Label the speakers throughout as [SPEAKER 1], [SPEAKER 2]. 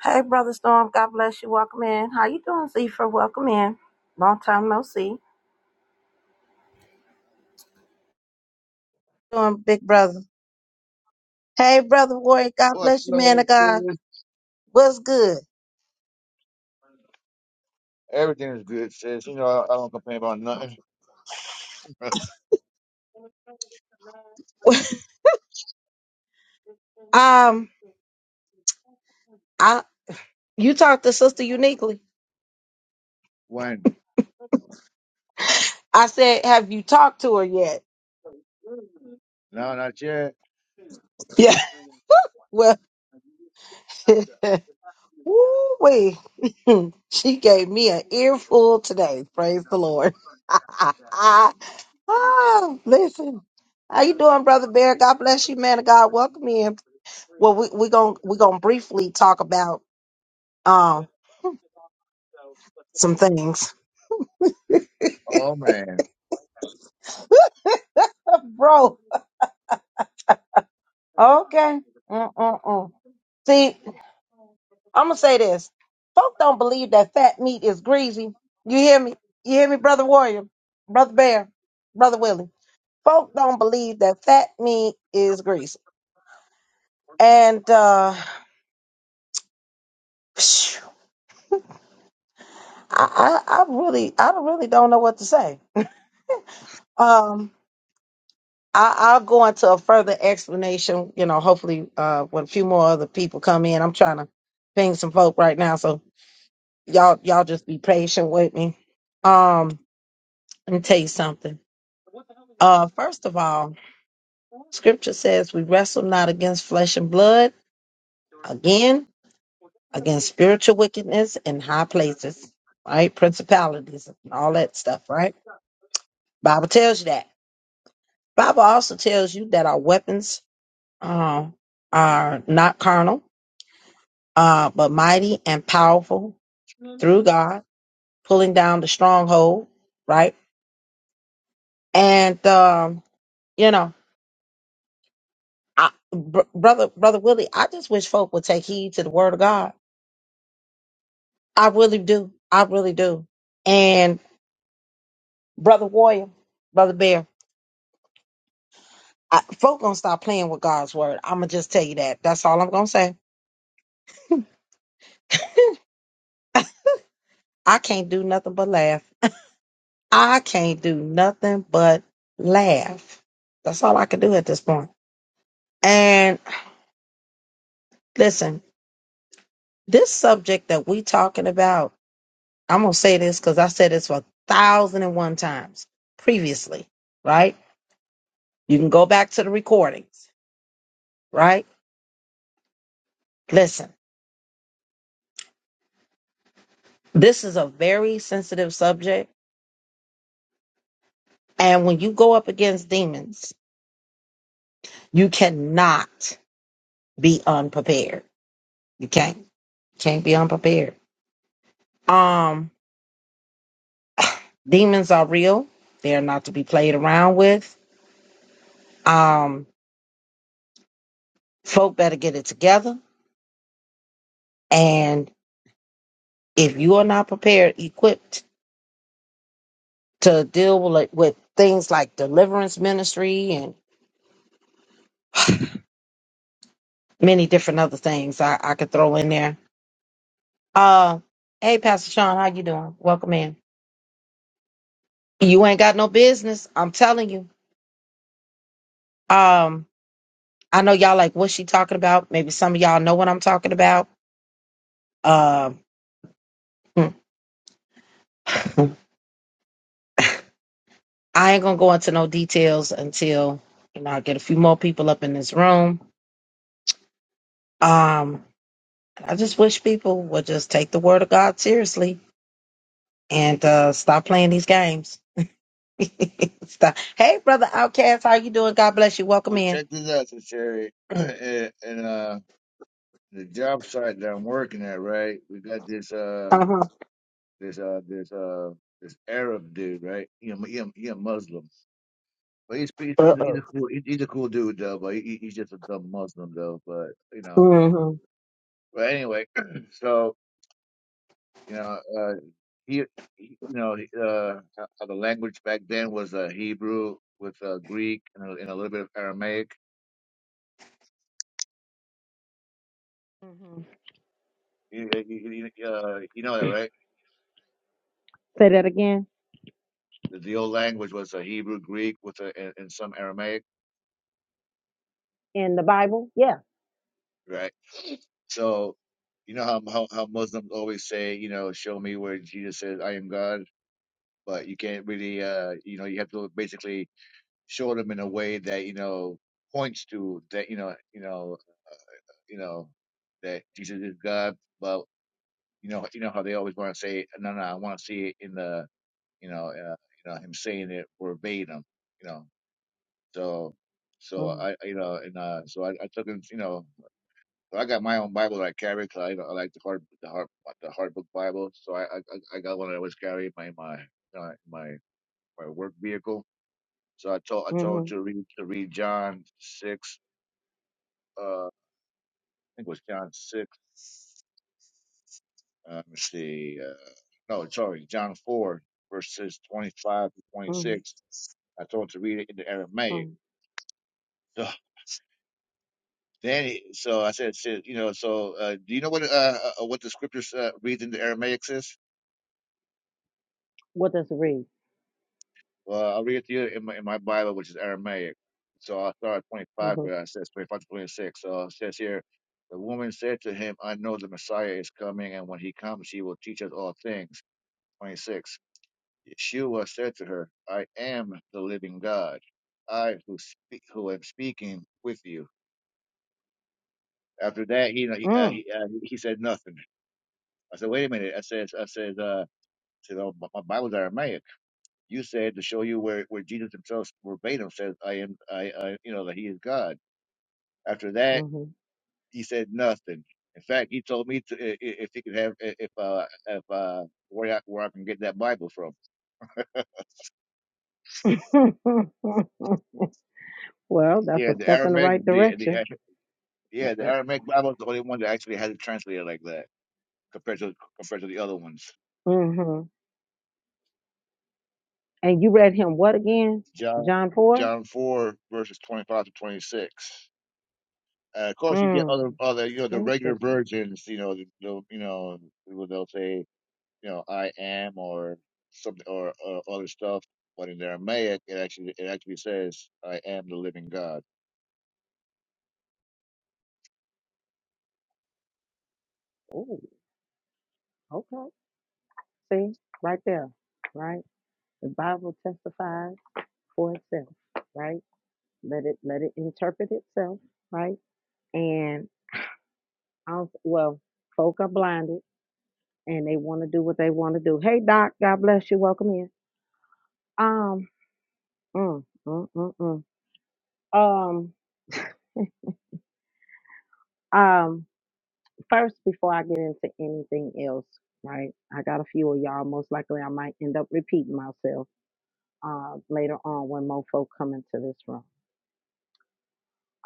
[SPEAKER 1] Hey, Brother Storm. God bless you. Welcome in. How you doing, Zephyr? Welcome in. Long time no see. doing, big brother? Hey, brother Warrior, God
[SPEAKER 2] What's
[SPEAKER 1] bless you,
[SPEAKER 2] up,
[SPEAKER 1] man of God.
[SPEAKER 2] sis?
[SPEAKER 1] What's good?
[SPEAKER 2] Everything is good, sis. You know, I, I don't complain about nothing.
[SPEAKER 1] um, I you talked to Sister Uniquely.
[SPEAKER 2] when?
[SPEAKER 1] I said, have you talked to her yet?
[SPEAKER 2] No, not yet.
[SPEAKER 1] Yeah. Well, woo wee. she gave me an earful today. Praise the Lord. ah, listen. How you doing, brother Bear? God bless you, man of God. Welcome in. Well, we we going to we gonna briefly talk about um some things,
[SPEAKER 2] Oh, man.
[SPEAKER 1] bro. Okay. Mm-mm-mm. See, I'm gonna say this: folk don't believe that fat meat is greasy. You hear me? You hear me, brother Warrior, brother Bear, brother Willie? Folk don't believe that fat meat is greasy, and uh, phew, I, I I really I really don't know what to say. Um, I, I'll go into a further explanation, you know, hopefully uh when a few more other people come in. I'm trying to ping some folk right now, so y'all y'all just be patient with me. Um, let me tell you something. Uh first of all, scripture says we wrestle not against flesh and blood, again, against spiritual wickedness in high places, right? Principalities and all that stuff, right? Bible tells you that. Bible also tells you that our weapons uh, are not carnal uh, but mighty and powerful through God, pulling down the stronghold, right? And um, you know, I, br- brother, brother Willie, I just wish folk would take heed to the word of God. I really do. I really do. And brother Warrior, brother Bear, I, folk gonna stop playing with God's word. I'm gonna just tell you that. That's all I'm gonna say. I can't do nothing but laugh. I can't do nothing but laugh. That's all I can do at this point. And listen. This subject that we talking about, I'm gonna say this because I said this for a thousand and one times previously, right? You can go back to the recordings, right? Listen, this is a very sensitive subject, and when you go up against demons, you cannot be unprepared. You can't can't be unprepared. Um, demons are real. They are not to be played around with. Um, folk better get it together. And if you are not prepared, equipped to deal with like- with things like deliverance ministry and many different other things I, I could throw in there. Uh, hey, Pastor Sean, how you doing? Welcome in. You ain't got no business. I'm telling you. Um, I know y'all like what she talking about. Maybe some of y'all know what I'm talking about. Um, hmm. I ain't gonna go into no details until you know I get a few more people up in this room. Um, I just wish people would just take the word of God seriously and uh, stop playing these games Stop. Hey, brother Outcast, how you doing? God bless you. Welcome
[SPEAKER 2] Well,
[SPEAKER 1] in.
[SPEAKER 2] check this out, sis Sherry. and, and, uh, the job site that I'm working at, right? We got this, uh,
[SPEAKER 1] Uh huh.
[SPEAKER 2] this, uh, this, uh, this Arab dude, right? He a, he a, he a Muslim, but he's he's,
[SPEAKER 1] Uh
[SPEAKER 2] he's, a, he's a
[SPEAKER 1] oh.
[SPEAKER 2] cool he's he's a cool dude though. But he, he- he's just a dumb Muslim though. But you know,
[SPEAKER 1] Mm-hmm. hmm
[SPEAKER 2] but anyway, so you know. uh. he, he- you know, he- uh, how how the language back then was uh, Hebrew with uh, Greek and a, and a little bit of Aramaic.
[SPEAKER 1] Mm-hmm.
[SPEAKER 2] You, you, you- uh, you know that, right?
[SPEAKER 1] Say that again
[SPEAKER 2] The, the old language was uh, Hebrew, Greek with a, and, and some Aramaic,
[SPEAKER 1] in the Bible. Yeah.
[SPEAKER 2] right? So, you know how, how how Muslims always say, you know, show me where Jesus says I am God, but you can't really, uh, you know, you have to basically show them in a way that you know points to that, you know, you know, you know that Jesus is God. You know, you know how they always want to say, no, no, I want to see it in the, you know, uh, you know, him saying it verbatim. You know, so, so
[SPEAKER 1] Mm-hmm.
[SPEAKER 2] I, you know, and uh, so I, I took him, you know, so I got my own Bible that I cause I, you know, I like the hard, the hard, the hard book Bible. So I, I, I I got one that I always carry in my, my, uh, my, my work vehicle. So I told, I told him
[SPEAKER 1] Mm-hmm.
[SPEAKER 2] to read, to read John six, uh, I think it was John six. Uh, let me see. Uh, no, sorry, John 4, verses 25 to
[SPEAKER 1] Mm-hmm.
[SPEAKER 2] 26. I told him to read it in the Aramaic.
[SPEAKER 1] hmm
[SPEAKER 2] So then, he, so I said, said, you know, so uh, do you know what uh, uh, what the scriptures uh, read in the Aramaic says?
[SPEAKER 1] What does it read?
[SPEAKER 2] Well, I'll read it to you in my, in my Bible, which is Aramaic. So I started at 25,
[SPEAKER 1] Mm-hmm.
[SPEAKER 2] but I says 25 to 26. So it says here, the woman said to him, I know the Messiah is coming, and when he comes, he will teach us all things. 26. Yeshua said to her, I am the living God, I who, speak, who am speaking with you. After that, he, he, uh,
[SPEAKER 1] Mm.
[SPEAKER 2] he, uh, he said nothing. I said, wait a minute. I said, I said, uh, I said, oh, my my Bible's Aramaic. You said to show you where, where Jesus himself verbatim says, I am, I, I, you know, that he is God. After that, he said nothing. In fact, he told me to, i- i- if he could have, i- if, uh, if, uh, where I, where I can get that Bible from.
[SPEAKER 1] Mm-hmm. well, that's
[SPEAKER 2] Yeah,
[SPEAKER 1] a
[SPEAKER 2] the
[SPEAKER 1] step in the
[SPEAKER 2] Aramaic,
[SPEAKER 1] right
[SPEAKER 2] the, the
[SPEAKER 1] direction.
[SPEAKER 2] Yeah, the
[SPEAKER 1] Uh,
[SPEAKER 2] Aramaic Bible is the only one that actually has it translated like that compared to compared to the other ones.
[SPEAKER 1] Mm-hmm. And you read him what again?
[SPEAKER 2] John
[SPEAKER 1] John four.
[SPEAKER 2] John four verses twenty five to twenty six. Uh, of course, you get
[SPEAKER 1] Mm.
[SPEAKER 2] other other you know the regular
[SPEAKER 1] Interesting.
[SPEAKER 2] versions. You know the, the you know where they'll say you know I am or something or uh, other stuff. But in the Aramaic, it actually it actually says I am the living God.
[SPEAKER 1] Oh, okay. See, right there, right? The Bible testifies for itself, right? Let it let it interpret itself, right? And also, well, folk are blinded and they want to do what they want to do. Hey, Doc, God bless you. Welcome in. Um, mm, mm, mm, mm. um, um. First, before I get into anything else, right? I got a few of y'all. Most likely, I might end up repeating myself uh, later on when more folk come into this room.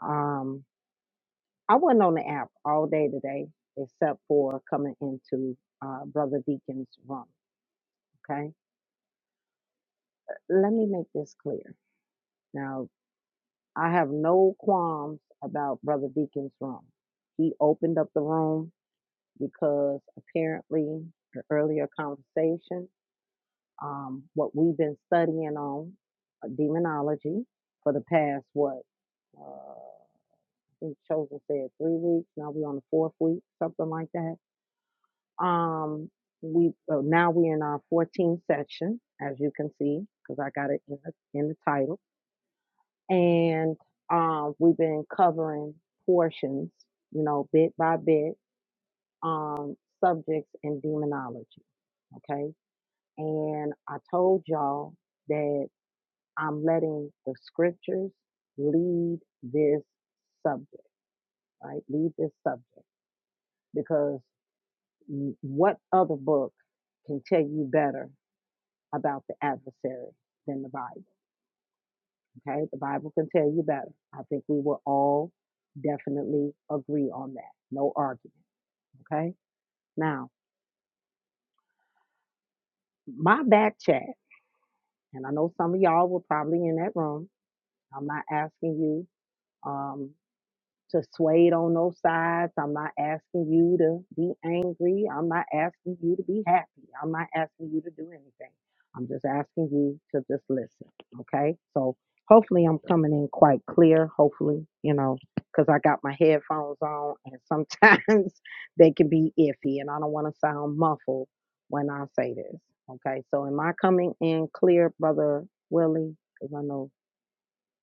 [SPEAKER 1] Um, I wasn't on the app all day today, except for coming into uh, Brother Deacon's room. Okay. Let me make this clear. Now, I have no qualms about Brother Deacon's room. He opened up the room because apparently, the earlier conversation, um, what we've been studying on uh, demonology for the past, what, uh, I think Chosen said three weeks. Now we're on the fourth week, something like that Um, we so now we're in our 14th section, as you can see, because I got it in the in the title, and um, we've been covering portions, you know, bit by bit, um, subjects in demonology. Okay, and I told y'all that I'm letting the scriptures lead this subject, right? Lead this subject because what other book can tell you better about the adversary than the Bible. Okay, the Bible can tell you better. I think we will all definitely agree on that. No argument. Okay, now my back chat, and I know some of y'all were probably in that room. I'm not asking you. Um, to sway it on no sides. I'm not asking you to be angry. I'm not asking you to be happy. I'm not asking you to do anything. I'm just asking you to just listen. Okay. So hopefully I'm coming in quite clear. Hopefully, you know, because I got my headphones on and sometimes they can be iffy and I don't want to sound muffled when I say this. Okay. So am I coming in clear, Brother Willie? Because I know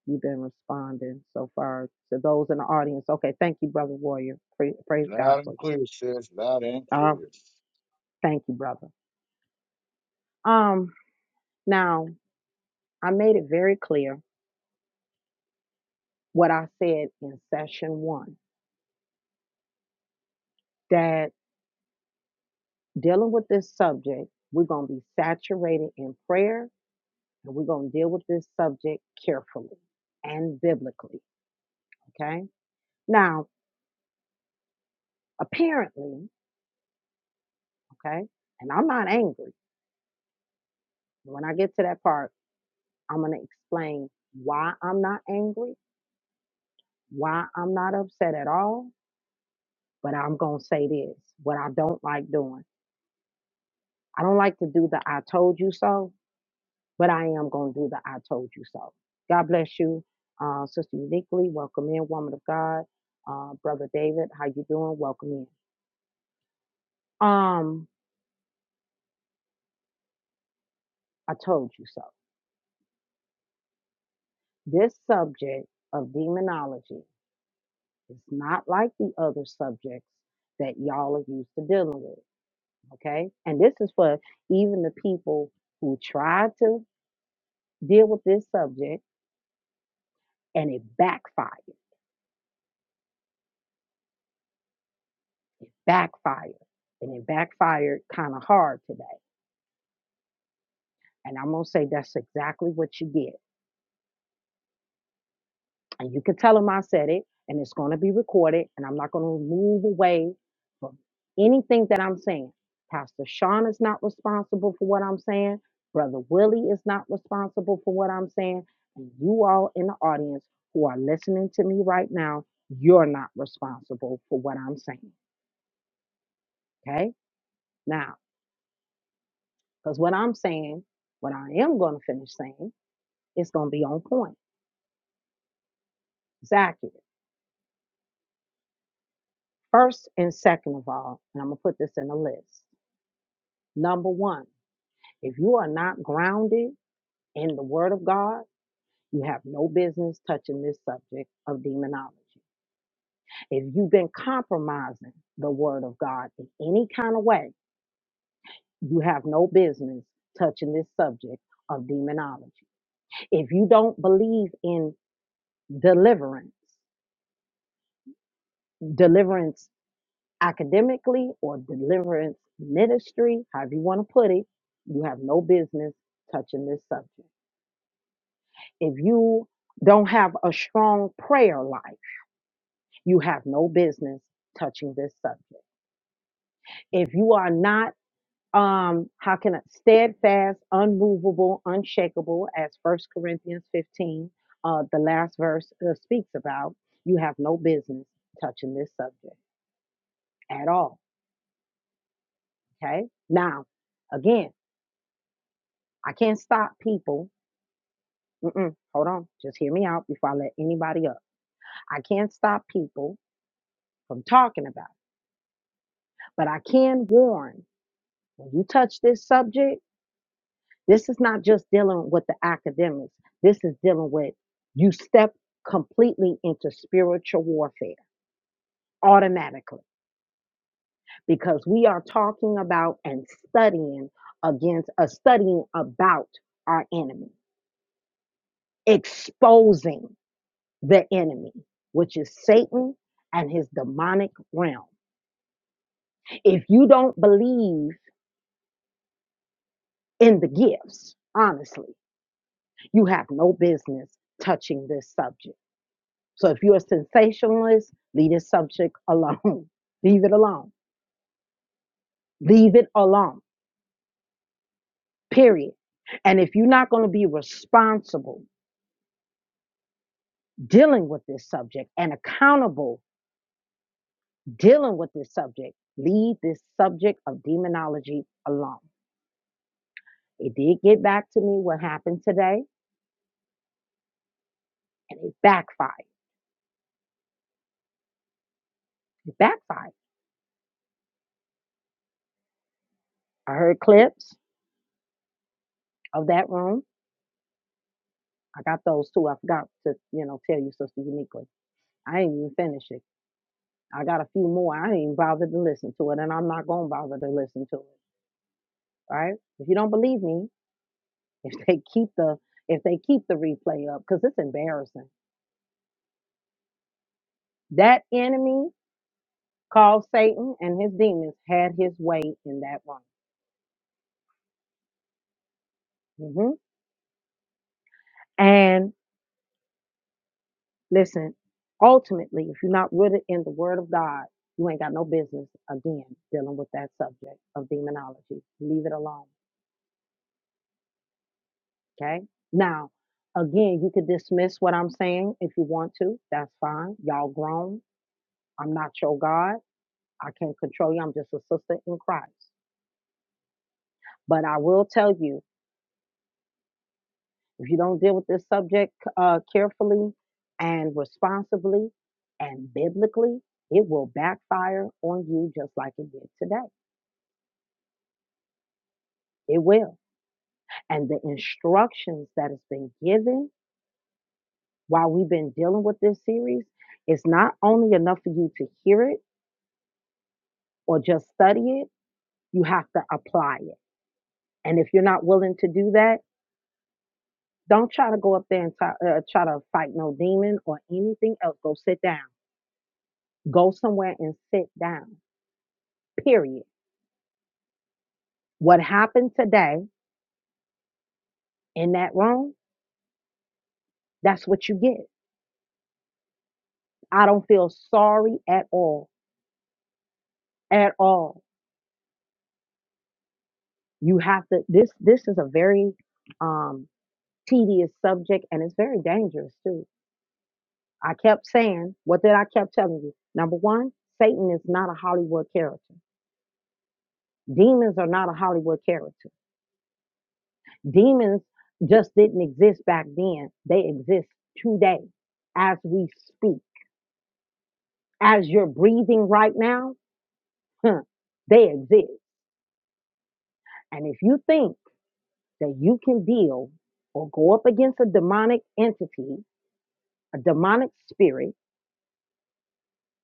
[SPEAKER 1] you've been responding so far to those in the audience. Okay, thank you, brother warrior. Pra- Praise God
[SPEAKER 2] Loud
[SPEAKER 1] for
[SPEAKER 2] and
[SPEAKER 1] you.
[SPEAKER 2] clear, sis. Loud and
[SPEAKER 1] Uh,
[SPEAKER 2] clear.
[SPEAKER 1] thank you, brother. Um, now I made it very clear what I said in session one that dealing with this subject, we're gonna be saturated in prayer, and we're gonna deal with this subject carefully and biblically. Okay. Now, apparently, okay, and I'm not angry. When I get to that part, I'm gonna explain why I'm not angry why I'm not upset at all, but I'm going to say this what I don't like doing. I don't like to do the I told you so, but I am going to do the I told you so. God bless you, uh, Sister Uniquely. Welcome in, woman of God. Uh, Brother David, how you doing? Welcome in. Um, I told you so. This subject of demonology is not like the other subjects that y'all are used to dealing with. Okay. And this is for even the people who tried to deal with this subject and it backfired, backfired. And it backfired kind of hard today. And I'm going to say that's exactly what you get. And you can tell them I said it and it's going to be recorded and I'm not going to move away from anything that I'm saying. Pastor Sean is not responsible for what I'm saying. Brother Willie is not responsible for what I'm saying. And you all in the audience who are listening to me right now, you're not responsible for what I'm saying. Okay? Now, Because what I'm saying, what I am going to finish saying, is going to be on point. It's accurate. First and second of all, and I'm going to put this in a list. Number one, if you are not grounded in the Word of God, you have no business touching this subject of demonology. If you've been compromising the Word of God in any kind of way, you have no business touching this subject of demonology. If you don't believe in deliverance, deliverance academically or deliverance ministry, however you want to put it, you have no business touching this subject. If you don't have a strong prayer life, you have no business touching this subject. If you are not um how can I steadfast, unmovable, unshakable as First Corinthians 15 uh the last verse uh, speaks about, you have no business touching this subject at all, okay? Now, again, I can't stop people Mm-mm. Hold on. Just hear me out before I let anybody up. I can't stop people from talking about it, but I can warn when you touch this subject, this is not just dealing with the academics. This is dealing with you step completely into spiritual warfare automatically because we are talking about and studying against uh, studying about our enemy, exposing the enemy, which is Satan and his demonic realm. If you don't believe in the gifts, honestly, you have no business touching this subject. So if you're a sensationalist, leave this subject alone. leave it alone. Leave it alone, period. And if you're not going to be responsible dealing with this subject and accountable dealing with this subject, leave this subject of demonology alone. It did get back to me what happened today, and it backfired. It backfired. I heard clips of that room. I got those two. I forgot to, you know, tell you, Sister Uniquely. I ain't even finished it. I got a few more. I ain't even bothered to listen to it, and I'm not gonna bother to listen to it. Right? If you don't believe me, if they keep the if they keep the replay up, because it's embarrassing. That enemy called Satan and his demons had his way in that one. hmm And listen, ultimately, if you're not rooted in the Word of God, you ain't got no business again dealing with that subject of demonology. Leave it alone Okay. Now, again, you could dismiss what I'm saying if you want to. That's fine. Y'all grown. I'm not your God. I can't control you. I'm just a sister in Christ. But I will tell you if you don't deal with this subject uh, carefully and responsibly and biblically, it will backfire on you just like it did today. It will. And the instructions that has been given while we've been dealing with this series is not only enough for you to hear it or just study it. You have to apply it. And if you're not willing to do that, don't try to go up there and try, uh, try to fight no demon or anything else. Go sit down. Go somewhere and sit down. Period. What happened today in that room, that's what you get. I don't feel sorry at all. At all. You have to this this is a very um tedious subject and it's very dangerous too I kept saying what did I kept telling you? Number one, Satan is not a Hollywood character. Demons are not a Hollywood character. Demons just didn't exist back then. They exist today as we speak. As you're breathing right now, huh, they exist. And if you think that you can deal or go up against a demonic entity, a demonic spirit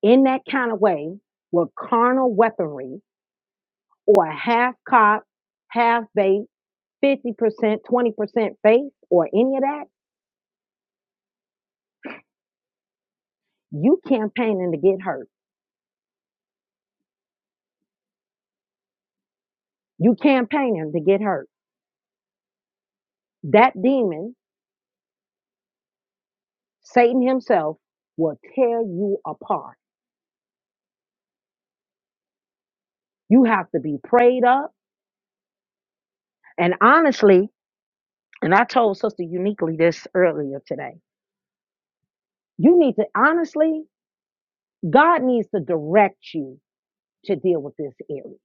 [SPEAKER 1] in that kind of way with carnal weaponry or a half cop, half bait 50%, 20% faith or any of that, you campaigning to get hurt. You campaigning to get hurt. That demon, Satan himself, will tear you apart. You have to be prayed up. And honestly, and I told Sister Uniquely this earlier today, you need to honestly, God needs to direct you to deal with this area.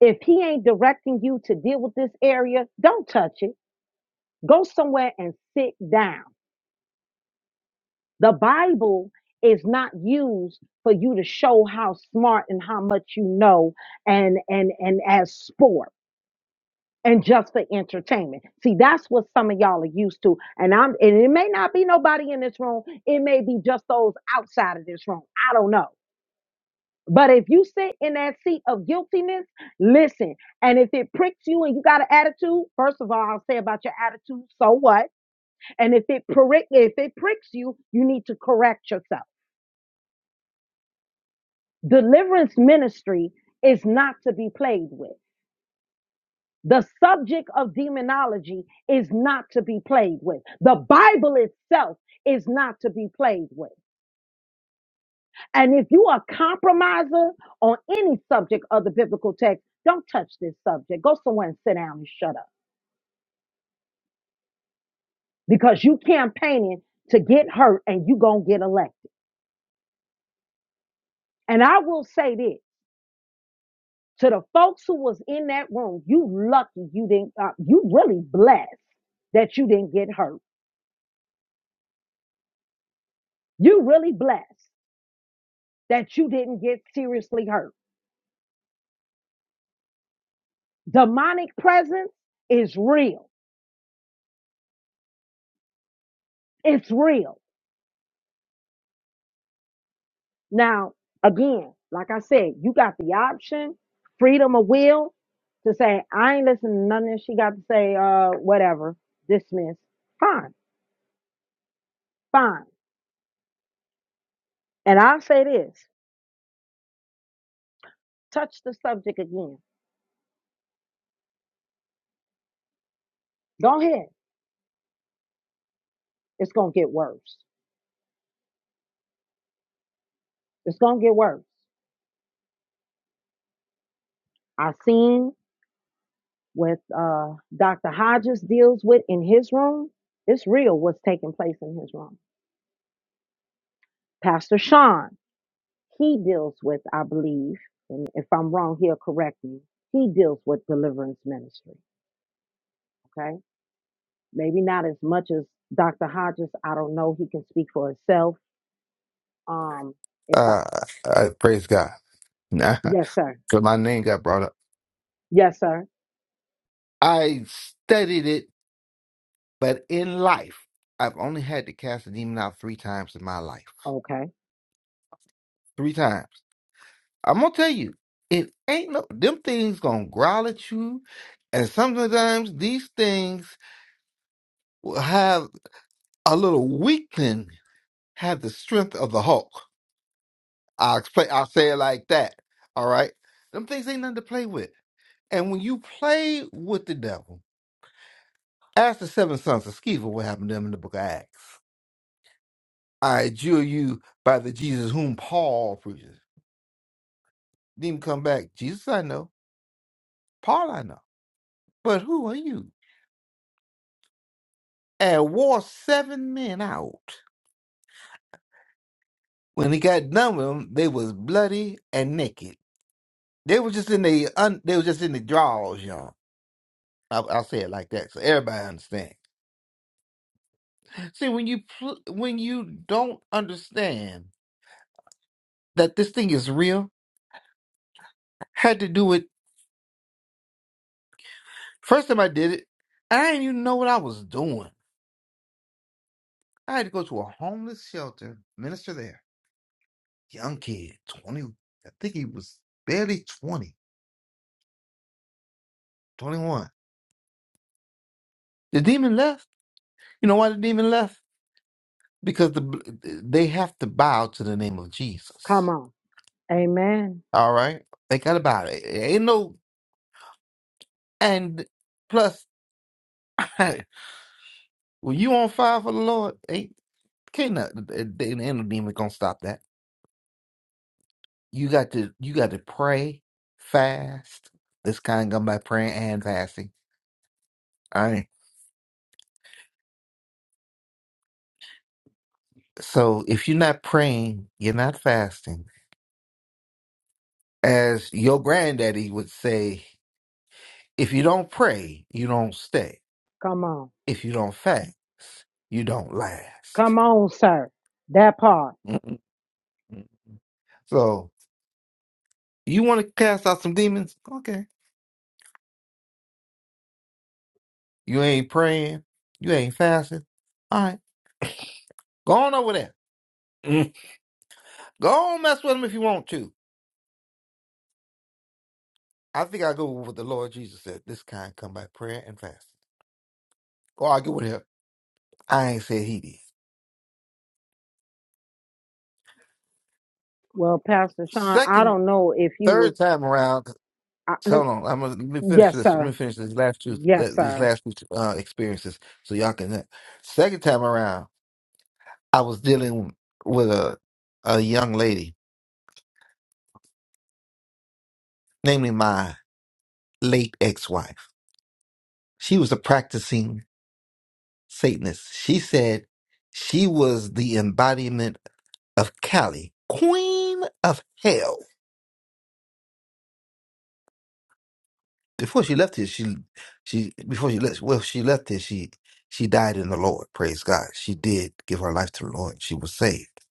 [SPEAKER 1] If he ain't directing you to deal with this area, don't touch it. Go somewhere and sit down The Bible is not used for you to show how smart and how much you know and and and as sport and just for entertainment. See, that's what some of y'all are used to. And I'm and it may not be nobody in this room. It may be just those outside of this room. I don't know. But if you sit in that seat of guiltiness, listen. And if it pricks you and you got an attitude, first of all, I'll say about your attitude, so what? And if it prick if it pricks you, you need to correct yourself. Deliverance ministry is not to be played with. The subject of demonology is not to be played with. The Bible itself is not to be played with. And if you are a compromiser on any subject of the biblical text, don't touch this subject. Go somewhere and sit down and shut up because you campaigning to get hurt and you going to get elected. And I will say this to the folks who was in that room, you lucky you didn't, uh, you really blessed that you didn't get hurt You really blessed that you didn't get seriously hurt. Demonic presence is real. It's real. Now, again, like I said, you got the option, freedom of will to say, I ain't listening to nothing she got to say, uh, whatever, dismiss. Fine, fine. And I'll say this touch the subject again. Go ahead. It's going to get worse. It's going to get worse. I seen what uh, Dr. Hodges deals with in his room, it's real what's taking place in his room. Pastor Sean, he deals with, I believe, and if I'm wrong, he'll correct me, he deals with deliverance ministry, okay? Maybe not as much as Dr. Hodges. I don't know. He can speak for himself. Um, if I,
[SPEAKER 3] Uh, I, praise God.
[SPEAKER 1] yes, sir.
[SPEAKER 3] So my name got brought up.
[SPEAKER 1] Yes, sir.
[SPEAKER 3] I studied it, but in life, I've only had to cast a demon out three times in my life.
[SPEAKER 1] Okay.
[SPEAKER 3] Three times. I'm gonna tell you, it ain't no them things gonna growl at you, and sometimes these things will have a little weakling, have the strength of the Hulk. I'll explain. I'll say it like that. All right. Them things ain't nothing to play with. And when you play with the devil. Ask the seven sons of Sceva what happened to them in the book of Acts. I adjure you by the Jesus whom Paul preaches. Then come back. Jesus I know, Paul I know, but who are you? And wore seven men out. When he got done with them, they was bloody and naked. They were just in the un, they were just in the drawers, y'all. I, I'll say it like that so everybody understands. See, when you pl- when you don't understand that this thing is real, had to do it First time I did it, I didn't even know what I was doing. I had to go to a homeless shelter, minister there. Young kid, 20, I think he was barely 20, 21. The demon left. You know why the demon left? Because the they have to bow to the name of
[SPEAKER 1] Come
[SPEAKER 3] Jesus.
[SPEAKER 1] on. Amen.
[SPEAKER 3] All right? They got to bow. It ain't no, and plus, when you on fire for the Lord, ain't, can't, not, ain't no demon gonna stop that. You got to you got to pray, fast. This kind of come by praying and fasting. All right. So if you're not praying, you're not fasting. As your granddaddy would say, if you don't pray, you don't stay.
[SPEAKER 1] Come on.
[SPEAKER 3] If you don't fast, you don't last.
[SPEAKER 1] Come on, sir. That part.
[SPEAKER 3] Mm-mm. So you want to cast out some demons? Okay. You ain't praying. You ain't fasting. All right. Go on over there. Mm. Go on mess with them if you want to. I think I go with what the Lord Jesus said. This kind come by prayer and fasting. Or I get with him. I ain't said he did.
[SPEAKER 1] Well, Pastor Sean, I
[SPEAKER 3] Second,
[SPEAKER 1] don't know if you was.
[SPEAKER 3] third time around,
[SPEAKER 1] I,
[SPEAKER 3] So hold on. I'm gonna let me finish
[SPEAKER 1] Yes,
[SPEAKER 3] this. Let me
[SPEAKER 1] sir.
[SPEAKER 3] finish these last two,
[SPEAKER 1] Yes,
[SPEAKER 3] th- these
[SPEAKER 1] sir.
[SPEAKER 3] last two uh, experiences, so y'all can. Second time around, I was dealing with a a young lady, namely my late ex wife. She was a practicing Satanist. She said she was the embodiment of Cali, Queen of Hell. before she left here, she she before she left well, she left here, she she died in the Lord. Praise God. She did give her life to the Lord. She was saved.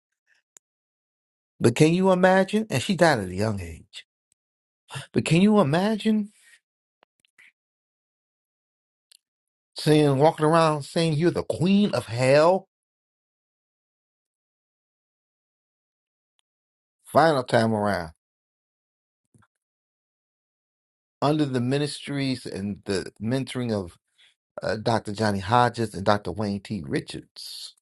[SPEAKER 3] But can you imagine? And she died at a young age. But can you imagine saying walking around saying you're the queen of hell? Final time around. Under the ministries and the mentoring of uh, Dr. Johnny Hodges and Dr. Wayne T. Richards,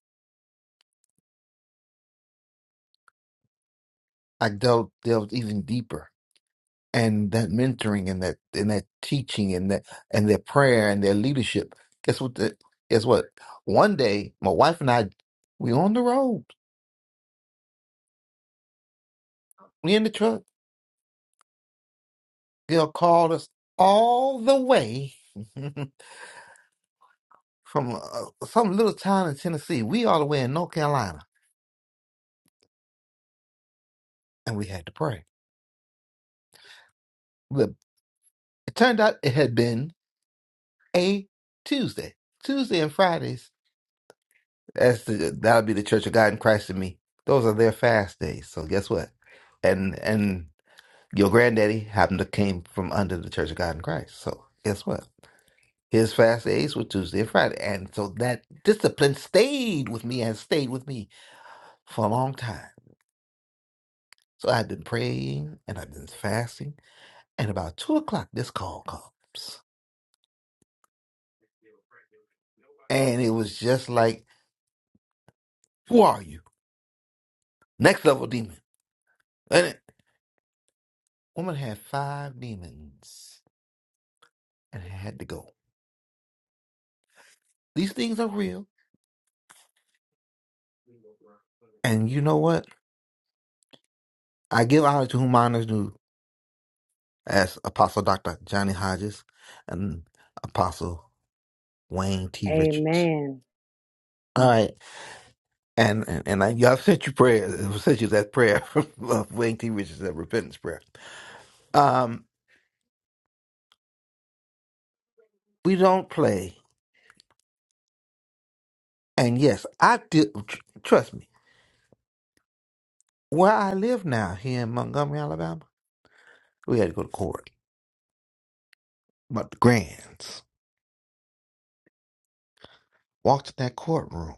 [SPEAKER 3] I delved, delved even deeper and that mentoring and that and that teaching and that and their prayer and their leadership. Guess what? The, guess what? One day, my wife and I, we on the road. We in the truck. Girl called us all the way from uh, some little town in Tennessee. We all the way in North Carolina, and we had to pray. Look, it turned out it had been a Tuesday, Tuesday and Fridays. That's the that'll be the Church of God in Christ in me. Those are their fast days. So guess what? And and Your granddaddy happened to came from under the Church of God in Christ. So guess what? His fast days were Tuesday and Friday. And so that discipline stayed with me and stayed with me for a long time. So I've been praying and I've been fasting. And about two o'clock, this call comes. And it was just like, Who are you? Next level demon. And it, woman had five demons and had to go. These things are real. And you know what? I give honor to whom honor is due as Apostle Dr. Johnny Hodges and Apostle Wayne T. Richards.
[SPEAKER 1] Amen.
[SPEAKER 3] All right. And and, and I, y'all sent you prayers. I sent you that prayer of Wayne T. Richards, that repentance prayer. Um, we don't play. And yes, I did. tr- Trust me, where I live now here in Montgomery, Alabama, we had to go to court. But the grands walked in that courtroom.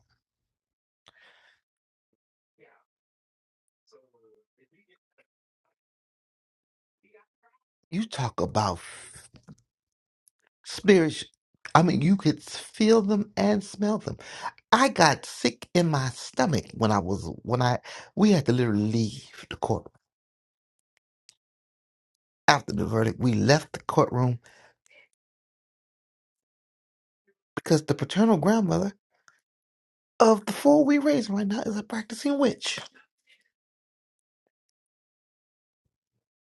[SPEAKER 3] You talk about spirits. I mean, you could feel them and smell them. I got sick in my stomach when I was when I we had to literally leave the court after the verdict. We left the courtroom because the paternal grandmother of the four we raised right now is a practicing witch.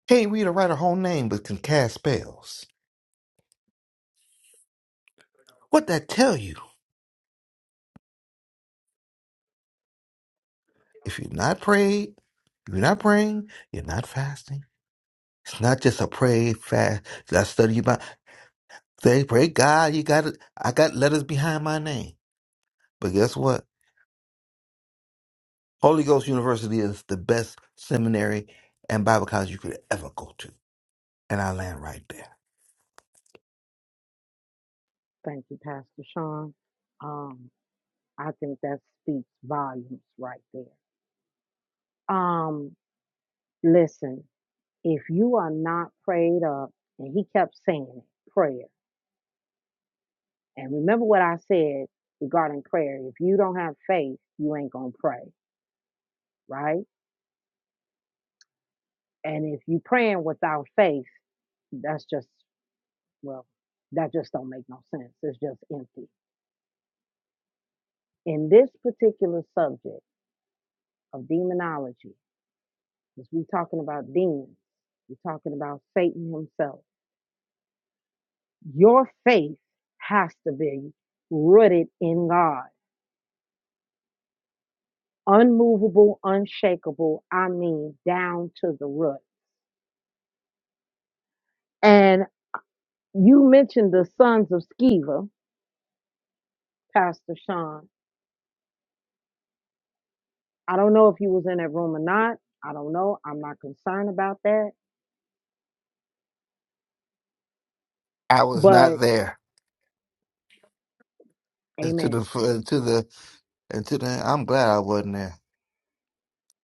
[SPEAKER 3] Can't read or write her whole name, but can cast spells. What that tell you? If you're not prayed, you're not praying, you're not fasting. It's not just a pray fast. I study about. They pray God. You got it. I got letters behind my name. But guess what? Holy Ghost University is the best seminary and Bible college you could ever go to. And I land right there.
[SPEAKER 1] Thank you, Pastor Sean. Um, I think that speaks volumes right there. Um, listen, if you are not prayed up, and he kept saying it, prayer. And remember what I said regarding prayer. If you don't have faith, you ain't gonna pray, right? And if you praying without faith, that's just well, that just don't make no sense. It's just empty. In this particular subject of demonology, Because we're talking about demons. We're talking about Satan himself. Your faith has to be rooted in God, unmovable, unshakable. I mean, down to the root. And you mentioned the sons of Sceva, Pastor Sean. I don't know if you was in that room or not. I don't know. I'm not concerned about that.
[SPEAKER 3] I was
[SPEAKER 1] But
[SPEAKER 3] not there. And To the,
[SPEAKER 1] amen.
[SPEAKER 3] and to the, and to the, I'm glad I wasn't there.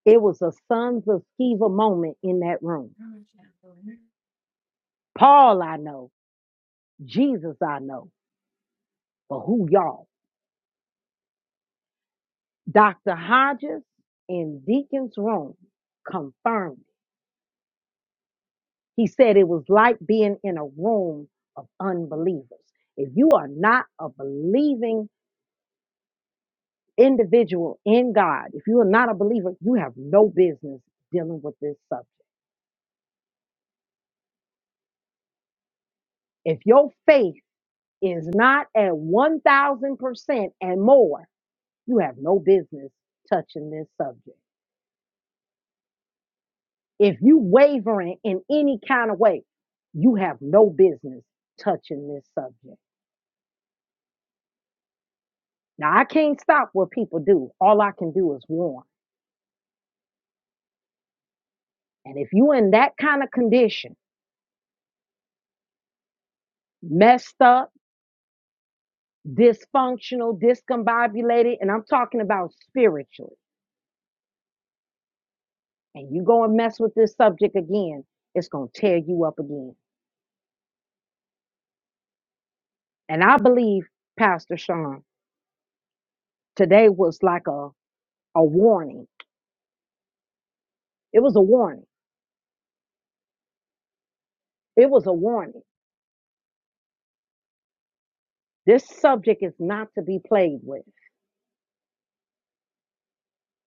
[SPEAKER 1] It was a sons of Sceva moment in that room. Paul, I know. Jesus, I know. But who y'all? Dr. Hodges in Deacon's room confirmed. it. He said it was like being in a room of unbelievers. If you are not a believing individual in God, if you are not a believer, you have no business dealing with this subject. If your faith is not at 1000% and more, you have no business touching this subject. If you wavering in any kind of way, you have no business touching this subject Now I can't stop what people do. All I can do is warn. And if you in that kind of condition, messed up, dysfunctional, discombobulated, and I'm talking about spiritually, and you go and mess with this subject again, it's gonna tear you up again. And I believe, Pastor Sean, today was like a, a warning. It was a warning. It was a warning. This subject is not to be played with.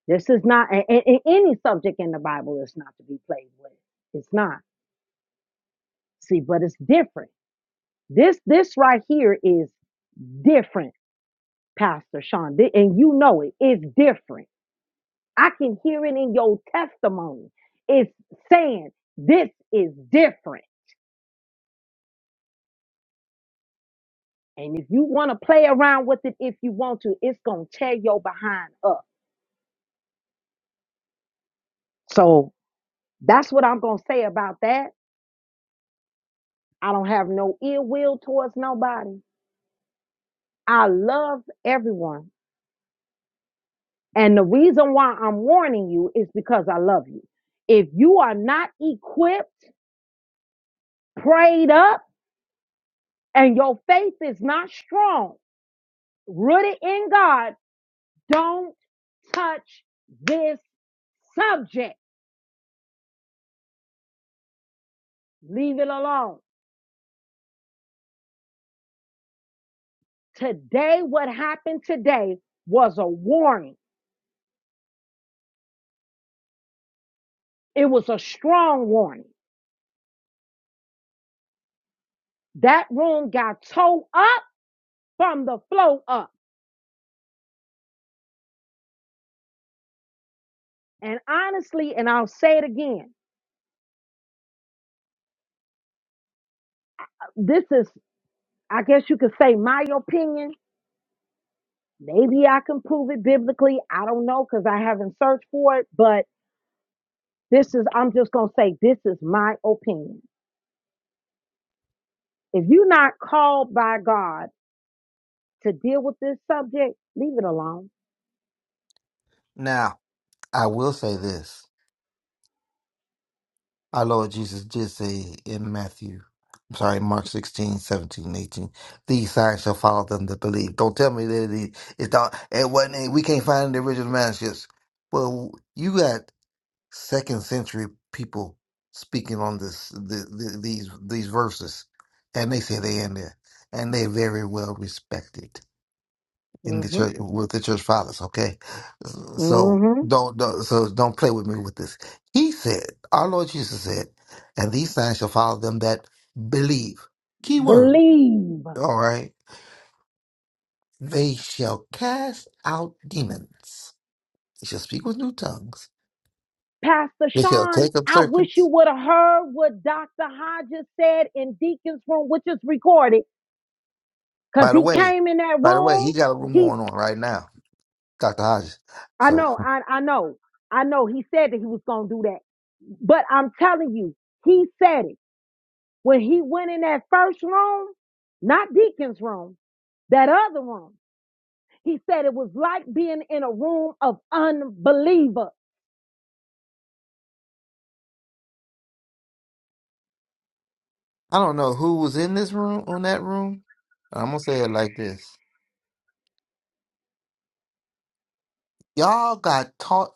[SPEAKER 1] This is not, and, and and any subject in the Bible is not to be played with. It's not. See, but it's different. This this right here is different, Pastor Sean. Th- And you know it. It's different. I can hear it in your testimony. It's saying this is different. And if you want to play around with it if you want to, it's gonna tear your behind up. So that's what I'm gonna say about that. I don't have no ill will towards nobody. I love everyone. And the reason why I'm warning you is because I love you. If you are not equipped, prayed up, and your faith is not strong, rooted in God, don't touch this subject. Leave it alone. Today, what happened today was a warning. It was a strong warning. That room got towed up from the flow up. And honestly, and I'll say it again, this is I guess you could say my opinion. Maybe I can prove it biblically. I don't know because I haven't searched for it. But this is, I'm just going to say, this is my opinion. If you're not called by God to deal with this subject, leave it alone.
[SPEAKER 3] Now, I will say this. Our Lord Jesus did say in Matthew, I'm sorry, Mark 16, 17, 18. these signs shall follow them that believe. Don't tell me that it, it's not, it wasn't, It, we can't find the original manuscripts. Well, you got second century people speaking on this the, the, these these verses, and they say they in there, and they very well respected in the
[SPEAKER 1] hmm.
[SPEAKER 3] church with the church fathers. Okay, so
[SPEAKER 1] hmm
[SPEAKER 3] don't, don't so don't play with me with this. He said, our Lord Jesus said, and these signs shall follow them that believe. Key word.
[SPEAKER 1] Believe.
[SPEAKER 3] All right, they shall cast out demons. They shall speak with new tongues.
[SPEAKER 1] Pastor
[SPEAKER 3] They shall
[SPEAKER 1] Sean,
[SPEAKER 3] take up
[SPEAKER 1] I wish
[SPEAKER 3] serpents.
[SPEAKER 1] you would have heard what Dr. Hodges said in Deacon's room, which is recorded, because
[SPEAKER 3] By the
[SPEAKER 1] he
[SPEAKER 3] way,
[SPEAKER 1] came in that
[SPEAKER 3] by the way,
[SPEAKER 1] room.
[SPEAKER 3] he got a room
[SPEAKER 1] He,
[SPEAKER 3] going on right now, Dr. Hodges.
[SPEAKER 1] I
[SPEAKER 3] So
[SPEAKER 1] know, I, I know, I know he said that he was going to do that. But I'm telling you, he said it. When he went in that first room, not Deacon's room, that other room, he said it was like being in a room of unbelievers.
[SPEAKER 3] I don't know who was in this room on that room. I'm gonna say it like this: Y'all got taught.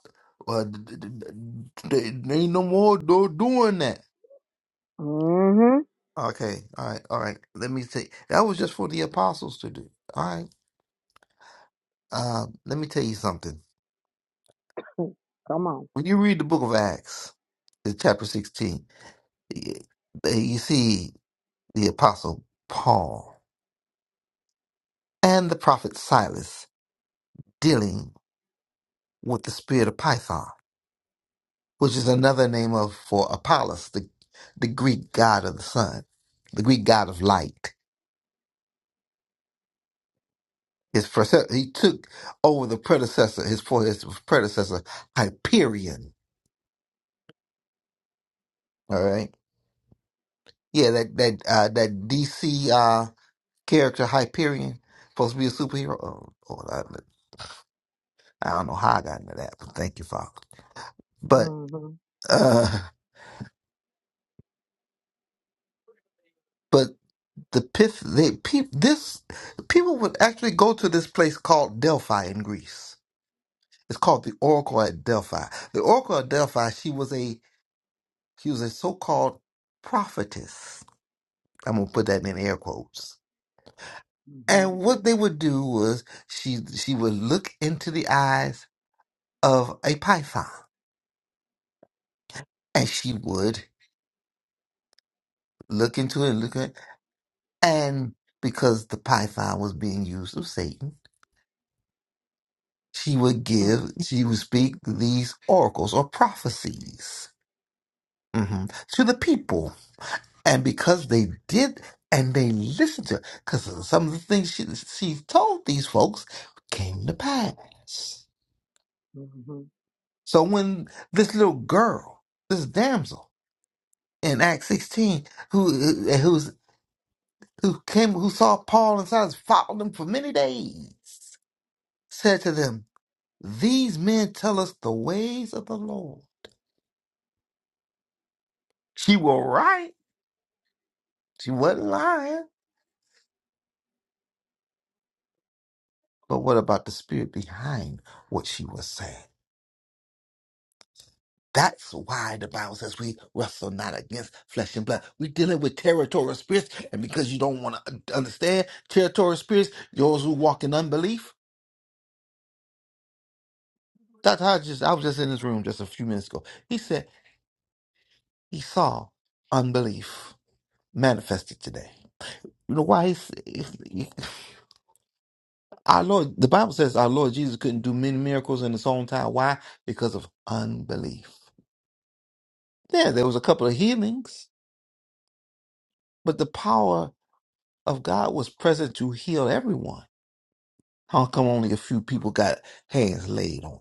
[SPEAKER 3] Uh, d- d- d- d- ain't no more do- doing that.
[SPEAKER 1] hmm
[SPEAKER 3] Okay, all right, all right. Let me say that was just for the apostles to do. All right. Uh, let me tell you something.
[SPEAKER 1] Come on.
[SPEAKER 3] When you read the book of Acts, in chapter 16, y- you see the apostle Paul and the prophet Silas. dealing with the spirit of Python, which is another name of for Apollos, the the Greek god of the sun, the Greek god of light. His prece- he took over the predecessor, his for his predecessor Hyperion. All right, yeah, that that uh, that DC uh, character Hyperion supposed to be a superhero. Oh, Lord, I, I don't know how I got into that, but thank you, Father. But
[SPEAKER 1] hmm
[SPEAKER 3] uh, but the pith they pe- this people would actually go to this place called Delphi in Greece. It's called the Oracle at Delphi. The Oracle at Delphi, she was a she was a so-called prophetess. I'm gonna put that in air quotes. And what they would do was she she would look into the eyes of a python. And she would look into it, look at and because the python was being used of Satan she would
[SPEAKER 1] Mm,
[SPEAKER 3] give, she
[SPEAKER 1] mm,
[SPEAKER 3] would speak these oracles or prophecies mhm, to the people. And because they did and they listened to her, because some of the things she, she told these folks came to pass.
[SPEAKER 1] mm, mhm.
[SPEAKER 3] So when this little girl, this damsel in Acts 16, who uh, who's, who came, who saw Paul and Silas, followed them for many days, said to them, These men tell us the ways of the Lord. She will write. She wasn't lying. But what about the spirit behind what she was saying? That's why the Bible says we wrestle not against flesh and blood. We're dealing with territorial spirits. And because you don't want to understand territorial spirits, those who walk in unbelief. Dr. Hodges, I was just in his room just a few minutes ago. He said he saw unbelief manifested today. You know why? He's, our Lord, the Bible says our Lord Jesus couldn't do many miracles in his own time. Why? Because of unbelief. Yeah, there was a couple of healings, but the power of God was present to heal everyone. How come only a few people got hands laid on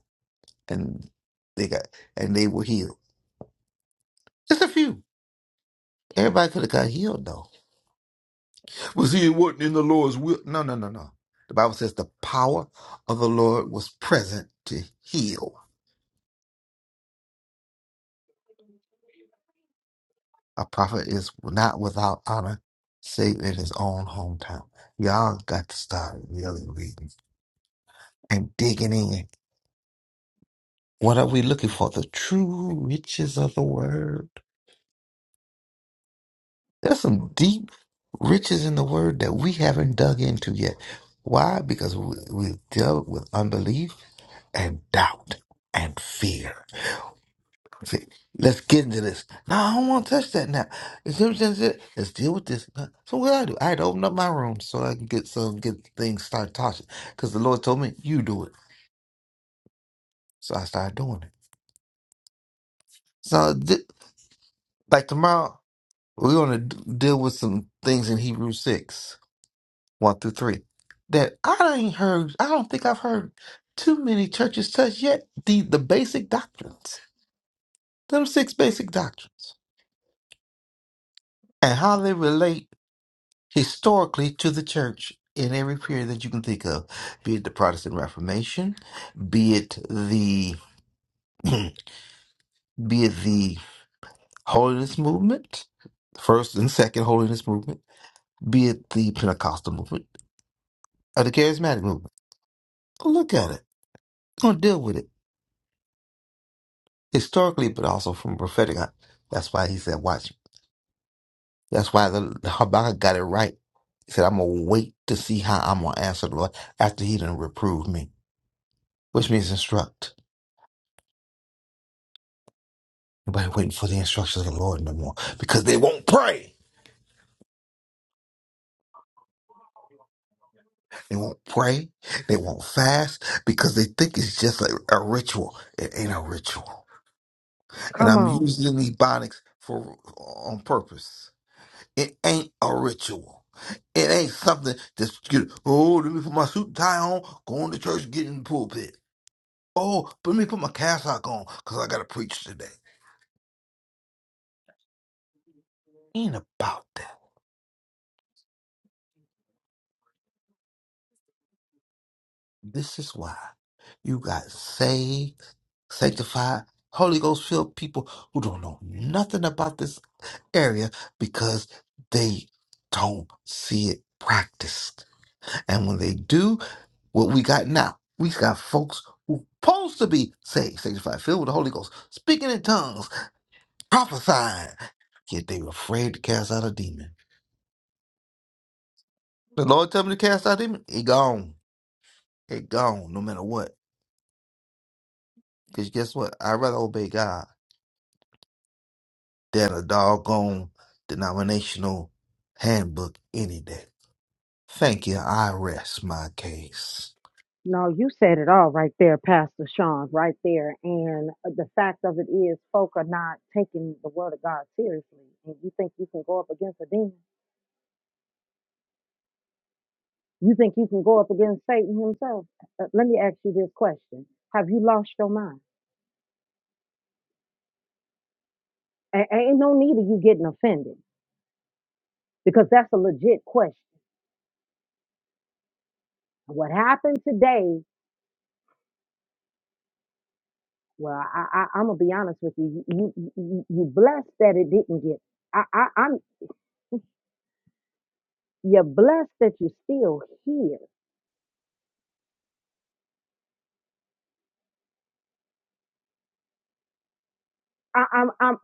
[SPEAKER 3] and they got and they were healed? Just a few. Everybody could have got healed though. Was he wasn't in the Lord's will? No, no, no, no. The Bible says the power of the Lord was present to heal. A prophet is not without honor, save in his own hometown. Y'all got to start really reading and digging in What are we looking for? The true riches of the word. There's some deep riches in the word that we haven't dug into yet. Why? Because we, we've dealt with unbelief and doubt and fear. See, let's get into this. No, I don't want to touch that now. You see what I'm saying? Say, Let's deal with this. Uh, So what I do? I had to open up my room so I can get some get things started talking. Because the Lord told me, you do it. So I started doing it. So th- like tomorrow. We're going to deal with some things in Hebrews 6, 1 through 3, that I ain't heard, I don't think I've heard too many churches touch yet. The, the basic doctrines, them six basic doctrines, and how they relate historically to the church in every period that you can think of, be it the Protestant Reformation, be it the, be it the Holiness Movement, first and second Holiness Movement, be it the Pentecostal movement or the Charismatic movement. Look at it. going to deal with it historically, but also from prophetic. eye. That's why he said, "Watch." That's why the, the Habakkuk got it right. He said, "I'm gonna wait to see how I'm gonna answer the Lord after He done reproved me," which means instruct. Nobody waiting for the instructions of the Lord no more because they won't pray. They won't pray. They won't fast because they think it's just a, a ritual. It ain't a ritual. And
[SPEAKER 1] Come
[SPEAKER 3] I'm
[SPEAKER 1] on.
[SPEAKER 3] using these bonics for on purpose It ain't a ritual. It ain't something that's good. Oh, let me put my suit and tie on, go on to church, get in the pulpit. Oh, but let me put my cassock on because I got to preach today. Ain't about that. This is why you got saved, sanctified, Holy Ghost filled people who don't know nothing about this area because they don't see it practiced. And when they do, what we got now. We got folks who supposed to be saved, sanctified, filled with the Holy Ghost, speaking in tongues, prophesying. Yet they were afraid to cast out a demon. The Lord tell me to cast out a demon, it gone. It gone, no matter what. Because guess what? I'd rather obey God than a doggone denominational handbook any day. Thank you. I rest my case.
[SPEAKER 1] No, you said it all right there, Pastor Sean, right there. And uh, the fact of it is, folk are not taking the word of God seriously. And you think you can go up against a demon? You think you can go up against Satan himself? Uh, let me ask you this question Have you lost your mind? A- ain't no need of you getting offended because that's a legit question. What happened today? Well, I, I, I'm gonna be honest with you. You, you, you you blessed that it didn't get. I, I, I'm You're blessed that you're still here. I, I'm, I'm,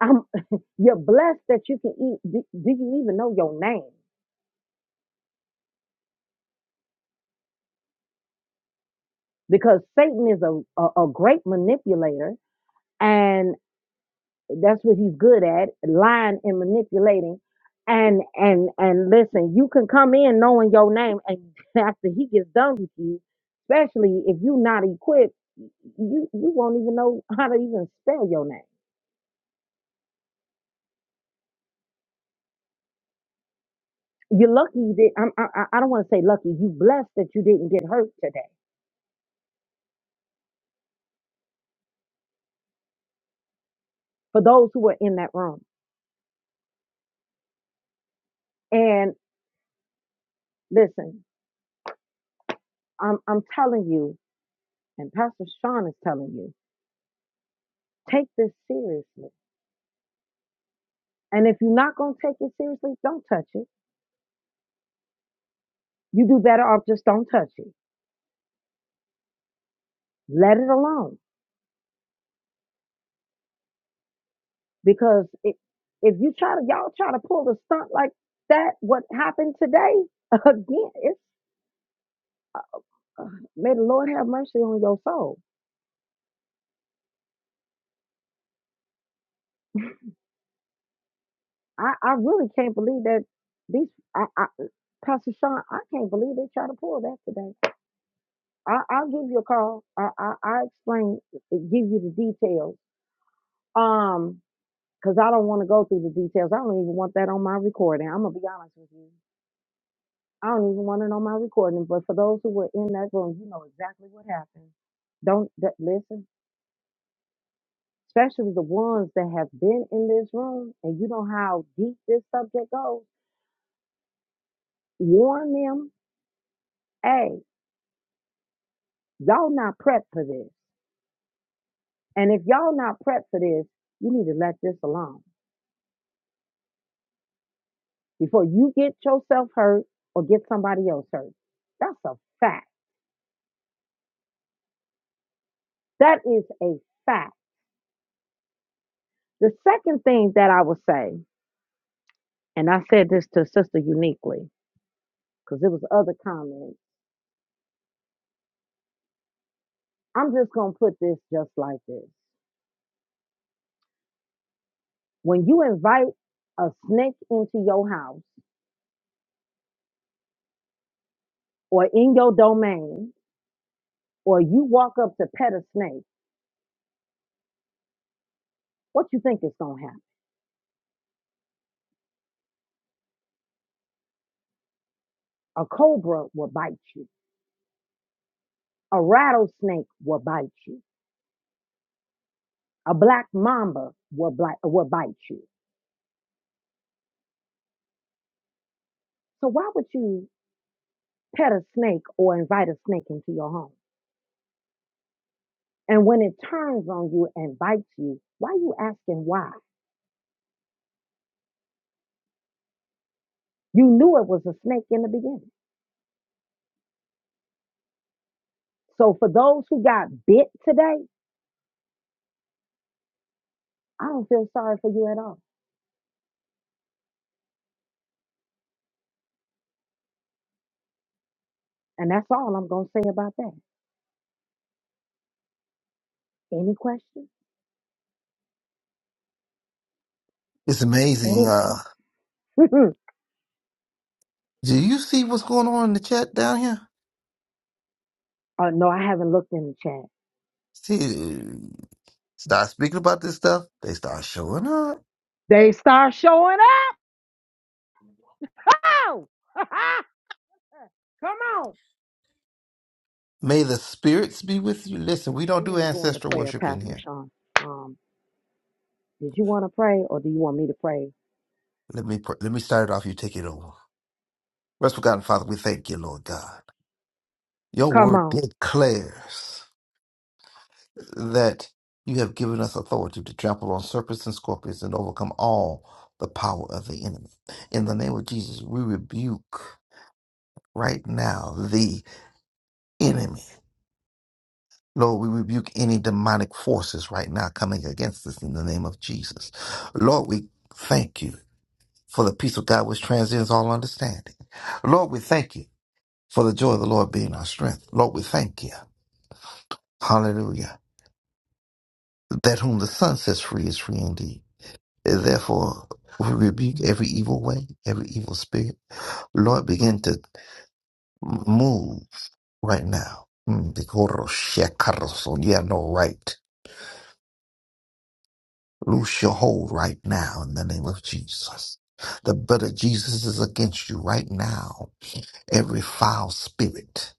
[SPEAKER 1] I'm, you're blessed that you can eat. Do, do you even know your name? Because Satan is a, a, a great manipulator and that's what he's good at, lying and manipulating. And, and, and listen, you can come in knowing your name and after he gets done with you, especially if you're not equipped, you, you won't even know how to even spell your name You're lucky that I'm, I, I don't want to say lucky. You blessed that you didn't get hurt today. For those who were in that room. And listen, I'm I'm telling you, and Pastor Sean is telling you, take this seriously. And if you're not gonna take it seriously, don't touch it. You do better off just don't touch it. Let it alone because it, if you try to y'all try to pull the stunt like that, what happened today again? It's uh, may the Lord have mercy on your soul I, I really can't believe that these I, I Pastor Sean, I can't believe they try to pull that today. I, I'll give you a call. I, I I explain, give you the details. Um, because I don't want to go through the details. I don't even want that on my recording. I'm gonna be honest with you. I don't even want it on my recording. But for those who were in that room, you know exactly what happened. Don't that, listen, especially the ones that have been in this room, and you know how deep this subject goes. Warn them. Hey. Y'all not prepped for this. And if y'all not prepped for this, you need to let this alone before you get yourself hurt or get somebody else hurt. That's a fact. That is a fact. The second thing that I would say, and I said this to Sister uniquely because it was other comments. I'm just gonna put this just like this. When you invite a snake into your house or in your domain, or you walk up to pet a snake, what you think is gonna happen? A cobra will bite you. A rattlesnake will bite you. A black mamba will, bite will bite you. So why would you pet a snake or invite a snake into your home? And when it turns on you and bites you, why are you asking why? You knew it was a snake in the beginning. So for those who got bit today, I don't feel sorry for you at all. And that's all I'm going to say about that. Any questions?
[SPEAKER 3] It's
[SPEAKER 1] Any?
[SPEAKER 3] amazing. Uh,
[SPEAKER 1] oh,
[SPEAKER 3] do you see what's going on in the chat down here?
[SPEAKER 1] no, I haven't looked in the chat.
[SPEAKER 3] See, Start speaking about this stuff, they start showing up.
[SPEAKER 1] They start showing up. Oh! Come on.
[SPEAKER 3] May the spirits be with you. Listen, we don't
[SPEAKER 1] We
[SPEAKER 3] do
[SPEAKER 1] need to go into
[SPEAKER 3] ancestral
[SPEAKER 1] prayer,
[SPEAKER 3] worship in
[SPEAKER 1] Pastor
[SPEAKER 3] here.
[SPEAKER 1] Sean. Um, did you want to pray or do you want me to pray?
[SPEAKER 3] Let me pr- let me start it off. You take it over. Restful God and Father, we thank you, Lord God. Your
[SPEAKER 1] Come
[SPEAKER 3] word
[SPEAKER 1] on.
[SPEAKER 3] declares that you have given us authority to trample on serpents and scorpions and overcome all the power of the enemy. In the name of Jesus, we rebuke right now the enemy. Lord, we rebuke any demonic forces right now coming against us in the name of Jesus. Lord, we thank you for the peace of God which transcends all understanding. Lord, we thank you for the joy of the Lord being our strength. Lord, we thank you. Hallelujah. That whom the Son sets free is free indeed. And therefore, we rebuke every evil way, every evil spirit. Lord, begin to move right now. Mm, because You have no right. Loose your hold right now in the name of Jesus. The blood of Jesus is against you right now. Every foul spirit,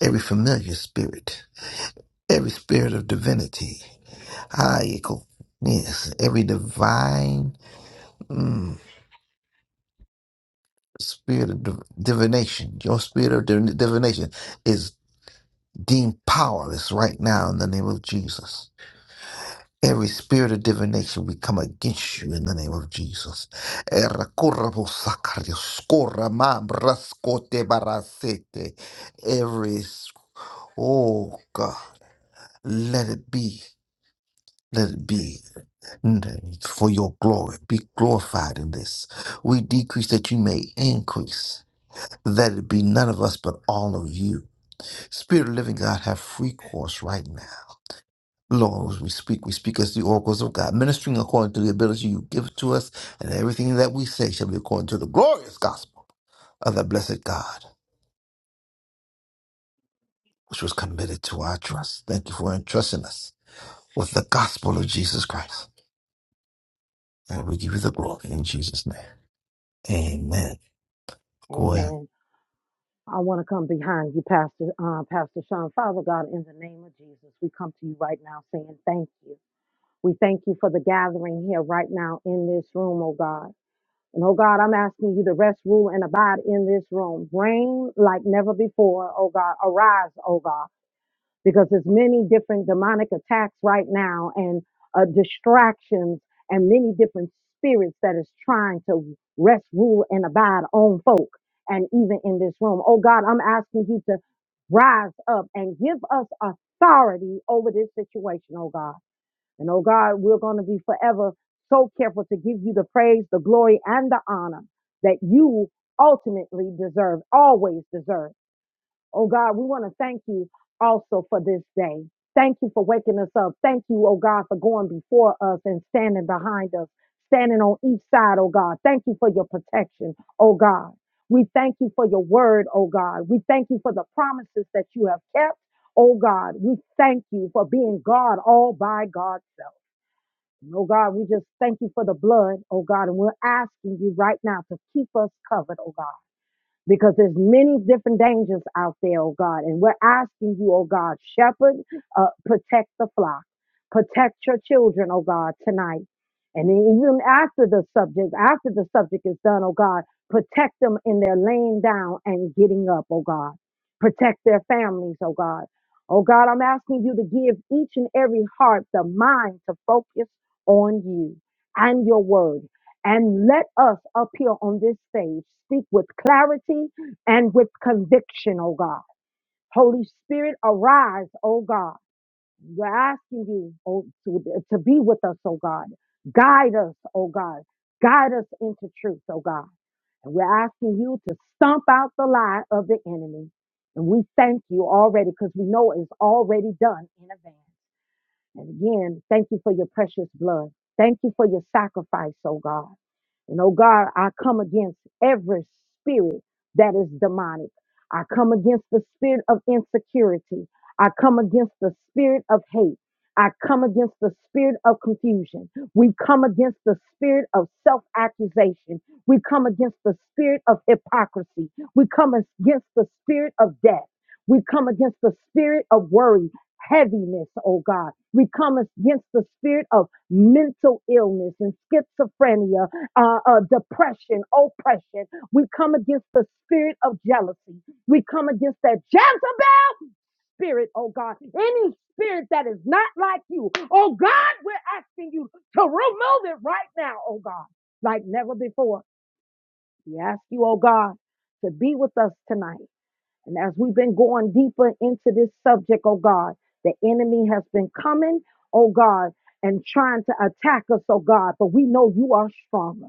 [SPEAKER 3] every familiar spirit, every spirit of divinity, ah, you yes, every divine mm, spirit of div- divination, your spirit of div- divination is deemed powerless right now in the name of Jesus. Every spirit of divination, we come against you in the name of Jesus. Every, oh God, let it be, let it be. For your glory, be glorified in this. We decrease that you may increase, that it be none of us but all of you. Spirit of living God, have free course right now. Lord, we speak, we speak as the oracles of God, ministering according to the ability you give to us, and everything that we say shall be according to the glorious gospel of the blessed God, which was committed to our trust. Thank you for entrusting us with the gospel of Jesus Christ. And we give you the glory in Jesus' name. Amen. Go ahead.
[SPEAKER 1] Amen. I want to come behind you, Pastor, uh, Pastor Sean. Father God, in the name of Jesus, we come to you right now saying thank you. We thank you for the gathering here right now in this room, oh God. And oh God, I'm asking you to rest, rule, and abide in this room. Reign like never before, oh God. Arise, oh God. because there's many different demonic attacks right now and uh, distractions and many different spirits that is trying to rest, rule, and abide on folk and even in this room. Oh God, I'm asking you to rise up and give us authority over this situation, oh God. And oh God, we're going to be forever so careful to give you the praise, the glory, and the honor that you ultimately deserve, always deserve. Oh God, we want to thank you also for this day. Thank you for waking us up. Thank you, oh God, for going before us and standing behind us, standing on each side, oh God. Thank you for your protection, oh God. We thank you for your word, oh God. We thank you for the promises that you have kept, oh God. We thank you for being God all by God's self. And, Oh God, we just thank you for the blood, oh God, and we're asking you right now to keep us covered, oh God because there's many different dangers out there, oh God. And we're asking you, oh God, shepherd, uh, protect the flock, protect your children, oh God, tonight. And even after the subject, after the subject is done, oh God, protect them in their laying down and getting up, oh God. Protect their families, oh God. Oh God, I'm asking you to give each and every heart the mind to focus on you and your word and let us up here on this stage speak with clarity and with conviction, oh God. Holy Spirit, arise, oh God. We're asking you oh, to, to be with us, oh God. Guide us, oh God. Guide us into truth, oh God. And we're asking you to stomp out the lie of the enemy. And we thank you already because we know it's already done in advance. And again, thank you for your precious blood. Thank you for your sacrifice, oh God. And oh God, I come against every spirit that is demonic. I come against the spirit of insecurity. I come against the spirit of hate. I come against the spirit of confusion. We come against the spirit of self accusation. We come against the spirit of hypocrisy. We come against the spirit of death. We come against the spirit of worry heaviness, oh God. We come against the spirit of mental illness and schizophrenia, uh, uh, depression, oppression. We come against the spirit of jealousy. We come against that Jezebel spirit, oh God. Any spirit that is not like you, oh God, we're asking you to remove it right now, oh God, like never before. We ask you, oh God, to be with us tonight and as we've been going deeper into this subject, oh God, the enemy has been coming, oh God, and trying to attack us, oh God, but we know you are stronger.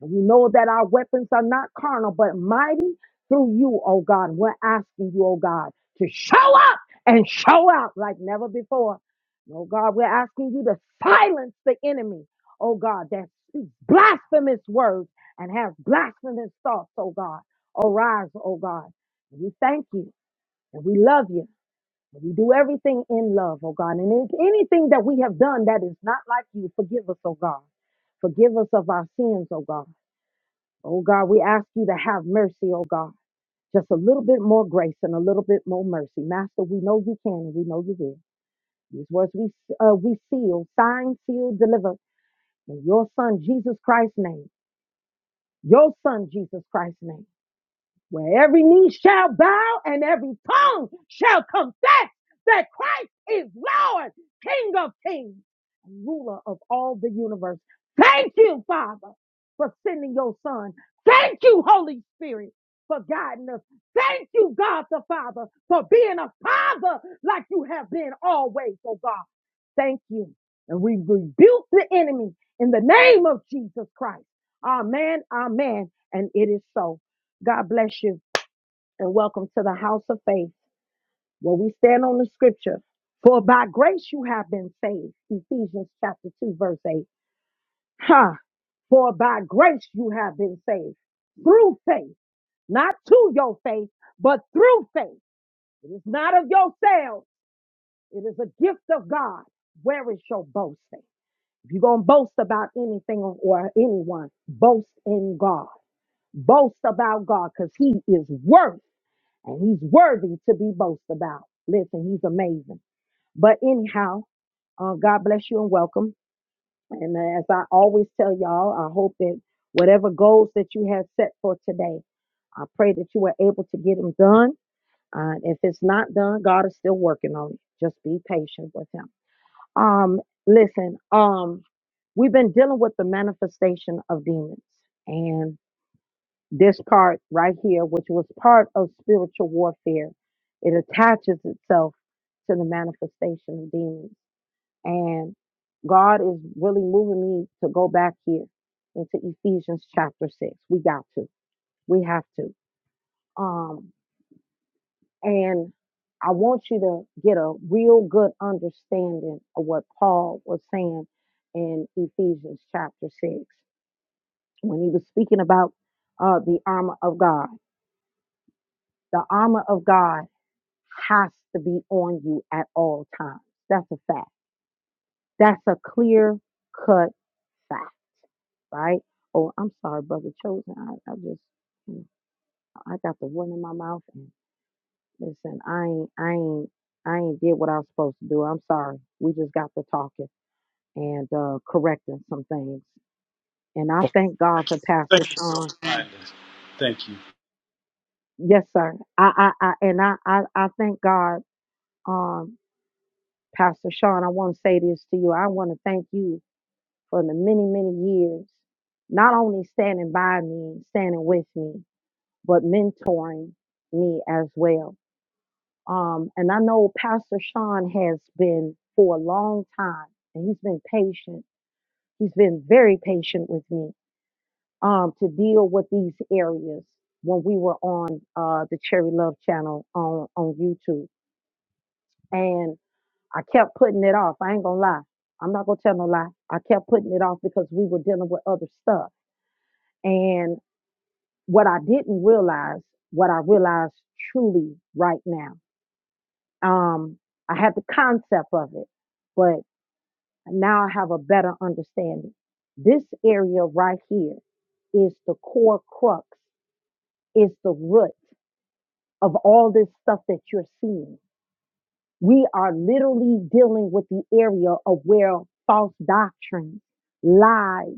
[SPEAKER 1] And we know that our weapons are not carnal, but mighty through you, oh God. We're asking you, oh God, to show up and show out like never before. Oh God, we're asking you to silence the enemy, oh God, that speaks blasphemous words and has blasphemous thoughts, oh God. Arise, oh God and we thank you and we love you. And we do everything in love, oh God. And if anything that we have done that is not like you, forgive us, oh God. Forgive us of our sins, oh God. Oh God, we ask you to have mercy, oh God. Just a little bit more grace and a little bit more mercy. Master, we know you can and we know you will. These words we, uh, we seal, sign, seal, deliver in your son, Jesus Christ's name. Your son, Jesus Christ's name. where every knee shall bow and every tongue shall confess that Christ is Lord, King of kings, and ruler of all the universe. Thank you, Father, for sending your son. Thank you, Holy Spirit, for guiding us. Thank you, God the Father, for being a father like you have been always, oh God. Thank you. And we rebuke the enemy in the name of Jesus Christ. Amen, amen. And it is so. God bless you and welcome to the house of faith where we stand on the scripture. For by grace you have been saved. Ephesians chapter 2 verse 8. Huh. For by grace you have been saved through faith, not to your faith, but through faith. It is not of yourself. It is a gift of God. Where is your boasting? If you're going to boast about anything or anyone, boast in God. Boast about God because he is worth and he's worthy to be boasted about. Listen, he's amazing. But anyhow, uh, God bless you and welcome. And uh, as I always tell y'all, I hope that whatever goals that you have set for today, I pray that you are able to get them done. Uh, if it's not done, God is still working on it. Just be patient with Him. Um, listen, um, we've been dealing with the manifestation of demons, and. This part right here, which was part of spiritual warfare, it attaches itself to the manifestation of demons. And God is really moving me to go back here into Ephesians chapter six. We got to. We have to. Um, and I want you to get a real good understanding of what Paul was saying in Ephesians chapter six when he was speaking about uh, the armor of God. The armor of God. has to be on you at all times. That's a fact. That's a clear cut fact, right? Oh, I'm sorry, brother Chosen. I, I just, I got the one in my mouth, and listen, I ain't, I ain't, I ain't did what I was supposed to do. I'm sorry. We just got to talking and uh, correcting some things, and I
[SPEAKER 4] Well,
[SPEAKER 1] thank God
[SPEAKER 4] thank you.
[SPEAKER 1] for Pastor
[SPEAKER 4] Thank you so
[SPEAKER 1] Sean.
[SPEAKER 4] much. Thank you.
[SPEAKER 1] Yes, sir. I, I, I and I, I, I thank God, um, Pastor Sean. I want to say this to you. I want to thank you for the many, many years, not only standing by me, standing with me, but mentoring me as well. Um, and I know Pastor Sean has been for a long time, and he's been patient. He's been very patient with me um, to deal with these areas when we were on uh, the Cherry Love channel on, on YouTube. And I kept putting it off. I ain't gonna lie. I'm not gonna tell no lie. I kept putting it off because we were dealing with other stuff. and what I didn't realize, what I realize truly right now. Um, I had the concept of it, but now I have a better understanding. This area right here is the core crux, is the root of all this stuff that you're seeing. We are literally dealing with the area of where false doctrine, lies,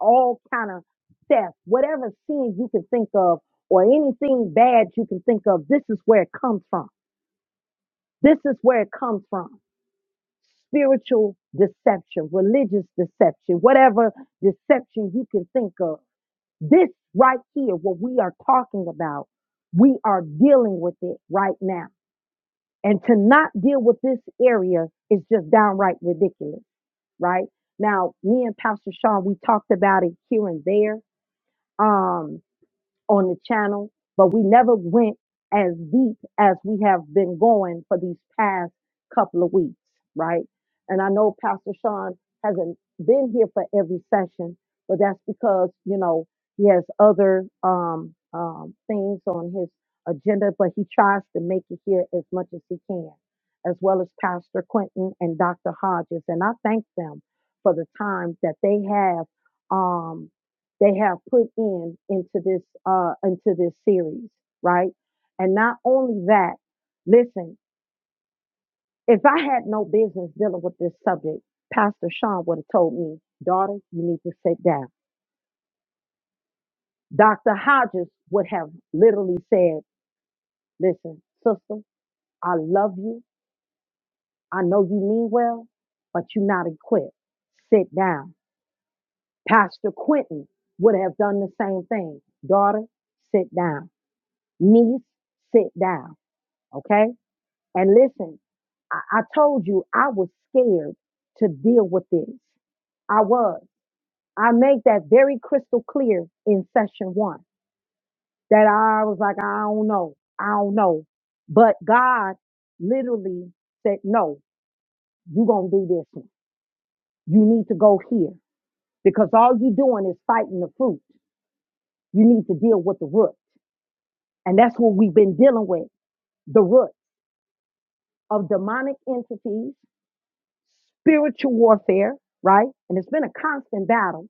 [SPEAKER 1] all kind of theft, whatever sin you can think of or anything bad you can think of, this is where it comes from. This is where it comes from. Spiritual deception, religious deception, whatever deception you can think of. This right here, what we are talking about, we are dealing with it right now. And to not deal with this area is just downright ridiculous, right? Now, me and Pastor Sean, we talked about it here and there. Um, on the channel, but we never went as deep as we have been going for these past couple of weeks, right? And I know Pastor Sean hasn't been here for every session, but that's because, you know, he has other um, um, things on his agenda, but he tries to make it here as much as he can, as well as Pastor Quentin and Dr. Hodges. And I thank them for the time that they have. um, they have put in into this uh into this series, right? And not only that, listen, if I had no business dealing with this subject, Pastor Sean would have told me, daughter, you need to sit down. Dr. Hodges would have literally said, listen, sister, I love you. I know you mean well, but you're not equipped. Sit down. Pastor Quentin would have done the same thing. Daughter, sit down. Niece, sit down. Okay? And listen, I, I told you I was scared to deal with this. I was. I made that very crystal clear in session one that I was like, I don't know. I don't know. But God literally said, no, you're going to do this one. You need to go here because all you're doing is fighting the fruit. You need to deal with the root. And that's what we've been dealing with the root of demonic entities spiritual warfare, right? And it's been a constant battle,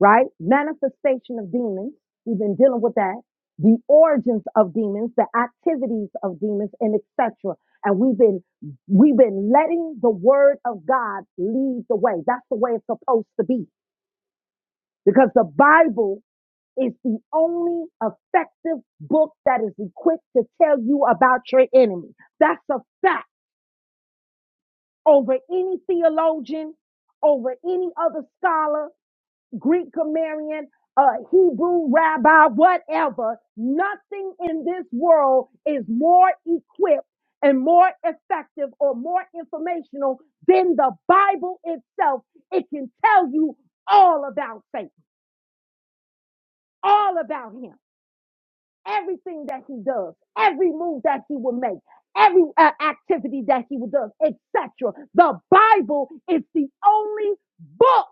[SPEAKER 1] right? Manifestation of demons. We've been dealing with that. The origins of demons, the activities of demons, and etc. And we've been we've been letting the word of God lead the way. That's the way it's supposed to be. Because the Bible is the only effective book that is equipped to tell you about your enemy. That's a fact. over any theologian, over any other scholar, Greek grammarian, uh, Hebrew rabbi, whatever. Nothing in this world is more equipped and more effective or more informational than the Bible itself. It can tell you all about Satan, all about him everything that he does, every move that he will make, every uh, activity that he will do, etc. The Bible is the only book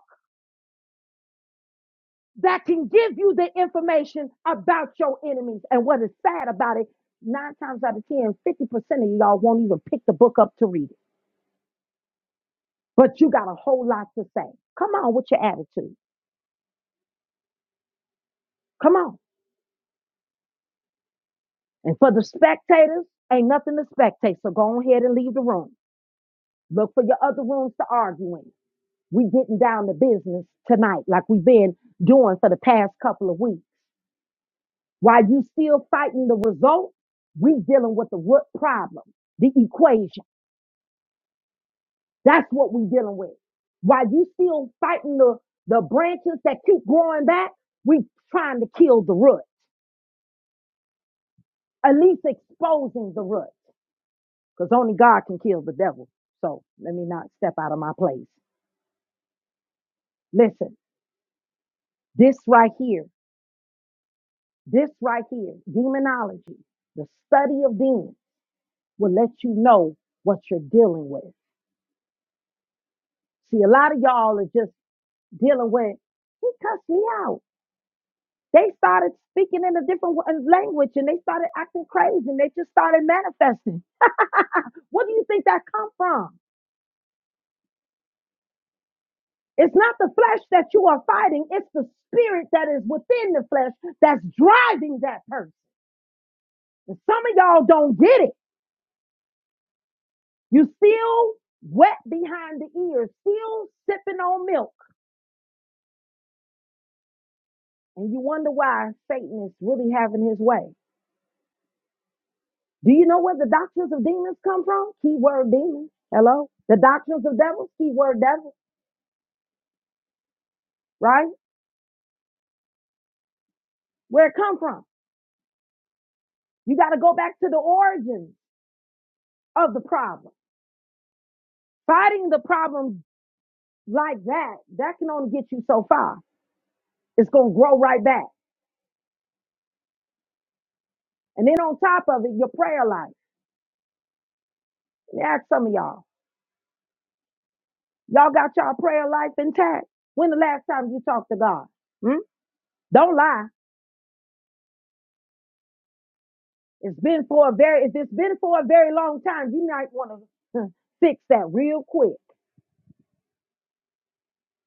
[SPEAKER 1] that can give you the information about your enemies. And what is sad about it, nine times out of ten, fifty percent of y'all won't even pick the book up to read it. But you got a whole lot to say. Come on with your attitude. Come on. And for the spectators, ain't nothing to spectate. So go on ahead and leave the room. Look for your other rooms to argue in. We getting down to business tonight, like we've been doing for the past couple of weeks. While you still fighting the result, we dealing with the root problem, the equation. That's what we dealing with. While you still fighting the, the branches that keep growing back, we trying to kill the root, at least exposing the root, because only God can kill the devil. So let me not step out of my place. Listen, this right here, this right here, demonology, the study of demons. will let you know what you're dealing with. See, a lot of y'all are just dealing with, he cussed me out. They started speaking in a different language and they started acting crazy and they just started manifesting. What do you think that come from? It's not the flesh that you are fighting. It's the spirit that is within the flesh that's driving that person. And some of y'all don't get it. You still wet behind the ears, still sipping on milk. And you wonder why Satan is really having his way. Do you know where the doctrines of demons come from? Keyword demons. Hello? The doctrines of devils, keyword devil, right? Where it come from? You got to go back to the origin of the problem. Fighting the problem like that, that can only get you so far. It's going to grow right back. And then on top of it, your prayer life. Let me ask some of y'all. Y'all got y'all prayer life intact? When the last time you talked to God? Hmm? Don't lie. It's been for a very, if it's been for a very long time, you might want to fix that real quick.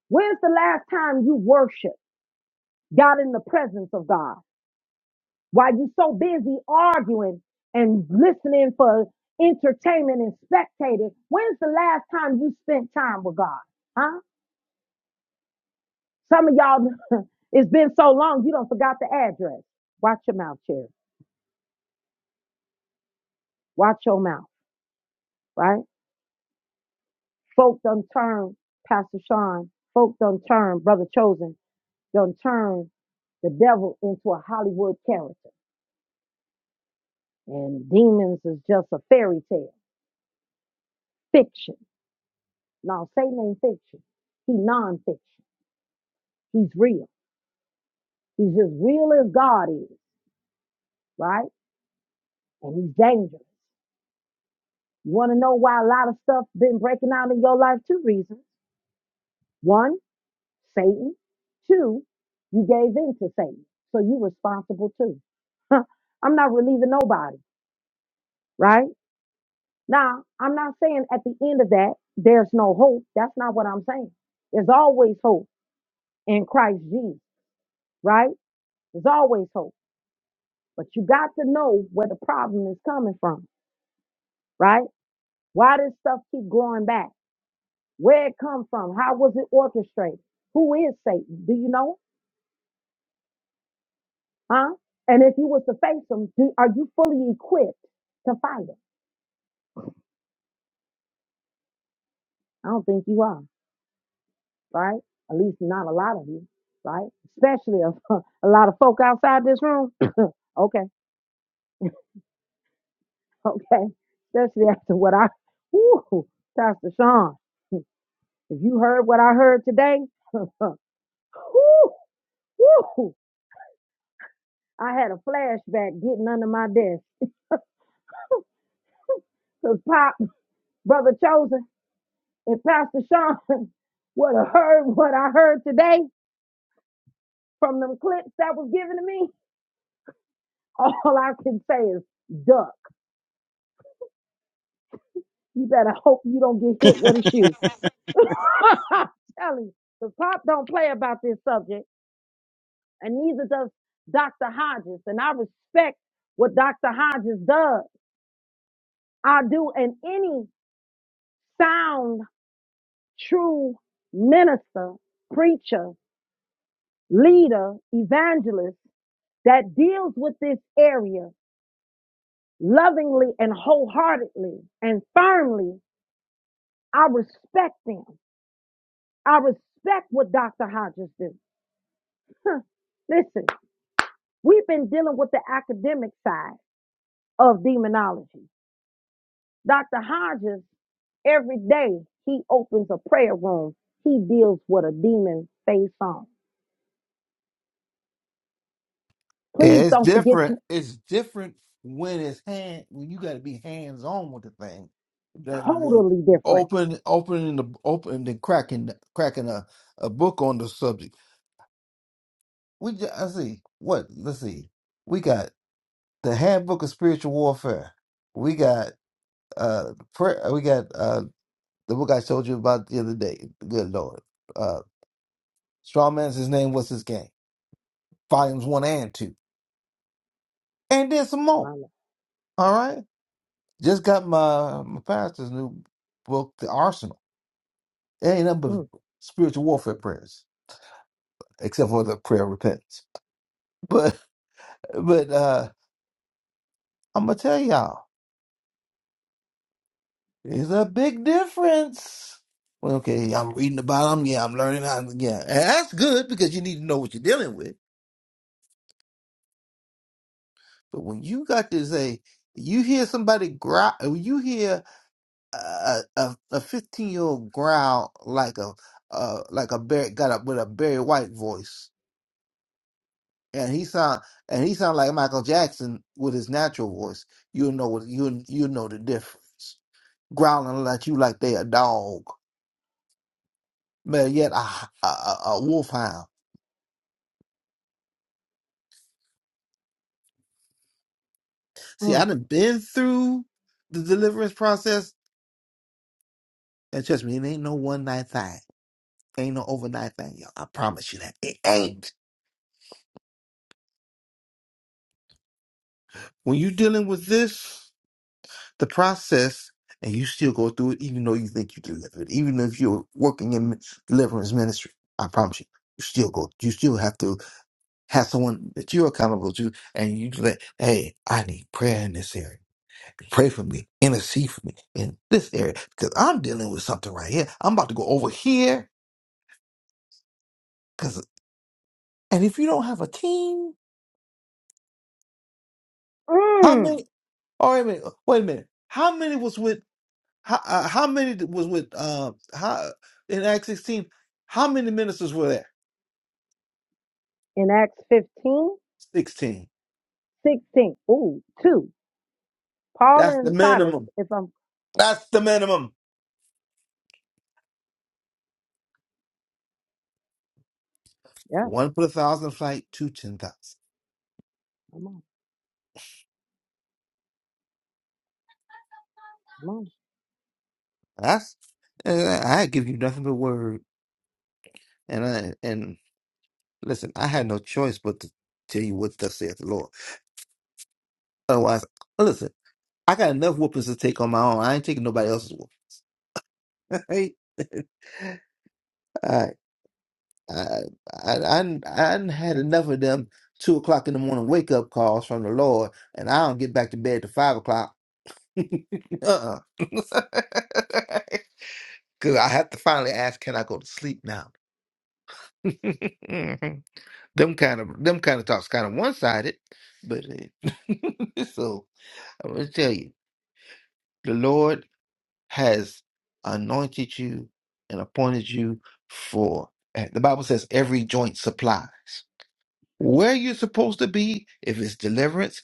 [SPEAKER 1] When's the last time you worshiped, got in the presence of God? Why you so busy arguing and listening for entertainment and spectating, when's the last time you spent time with God? Huh? Some of y'all, it's been so long, you don't forgot the address. Watch your mouth, Cherry. Watch your mouth, right? Folk done turn, Pastor Sean. Folk done turn, Brother Chosen done turned the devil into a Hollywood character. And demons is just a fairy tale, fiction. Now, Satan ain't fiction. He non-fiction. He's real. He's as real as God is, right? And he's dangerous. You want to know why a lot of stuff been breaking out in your life? Two reasons. One, Satan. Two, you gave in to Satan. So you are responsible too. I'm not relieving nobody, right? Now, I'm not saying at the end of that, there's no hope. That's not what I'm saying. There's always hope in Christ Jesus, right? There's always hope. But you got to know where the problem is coming from, right? Why does stuff keep growing back? Where it come from? How was it orchestrated? Who is Satan? Do you know? Huh? And if you was to face him, do, are you fully equipped to fight him? I don't think you are. right? At least not a lot of you, right? Especially a, a lot of folk outside this room. okay, okay. Especially after what I, whoo, Pastor Sean, if you heard what I heard today, whoo, whoo, I had a flashback getting under my desk. Cause Pop, Brother Chosen, and Pastor Sean would have heard what I heard today from them clips that was given to me. All I can say is, duck. You better hope you don't get hit with a shoe I'm telling you, the pop don't play about this subject, and neither does Dr. Hodges. And I respect what Dr. Hodges does. I do, and any sound, true minister, preacher, leader, evangelist that deals with this area lovingly and wholeheartedly and firmly, I respect them. I respect what Dr. Hodges do. Huh. Listen, we've been dealing with the academic side. of demonology. Dr. Hodges, every day he opens a prayer room, he deals with a demon face on.
[SPEAKER 3] Yeah,
[SPEAKER 1] Please
[SPEAKER 3] it's
[SPEAKER 1] don't forget
[SPEAKER 3] different.
[SPEAKER 1] you
[SPEAKER 3] It's different when it's hand when you gotta be hands on with the thing. Rather than
[SPEAKER 1] totally different.
[SPEAKER 3] open opening the opening and cracking cracking a, a book on the subject We ju- I see. What? Let's see. We got the Handbook of Spiritual Warfare. We got uh prayer. We got uh the book I told you about the other day. Good Lord. Uh, Strong Man's his name. What's his game? Volumes one and two, and then some
[SPEAKER 1] My
[SPEAKER 3] more.
[SPEAKER 1] Lord.
[SPEAKER 3] All right. Just got my my pastor's new book, The Arsenal. It ain't nothing but
[SPEAKER 1] Mm,
[SPEAKER 3] spiritual warfare prayers, except for the prayer of repentance. But but uh, I'm gonna tell y'all. It's a big difference. Well, okay, I'm reading about them. Yeah, I'm learning how. Yeah, and that's good because you need to know what you're dealing with. But when you got to say, you hear somebody growl, when you hear a a a 15 year old growl like a uh like a Barry got up with a Barry White voice, and he sound and he sound like Michael Jackson with his natural voice. You'll know what you you know the difference. Growling at you like they a dog, but yet a a, a a wolfhound See, I
[SPEAKER 1] mm,
[SPEAKER 3] done been through the deliverance process, and trust me, it ain't no one night thing. Ain't no overnight thing, y'all. I promise you that. It ain't. When you dealing with this, the process, and you still go through it, even though you think you delivered, even if you're working in deliverance ministry, I promise you, you still go. You still have to have someone that you're accountable to, and you let, hey, I need prayer in this area. Pray for me, intercede for me in this area, because I'm dealing with something right here. I'm about to go over here Cause and if you don't have a team, how
[SPEAKER 1] mm.
[SPEAKER 3] many? All right, wait, a minute, wait a minute. How many was with? How uh, how many was with? Uh, how in Act sixteen? How many ministers were there?
[SPEAKER 1] In Acts 15,
[SPEAKER 3] Sixteen.
[SPEAKER 1] 16, ooh, two. Paul
[SPEAKER 3] That's
[SPEAKER 1] and
[SPEAKER 3] the
[SPEAKER 1] Silas,
[SPEAKER 3] minimum.
[SPEAKER 1] if I'm
[SPEAKER 3] That's the minimum.
[SPEAKER 1] yeah,
[SPEAKER 3] One put a thousand flight, two ten thousand.
[SPEAKER 1] come on, come on.
[SPEAKER 3] That's and I I give you nothing but word. And I and listen, I had no choice but to tell you what thus saith the Lord. Otherwise, listen, I got enough whoopings to take on my own. I ain't taking nobody else's whoop. Right? I I I I done- I done had enough of them two o'clock in the morning wake up calls from the Lord, and I don't get back to bed to five o'clock. Uh-uh. Cause I have to finally ask, can I go to sleep now? Them kind of them kind of talks kind of one sided, but uh, so I'm gonna tell you, the Lord has anointed you and appointed you for. eh, The Bible says every joint supplies. Where you're supposed to be, if it's deliverance,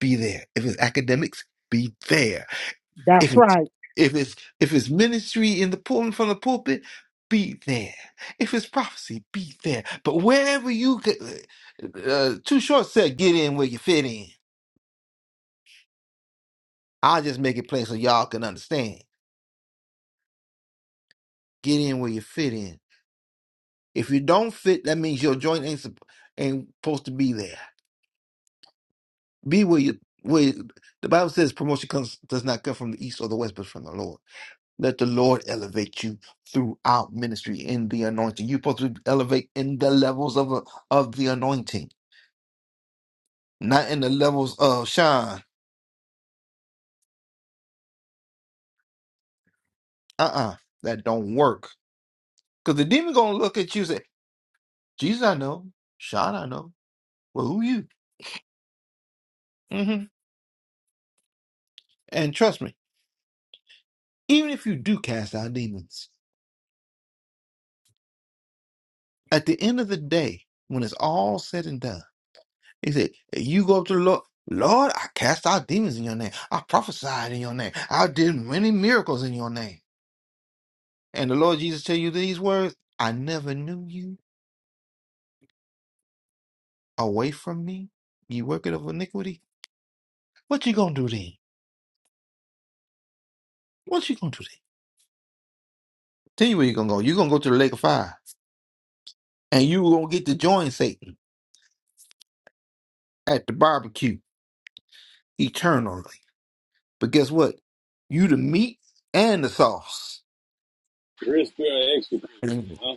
[SPEAKER 3] be there. If it's academics, be there. If
[SPEAKER 1] That's
[SPEAKER 3] it's
[SPEAKER 1] right.
[SPEAKER 3] if it's if it's ministry in the pulpit from the pulpit, be there. If it's prophecy, be there. But wherever you get, uh, uh, too short said, get in where you fit in. I'll just make it plain so y'all can understand. Get in where you fit in. If you don't fit, that means your joint ain't sup- ain't supposed to be there. Be where you where you- the Bible says promotion comes does not come from the east or the west, but from the Lord. Let the Lord elevate you throughout ministry in the anointing. You're supposed to elevate in the levels of, of the anointing, not in the levels of shine. Uh-uh. That don't work. Because the demon gonna look at you and say, Jesus, I know. Shine, I know. Well, who you? hmm And trust me, even if you do cast out demons, at the end of the day, when it's all said and done, he said, you go up to the Lord, Lord, I cast out demons in your name. I prophesied in your name. I did many miracles in your name. And the Lord Jesus tell you these words, I never knew you away from me, you worker of iniquity. What you gonna do then? What you gonna do then? Tell you where you gonna go. you gonna go to the lake of fire. And you gonna get to join Satan at the barbecue eternally. But guess what? You the meat and the sauce.
[SPEAKER 4] Chris Perry extra, huh?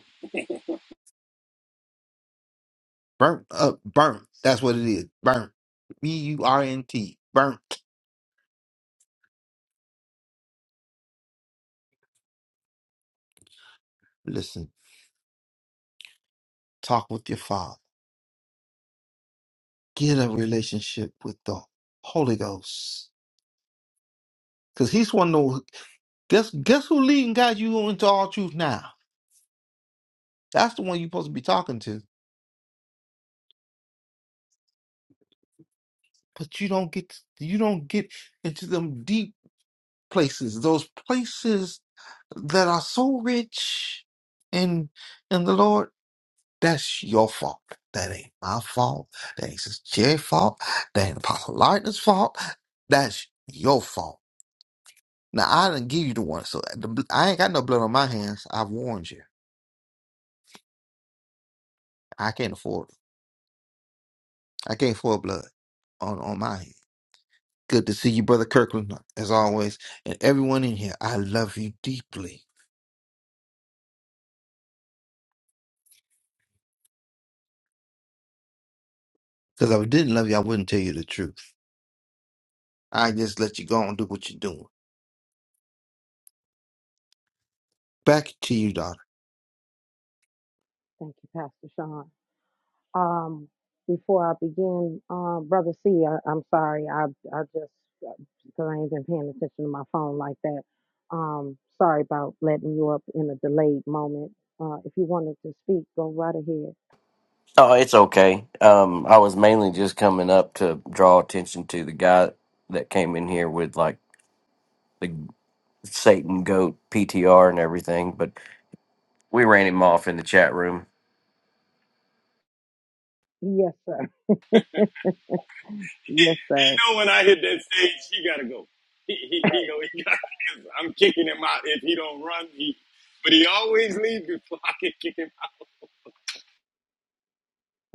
[SPEAKER 3] Burnt up, burnt. That's what it is. Burnt. B U R N T. Burnt. Listen, talk with your father. Get a relationship with the Holy Ghost Cause he's one of those guess guess who leading God you into all truth now? That's the one you're supposed to be talking to. But you don't get you don't get into them deep places, those places that are so rich in in the Lord. That's your fault. That ain't my fault. That ain't Sister Jerry's fault. That ain't Apostle Lightner's fault. That's your fault. Now I didn't give you the one, so the, bl- I ain't got no blood on my hands. I've warned you. I can't afford it. I gave full blood on on my end. Good to see you, brother Kirkland, as always, and everyone in here. I love you deeply. Because if I didn't love you, I wouldn't tell you the truth. I just let you go and do what you're doing. Back to you, daughter.
[SPEAKER 1] Thank you, Pastor Sean. Um, before I begin, uh, Brother C, I, I'm sorry. I, I just, because I ain't been paying attention to my phone like that. Um, sorry about letting you up in a delayed moment. Uh, if you wanted to speak, go right ahead.
[SPEAKER 5] Oh, it's okay. Um, I was mainly just coming up to draw attention to the guy that came in here with like the Satan goat PTR and everything, but we ran him off in the chat room.
[SPEAKER 1] Yes, sir. Yes, sir.
[SPEAKER 4] He know when I hit that stage, he gotta go. He he, he know he got because I'm kicking him out if he don't run. He, but he always leaves before I can kick him out.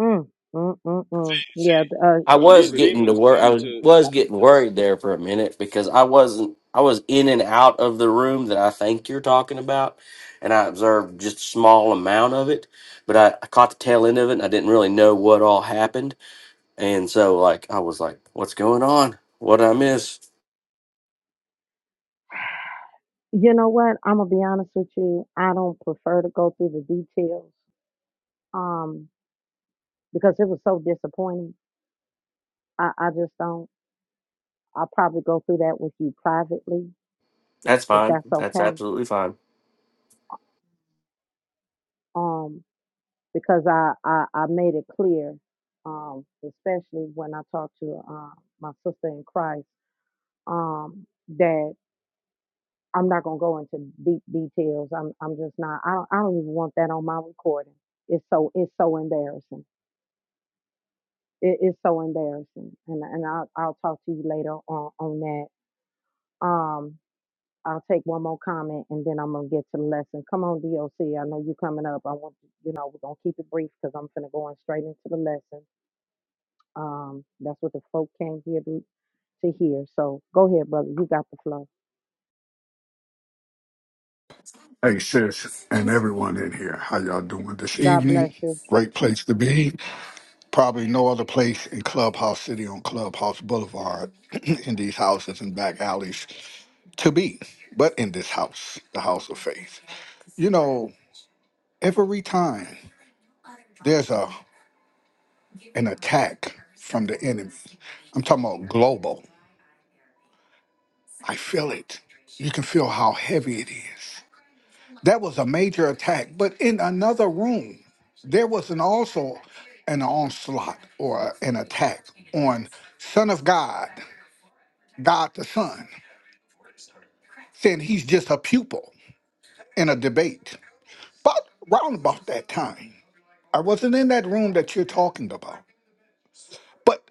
[SPEAKER 1] Mm, mm, mm, mm. Yeah, th- uh,
[SPEAKER 5] I was
[SPEAKER 4] These
[SPEAKER 5] Good. getting to
[SPEAKER 4] demons
[SPEAKER 5] wor
[SPEAKER 4] come
[SPEAKER 5] I
[SPEAKER 4] to to,
[SPEAKER 5] was
[SPEAKER 4] to
[SPEAKER 5] getting
[SPEAKER 4] s-
[SPEAKER 5] worried there for a minute because I wasn't. I was in and out of the room that I think you're talking about, and I observed just a small amount of it. But I, I caught the tail end of it, and I didn't really know what all happened. And so, like, I was like, "What's going on? What did I miss?"
[SPEAKER 1] you know what? I'm gonna be honest with you. I don't prefer to go through the details, um, because it was so disappointing. I, I just don't. I'll probably go through that with you privately,
[SPEAKER 5] That's
[SPEAKER 1] if
[SPEAKER 5] fine.
[SPEAKER 1] that's
[SPEAKER 5] That's
[SPEAKER 1] okay.
[SPEAKER 5] absolutely fine.
[SPEAKER 1] Um, because I, I, I made it clear, um, especially when I talked to uh, my sister in Christ, um, that I'm not gonna go into deep details. I'm I'm just not. I don't I don't even want that on my recording. It's so it's so embarrassing. It is so embarrassing, and and I'll I'll talk to you later on on that. Um, I'll take one more comment and then I'm gonna get to the lesson. Come on, DOC. I know you coming up. I want you know we're gonna keep it brief because I'm finna go on straight into the lesson. Um, that's what the folk came here to, to hear. So go ahead, brother. You got the flow.
[SPEAKER 6] Hey, sis, and everyone in here, how y'all doing this
[SPEAKER 1] God bless
[SPEAKER 6] evening?
[SPEAKER 1] you.
[SPEAKER 6] Great place to be. Probably no other place in Clubhouse City on Clubhouse Boulevard, in these houses and back alleys to be, but in this house, the house of faith. You know, every time there's a an attack from the enemy, I'm talking about global. I feel it. You can feel how heavy it is. That was a major attack. But in another room, there was an also an onslaught or an attack on Son of God, God the Son, saying he's just a pupil in a debate. But round about that time, I wasn't in that room that you're talking about. But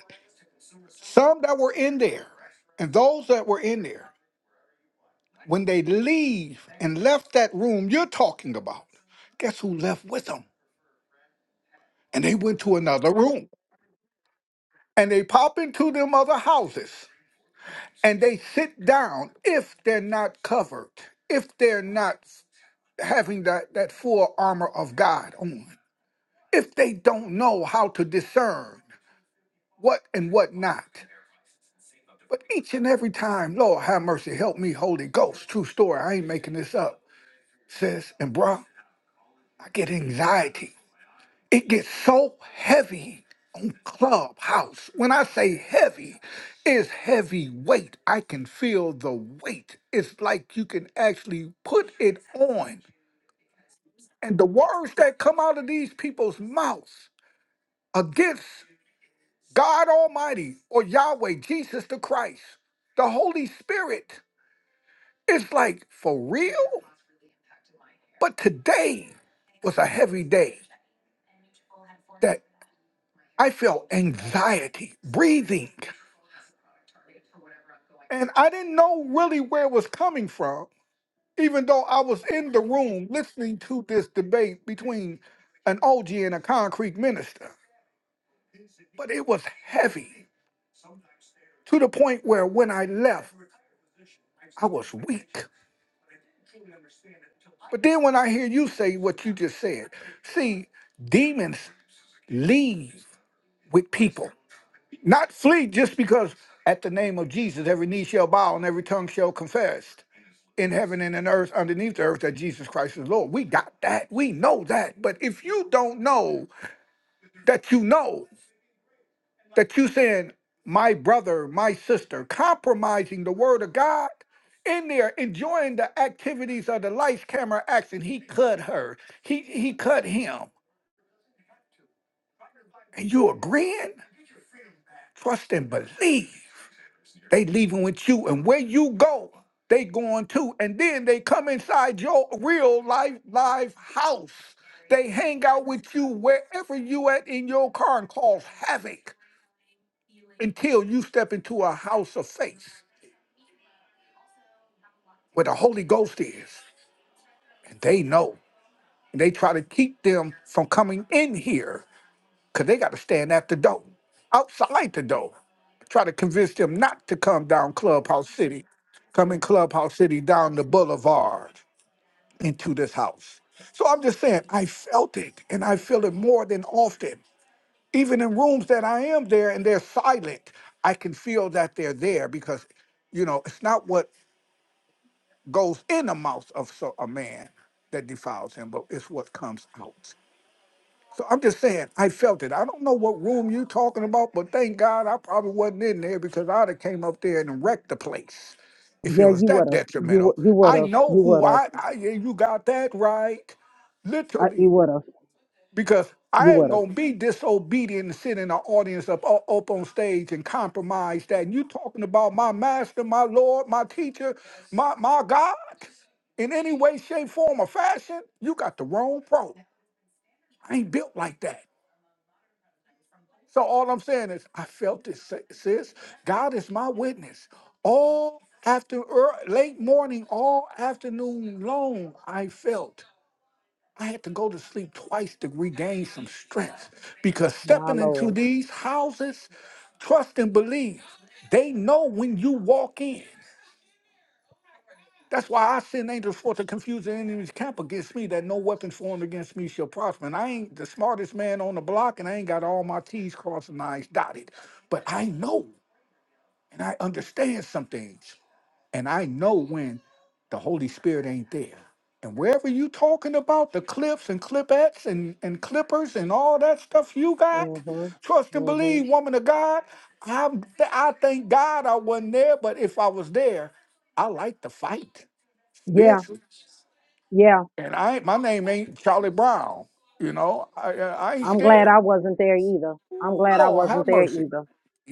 [SPEAKER 6] some that were in there, and those that were in there, when they leave and left that room you're talking about, guess who left with them? And they went to another room. and they pop into them other houses and they sit down if they're not covered, if they're not having that, that full armor of God on, if they don't know how to discern what and what not. But each and every time, Lord have mercy, help me, Holy Ghost, true story, I ain't making this up, sis and bro, I get anxiety it gets so heavy on clubhouse when i say heavy it's heavy weight i can feel the weight it's like you can actually put it on and the words that come out of these people's mouths against god almighty or yahweh jesus the christ the holy spirit it's like for real but today was a heavy day that I felt anxiety breathing. And I didn't know really where it was coming from, even though I was in the room listening to this debate between an OG and a concrete minister. But it was heavy to the point where when I left, I was weak. But then when I hear you say what you just said, see, demons leave with people. Not flee just because at the name of Jesus, every knee shall bow and every tongue shall confess in heaven and in earth, underneath the earth, that Jesus Christ is Lord. We got that. We know that. But if you don't know that you know that you saying, my brother, my sister, compromising the word of God in there, enjoying the activities of the lights, camera, action, he cut her, he, he cut him. And you agreeing? Trust and believe. They leaving with you, and where you go, they going too. And then they come inside your real life live house. They hang out with you wherever you at in your car and cause havoc until you step into a house of faith where the Holy Ghost is, and they know. And they try to keep them from coming in here because they got to stand at the door, outside the door. Try to convince them not to come down Clubhouse City, come in Clubhouse City down the boulevard. into this house. So I'm just saying, I felt it and I feel it more than often. Even in rooms that I am there and they're silent, I can feel that they're there because, you know, it's not what goes in the mouth of so, a man that defiles him, but it's what comes out. So I'm just saying, I felt it. I don't know what room you talking about, but thank God I probably wasn't in there because I'd have came up there and wrecked the place if it
[SPEAKER 1] Yeah,
[SPEAKER 6] was
[SPEAKER 1] you
[SPEAKER 6] that
[SPEAKER 1] would have. You
[SPEAKER 6] detrimental.
[SPEAKER 1] would. You would
[SPEAKER 6] I
[SPEAKER 1] have.
[SPEAKER 6] know
[SPEAKER 1] You
[SPEAKER 6] who
[SPEAKER 1] would have.
[SPEAKER 6] I, I yeah, you got that right,
[SPEAKER 1] Uh, you
[SPEAKER 6] literally,
[SPEAKER 1] would have.
[SPEAKER 6] because
[SPEAKER 1] You
[SPEAKER 6] I ain't
[SPEAKER 1] would have.
[SPEAKER 6] gonna be disobedient and sit in the audience up up up on stage and compromise that. And you talking about my master, my Lord, my teacher, my my God in any way, shape, form, or fashion? You got the wrong pro. I ain't built like that. So all I'm saying is, I felt this, si- sis. God is my witness. All after ear- late morning, all afternoon long, I felt I had to go to sleep twice to regain some strength because
[SPEAKER 1] My
[SPEAKER 6] stepping into
[SPEAKER 1] lord.
[SPEAKER 6] these houses, trust and believe. They know when you walk in. That's why I send angels forth to confuse the enemy's camp against me, that no weapon formed against me shall prosper. And I ain't the smartest man on the block, and I ain't got all my T's crossed and I's dotted. But I know and I understand some things. And I know when the Holy Spirit ain't there. And wherever you talking about the clips and clipettes and, and clippers and all that stuff you got,
[SPEAKER 1] Mhm.
[SPEAKER 6] trust and
[SPEAKER 1] Mhm.
[SPEAKER 6] believe, woman of God. I I thank God I wasn't there, but if I was there, I like to fight
[SPEAKER 1] Yeah.
[SPEAKER 6] spiritually.
[SPEAKER 1] Yeah.
[SPEAKER 6] And I ain't- my name ain't Charlie Brown. You know, I I I ain't
[SPEAKER 1] I'm glad I
[SPEAKER 6] scared.
[SPEAKER 1] wasn't there either. I'm
[SPEAKER 6] Ooh,
[SPEAKER 1] glad I
[SPEAKER 6] Lord, have
[SPEAKER 1] wasn't there
[SPEAKER 6] mercy.
[SPEAKER 1] either.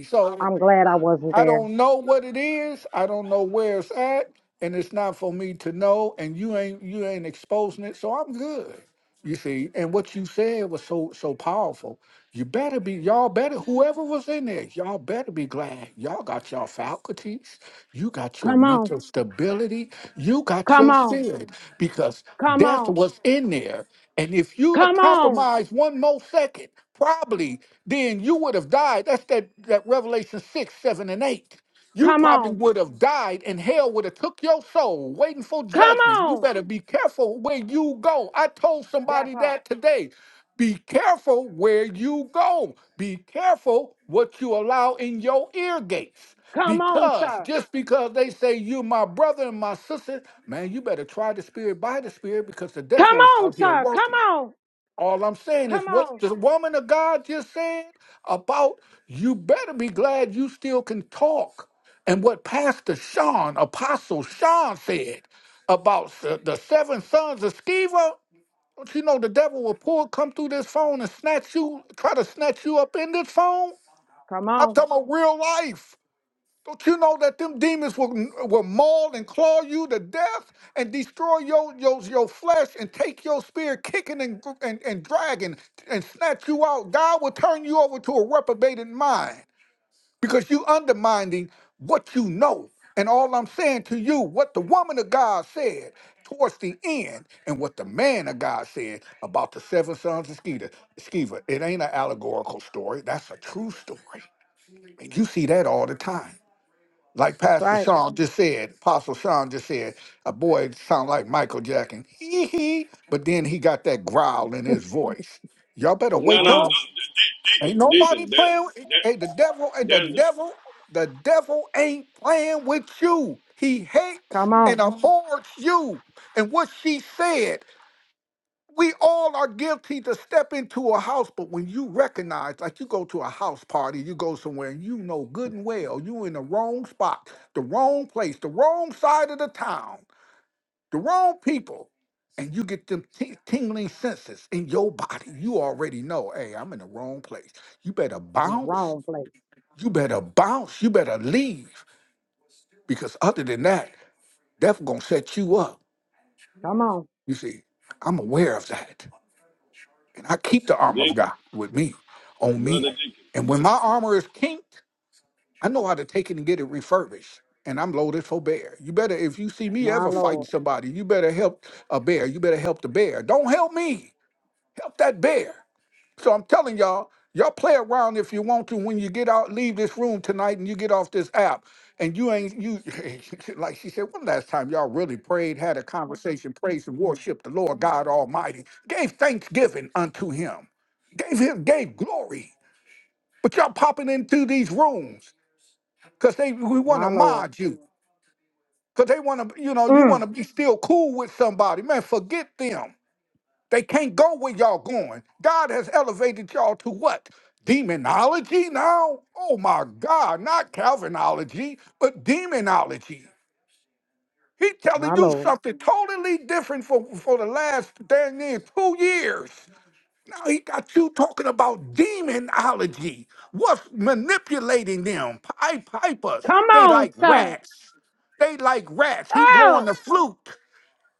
[SPEAKER 6] So
[SPEAKER 1] I'm glad I wasn't
[SPEAKER 6] I
[SPEAKER 1] there.
[SPEAKER 6] don't know what it is. I don't know where it's at, and it's not for me to know. And you ain't you ain't exposing it, so I'm good. You see, and what you said was so so powerful. You better be y'all better whoever was in there. Y'all better be glad y'all got your faculties. You got your
[SPEAKER 1] Come on.
[SPEAKER 6] mental stability. You got
[SPEAKER 1] Come
[SPEAKER 6] your
[SPEAKER 1] on.
[SPEAKER 6] spirit because
[SPEAKER 1] Come
[SPEAKER 6] death
[SPEAKER 1] on.
[SPEAKER 6] was in there. And if you'd have
[SPEAKER 1] Come on.
[SPEAKER 6] compromised one more second, probably then you would have died. That's that, that Revelation 6, 7, and 8. You
[SPEAKER 1] Come
[SPEAKER 6] probably
[SPEAKER 1] on.
[SPEAKER 6] would have died and hell would have took your soul waiting for
[SPEAKER 1] Come
[SPEAKER 6] judgment. You
[SPEAKER 1] on.
[SPEAKER 6] better be careful where you go. I told
[SPEAKER 1] That
[SPEAKER 6] somebody
[SPEAKER 1] part.
[SPEAKER 6] that today. Be careful where you go. Be careful what you allow in your ear gates.
[SPEAKER 1] Come on,
[SPEAKER 6] Because
[SPEAKER 1] sir.
[SPEAKER 6] just because they say you my brother and my sister, man, you better try the spirit by the spirit because the
[SPEAKER 1] Come
[SPEAKER 6] devil is
[SPEAKER 1] on,
[SPEAKER 6] out here
[SPEAKER 1] sir. Come
[SPEAKER 6] working.
[SPEAKER 1] on.
[SPEAKER 6] All I'm saying
[SPEAKER 1] Come
[SPEAKER 6] is what
[SPEAKER 1] on.
[SPEAKER 6] the woman of God just said about you better be glad you still can talk. And what Pastor Sean, Apostle Sean said about the, the seven sons of Sceva, don't you know the devil will pull, come through this phone and snatch you, try to snatch you up in this phone?
[SPEAKER 1] Come
[SPEAKER 6] I'm
[SPEAKER 1] on.
[SPEAKER 6] talking about real life. Don't you know that them demons will, will maul and claw you to death and destroy your, your, your flesh and take your spirit kicking and, and, and dragging and snatch you out? God will turn you over to a reprobated mind because you undermining what you know. And all I'm saying to you, what the woman of God said towards the end and what the man of God said about the seven sons of Sceva, Sceva. it ain't an allegorical story. That's a true story. And you see that all the time. Like
[SPEAKER 1] That's
[SPEAKER 6] Pastor
[SPEAKER 1] right.
[SPEAKER 6] Sean just said, Apostle Sean just said, a boy sound like Michael Jackson. Hee hee. But then he got that growl in his voice. Y'all better
[SPEAKER 4] no
[SPEAKER 6] wake
[SPEAKER 1] Come
[SPEAKER 4] no no
[SPEAKER 6] up.
[SPEAKER 1] on.
[SPEAKER 4] De-
[SPEAKER 6] Ain't
[SPEAKER 4] Deacon
[SPEAKER 6] nobody
[SPEAKER 4] Deacon
[SPEAKER 6] playing with
[SPEAKER 4] there there
[SPEAKER 6] hey the devil, hey the
[SPEAKER 4] there's
[SPEAKER 6] devil, the devil ain't playing with you. He hates
[SPEAKER 1] Come
[SPEAKER 6] and
[SPEAKER 1] on.
[SPEAKER 6] abhors you. And what she said we all are guilty to step into a house, but when you recognize, like you go to a house party, you go somewhere and you know good and well you in the wrong spot, the wrong place, the wrong side of the town, the wrong people, and you get them ting- tingling senses in your body. You already know, hey, I'm in the wrong place. You better
[SPEAKER 1] In the
[SPEAKER 6] bounce.
[SPEAKER 1] wrong place.
[SPEAKER 6] You better bounce. You better leave because other than that, that's gonna set you up.
[SPEAKER 1] Come on.
[SPEAKER 6] You see, I'm aware of that. And I keep the armor of
[SPEAKER 4] Deacon,
[SPEAKER 6] God with me, on me.
[SPEAKER 4] brother Deacon.
[SPEAKER 6] And when my armor is kinked, I know how to take it and get it refurbished. And I'm loaded for bear. You better, if you see me
[SPEAKER 1] My
[SPEAKER 6] ever fighting
[SPEAKER 1] Lord.
[SPEAKER 6] somebody, you better help a bear. You better help the bear. Don't help me. Help that bear. So I'm telling y'all, y'all play around if you want to when you get out, leave this room tonight and you get off this app. And you ain't you like she said, one last time y'all really prayed, had a conversation, praised and worshiped the Lord God Almighty, gave thanksgiving unto him, gave him gave glory. But y'all popping into these rooms because they we want
[SPEAKER 1] My
[SPEAKER 6] to
[SPEAKER 1] Lord.
[SPEAKER 6] mod you. Because they want to, you know, you want
[SPEAKER 1] Mm.
[SPEAKER 6] to be still cool with somebody. Man, forget them. They can't go where y'all going. God has elevated y'all to what? Demonology now? Oh my God, not Calvinology, but demonology. He
[SPEAKER 1] My
[SPEAKER 6] telling you
[SPEAKER 1] Lord.
[SPEAKER 6] something totally different for, for the last dang near two years. Now he got you talking about demonology. What's manipulating them? Pipe pipers.
[SPEAKER 1] Come
[SPEAKER 6] They
[SPEAKER 1] on,
[SPEAKER 6] like
[SPEAKER 1] sir.
[SPEAKER 6] rats. They like rats. He blowing
[SPEAKER 1] Oh.
[SPEAKER 6] the flute.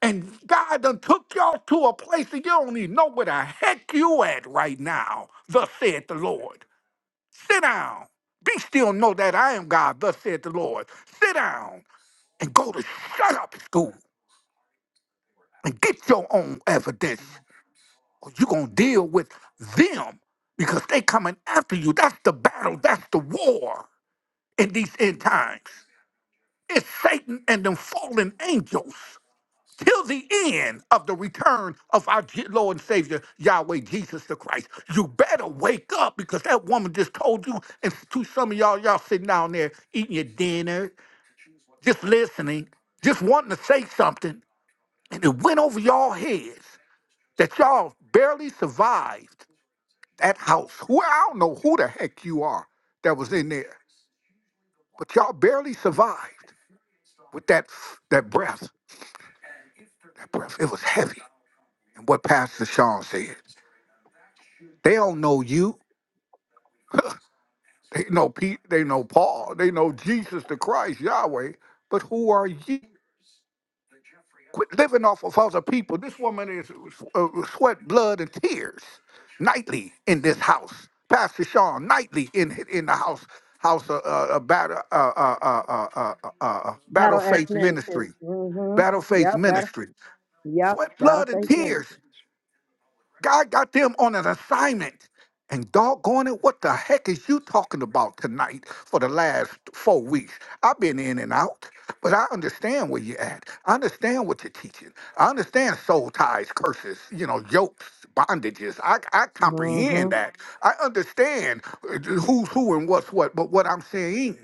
[SPEAKER 6] And God done took y'all to a place that you don't even know where the heck you at right now. Thus saith the Lord. Sit down. Be still and know that I am God. Thus saith the Lord. Sit down and go to shut up school and get your own evidence. Or you gonna deal with them because they coming after you. That's the battle. That's the war in these end times. It's Satan and them fallen angels. till the end of the return of our Je- Lord and Savior, Yahweh Jesus the Christ. You better wake up because that woman just told you, and to some of y'all, y'all sitting down there eating your dinner, just listening, just wanting to say something, and it went over y'all heads that y'all barely survived that house. Who I don't know who the heck you are that was in there, but y'all barely survived with that that breath. That breath. It was heavy. And what Pastor Sean said. They don't know you. They know Pete. They know Paul. They know Jesus the Christ, Yahweh. But who are you? Quit living off of other people. This woman is uh, sweat, blood, and tears nightly in this house. Pastor Sean nightly in in the house house uh, uh, uh, battle uh, uh, uh, uh, uh, uh, uh, battle
[SPEAKER 1] Battle X
[SPEAKER 6] faith
[SPEAKER 1] Ministry.
[SPEAKER 6] ministry
[SPEAKER 1] Mm-hmm.
[SPEAKER 6] battle
[SPEAKER 1] Yep,
[SPEAKER 6] faith
[SPEAKER 1] that'll
[SPEAKER 6] ministry
[SPEAKER 1] yep,
[SPEAKER 6] sweat
[SPEAKER 1] that'll
[SPEAKER 6] blood and
[SPEAKER 1] face
[SPEAKER 6] tears
[SPEAKER 1] ministry.
[SPEAKER 6] God got them on an assignment. And doggone it, what the heck is you talking about tonight for the last four weeks? I've been in and out, but I understand where you're at. I understand what you're teaching. I understand soul ties, curses, you know, yokes, bondages. I, I comprehend
[SPEAKER 1] Mm-hmm.
[SPEAKER 6] that. I understand uh, who's who and what's what. But what I'm saying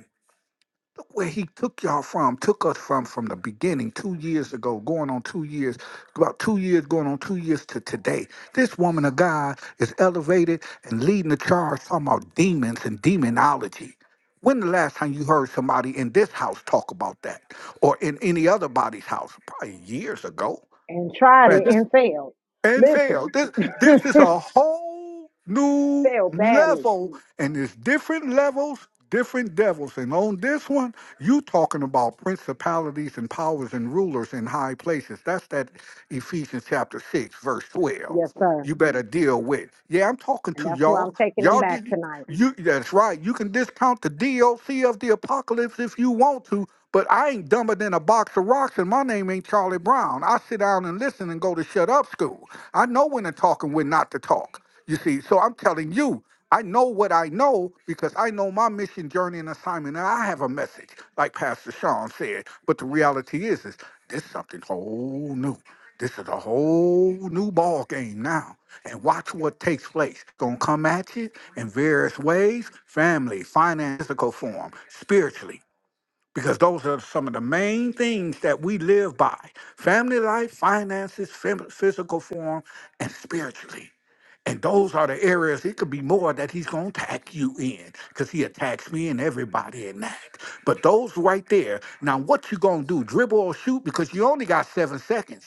[SPEAKER 6] Look where he took y'all from, took us from from the beginning, two years ago, going on two years, about two years, going on two years to today. This woman of God is elevated and leading the charge, talking about demons and demonology. When the last time you heard somebody in this house talk about that or in any other body's house? Probably years ago.
[SPEAKER 1] And tried
[SPEAKER 6] Man,
[SPEAKER 1] it
[SPEAKER 6] this
[SPEAKER 1] and failed.
[SPEAKER 6] and
[SPEAKER 1] Listen.
[SPEAKER 6] fail. This this is a whole new
[SPEAKER 1] failed badly
[SPEAKER 6] level, and it's different levels, different devils. And on this one, you talking about principalities and powers and rulers in high places. That's that Ephesians chapter six, verse
[SPEAKER 1] Yes,
[SPEAKER 6] twelve.
[SPEAKER 1] sir.
[SPEAKER 6] You better deal with. Yeah, I'm talking
[SPEAKER 1] And
[SPEAKER 6] to
[SPEAKER 1] that's why
[SPEAKER 6] y'all.
[SPEAKER 1] I'm taking them
[SPEAKER 6] Y'all
[SPEAKER 1] back
[SPEAKER 6] did.
[SPEAKER 1] tonight.
[SPEAKER 6] You that's right. You can discount the DOC of the apocalypse if you want to, but I ain't dumber than a box of rocks and my name ain't Charlie Brown. I sit down and listen and go to shut up school. I know when to talk and when not to talk. You see, so I'm telling you, I know what I know because I know my mission, journey, and assignment, and I have a message, like Pastor Sean said. But the reality is, is this something whole new. This is a whole new ball game now. And watch what takes place. Gonna come at you in various ways, family, financial form, spiritually, because those are some of the main things that we live by family life, finances, fam- physical form, and spiritually. And those are the areas it could be more that he's going to attack you in because he attacks me and everybody in that. But those right there, now what you going to do, dribble or shoot because you only got seven seconds.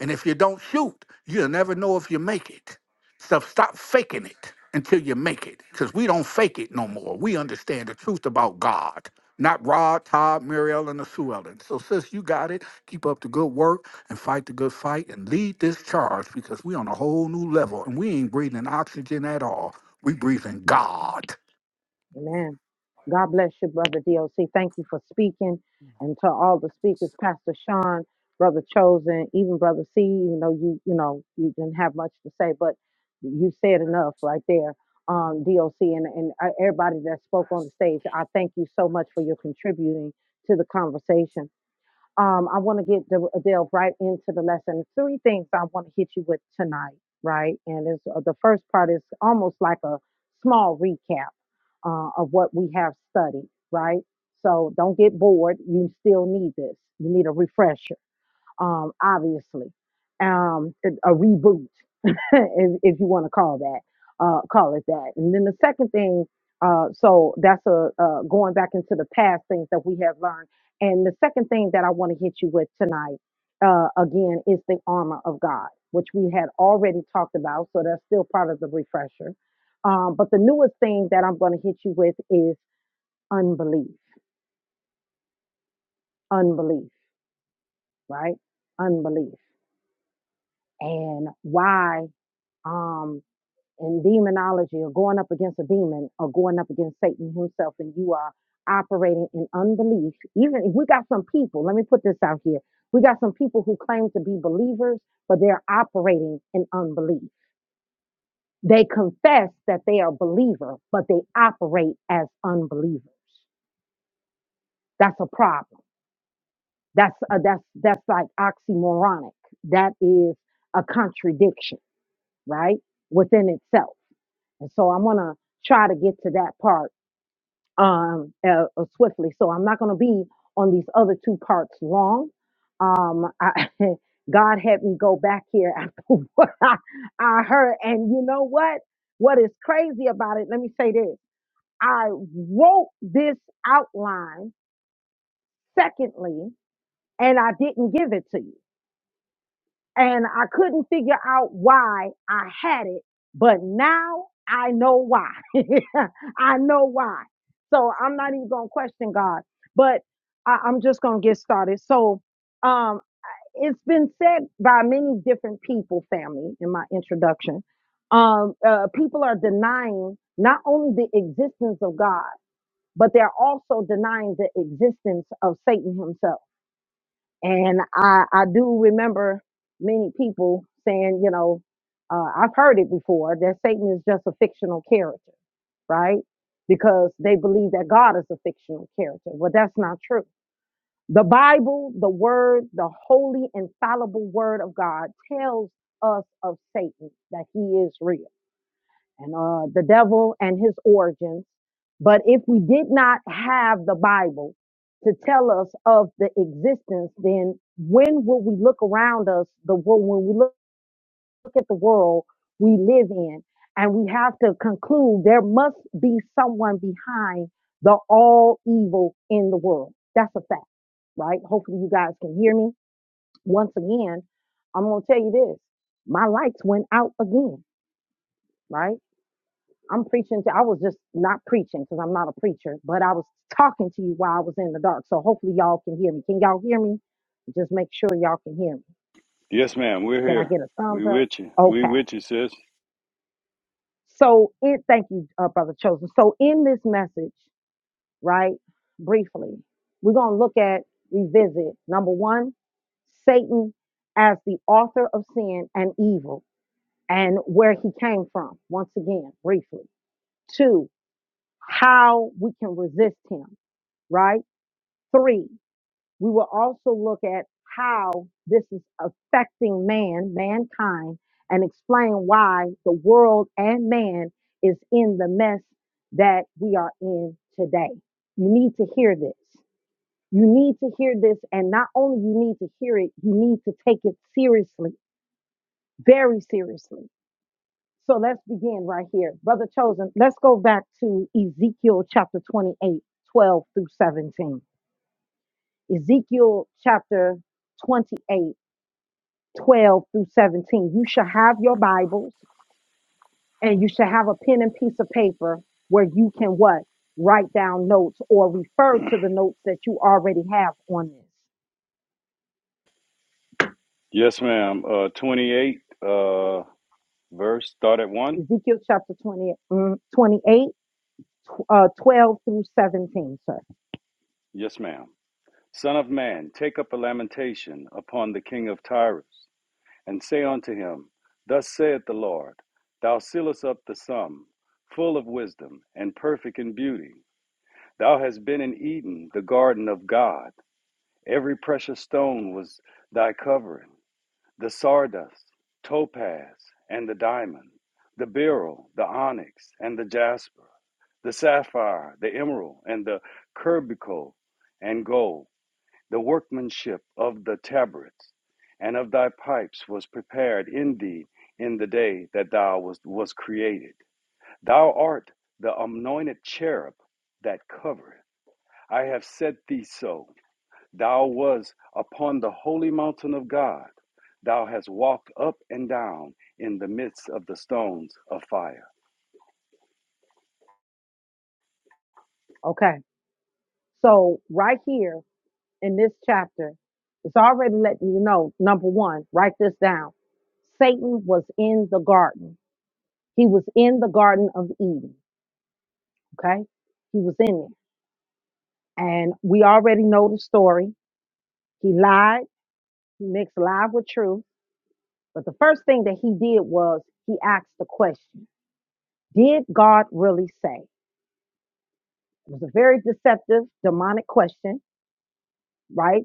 [SPEAKER 6] And if you don't shoot, you'll never know if you make it. So stop faking it until you make it, because we don't fake it no more. We understand the truth about God, not Rod, Todd, Muriel, and the Sue Ellen. So, sis, you got it. Keep up the good work and fight the good fight and lead this charge because we on a whole new level and we ain't breathing oxygen at all. We breathing God.
[SPEAKER 1] Amen. God bless you, Brother DOC. Thank you for speaking. And to all the speakers, Pastor Sean, Brother Chosen, even Brother C, even though you, you know, you didn't have much to say, but you said enough right there. Um, DOC and, and uh, everybody that spoke on the stage, I thank you so much for your contributing to the conversation. Um, I want to get the, delve right into the lesson. Three things I want to hit you with tonight, right? And it's, uh, the first part is almost like a small recap uh, of what we have studied, right? So don't get bored. You still need this. You need a refresher, um, obviously, um, a reboot, if, if you want to call that, uh, call it that. And then the second thing, uh, so that's a uh, going back into the past things that we have learned. And the second thing that I want to hit you with tonight, uh, again, is the armor of God, which we had already talked about. So that's still part of the refresher. Um, but the newest thing that I'm going to hit you with is unbelief, unbelief, right? Unbelief and why? um, in demonology or going up against a demon or going up against Satan himself, and you are operating in unbelief, even if we got some people, let me put this out here. We got some people who claim to be believers, but they're operating in unbelief. They confess that they are believer, but they operate as unbelievers. That's a problem. That's a, that's that's like oxymoronic. That is a contradiction, right? Within itself And so I'm gonna try to get to that part um uh, uh, swiftly. So I'm not gonna be on these other two parts long. Um, I, God had me go back here after what I, I heard, and you know what? What is crazy about it? Let me say this: I wrote this outline. Secondly, and I didn't give it to you. and I couldn't figure out why I had it, but now I know why. I know why. So I'm not even gonna question God, but I, I'm just gonna get started. So um it's been said by many different people, family, in my introduction. Um, uh, people are denying not only the existence of God, but they're also denying the existence of Satan himself and I, I do remember many people saying, you know, uh, I've heard it before that Satan is just a fictional character, right? Because they believe that God is a fictional character. Well, that's not true. The Bible, the Word, the holy, infallible Word of God tells us of Satan that he is real and uh, the devil and his origins. But if we did not have the Bible to tell us of the existence, then when will we look around us, the world, when we look at the world we live in, and we have to conclude there must be someone behind the all evil in the world. That's a fact, right? Hopefully you guys can hear me. Once again, I'm going to tell you this. My lights went out again, right? I'm preaching to, I was just not preaching because I'm not a preacher, but I was talking to you while I was in the dark. So hopefully y'all can hear me. Can y'all hear me? Just make sure y'all can hear me.
[SPEAKER 4] Yes, ma'am. We're
[SPEAKER 1] Can I
[SPEAKER 4] here.
[SPEAKER 1] get a thumbs
[SPEAKER 4] We
[SPEAKER 1] up?
[SPEAKER 4] with you. We
[SPEAKER 1] Okay.
[SPEAKER 4] with you, sis.
[SPEAKER 1] So it, thank you, uh, Brother Chosen. So in this message, right, briefly, we're going to look at, revisit number one, Satan as the author of sin and evil and where he came from. Once again, briefly. Two, how we can resist him, right? Three, we will also look at how this is affecting man, mankind, and explain why the world and man is in the mess that we are in today. You need to hear this. You need to hear this, and not only you need to hear it, you need to take it seriously, very seriously. So let's begin right here. Brother Chosen, let's go back to Ezekiel chapter 28, 12 through 17. Ezekiel chapter 28, 12 through 17. You shall have your Bibles and you shall have a pen and piece of paper where you can what? Write down notes or refer to the notes that you already have on
[SPEAKER 4] Yes, ma'am. Uh, twenty eight uh verse. Start at
[SPEAKER 1] this.
[SPEAKER 4] one.
[SPEAKER 1] Ezekiel chapter 20, mm, 28, uh, 12 through 17, sir.
[SPEAKER 4] Yes, ma'am. Son of man, take up a lamentation upon the king of Tyrus, and say unto him, Thus saith the Lord, Thou sealest up the sum, full of wisdom, and perfect in beauty. Thou hast been in Eden, the garden of God. Every precious stone was thy covering the sardust, topaz, and the diamond, the beryl, the onyx, and the jasper, the sapphire, the emerald, and the curbicle, and gold. The workmanship of the tabrets and of thy pipes was prepared in thee in the day that thou was, was created. Thou art the anointed cherub that covereth. I have set thee so. Thou was upon the holy mountain of God. Thou hast walked up and down in the midst of the stones of fire.
[SPEAKER 1] Okay. So right here in this chapter, it's already letting you know, number one, write this down. Satan was in the garden He was in the Garden of Eden. Okay. He was in there. And we already know the story. He lied, he mixed lie with truth. But the first thing that he did was he asked the question Did God really say? It was a very deceptive, demonic question, right?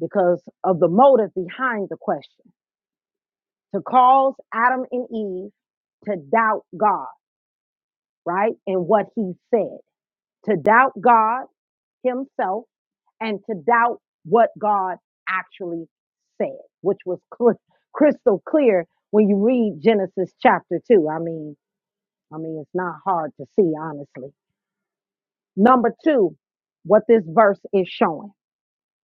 [SPEAKER 1] Because of the motive behind the question to cause Adam and Eve to doubt God, right? And what he said, to doubt God himself and to doubt what God actually said, which was cl- crystal clear when you read Genesis chapter 2. I mean, I mean it's not hard to see honestly. Number 2, what this verse is showing.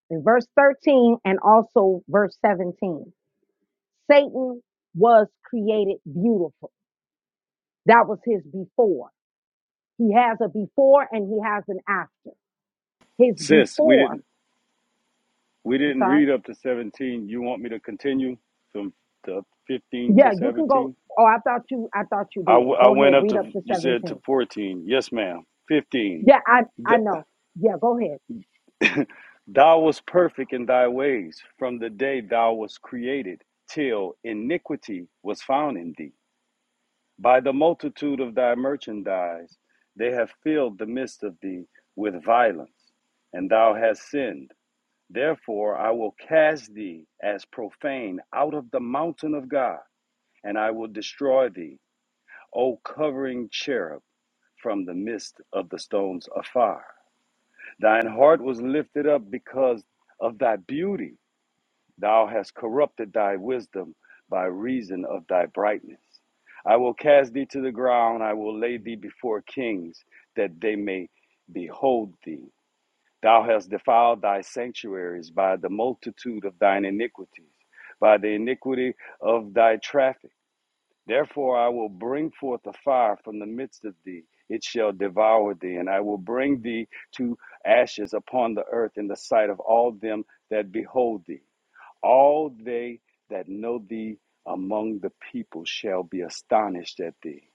[SPEAKER 1] In verse 13 and also verse 17, Satan was created beautiful. That was his before. He has a before and he has an after. His
[SPEAKER 4] Sis, we
[SPEAKER 1] before,
[SPEAKER 4] didn't we
[SPEAKER 1] I'm
[SPEAKER 4] didn't
[SPEAKER 1] sorry
[SPEAKER 4] read up to 17. You want me to continue from the 15 to
[SPEAKER 1] Yeah, you can go.
[SPEAKER 4] 17?
[SPEAKER 1] Oh, I thought you. I thought you
[SPEAKER 4] I, w-
[SPEAKER 1] did.
[SPEAKER 4] I
[SPEAKER 1] Go
[SPEAKER 4] went
[SPEAKER 1] ahead.
[SPEAKER 4] up
[SPEAKER 1] Read
[SPEAKER 4] to,
[SPEAKER 1] up to
[SPEAKER 4] you said to
[SPEAKER 1] seventeen.
[SPEAKER 4] 14. Yes, ma'am. 15.
[SPEAKER 1] Yeah, I. I
[SPEAKER 4] Th-
[SPEAKER 1] know. Yeah, go ahead.
[SPEAKER 4] thou was perfect in thy ways from the day thou was created till iniquity was found in thee. By the multitude of thy merchandise, they have filled the midst of thee with violence, and thou hast sinned. Therefore, I will cast thee as profane out of the mountain of God, and I will destroy thee, O covering cherub. from the midst of the stones afar. Thine heart was lifted up because of thy beauty. Thou hast corrupted thy wisdom by reason of thy brightness. I will cast thee to the ground. I will lay thee before kings that they may behold thee. Thou hast defiled thy sanctuaries by the multitude of thine iniquities, by the iniquity of thy traffic. Therefore, I will bring forth a fire from the midst of thee. It shall devour thee, and I will bring thee to ashes upon the earth in the sight of all them that behold thee. All they that know thee among the people shall be astonished at thee.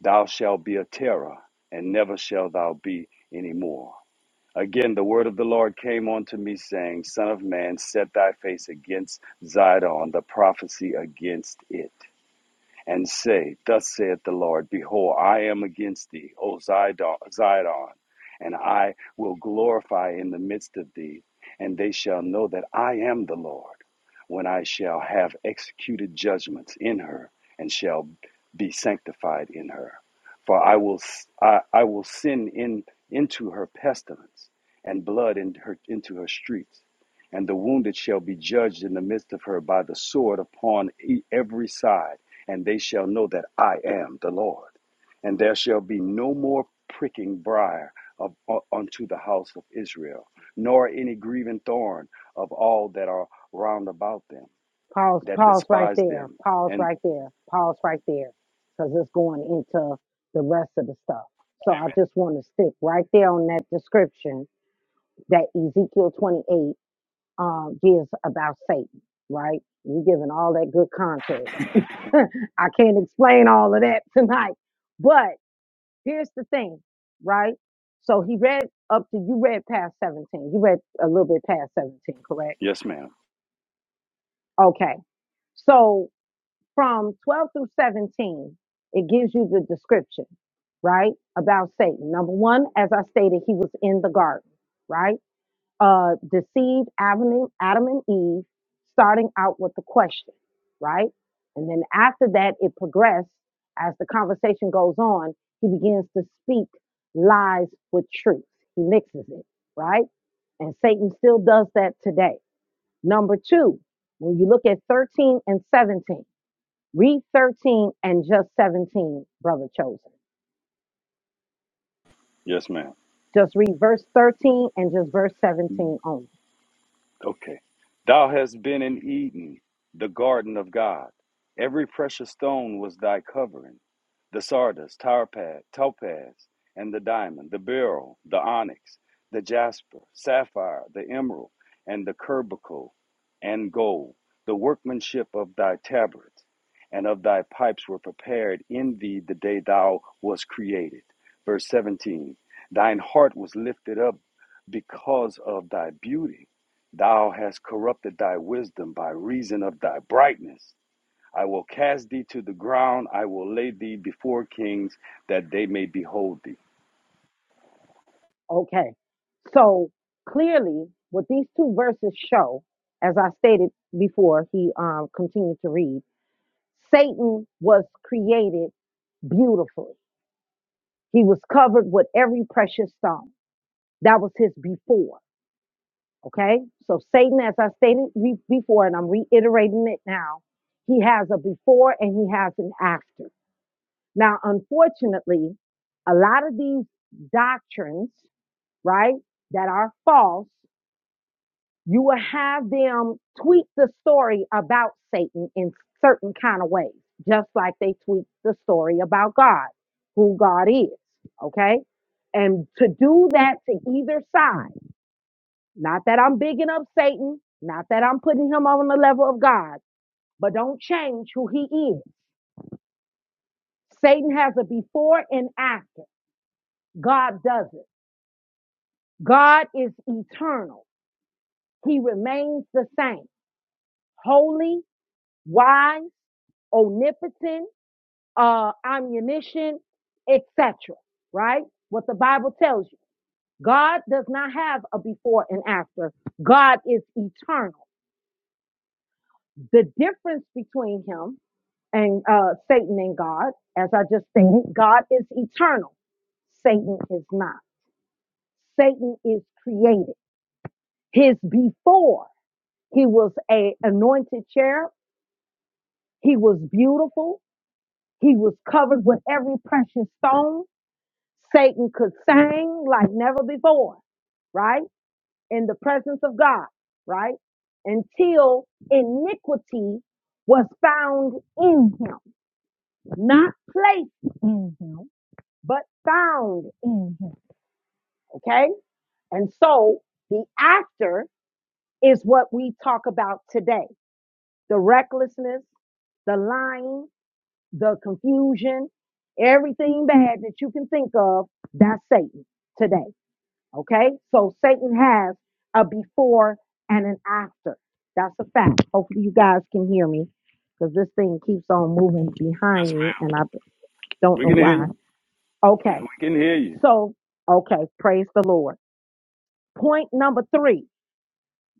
[SPEAKER 4] Thou shalt be a terror, and never shalt thou be any more. Again, the word of the Lord came unto me, saying, Son of man, set thy face against Zidon, the prophecy against it and say, Thus saith the Lord, Behold, I am against thee, O Zidon, Zidon, and I will glorify in the midst of thee, and they shall know that I am the Lord, when I shall have executed judgments in her, and shall be sanctified in her. For I will, I I will send in, into her pestilence, and blood in her, into her streets. And the wounded shall be judged in the midst of her by the sword upon e- every side and they shall know that I am the Lord. And there shall be no more pricking briar of, uh, unto the house of Israel, nor any grieving thorn of all that are round about them,
[SPEAKER 1] Pause.
[SPEAKER 4] that
[SPEAKER 1] Pause right
[SPEAKER 4] despise
[SPEAKER 1] there.
[SPEAKER 4] them.
[SPEAKER 1] Pause
[SPEAKER 4] And
[SPEAKER 1] right there. Pause right there. Because it's going into the rest of the stuff. So I just want to stick right there on that description that Ezekiel twenty-eight um, gives about Satan. Right. You're giving all that good context. I can't explain all of that tonight, but. here's the thing, right? So he read up to you read past 17. You read a little bit past 17, correct?
[SPEAKER 4] yes, ma'am.
[SPEAKER 1] Okay. So from 12 through 17, it gives you the description, right? About Satan. Number one, as I stated, he was in the garden, right? uh, deceived Adam and, Adam and Eve, starting out with the question, right? And then after that, it progressed as the conversation goes on. He begins to speak lies with truth. He mixes it, right? And Satan still does that today. Number two, when you look at 13 and 17, read 13 and just 17, brother chosen.
[SPEAKER 4] Yes, ma'am.
[SPEAKER 1] Just read verse 13 and just verse 17 only.
[SPEAKER 4] Okay. Thou hast been in Eden, the garden of God. Every precious stone was thy covering the sardis, tarpad, topaz, and the diamond, the beryl, the onyx, the jasper, sapphire, the emerald, and the curbicle, and gold. The workmanship of thy tabrets and of thy pipes were prepared in thee the day thou was created. Verse 17 Thine heart was lifted up because of thy beauty Thou hast corrupted thy wisdom by reason of thy brightness. I will cast thee to the ground. I will lay thee before kings that they may behold thee.
[SPEAKER 1] Okay. So clearly, what these two verses show, as I stated before, he um, continued to read, Satan was created beautifully. He was covered with every precious stone. That was his before. Okay. So Satan, as I stated re- before, and I'm reiterating it now, he has a before and he has an after. Now, unfortunately, a lot of these doctrines, right, that are false you will have them tweak the story about Satan in certain kind of ways, just like they tweak the story about God, who God is. Okay. And to do that to either side, not that I'm bigging up Satan, not that I'm putting him on the level of God, but don't change who he is. Satan has a before and after. God doesn't. God is eternal. He remains the same, holy wise, omnipotent, uh, omniscient, etc. Right? What the Bible tells you. God does not have a before and after. God is eternal. The difference between him and uh, Satan and God, as I just stated, God is eternal. Satan is not. Satan is created. His before, he was a anointed cherub. He was beautiful. He was covered with every precious stone. Satan could sing like never before, right? In the presence of God, right? Until iniquity was found in him, not placed in him, but found in him, okay? And so the actor is what we talk about today the recklessness, the lying, the confusion, everything bad that you can think of, that's Satan today. Okay? So Satan has a before and an after. That's a fact. Hopefully you guys can hear me because this thing keeps on moving behind
[SPEAKER 4] Yes, ma'am.
[SPEAKER 1] me and I don't
[SPEAKER 4] We
[SPEAKER 1] know
[SPEAKER 4] can hear
[SPEAKER 1] why.
[SPEAKER 4] you.
[SPEAKER 1] Okay.
[SPEAKER 4] We can hear you.
[SPEAKER 1] So, okay, praise the Lord. Point number 3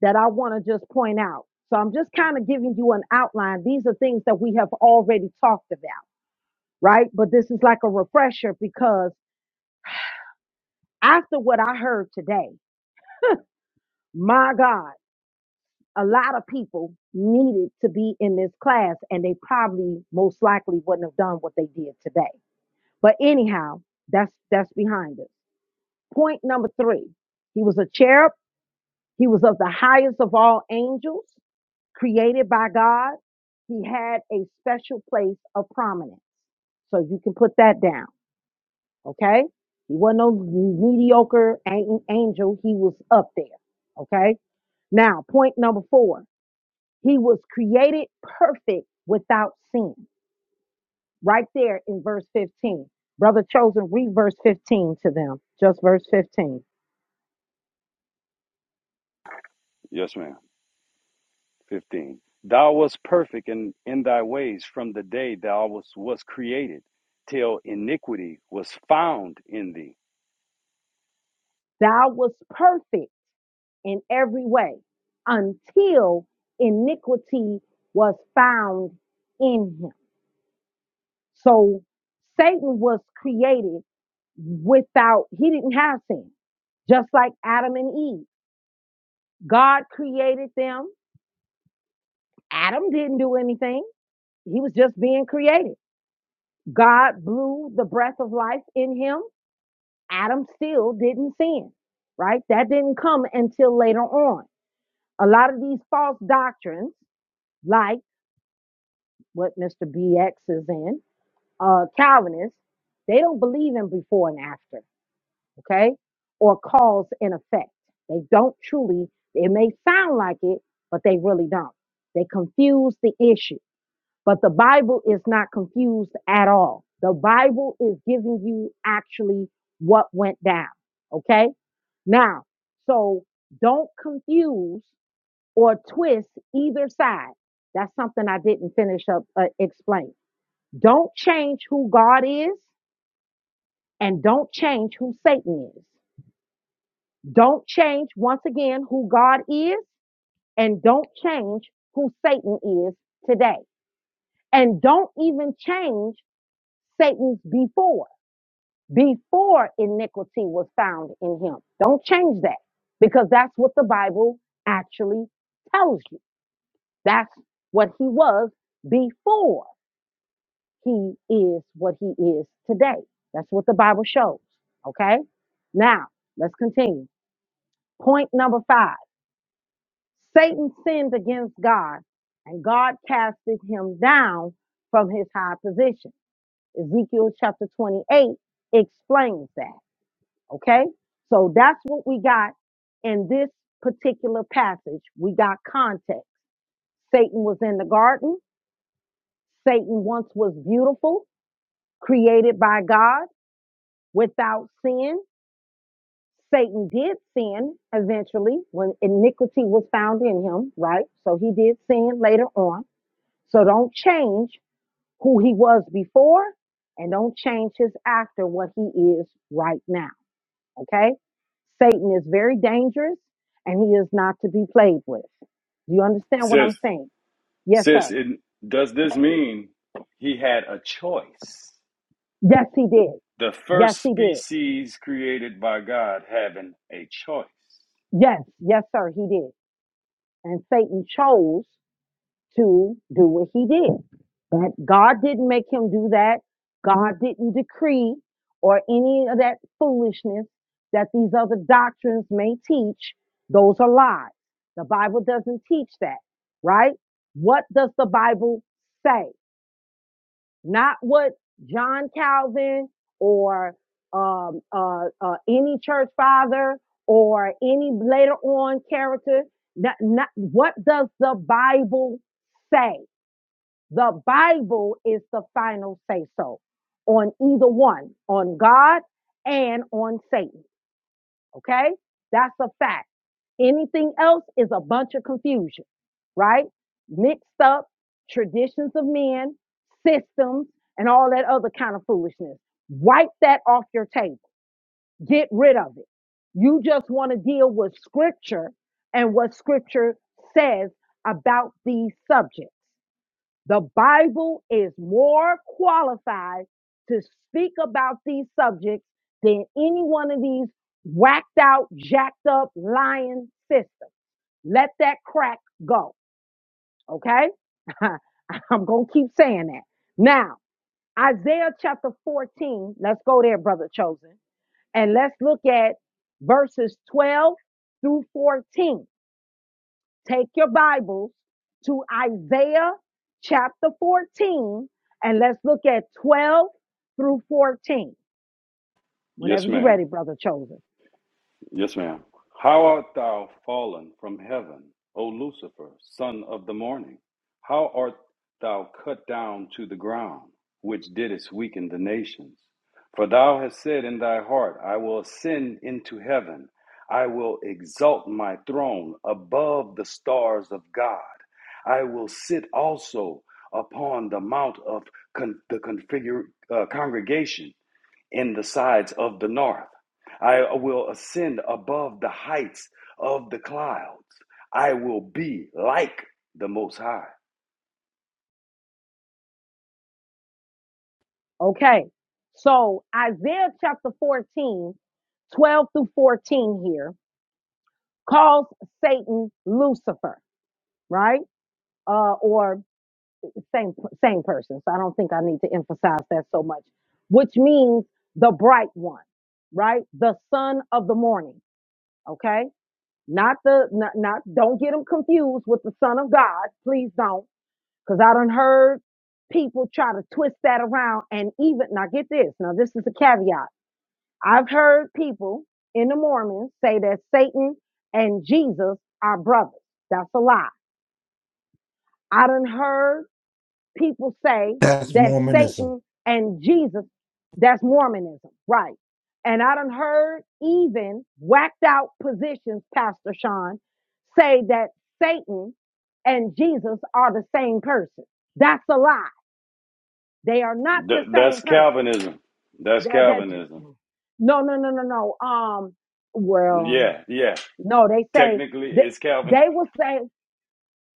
[SPEAKER 1] that I want to just point out. So I'm just kind of giving you an outline. These are things that we have already talked about, right? But this is like a refresher because after what I heard today, my God. a lot of people needed to be in this class and they probably most likely wouldn't have done what they did today. But anyhow, that's that's behind us. Point number 3. He was a cherub, he was of the highest of all angels, created by God. He had a special place of prominence. So you can put that down, okay? He wasn't no mediocre an- angel, he was up there, okay? Now, point number 4. He was created perfect without sin. Right there in verse 15. Brother Chosen, read verse 15 to them. Just verse 15.
[SPEAKER 4] Yes, ma'am. 15. Thou wast perfect in, in thy ways from the day thou was, was created till iniquity was found in thee.
[SPEAKER 1] Thou was perfect in every way until iniquity was found in him. So Satan was created without, he didn't have sin, just like Adam and Eve. God created them. Adam didn't do anything. He was just being created. God blew the breath of life in him. Adam still didn't sin, right? That didn't come until later on. A lot of these false doctrines, like what Mr. BX is in, uh, Calvinists, they don't believe in before and after, okay? Or cause and effect. They don't truly, it may sound like it, but they really don't. They confuse the issue But the Bible is not confused at all. The Bible is giving you actually what went down. Okay. Now, so don't confuse or twist either side. That's something I didn't finish up uh, explain. Don't change who God is and don't change who Satan is. Don't change once again who God is and don't change who Satan is today. And don't even change Satan's before, before iniquity was found in him. Don't change that because that's what the Bible actually tells you. That's what he was before he is what he is today. That's what the Bible shows. Okay. Now let's continue. Point number five Satan sinned against God and God casted him down from his high position. Ezekiel chapter 28 explains that. Okay. So that's what we got in this particular passage. We got context. Satan was in the garden. Satan once was beautiful, created by God without sin. Satan did sin eventually when iniquity was found in him, right? So he did sin later on. So don't change who he was before and don't change his after what he is right now. Okay? Satan is very dangerous and he is not to be played with. Do you understand what
[SPEAKER 4] Sis,
[SPEAKER 1] I'm saying? Yes,
[SPEAKER 4] sis,
[SPEAKER 1] sir.
[SPEAKER 4] it, does this mean he had a choice?
[SPEAKER 1] Yes, he did.
[SPEAKER 4] the
[SPEAKER 1] Yes,
[SPEAKER 4] first
[SPEAKER 1] he did.
[SPEAKER 4] species created by God having a choice.
[SPEAKER 1] Yes, yes, sir, he did. And Satan chose to do what he did. That God didn't make him do that. God didn't decree or any of that foolishness that these other doctrines may teach. Those are lies. The Bible doesn't teach that, right? What does the Bible say? not what John Calvin or um, uh, uh, any church father or any later on character. Not, not, what does the Bible say? The Bible is the final say so on either one, on God and on Satan. Okay? That's a fact. Anything else is a bunch of confusion, right? Mixed up traditions of men, systems, and all that other kind of foolishness. Wipe that off your table. Get rid of it. You just want to deal with scripture and what scripture says about these subjects. The Bible is more qualified to speak about these subjects than any one of these whacked out, jacked up, lying sisters. Let that crack go. Okay? I'm going to keep saying that. Now, Isaiah chapter 14, let's go there, brother chosen, and let's look at verses 12 through 14. Take your Bibles to Isaiah chapter 14 and let's look at 12 through 14.
[SPEAKER 4] Yes,
[SPEAKER 1] Whenever you're
[SPEAKER 4] ma'am.
[SPEAKER 1] ready, brother chosen.
[SPEAKER 4] Yes, ma'am. How art thou fallen from heaven, O Lucifer, son of the morning? How art thou cut down to the ground, which didst weaken the nations? For thou hast said in thy heart, I will ascend into heaven, I will exalt my throne above the stars of God. I will sit also upon the mount of con- the configure, uh, congregation in the sides of the north. I will ascend above the heights of the clouds. I will be like the Most High.
[SPEAKER 1] Okay. So Isaiah chapter 14, 12 through 14 here calls Satan Lucifer, right? Uh, or same same person. So I don't think I need to emphasize that so much, which means the bright one, right? The son of the morning. Okay. not the not, not don't get them confused with the son of god please don't because i done heard people try to twist that around and even now get this now this is a caveat i've heard people in the mormons say that satan and jesus are brothers that's a lie i done heard people say
[SPEAKER 3] That's
[SPEAKER 1] that
[SPEAKER 3] Mormonism.
[SPEAKER 1] Satan and Jesus, that's Mormonism, right? And I done heard even whacked out positions, Pastor Sean, say that Satan and Jesus are the same person. That's a lie. They are not
[SPEAKER 4] Th-
[SPEAKER 1] the
[SPEAKER 4] that's
[SPEAKER 1] same person.
[SPEAKER 4] Calvinism. That's
[SPEAKER 1] That that
[SPEAKER 4] Calvinism.
[SPEAKER 1] no no no no no. Um, well,
[SPEAKER 4] Yeah, yeah.
[SPEAKER 1] no, they say
[SPEAKER 4] Technically,
[SPEAKER 1] that
[SPEAKER 4] it's Calvin.
[SPEAKER 1] they will say.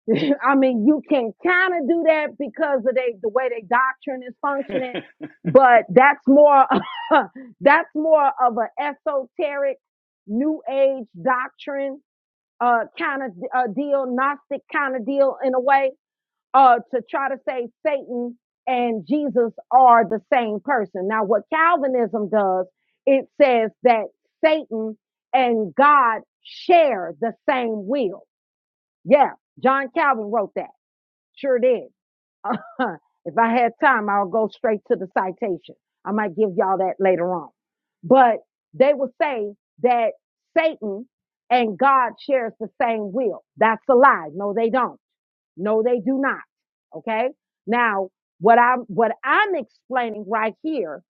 [SPEAKER 1] I mean, you can kind of do that because of they, the way they doctrine is functioning, but that's more that's more of an esoteric, new age doctrine uh, kind of uh, deal, Gnostic kind of deal in a way uh, to try to say Satan and Jesus are the same person. Now, what Calvinism does, it says that Satan and God share the same will. Yeah, John Calvin wrote that. Sure did. if I had time, I'll go straight to the citation. I might give y'all that later on. But they will say that Satan and God shares the same will. That's a lie. No, they don't. No, they do not. Okay. Now, what I'm, what I'm explaining right here,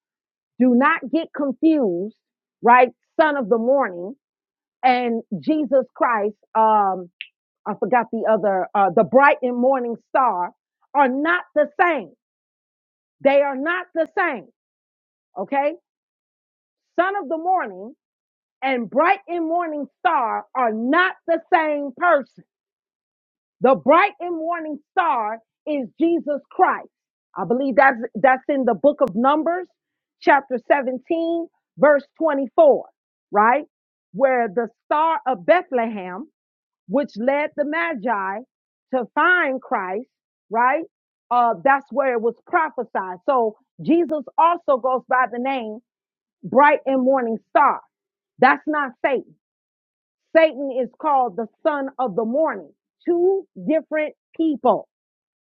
[SPEAKER 1] do not get confused, right? Son of the morning and Jesus Christ, um, I forgot the other, uh, the bright and morning star are not the same. They are not the same. Okay. Son of the morning and bright and morning star are not the same person. The bright and morning star is Jesus Christ. I believe that's, that's in the book of Numbers, chapter 17, verse 24, right? Where the star of Bethlehem which led the Magi to find Christ, right? Uh, that's where it was prophesied. So Jesus also goes by the name Bright and Morning Star. That's not Satan. Satan is called the son of the morning. Two different people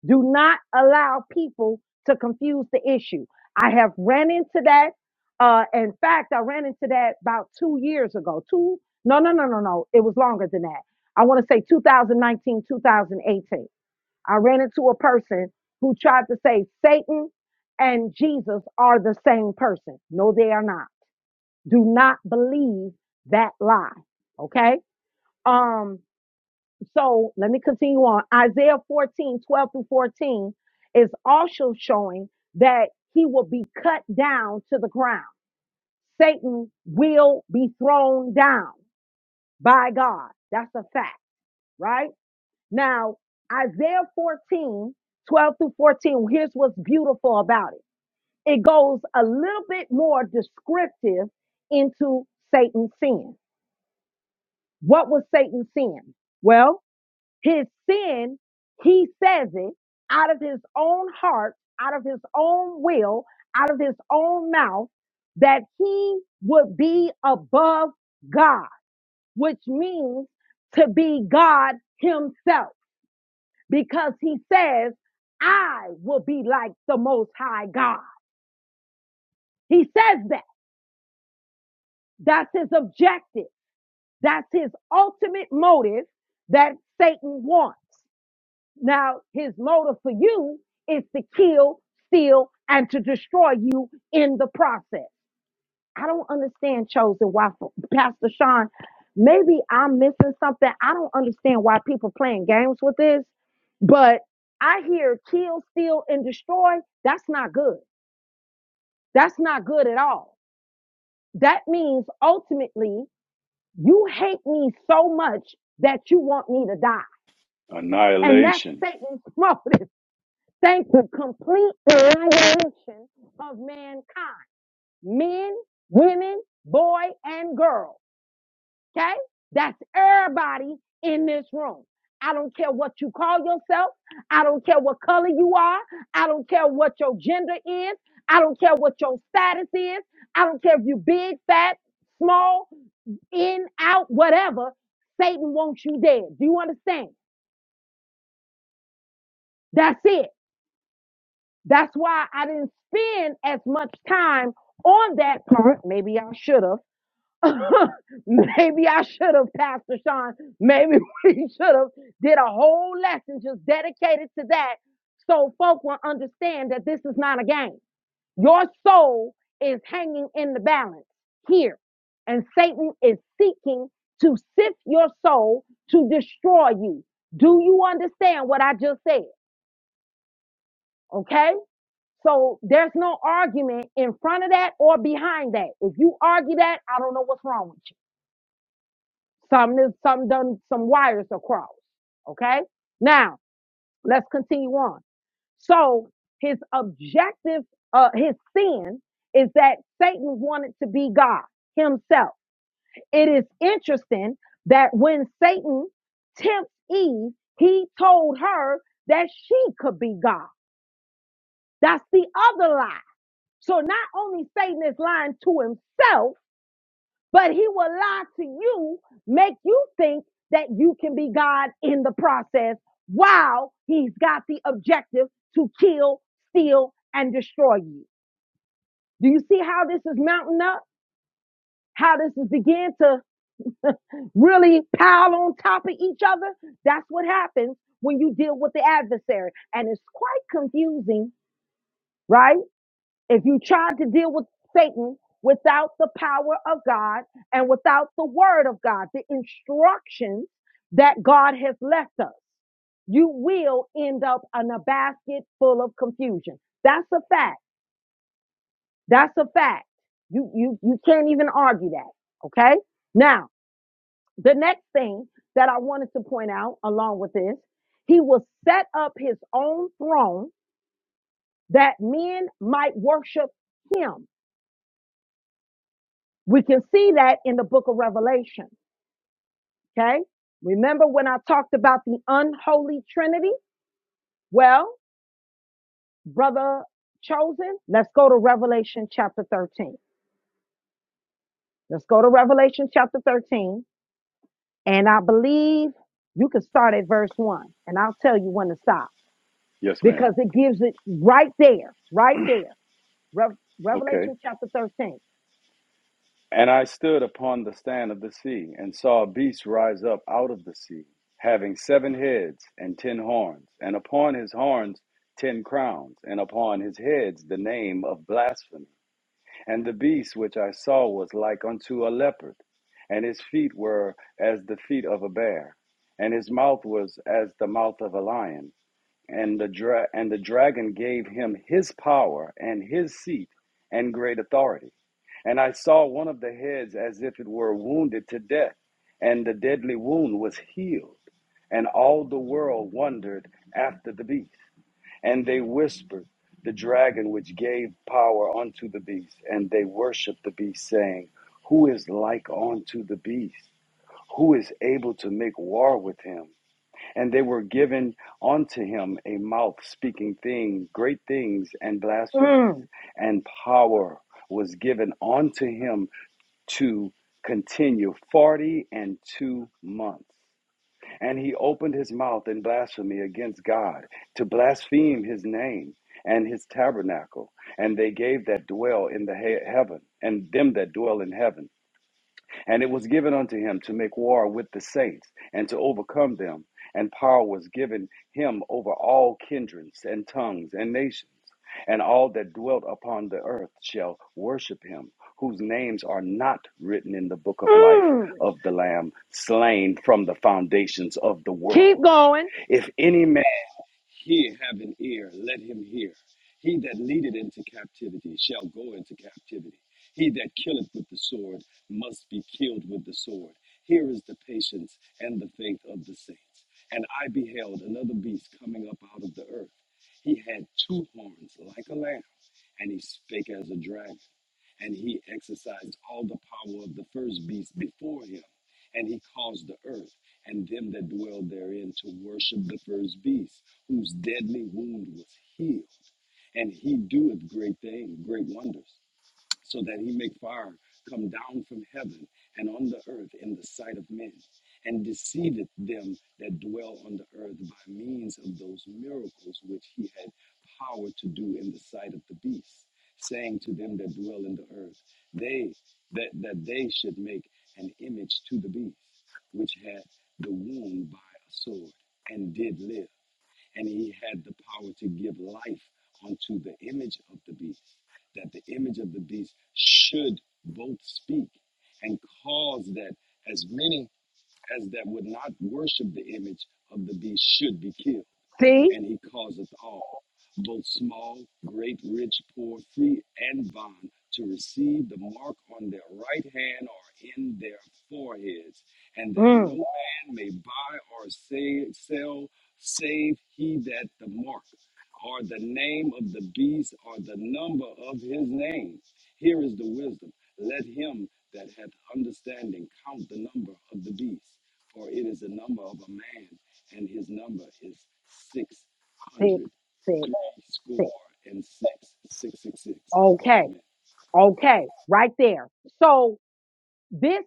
[SPEAKER 1] do not allow people to confuse the issue. I have ran into that. Uh, in fact, I ran into that about two years ago. Two, no, no, no, no, no. It was longer than that. I want to say 2019, 2018. I ran into a person who tried to say Satan and Jesus are the same person. No, they are not. Do not believe that lie. Okay. Um, so let me continue on. Isaiah 14, 12 through 14 is also showing that he will be cut down to the ground. Satan will be thrown down by God. That's a fact, right? Now, Isaiah 14, 12 through 14, here's what's beautiful about it. It goes a little bit more descriptive into Satan's sin. What was Satan's sin? Well, His sin, he says it out of his own heart, out of his own will, out of his own mouth, that he would be above God, which means to be God himself, because he says, I will be like the most high God. He says that. That's his objective. That's his ultimate motive that Satan wants. Now, his motive for you is to kill, steal, and to destroy you in the process. I don't understand chosen why for- Pastor Sean. Maybe I'm missing something. I don't understand why people playing games with this, but I hear kill, steal, and destroy. That's not good. That's not good at all. That means ultimately you hate me so much that you want me to die. And that's
[SPEAKER 4] Annihilation.
[SPEAKER 1] Satan's motive. Thank you. Complete annihilation of mankind. Men, women, boy, and girl. Okay? That's everybody in this room. I don't care what you call yourself. I don't care what color you are. I don't care what your gender is. I don't care what your status is. I don't care if you big, fat, small, in, out, whatever. Satan wants you dead. Do you understand? That's it. That's why I didn't spend as much time on that part. Maybe I should have. Maybe I should have, Pastor Sean. Maybe we should have did a whole lesson just dedicated to that so folk will understand that this is not a game. Your soul is hanging in the balance here. And Satan is seeking to sift your soul to destroy you. Do you understand what I just said? Okay? So there's no argument in front of that or behind that. If you argue that, I don't know what's wrong with you. Some some done some wires across. Okay. Now let's continue on. So his objective, uh, his sin is that Satan wanted to be God himself. It is interesting that when Satan tempts Eve, he told her that she could be God. That's the other lie So not only Satan is lying to himself, but he will lie to you, make you think that you can be God in the process while he's got the objective to kill, steal, and destroy you. Do you see how this is mounting up? How this is beginning to really pile on top of each other? That's what happens when you deal with the adversary. And it's quite confusing, right? If you try to deal with Satan without the power of God and without the word of God, the instructions that God has left us, you will end up in a basket full of confusion. That's a fact. That's a fact. You you you can't even argue that. Okay? Now, the next thing that I wanted to point out along with this, he will set up his own throne that men might worship him We can see that in the book of Revelation. Okay. Remember when I talked about the unholy trinity? Well, brother chosen, let's go to Revelation chapter 13. Let's go to Revelation chapter 13. And I believe you can start at verse one and I'll tell you when to stop
[SPEAKER 4] Yes,
[SPEAKER 1] because
[SPEAKER 4] ma'am.
[SPEAKER 1] it gives it right there, right there. Rev-
[SPEAKER 4] Okay.
[SPEAKER 1] Revelation chapter 13.
[SPEAKER 4] And I stood upon the stand of the sea, and saw a beast rise up out of the sea, having seven heads and ten horns, and upon his horns ten crowns, and upon his heads the name of blasphemy. And the beast which I saw was like unto a leopard, and his feet were as the feet of a bear, and his mouth was as the mouth of a lion. And the dra- and the dragon gave him his power and his seat and great authority. And I saw one of the heads as if it were wounded to death, and the deadly wound was healed. And all the world wondered after the beast. And they whispered, The dragon which gave power unto the beast. And they worshiped the beast, saying, Who is like unto the beast? Who is able to make war with him? and they were given unto him a mouth speaking things, great things, and blasphemy.
[SPEAKER 1] Mm,
[SPEAKER 4] And power was given unto him to continue forty and two months. And he opened his mouth in blasphemy against God to blaspheme his name and his tabernacle. And they gave that dwell in the he- heaven and them that dwell in heaven. And it was given unto him to make war with the saints and to overcome them. And power was given him over all kindreds and tongues and nations. And all that dwelt upon the earth shall worship him, whose names are not written in the book of life
[SPEAKER 1] mm.
[SPEAKER 4] of the Lamb, slain from the foundations of the
[SPEAKER 1] Keep
[SPEAKER 4] world.
[SPEAKER 1] going.
[SPEAKER 4] If any man he have an ear, let him hear. He that leadeth into captivity shall go into captivity. He that killeth with the sword must be killed with the sword. Here is the patience and the faith of the saints. And I beheld another beast coming up out of the earth. He had two horns like a lamb, and he spake as a dragon and he exercised all the power of the first beast before him, and he caused the earth and them that dwell therein to worship the first beast, whose deadly wound was healed, and he doeth great things, great wonders so that he make fire come down from heaven and on the earth in the sight of men, and deceiveth them that dwell on the earth by means of those miracles which he had power to do in the sight of the beast, saying to them that dwell in the earth, they that, that they should make an image to the beast, which had the wound by a sword, and did live, and he had the power to give life unto the image of the beast that the image of the beast should both speak and cause that as many as that would not worship the image of the beast should be killed
[SPEAKER 1] See?
[SPEAKER 4] and he causeth all, both small, great, rich, poor, free, and bond, to receive the mark on their right hand or in their foreheads, and that no
[SPEAKER 1] Mm.
[SPEAKER 4] man may buy or sa- sell save he that the mark or the name of the beast or the number of his name. Here is the wisdom. Let him that hath understanding count the number of the beast, for it is the number of a man, and his number is six
[SPEAKER 1] Six,
[SPEAKER 4] hundred
[SPEAKER 1] six,
[SPEAKER 4] three score
[SPEAKER 1] six.
[SPEAKER 4] and six, six, six, six.
[SPEAKER 1] Okay.
[SPEAKER 4] Amen.
[SPEAKER 1] Okay. Right there. So this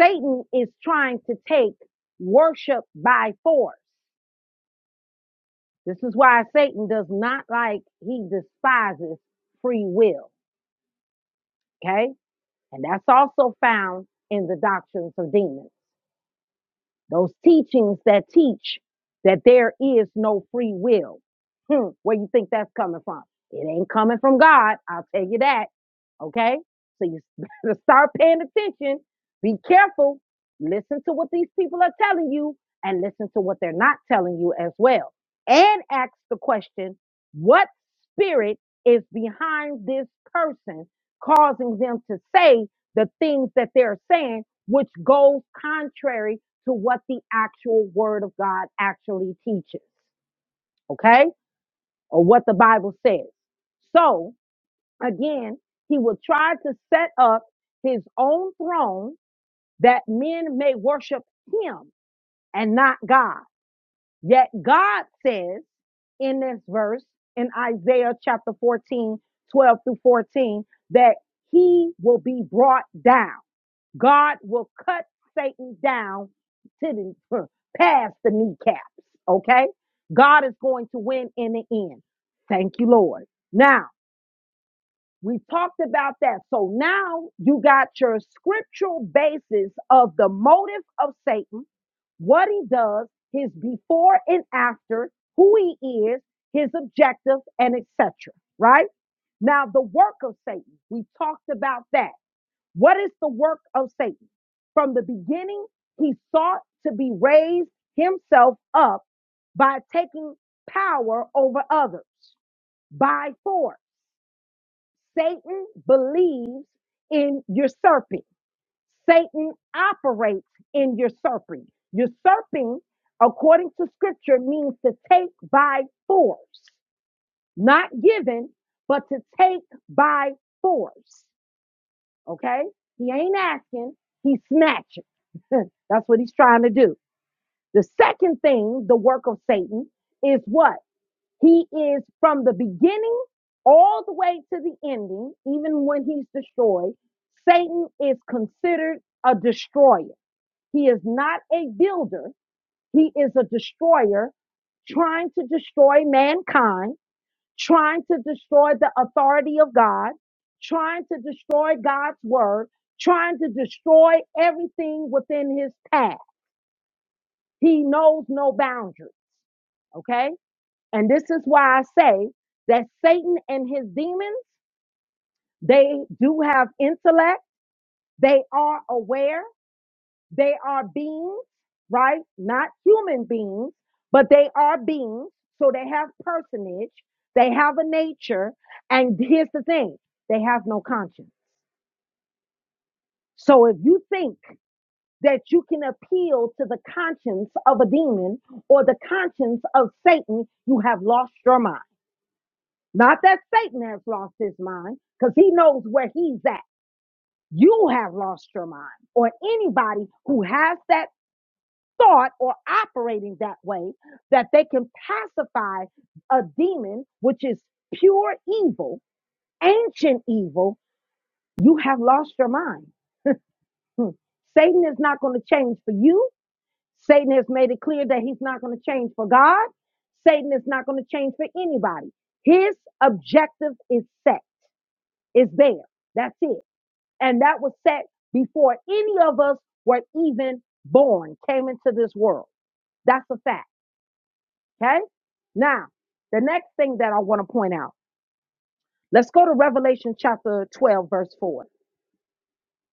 [SPEAKER 1] Satan is trying to take worship by force. This is why Satan does not like, he despises free will. Okay. And that's also found in the doctrines of demons. those teachings that teach that there is no free will. Hmm, where you think that's coming from? It ain't coming from God. I'll tell you that. Okay, so you better start paying attention. Be careful. Listen to what these people are telling you, and listen to what they're not telling you as well. And ask the question: What spirit is behind this person, causing them to say the things that they're saying, which goes contrary? to what the actual word of God actually teaches, okay? Or what the Bible says. So, again, he will try to set up his own throne that men may worship him and not God. Yet God says in this verse in Isaiah chapter 14, 12 through 14, that he will be brought down. God will cut Satan down to the past the kneecaps. Okay? God is going to win in the end. Thank you, Lord. Now, we talked about that. So now you got your scriptural basis of the motive of Satan, what he does, his before and after, who he is, his objective, and etc. Right? Now, the work of Satan, we talked about that. What is the work of Satan? From the beginning, he sought to be raised himself up by taking power over others by force. Satan believes in usurping. Satan operates in usurping. Usurping, according to scripture, means to take by force, not given, but to take by force. Okay? He ain't asking, he's snatching. That's what he's trying to do. The second thing, the work of Satan, is what? He is from the beginning all the way to the ending, even when he's destroyed. Satan is considered a destroyer. He is not a builder, he is a destroyer trying to destroy mankind trying to destroy the authority of God, trying to destroy God's word, trying to destroy everything within his path. He knows no boundaries. Okay. And this is why I say that Satan and his demons, they do have intellect. They are aware. They are beings, right? Not human beings, but they are beings. So they have personage, they have a nature. And here's the thing they have no conscience. So if you think that you can appeal to the conscience of a demon or the conscience of Satan, you have lost your mind. Not that Satan has lost his mind, because he knows where he's at. You have lost your mind, or anybody who has that thought or operating that way that they can pacify a demon, which is pure evil, ancient evil, you have lost your mind. Hmm. Satan is not going to change for you. Satan has made it clear that he's not going to change for God. Satan is not going to change for anybody. His objective is set, is there. That's it. And that was set before any of us were even born, came into this world. That's a fact. Okay. Now, the next thing that I want to point out, let's go to Revelation chapter 12, verse 4.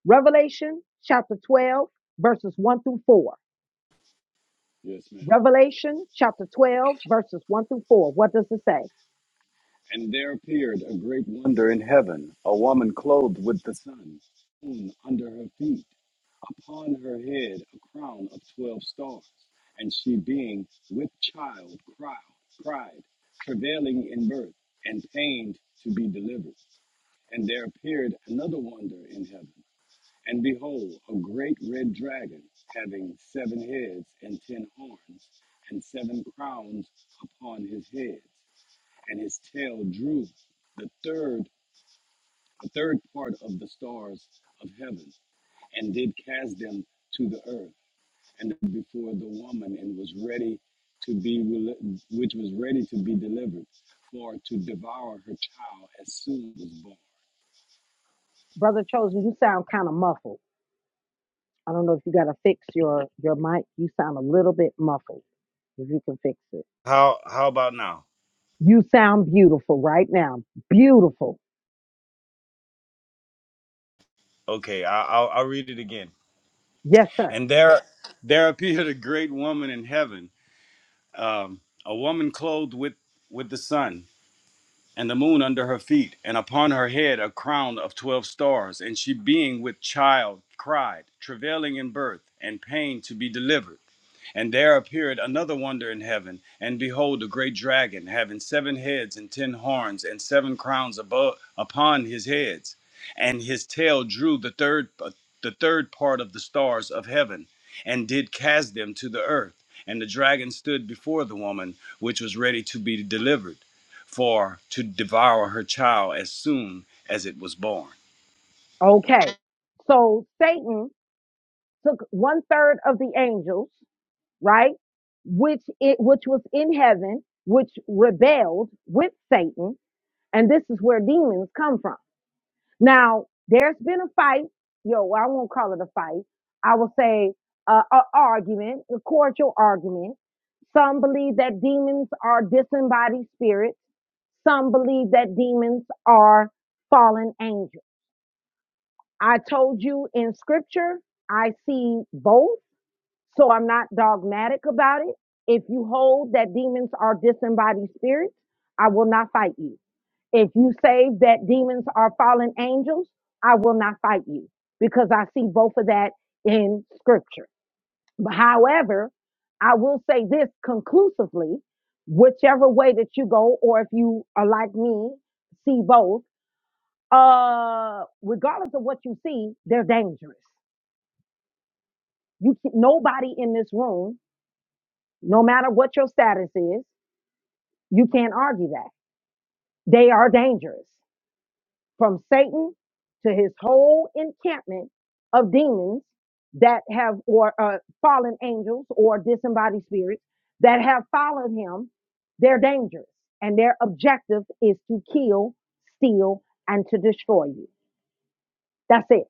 [SPEAKER 1] Revelation chapter 12, verses 1 through 4.
[SPEAKER 4] Yes, ma'am.
[SPEAKER 1] Revelation chapter 12, verses 1 through 4. What does it say?
[SPEAKER 4] And there appeared a great wonder in heaven, a woman clothed with the sun, moon under her feet, upon her head a crown of twelve stars. And she being with child cried, cried, travailing in birth, and pained to be delivered. And there appeared another wonder in heaven, and behold, a great red dragon, having seven heads and ten horns, and seven crowns upon his heads and his tail drew the third the third part of the stars of heaven and did cast them to the earth and before the woman and was ready to be rel- which was ready to be delivered for to devour her child as soon as born
[SPEAKER 1] Brother Chosen, you sound kind of muffled. I don't know if you got to fix your, your mic. You sound a little bit muffled, if you can fix it.
[SPEAKER 4] how how about now
[SPEAKER 1] You sound beautiful right now. Beautiful.
[SPEAKER 4] okay I, I'll, I'll read it again
[SPEAKER 1] Yes, sir.
[SPEAKER 4] and there there appeared a great woman in heaven um, a woman clothed with with the sun and the moon under her feet, and upon her head a crown of twelve stars. And she, being with child, cried, travailing in birth, and pain to be delivered. And there appeared another wonder in heaven, and behold, a great dragon, having seven heads and ten horns, and seven crowns above upon his heads, and his tail drew the third uh, the third part of the stars of heaven, and did cast them to the earth. And the dragon stood before the woman, which was ready to be delivered, for to devour her child as soon as it was born.
[SPEAKER 1] Okay. So Satan took one third of the angels right? Which it, which was in heaven, which rebelled with Satan, and this is where demons come from. Now, there's been a fight. Yo, well, I won't call it a fight. I will say uh, a argument, a cordial argument. Some believe that demons are disembodied spirits. Some believe that demons are fallen angels. I told you in scripture, I see both. So I'm not dogmatic about it. If you hold that demons are disembodied spirits, I will not fight you. If you say that demons are fallen angels, I will not fight you because I see both of that in scripture. But However, I will say this conclusively, whichever way that you go, or if you are like me, see both, uh, regardless of what you see, they're dangerous. You, nobody in this room no matter what your status is, you can't argue that. They are dangerous. From Satan to his whole encampment of demons that have, or uh, fallen angels or disembodied spirits that have followed him, they're dangerous. And their objective is to kill, steal, and to destroy you. That's it.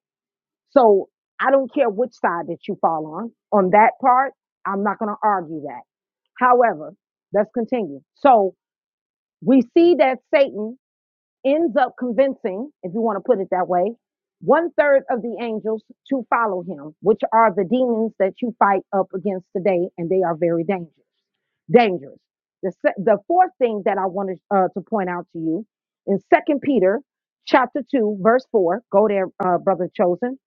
[SPEAKER 1] So I don't care which side that you fall on. On that part, I'm not going to argue that. However, let's continue. So, We see that Satan ends up convincing, if you want to put it that way, one third of the angels to follow him, which are the demons that you fight up against today, and they are very dangerous. Dangerous. The, se- the fourth thing that I wanted uh, to point out to you in Second Peter chapter two, verse four. Go there, uh, brother chosen.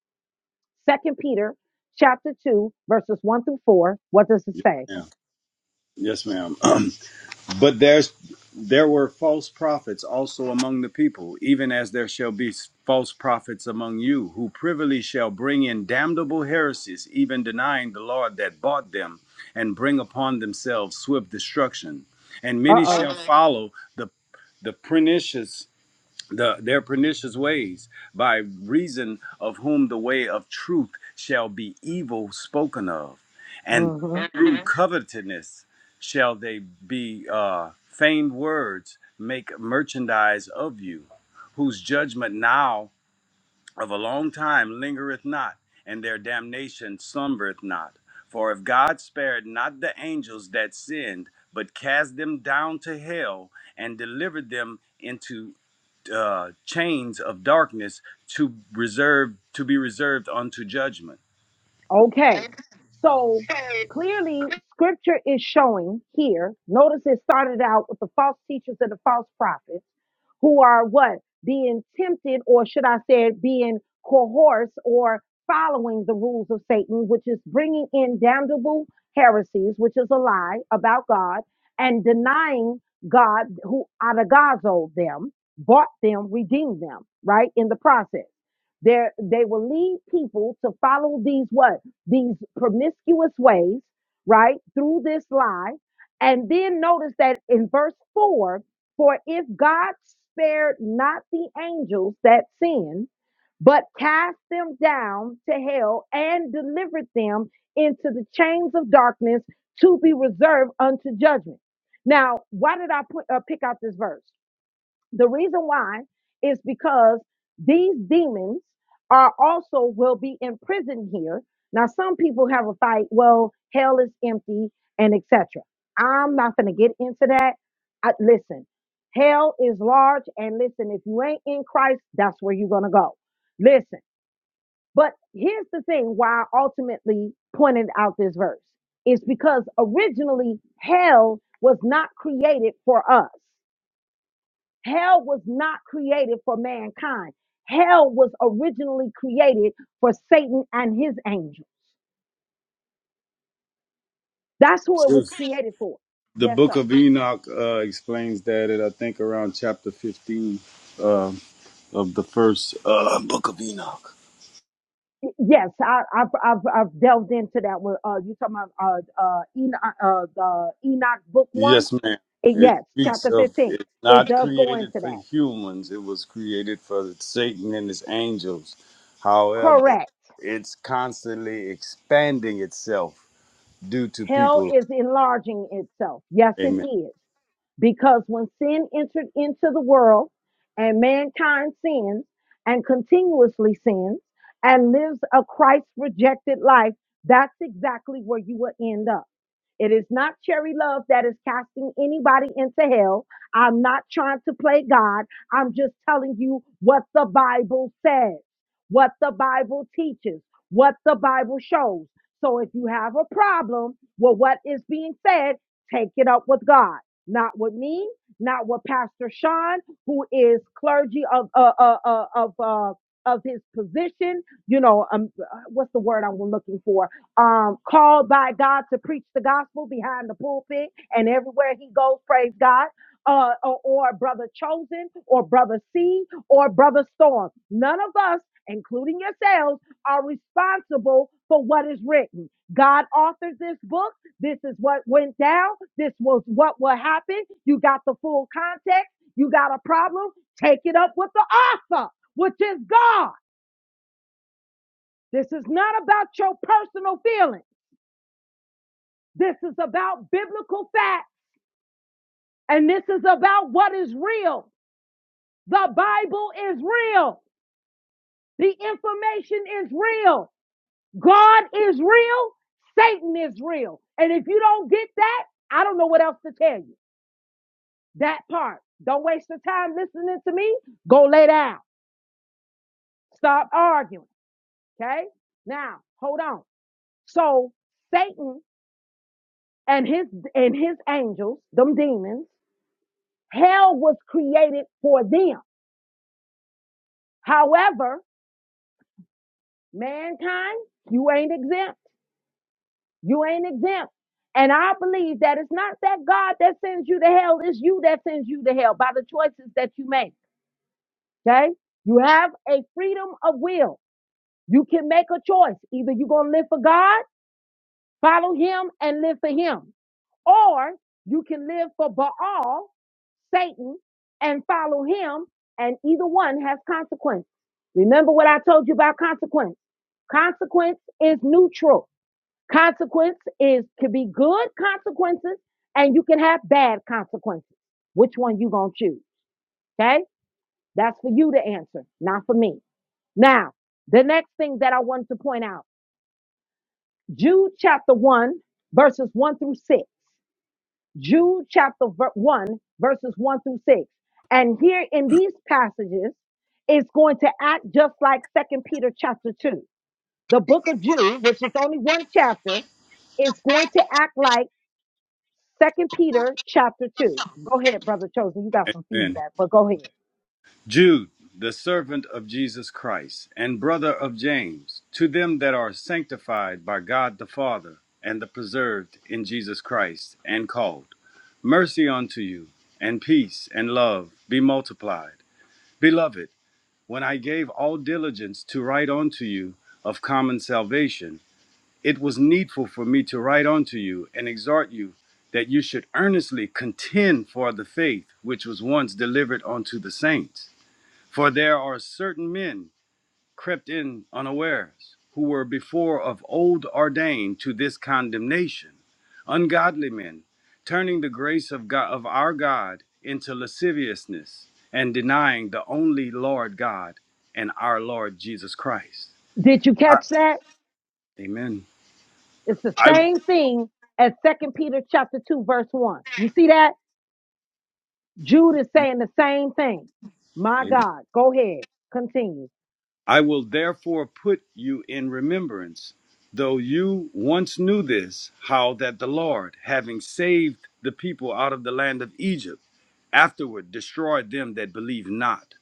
[SPEAKER 1] Second Peter chapter two, verses one through four. What does it say?
[SPEAKER 4] Yeah. Yes, ma'am. But there's there were false prophets also among the people, even as there shall be false prophets among you, who privily shall bring in damnable heresies, even denying the Lord that bought them, and bring upon themselves swift destruction. And many
[SPEAKER 1] Uh
[SPEAKER 4] shall follow the the pernicious the, their pernicious ways, by reason of whom the way of truth shall be evil spoken of, and
[SPEAKER 1] oh.
[SPEAKER 4] through Mhm. covetousness shall they be uh, feigned words make merchandise of you, whose judgment now of a long time lingereth not, and their damnation slumbereth not. For if God spared not the angels that sinned, but cast them down to hell and delivered them into uh, chains of darkness to reserve to be reserved unto judgment.
[SPEAKER 1] Okay. So clearly scripture is showing here. Notice it started out with the false teachers and the false prophets who are what? Being tempted, or should I say, being coerced or following the rules of Satan, which is bringing in damnable heresies, which is a lie about God and denying God who adagazo them, bought them, redeemed them, right? In the process. There, they will lead people to follow these what? these promiscuous ways, right, through this lie. And then notice that in verse 4 for if God spared not the angels that sinned, but cast them down to hell and delivered them into the chains of darkness to be reserved unto judgment. Now, why did I put, uh, pick out this verse? The reason why is because these demons are also will be imprisoned here. Now, some people have a fight. Well, hell is empty and etc. I'm not going to get into that. I, listen, hell is large, and listen, if you ain't in Christ, that's where you're going to go. Listen, but here's the thing: why I ultimately pointed out this verse is because originally hell was not created for us. Hell was not created for mankind. Hell was originally created for Satan and his angels. That's who it was
[SPEAKER 4] Yes.
[SPEAKER 1] created for.
[SPEAKER 4] The
[SPEAKER 1] Yes,
[SPEAKER 4] book
[SPEAKER 1] sir.
[SPEAKER 4] of Enoch uh, explains that at I think around chapter fifteen uh, of the first uh, book of Enoch.
[SPEAKER 1] Yes, I, I've, I've I've delved into that one. Uh, you talking about uh uh Enoch uh the Enoch book one?
[SPEAKER 4] Yes, ma'am.
[SPEAKER 1] It,
[SPEAKER 4] It
[SPEAKER 1] yes,
[SPEAKER 4] speaks
[SPEAKER 1] chapter
[SPEAKER 4] of
[SPEAKER 1] fifteen.
[SPEAKER 4] it's
[SPEAKER 1] It
[SPEAKER 4] not
[SPEAKER 1] does go
[SPEAKER 4] created
[SPEAKER 1] into
[SPEAKER 4] for
[SPEAKER 1] that.
[SPEAKER 4] humans. It was created for Satan and his angels. However,
[SPEAKER 1] Correct.
[SPEAKER 4] it's constantly expanding itself due to
[SPEAKER 1] Hell
[SPEAKER 4] people.
[SPEAKER 1] is enlarging itself. Yes, it
[SPEAKER 4] Amen.
[SPEAKER 1] is. Because when sin entered into the world and mankind sins and continuously sins and lives a Christ rejected life, that's exactly where you will end up. It is not cherry love that is casting anybody into hell. I'm not trying to play God. I'm just telling you what the Bible says, what the Bible teaches, what the Bible shows. So if you have a problem, well, what is being said, take it up with God, not with me, not with Pastor Sean, who is clergy of uh, uh, uh, of uh, of his position. You know, um, uh, what's the word I'm looking for? Um, called by God to preach the gospel behind the pulpit and everywhere he goes. Praise God. Uh, or, or brother chosen, or brother C, or brother storm. None of us, including yourselves, are responsible for what is written. God authored this book. This is what went down. This was what will happen. You got the full context. You got a problem. Take it up with the author, which is God. This is not about your personal feelings. This is about biblical fact. And this is about what is real. The Bible is real. The information is real. God is real. Satan is real. And if you don't get that, I don't know what else to tell you. That part. Don't waste your time listening to me. Go lay down. Stop arguing. Okay. Now, hold on. So Satan and his and his angels, them demons, hell was created for them. However, mankind, you ain't exempt. You ain't exempt. And I believe that it's not that God that sends you to hell, it's you that sends you to hell by the choices that you make. Okay? You have a freedom of will. You can make a choice. Either you're going to live for God, follow him, and live for him, or you can live for Baal, Satan, and follow him, and either one has consequence. Remember what I told you about consequence. Consequence is neutral. Consequence is can be good consequences, and you can have bad consequences. Which one you gonna choose? Okay, that's for you to answer, not for me. Now, the next thing that I wanted to point out. Jude chapter 1, verses 1 through 6. Jude chapter ver- 1, verses 1 through 6. And here in these passages, it's going to act just like Second Peter chapter 2. The book of Jude, which is only one chapter, is going to act like Second Peter chapter 2. Go ahead, Brother Chosen. You got some
[SPEAKER 4] Amen.
[SPEAKER 1] feedback, but go ahead.
[SPEAKER 4] Jude, the servant of Jesus Christ, and brother of James, to them that are sanctified by God the Father, and the preserved in Jesus Christ, and called, mercy unto you, and peace and love be multiplied. Beloved, when I gave all diligence to write unto you of common salvation, it was needful for me to write unto you and exhort you that you should earnestly contend for the faith which was once delivered unto the saints. For there are certain men crept in unawares, who were before of old ordained to this condemnation, ungodly men, turning the grace of God of our God into lasciviousness, and denying the only Lord God and our Lord Jesus Christ.
[SPEAKER 1] Did you
[SPEAKER 4] I-
[SPEAKER 1] catch that?
[SPEAKER 4] amen.
[SPEAKER 1] It's the
[SPEAKER 4] I
[SPEAKER 1] same thing as Second Peter chapter 2, verse 1. You see that? Jude is saying the same thing. My
[SPEAKER 4] amen.
[SPEAKER 1] God, go ahead, continue.
[SPEAKER 4] I will therefore put you in remembrance, though you once knew this, how that the Lord, having saved the people out of the land of Egypt, afterward destroyed them that believed not,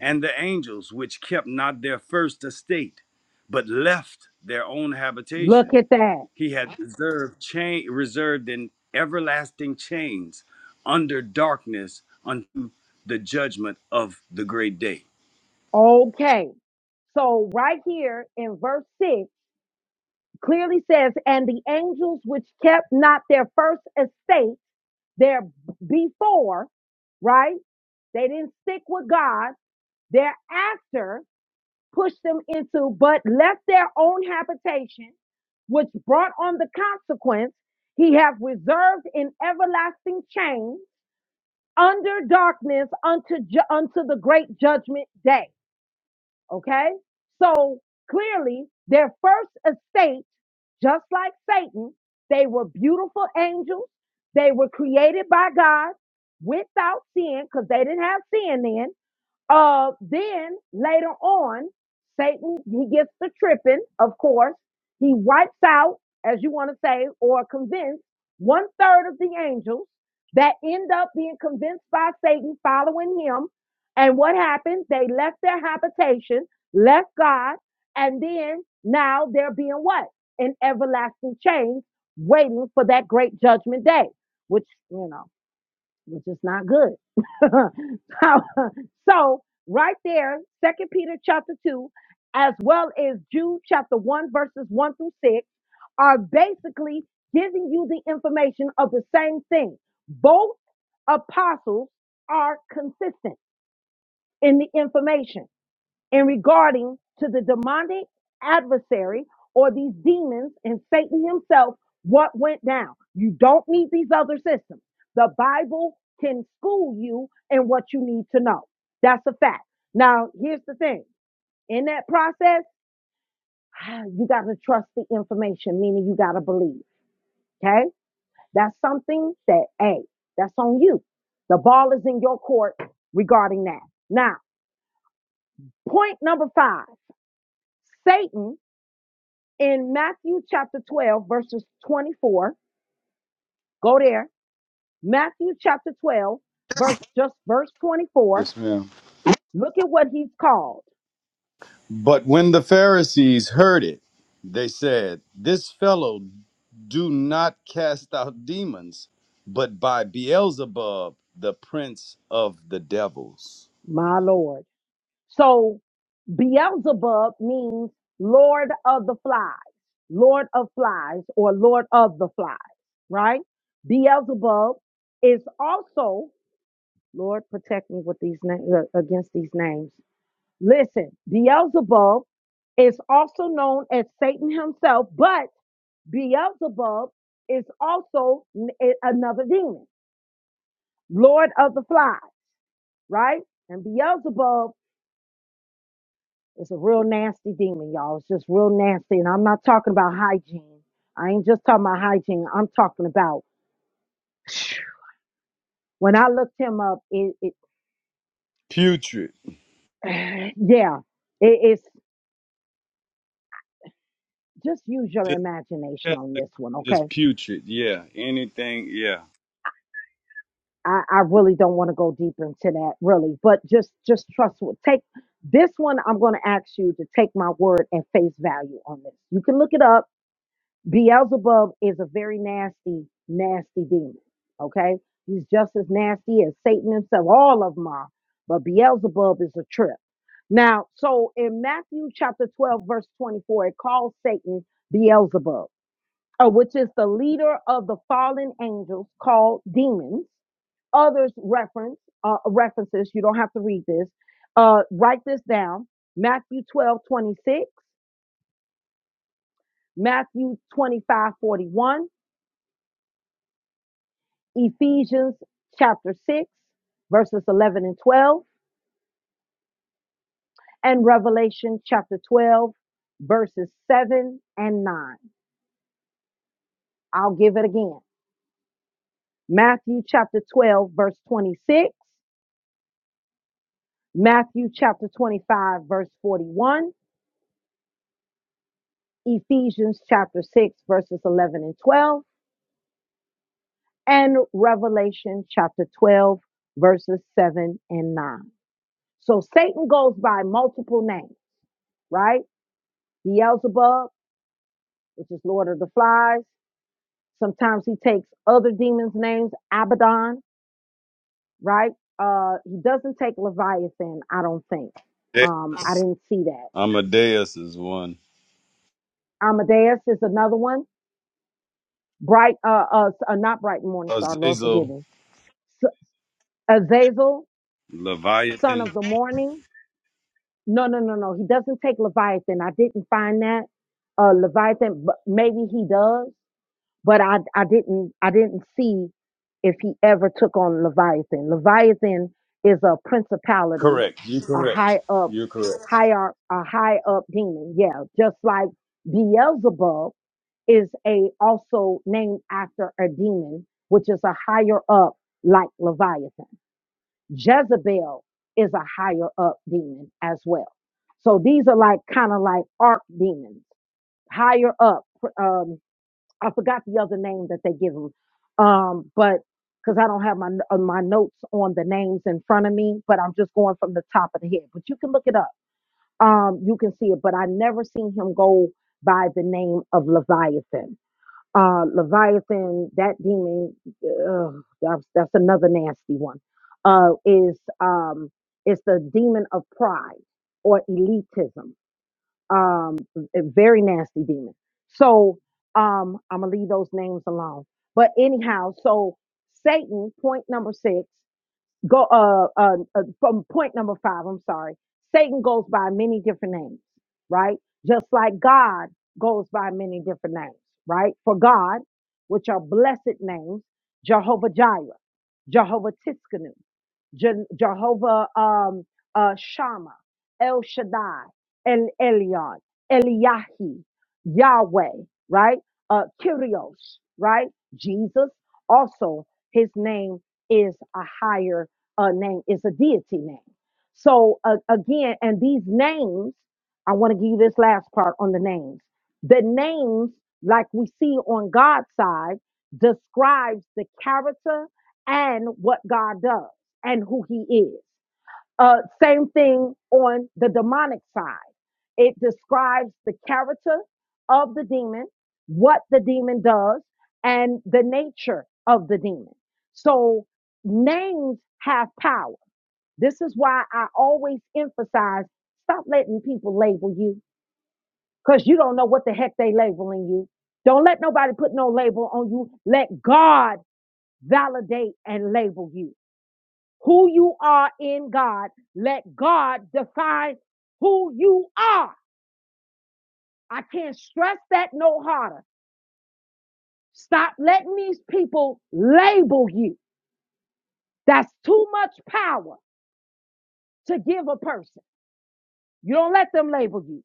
[SPEAKER 4] and the angels which kept not their first estate, but left their own habitation.
[SPEAKER 1] Look at that.
[SPEAKER 4] He had reserved, cha- reserved in everlasting chains under darkness unto the judgment of the great day.
[SPEAKER 1] Okay. So right here in verse six clearly says, and the angels which kept not their first estate there before, right? They didn't stick with God. Thereafter pushed them into, but left their own habitation, which brought on the consequence he have reserved in everlasting chains under darkness unto ju- unto the great judgment day. Okay, so clearly their first estate, just like Satan, they were beautiful angels. They were created by God without sin, because they didn't have sin then. Uh, then later on, Satan, he gets the tripping, of course. He wipes out, as you want to say, or convince one third of the angels that end up being convinced by Satan following him. And what happened? They left their habitation, left God, and then now they're being what? In everlasting chains, waiting for that great judgment day, which, you know which is not good. so, so right there, Second Peter chapter two, as well as Jude chapter one, verses one through six, are basically giving you the information of the same thing. Both apostles are consistent in the information in regarding to the demonic adversary or these demons and Satan himself, what went down. You don't need these other systems. The Bible can school you in what you need to know. That's a fact. Now, here's the thing. In that process, ah, you got to trust the information, meaning you got to believe. Okay. That's something that, hey, that's on you. The ball is in your court regarding that. Now, point number five. Satan in Matthew chapter 12, verses 24. Go there. Matthew chapter 12, verse just verse 24.
[SPEAKER 4] Yes, ma'am.
[SPEAKER 1] Look at what he's called.
[SPEAKER 4] But when the Pharisees heard it, they said, This fellow do not cast out demons, but by Beelzebub, the prince of the devils.
[SPEAKER 1] My Lord. So Beelzebub means Lord of the flies, Lord of flies, or Lord of the flies, right? Beelzebub is also, Lord, protect me with these names against these names. Listen, Beelzebub is also known as Satan himself, but Beelzebub is also another demon, Lord of the Flies, right? And Beelzebub is a real nasty demon, y'all. It's just real nasty. And I'm not talking about hygiene. I ain't just talking about hygiene. I'm talking about when I looked him up, it, it
[SPEAKER 4] Putrid.
[SPEAKER 1] yeah, it, it's just use your imagination
[SPEAKER 4] Just,
[SPEAKER 1] on this one, okay?
[SPEAKER 4] just putrid, yeah. Anything, yeah.
[SPEAKER 1] I, I really don't want to go deeper into that really but just just trust what take this one i'm going to ask you to take my word and face value on this you can look it up beelzebub is a very nasty nasty demon okay he's just as nasty as satan himself all of them are but beelzebub is a trip now so in matthew chapter 12 verse 24 it calls satan beelzebub uh, which is the leader of the fallen angels called demons. Others reference uh, references. You don't have to read this. Uh, write this down. Matthew 12:26, Matthew 25:41, Ephesians chapter 6, verses 11 and 12, and Revelation chapter 12, verses 7 and 9. I'll give it again. Matthew chapter 12, verse 26, Matthew chapter 25, verse 41, Ephesians chapter 6, verses 11 and 12, and Revelation chapter 12, verses 7 and 9. So Satan goes by multiple names, right? Beelzebub, which is Lord of the Flies. Sometimes he takes other demons' names, Abaddon, right? Uh, he doesn't take Leviathan, I don't think. Um, I
[SPEAKER 4] Deus.
[SPEAKER 1] didn't see that.
[SPEAKER 4] Amadeus is one.
[SPEAKER 1] Amadeus is another one. bright uh, uh, uh not bright morning star lord forgive
[SPEAKER 4] Azazel,
[SPEAKER 1] me S- azazel son
[SPEAKER 4] Leviathan.
[SPEAKER 1] of the morning no no no no he doesn't take leviathan i didn't find that uh leviathan but maybe he does but i i didn't i didn't see if he ever took on leviathan leviathan is a principality
[SPEAKER 4] Correct. You're
[SPEAKER 1] a
[SPEAKER 4] correct.
[SPEAKER 1] high up
[SPEAKER 4] You're correct.
[SPEAKER 1] higher a high up demon yeah just like beelzebub is a also named after a demon, which is a higher up like Leviathan. Jezebel is a higher up demon as well. So these are like kind of like arc demons, higher up. Um, I forgot the other name that they give them, um, but because I don't have my uh, my notes on the names in front of me, but I'm just going from the top of the head. But you can look it up. Um, you can see it. But I never seen him go by the name of Leviathan uh, Leviathan, that demon, ugh, that's, that's another nasty one, uh, is um, it's the demon of pride or elitism. Um, a very nasty demon. So um, I'm gonna leave those names alone. But anyhow, so Satan, point number six. Go uh, uh, uh from point number five. I'm sorry. Satan goes by many different names, right? Just like God goes by many different names, right? For God, which are blessed names, Jehovah Jireh, Jehovah Tiskanu, Je- Jehovah um, uh, Shammah, El Shaddai, El Elyon, Eliyahi, Yahweh, right? Uh, Kyrios, right? Jesus. Also, his name is a higher uh, name. is a deity name. So uh, again, and these names, I want to give you this last part on the names. The names, like we see on God's side, describes the character and what God does and who He is. Uh, same thing on the demonic side. It describes the character of the demon, what the demon does, and the nature of the demon. So names have power. This is why I always emphasize stop letting people label you because you don't know what the heck they labeling you. Don't let nobody put no label on you. Let God validate and label you who you are in God. Let God define who you are. I can't stress that no harder. Stop letting these people label you. That's too much power to give a person. You don't let them label you.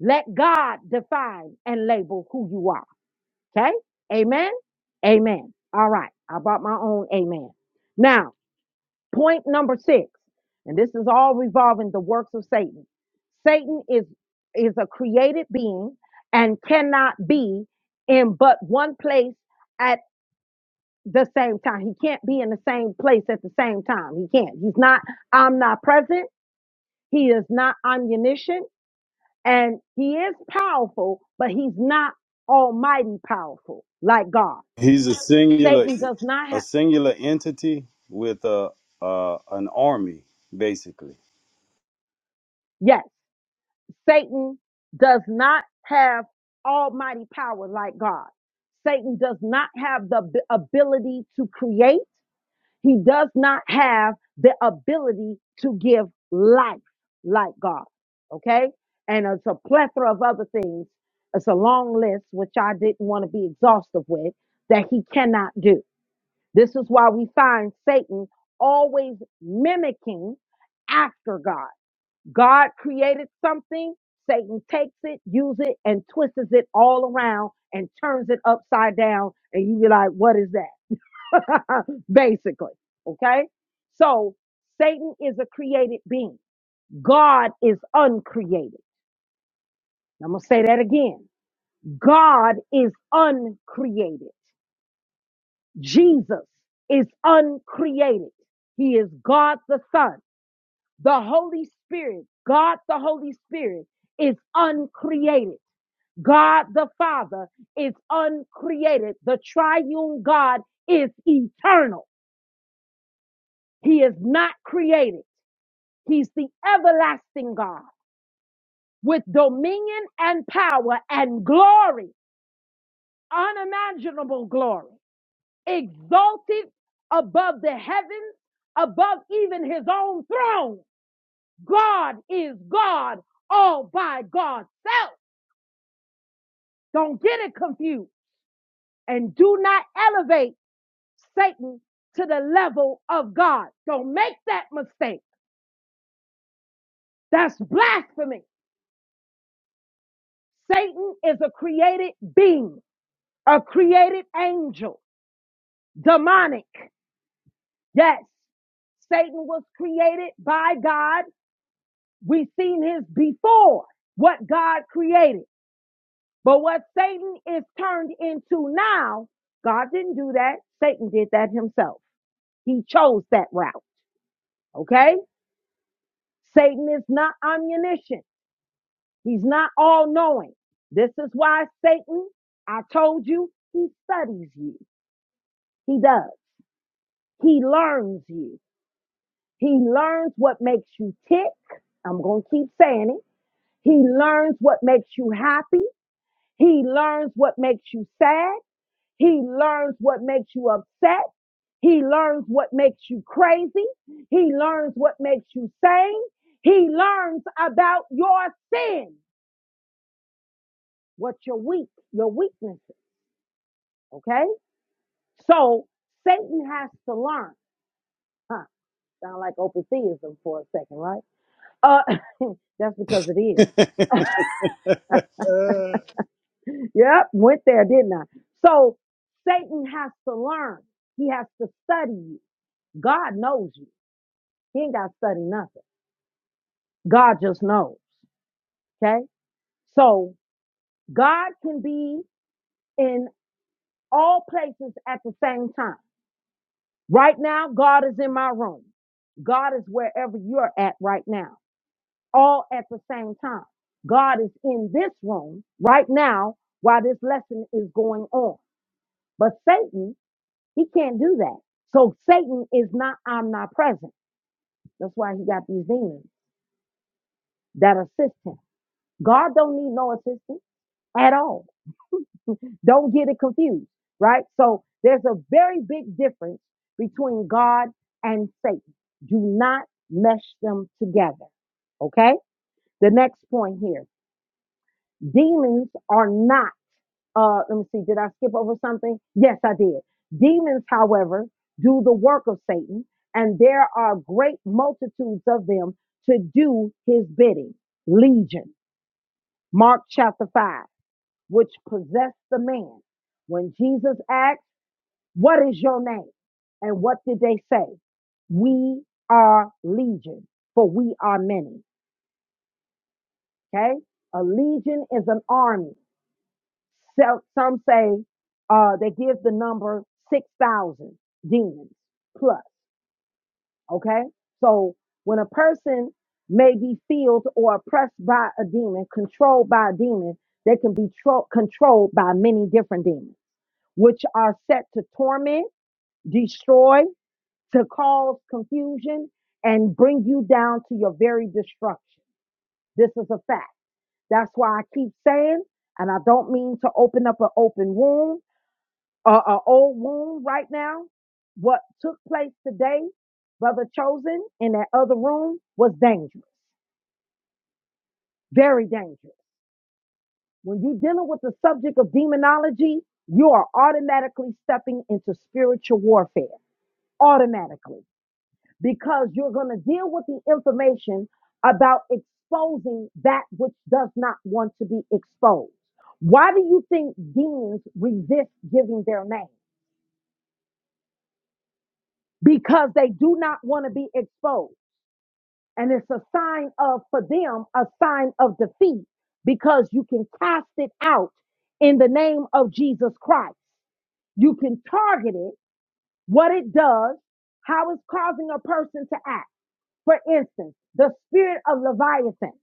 [SPEAKER 1] Let God define and label who you are. Okay? Amen. Amen. All right. I brought my own amen. Now, Point number six, and this is all revolving the works of Satan. Satan is is a created being and cannot be in but one place at the same time. He can't be in the same place at the same time. He can't. He's not omnipresent. He is not omniscient, and he is powerful, but he's not almighty powerful like God.
[SPEAKER 4] He's a singular,
[SPEAKER 1] Satan does not
[SPEAKER 4] a
[SPEAKER 1] have.
[SPEAKER 4] singular entity with a uh, an army, basically.
[SPEAKER 1] Yes. Satan does not have almighty power like God. Satan does not have the ab- ability to create. He does not have the ability to give life like God. Okay. And it's a plethora of other things. It's a long list, which I didn't want to be exhaustive with, that he cannot do. This is why we find Satan always mimicking after God. God created something, Satan takes it, uses it, and twists it all around and turns it upside down. And you be like, what is that? Basically. Okay. So Satan is a created being. God is uncreated. I'm going to say that again. God is uncreated. Jesus is uncreated. He is God the Son. The Holy Spirit, God the Holy Spirit is uncreated. God the Father is uncreated. The triune God is eternal. He is not created. He's the everlasting God with dominion and power and glory, unimaginable glory, exalted above the heavens, above even his own throne. God is God all by God's self. Don't get it confused and do not elevate Satan to the level of God. Don't make that mistake. That's blasphemy. Satan is a created being, a created angel, demonic. Yes, Satan was created by God. We've seen his before what God created. But what Satan is turned into now, God didn't do that. Satan did that himself. He chose that route. Okay? Satan is not omniscient. He's not all knowing. This is why Satan, I told you, he studies you. He does. He learns you. He learns what makes you tick. I'm going to keep saying it. He learns what makes you happy. He learns what makes you sad. He learns what makes you upset. He learns what makes you crazy. He learns what makes you sane. He learns about your sin, what your weak, your weaknesses. Okay. So Satan has to learn. Huh. Sound like open theism for a second, right? Uh, that's because it is. yep, went there, didn't I? So Satan has to learn. He has to study you. God knows you. He ain't got to study nothing. God just knows. Okay? So God can be in all places at the same time. Right now, God is in my room. God is wherever you're at right now. all at the same time. God is in this room right now while this lesson is going on. But Satan, he can't do that. So Satan is not omnipresent. That's why he got these demons that assist him. God don't need no assistance at all. Don't get it confused, right? So there's a very big difference between God and Satan. Do not mesh them together. Okay. The next point here demons are not Uh, let me see, did I skip over something? Yes, I did. Demons, however, do the work of Satan, and there are great multitudes of them to do his bidding. Legion, Mark chapter 5, which possessed the man. When Jesus asked, What is your name? And what did they say? We are legion, for we are many. Okay? A legion is an army. So, some say uh, they give the number 6,000 demons plus. Okay. So when a person may be filled or oppressed by a demon, controlled by a demon, they can be tro- controlled by many different demons, which are set to torment, destroy, to cause confusion, and bring you down to your very destruction. This is a fact. That's why I keep saying, and I don't mean to open up an open wound a, a old wound right now. What took place today, brother chosen in that other room was dangerous, very dangerous. When you're dealing with the subject of demonology, you are automatically stepping into spiritual warfare, automatically, because you're going to deal with the information about exposing that which does not want to be exposed. Why do you think demons resist giving their name? Because they do not want to be exposed. And it's a sign of, for them, a sign of defeat because you can cast it out in the name of Jesus Christ. You can target it, what it does, how it's causing a person to act. For instance, the spirit of Leviathan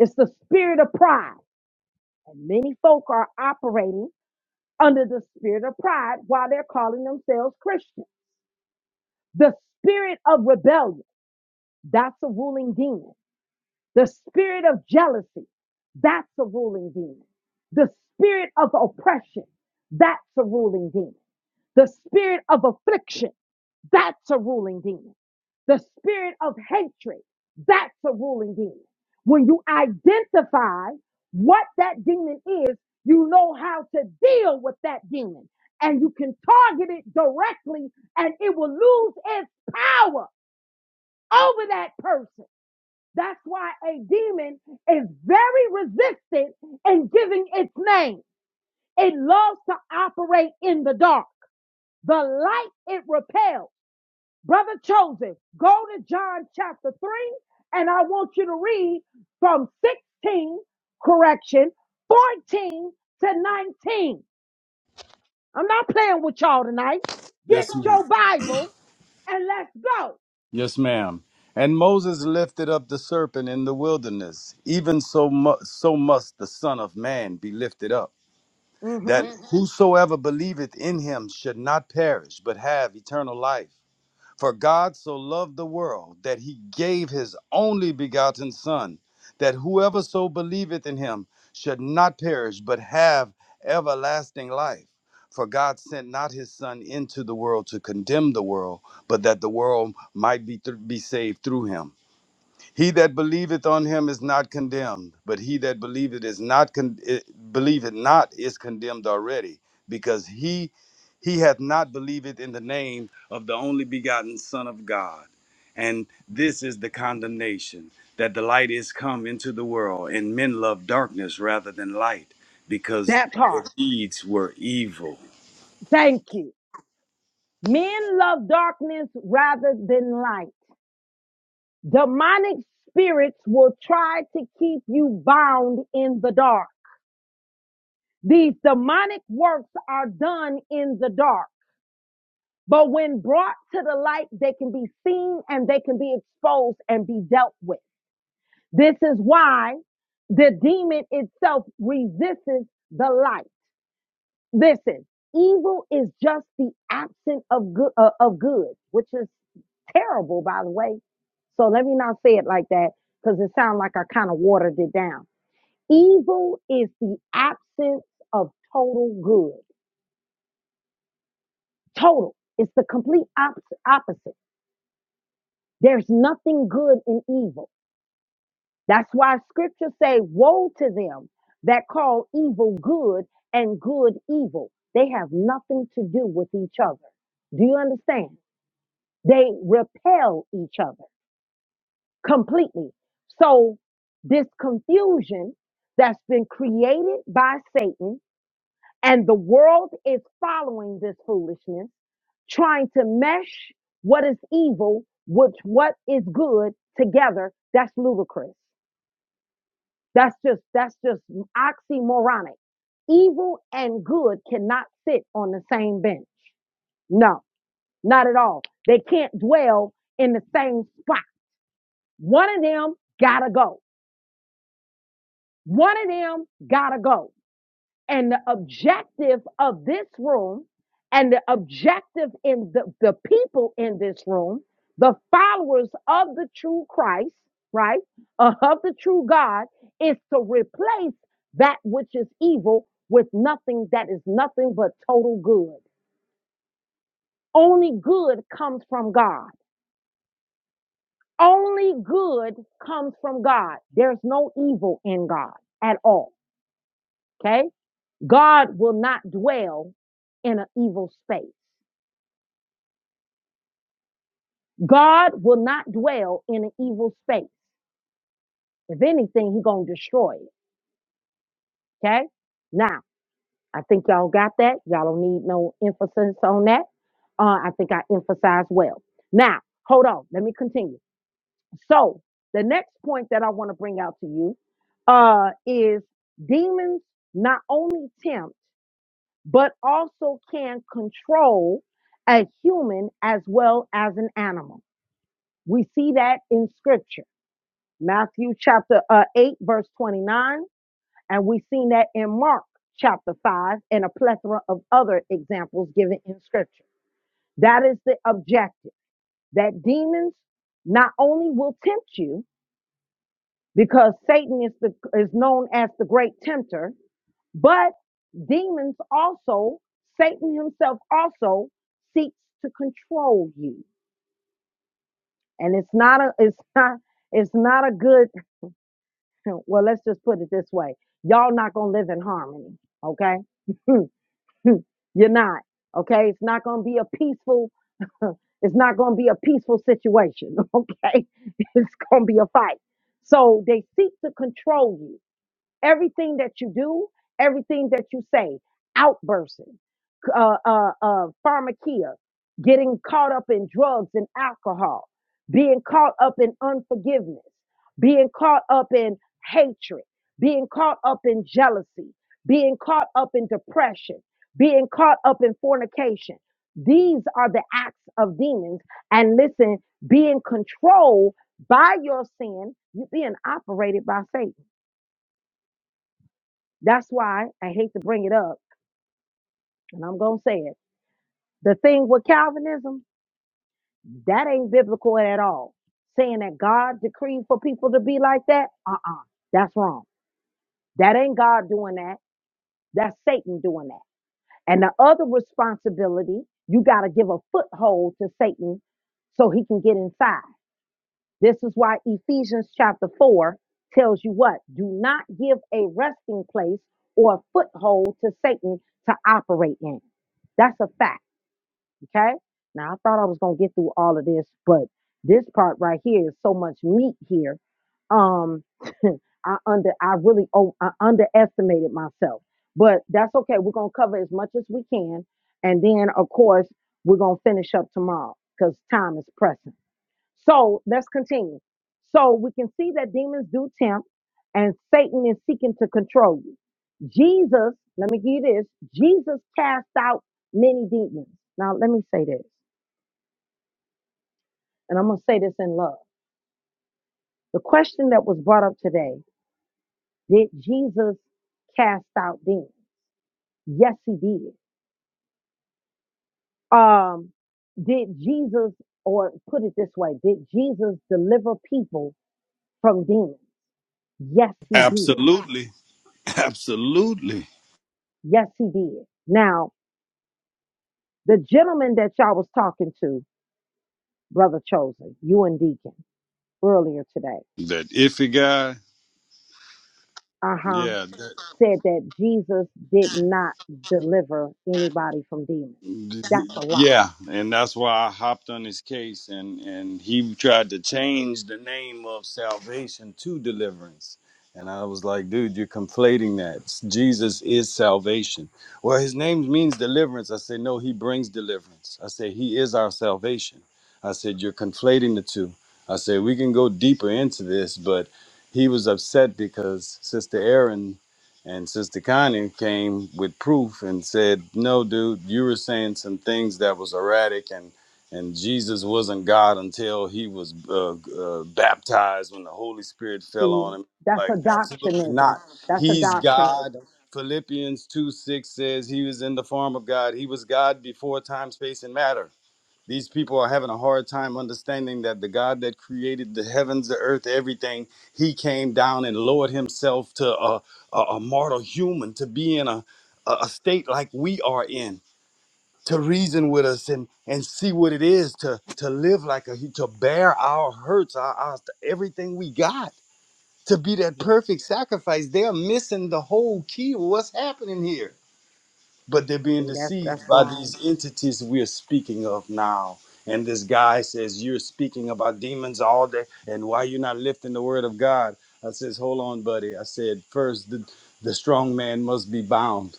[SPEAKER 1] is the spirit of pride. And many folk are operating under the spirit of pride while they're calling themselves Christian. The spirit of rebellion, that's a ruling demon. The spirit of jealousy, that's a ruling demon. The spirit of oppression, that's a ruling demon. The spirit of affliction, that's a ruling demon. The spirit of hatred, that's a ruling demon. When you identify what that demon is, you know how to deal with that demon and you can target it directly and it will lose its power over that person that's why a demon is very resistant in giving its name. It loves to operate in the dark. The light it repels. Brother Chosen, go to John chapter 3 and I want you to read from 16, correction, 14 to 19. I'm not playing with y'all tonight. Get
[SPEAKER 4] Yes,
[SPEAKER 1] your
[SPEAKER 4] ma'am.
[SPEAKER 1] Bible and let's go.
[SPEAKER 4] Yes, ma'am. And Moses lifted up the serpent in the wilderness. Even so much, so must the Son of Man be lifted up,
[SPEAKER 1] hmm
[SPEAKER 4] that Mhm. whosoever believeth in him should not perish, but have eternal life. For God so loved the world that he gave his only begotten Son, that whoever so believeth in him should not perish, but have everlasting life. For God sent not his Son into the world to condemn the world, but that the world might be, thr- be saved through him. He that believeth on him is not condemned, but he that believeth is not con- eh, believeth not is condemned already, because he he hath not believed in the name of the only begotten Son of God. And this is the condemnation that the light is come into the world, and men love darkness rather than light, because
[SPEAKER 1] That part.
[SPEAKER 4] their deeds were evil.
[SPEAKER 1] Thank you. Men love darkness rather than light. Demonic spirits will try to keep you bound in the dark. These demonic works are done in the dark, but when brought to the light, they can be seen and they can be exposed and be dealt with. This is why the demon itself resists the light. Listen, evil is just the absence of good, uh, of good, which is terrible, by the way. So let me not say it like that because it sounds like I kind of watered it down. Evil is the absence of total good. Total. It's the complete op- opposite. There's nothing good in evil. That's why scriptures say, woe to them that call evil good and good evil. They have nothing to do with each other. Do you understand? They repel each other completely. So this confusion that's been created by Satan and the world is following this foolishness, trying to mesh what is evil with what is good together. That's ludicrous. That's just, that's just oxymoronic. Evil and good cannot sit on the same bench. No, not at all. They can't dwell in the same spot. One of them gotta go. One of them gotta go. And the objective of this room and the objective in the, the people in this room, the followers of the true Christ, right? uh, of the true God is to replace that which is evil with nothing that is nothing but total good. Only good comes from God. Only good comes from God. There's no evil in God at all. Okay. God will not dwell in an evil space. God will not dwell in an evil space. If anything, He gonna destroy it. Okay. Now, I think y'all got that. Y'all don't need no emphasis on that. Uh, I think I emphasized well. Now, hold on. Let me continue. So, the next point that I want to bring out to you uh, is demons not only tempt. but also can control a human as well as an animal. We see that in scripture, Matthew chapter uh, 8, verse 29, and we've seen that in Mark chapter 5 and a plethora of other examples given in scripture. That is the objective that demons not only will tempt you because Satan is the is known as the great tempter But demons also, Satan himself also seeks to control you. And it's not a it's not it's not a good well, let's just put it this way. Y'all not gonna live in harmony, okay? You're not. Okay? It's not gonna be a peaceful it's not gonna be a peaceful situation, okay? It's gonna be a fight. So they seek to control you Everything that you do, everything that you say, outbursting, uh, uh, uh, pharmakia, getting caught up in drugs and alcohol, being caught up in unforgiveness, being caught up in hatred, being caught up in jealousy, being caught up in depression, being caught up in fornication. These are the acts of demons. And listen, being controlled by your sin, you're being operated by Satan. That's why I hate to bring it up, and I'm going to say it. The thing with Calvinism, that ain't biblical at all. Saying that God decreed for people to be like that, uh uh that's wrong. That ain't God doing that. That's Satan doing that. And the other responsibility, you got to give a foothold to Satan so he can get inside. This is why Ephesians chapter 4 tells you what? Do not give a resting place or a foothold to Satan to operate in. That's a fact, okay? Now, I thought I was going to get through all of this, but this part right here is so much meat here. Um I under I really oh, I underestimated myself. But that's okay. We're going to cover as much as we can and then of course, we're going to finish up tomorrow cuz time is pressing. So let's continue. So we can see that demons do tempt and Satan is seeking to control you. Jesus, let me give you this Jesus cast out many demons. Now, let me say this, and I'm going to say this in love. The question that was brought up today did Jesus cast out demons? Yes, he did. Um, did Jesus, or put it this way, did Jesus deliver people from demons? Yes, he did.
[SPEAKER 4] Absolutely. Absolutely.
[SPEAKER 1] Yes, he did. Now, The gentleman that y'all was talking to, Brother Chosen, you and Deacon, earlier today,
[SPEAKER 4] That iffy guy.
[SPEAKER 1] uh huh,
[SPEAKER 4] Yeah.
[SPEAKER 1] said that Jesus did not deliver anybody from demons. That's a lie.
[SPEAKER 4] Yeah, and that's why I hopped on his case, and and he tried to change the name of salvation to deliverance, and I was like, dude, you're conflating that. Jesus is salvation. Well, his name means deliverance. I said, no, he brings deliverance. I said, he is our salvation. I said, you're conflating the two. I said, we can go deeper into this, but he was upset because Sister Aaron and Sister Connie came with proof and said, "No, dude, you were saying some things that was erratic, and and Jesus wasn't God until he was uh, uh, baptized when the Holy Spirit fell
[SPEAKER 1] See,
[SPEAKER 4] on him.
[SPEAKER 1] that's
[SPEAKER 4] Like, absolutely
[SPEAKER 1] adoptionism.
[SPEAKER 4] not.
[SPEAKER 1] That's
[SPEAKER 4] He's God.
[SPEAKER 1] adoptionism.
[SPEAKER 4] Philippians two six says he was in the form of God. He was God before time, space, and matter. These people are having a hard time understanding that the God that created the heavens, the earth, everything, he came down and lowered himself to a, a, a mortal human to be in a, a, a state like we are in, to reason with us and, and see what it is to, to live like a, to bear our hurts, our, our everything we got, to be that
[SPEAKER 1] Yeah.
[SPEAKER 4] perfect sacrifice. They're missing the whole key of what's happening here but they're being
[SPEAKER 1] See, that's
[SPEAKER 4] deceived
[SPEAKER 1] that's
[SPEAKER 4] by
[SPEAKER 1] wrong.
[SPEAKER 4] these entities we're speaking of now. And this guy says, You're speaking about demons all day, and why you're not lifting the word of God? I says, Hold on, buddy. I said, First, the, the strong man must be bound.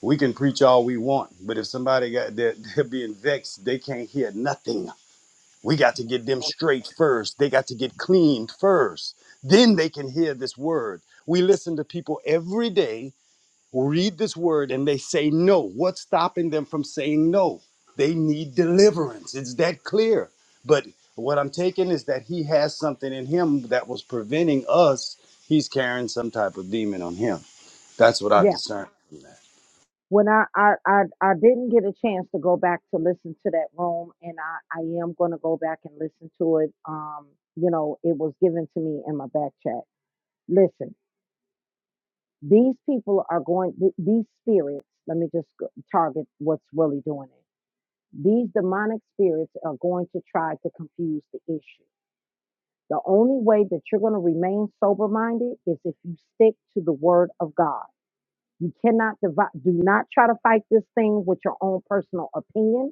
[SPEAKER 4] We can preach all we want, but if somebody got they're, they're being vexed, they can't hear nothing. We got to get them
[SPEAKER 1] That's
[SPEAKER 4] straight first. They got to get cleaned first. Then they can hear this word. We listen to people every day read this word and they say no. What's stopping them from saying no? They need deliverance. It's that clear. But what I'm taking is that he has something in him that was preventing us. He's carrying some type of demon on him. That's what I
[SPEAKER 1] yeah.
[SPEAKER 4] discern. from
[SPEAKER 1] When I I I, I didn't get a chance to go back to listen to that room, and I I am gonna go back and listen to it. Um, you know, it was given to me in my back chat. Listen. These people are going, th- these spirits, let me just go- target what's really doing it. These demonic spirits are going to try to confuse the issue. The only way that you're going to remain sober minded is if you stick to the word of God. You cannot divide, do not try to fight this thing with your own personal opinion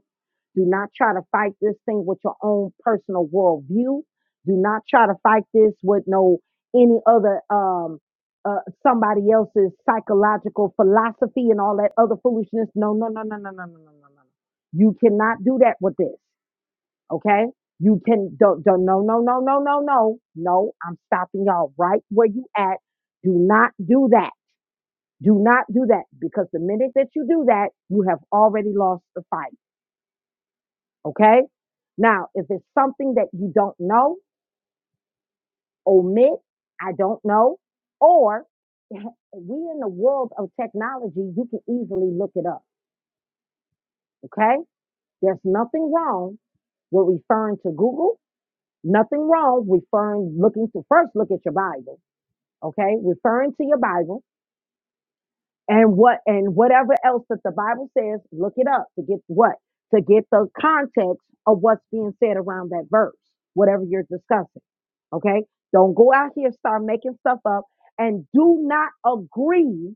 [SPEAKER 1] do not try to fight this thing with your own personal worldview. Do not try to fight this with no any other um uh, somebody else's psychological philosophy and all that other foolishness. No, no, no, no, no, no, no, no, no, no. You cannot do that with this. Okay? You can don't don't no no no no no no no. I'm stopping y'all right where you at. Do not do that. Do not do that because the minute that you do that, you have already lost the fight. Okay. Now, if it's something that you don't know, omit, I don't know, or we in the world of technology, you can easily look it up. Okay. There's nothing wrong with referring to Google, nothing wrong referring, looking to first look at your Bible. Okay. Referring to your Bible and what and whatever else that the Bible says, look it up to get what to get the context of what's being said around that verse, whatever you're discussing. Okay, don't go out here start making stuff up, and do not agree.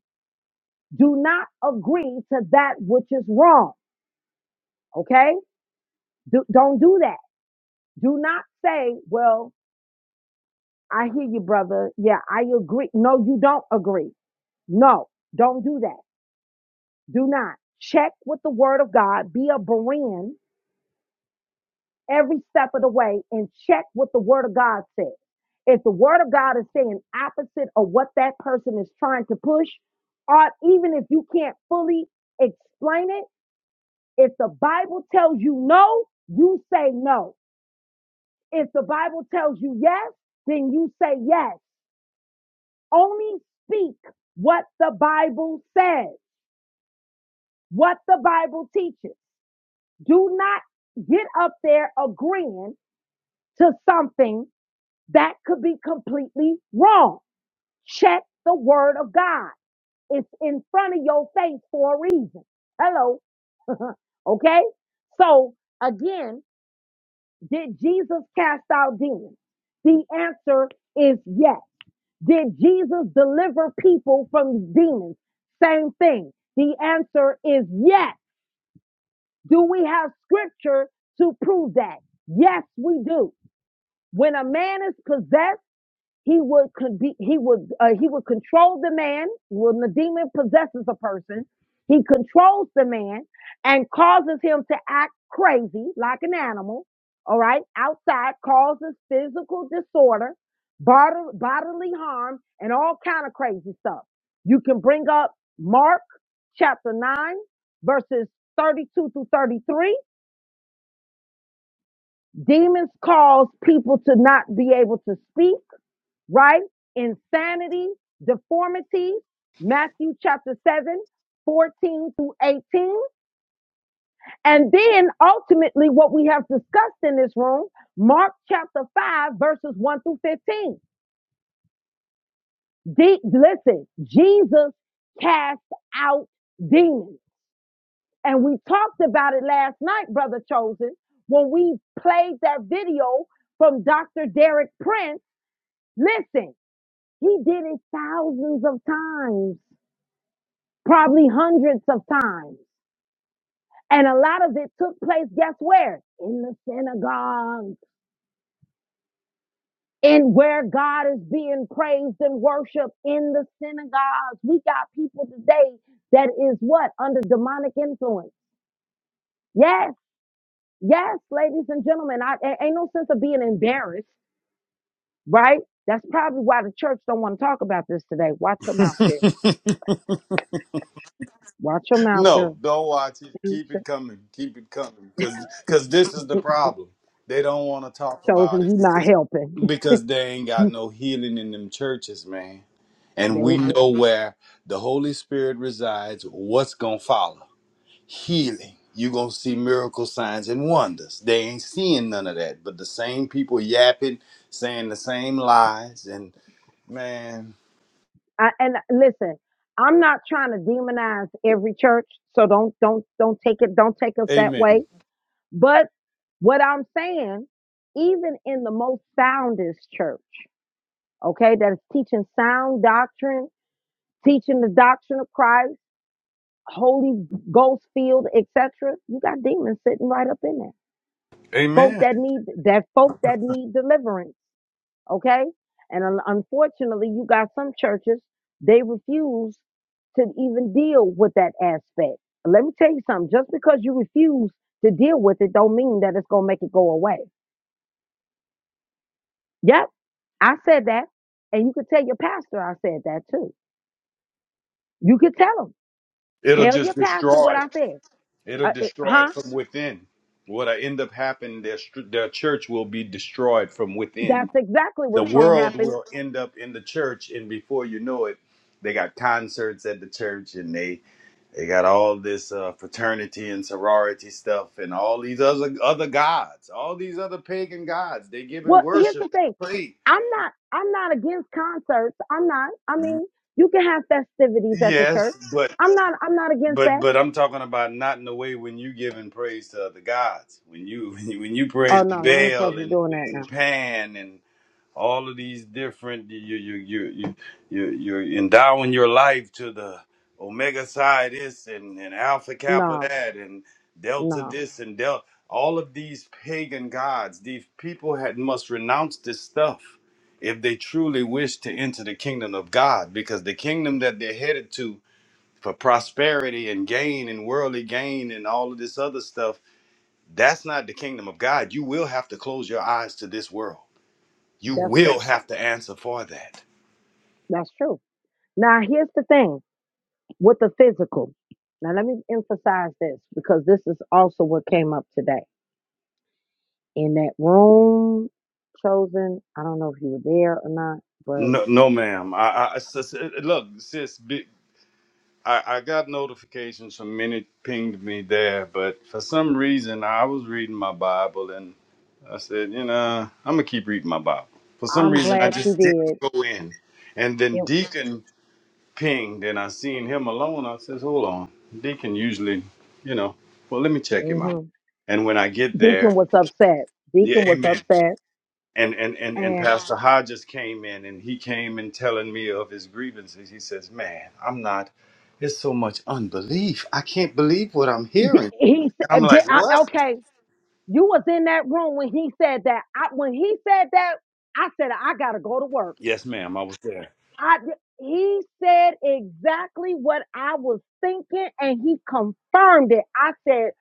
[SPEAKER 1] Do not agree to that which is wrong. Okay, do, don't do that. Do not say, "Well, I hear you, brother. Yeah, I agree." No, you don't agree. No, don't do that. Do not check with the Word of God. Be a Berean every step of the way and check what the word of God says. If the word of God is saying opposite of what that person is trying to push, or even if you can't fully explain it, if the Bible tells you no, you say no. If the Bible tells you yes, then you say yes. Only speak what the Bible says, what the Bible teaches. Do not get up there agreeing to something That could be completely wrong. Check the word of God. It's in front of your face for a reason. Hello. Okay. So again, did Jesus cast out demons? The answer is yes. Did Jesus deliver people from demons? Same thing. The answer is yes. Do we have scripture to prove that? Yes, we do. When a man is possessed, He would con- be, he would uh, he would control the man when the demon possesses a person. He controls the man and causes him to act crazy like an animal. All right, outside causes physical disorder, bod- bodily harm, and all kind of crazy stuff. You can bring up Mark chapter nine verses thirty two to thirty three. Demons cause people to not be able to speak right? Insanity, deformity, Matthew chapter 7, 14 through 18. And then ultimately, what we have discussed in this room, Mark chapter 5, verses 1 through 15. De- listen, Jesus cast out demons. And we talked about it last night, Brother Chosen, when we played that video from Dr. Derek Prince. Listen, he did it thousands of times. probably hundreds of times. And a lot of it took place, guess where? In the synagogue, in where God is being praised and worshiped in the synagogues. We got people today that is what? Under demonic influence. Yes, yes, ladies and gentlemen. I a- ain't no sense of being embarrassed, right? That's probably why the church don't want to talk about this today. Watch your mouth, Cherry.
[SPEAKER 4] that.
[SPEAKER 1] Watch your mouth,
[SPEAKER 4] no,
[SPEAKER 1] girl.
[SPEAKER 4] don't watch it.
[SPEAKER 1] See,
[SPEAKER 4] Keep it
[SPEAKER 1] Cho-
[SPEAKER 4] coming. Keep it coming. Cause, cause this is the problem. They don't want to talk
[SPEAKER 1] Chosen,
[SPEAKER 4] about it
[SPEAKER 1] you not
[SPEAKER 4] because,
[SPEAKER 1] helping.
[SPEAKER 4] because they ain't got no healing in them churches, man. and we
[SPEAKER 1] They.
[SPEAKER 4] know where the Holy Spirit resides, what's going to follow? Healing. You're going to see miracle signs and wonders. They ain't seeing none of that, but the same people yapping, saying the same lies, and man,
[SPEAKER 1] I, and listen, I'm not trying to demonize every church, so don't don't don't take it don't take us that way.
[SPEAKER 4] amen.
[SPEAKER 1] But what I'm saying, even in the most soundest church, okay, that is teaching sound doctrine, teaching the doctrine of Christ, Holy Ghost field, etc., you got demons sitting right up in there. Folk
[SPEAKER 4] Amen.
[SPEAKER 1] that need that folk that need deliverance. okay? And un- unfortunately, you got some churches, they refuse to even deal with that aspect. Let me tell you something, just because you refuse to deal with it don't mean that it's going to make it go away. Yep, I said that. And you could tell your pastor I said that too. You could tell him,
[SPEAKER 4] It'll
[SPEAKER 1] tell your
[SPEAKER 4] just
[SPEAKER 1] pastor
[SPEAKER 4] destroy
[SPEAKER 1] what I
[SPEAKER 4] it.
[SPEAKER 1] said.
[SPEAKER 4] It'll
[SPEAKER 1] Uh, it-
[SPEAKER 4] destroy it
[SPEAKER 1] huh?
[SPEAKER 4] from within. What'll end up happening, their, str- their church will be destroyed from within.
[SPEAKER 1] That's exactly
[SPEAKER 4] The
[SPEAKER 1] what's going to
[SPEAKER 4] world
[SPEAKER 1] happen
[SPEAKER 4] will end up in the church, and before you know it, they got concerts at the church and they They got all this uh, fraternity and sorority stuff, and all these other other gods, all these other pagan gods. They giving
[SPEAKER 1] Well, here's
[SPEAKER 4] worship
[SPEAKER 1] the thing.
[SPEAKER 4] and praise.
[SPEAKER 1] I'm not I'm not against concerts. I'm not. I
[SPEAKER 4] Mhm.
[SPEAKER 1] mean, you can have festivities at the
[SPEAKER 4] Yes,
[SPEAKER 1] church.
[SPEAKER 4] but
[SPEAKER 1] I'm not I'm not against
[SPEAKER 4] but
[SPEAKER 1] that.
[SPEAKER 4] but I'm talking about not in the way when you giving praise to other gods. When you when you, when you
[SPEAKER 1] Oh
[SPEAKER 4] praying to
[SPEAKER 1] no, you ain't
[SPEAKER 4] Baal
[SPEAKER 1] supposed to be
[SPEAKER 4] and,
[SPEAKER 1] doing that
[SPEAKER 4] and Pan and all of these different you you you you you you're endowing your life to the omega psi this and, and alpha kappa
[SPEAKER 1] now. No,
[SPEAKER 4] that and delta
[SPEAKER 1] no.
[SPEAKER 4] this and delta all of these pagan gods these people had must renounce this stuff if they truly wish to enter the kingdom of god because the kingdom that they're headed to for prosperity and gain and worldly gain and all of this other stuff that's not the kingdom of god you will have to close your eyes to this world you
[SPEAKER 1] That's
[SPEAKER 4] will
[SPEAKER 1] true.
[SPEAKER 4] have to answer for that.
[SPEAKER 1] That's true. Now here's the thing with the physical. Now let me emphasize this because this is also what came up today. In that room chosen, I don't know if you were there or not, but
[SPEAKER 4] No, no, ma'am. I, I sis, uh, uh, look, sis. Be, I, I got notifications from many pinged me there, but for some reason I was reading my Bible and I said, you know, I'm gonna keep reading my Bible. For some
[SPEAKER 1] I'm
[SPEAKER 4] reason I
[SPEAKER 1] glad you
[SPEAKER 4] just didn't
[SPEAKER 1] did.
[SPEAKER 4] go in, and then
[SPEAKER 1] It
[SPEAKER 4] Deacon pinged and I seen him alone. I says, hold on, Deacon usually, you know, well let me check him out.
[SPEAKER 1] mm-hmm.
[SPEAKER 4] And when I get there,
[SPEAKER 1] Deacon was upset.
[SPEAKER 4] yeah,
[SPEAKER 1] Deacon was
[SPEAKER 4] Amen.
[SPEAKER 1] upset,
[SPEAKER 4] and and and and Yeah.
[SPEAKER 1] and
[SPEAKER 4] Pastor Hodges came in and he came and telling me of his grievances. He says, "Man, I'm not. It's so much unbelief. I can't believe what I'm
[SPEAKER 1] di-
[SPEAKER 4] hearing."
[SPEAKER 1] he
[SPEAKER 4] And I'm
[SPEAKER 1] said,
[SPEAKER 4] like,
[SPEAKER 1] di- I,
[SPEAKER 4] "What?"
[SPEAKER 1] "Okay, you was in that room when he said that. I, when he said that, I said I gotta go to work.
[SPEAKER 4] Yes, ma'am. I was there.
[SPEAKER 1] I he said exactly what I was thinking, and he confirmed it. I said."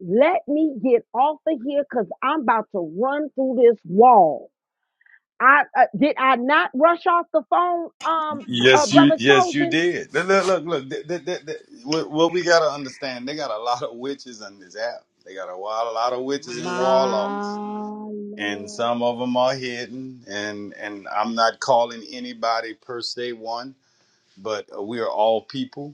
[SPEAKER 1] Let me get off of here because I'm about to run through this wall. I uh, did I not rush off the phone, um, uh,
[SPEAKER 4] Yes, you.
[SPEAKER 1] brother
[SPEAKER 4] Yes, you
[SPEAKER 1] Chosen.
[SPEAKER 4] did. Look, look, look. look. Th- th- th- th- what, what we gotta understand? They got a lot of witches on this app. They got a, wild, a lot of witches and warlocks,
[SPEAKER 1] My
[SPEAKER 4] and
[SPEAKER 1] Lord.
[SPEAKER 4] some of them are hidden. And and I'm not calling anybody per se one, but uh, we are all people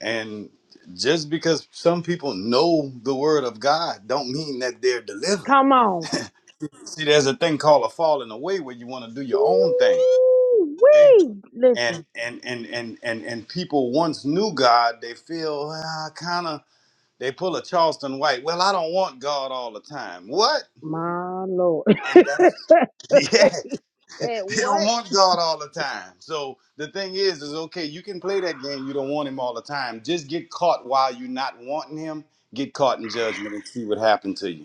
[SPEAKER 4] And just because some people know the word of God don't mean that they're delivered.
[SPEAKER 1] Come on.
[SPEAKER 4] See, there's a thing called a falling away where you want to do your own thing.
[SPEAKER 1] Wee.
[SPEAKER 4] And
[SPEAKER 1] Listen,
[SPEAKER 4] and and and and and people once knew God, they feel well, kind of they pull a Charleston White. Well, I don't want God all the time. What?
[SPEAKER 1] my Lord.
[SPEAKER 4] And
[SPEAKER 1] Said
[SPEAKER 4] that's yeah, they don't
[SPEAKER 1] what?
[SPEAKER 4] want God all the time. So the thing is, is okay, you can play that game, you don't want him all the time. Just get caught while you're not wanting him, get caught in judgment and see what happened to you.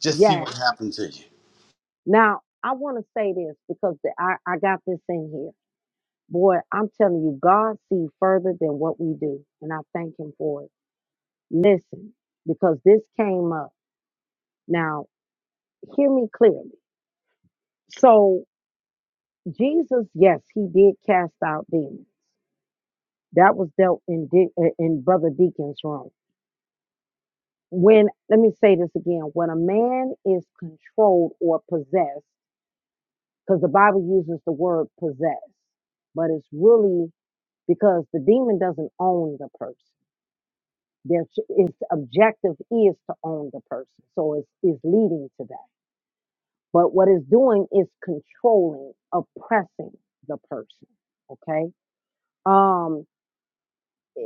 [SPEAKER 4] Just see
[SPEAKER 1] Yes.
[SPEAKER 4] what happened to you.
[SPEAKER 1] Now I want to say this because the, I I got this in here. Boy, I'm telling you, God sees further than what we do, and I thank Him for it. Listen, because this came up. Now hear me clearly. So Jesus, yes, He did cast out demons. That was dealt in De- in Brother Deacon's room. when let me say this again when a man is controlled or possessed because the bible uses the word possess but it's really because the demon doesn't own the person their its objective is to own the person so it's, is leading to that but what it's doing is controlling oppressing the person okay um eh,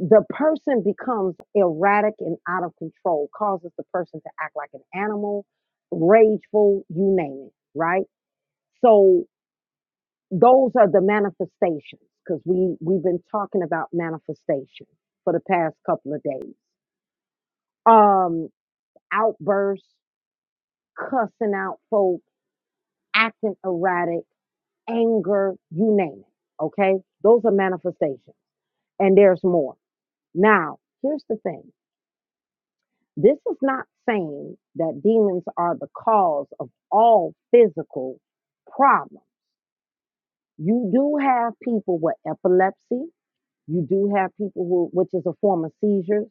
[SPEAKER 1] the person becomes erratic and out of control, causes the person to act like an animal, rageful, you name it, right? So those are the manifestations because we we've been talking about manifestation for the past couple of days. Um, outbursts, cussing out folks, acting erratic, anger, you name it. Okay, those are manifestations, and there's more. Now, here's the thing. This is not saying that demons are the cause of all physical problems. You do have people with epilepsy. You do have people who, which is a form of seizures.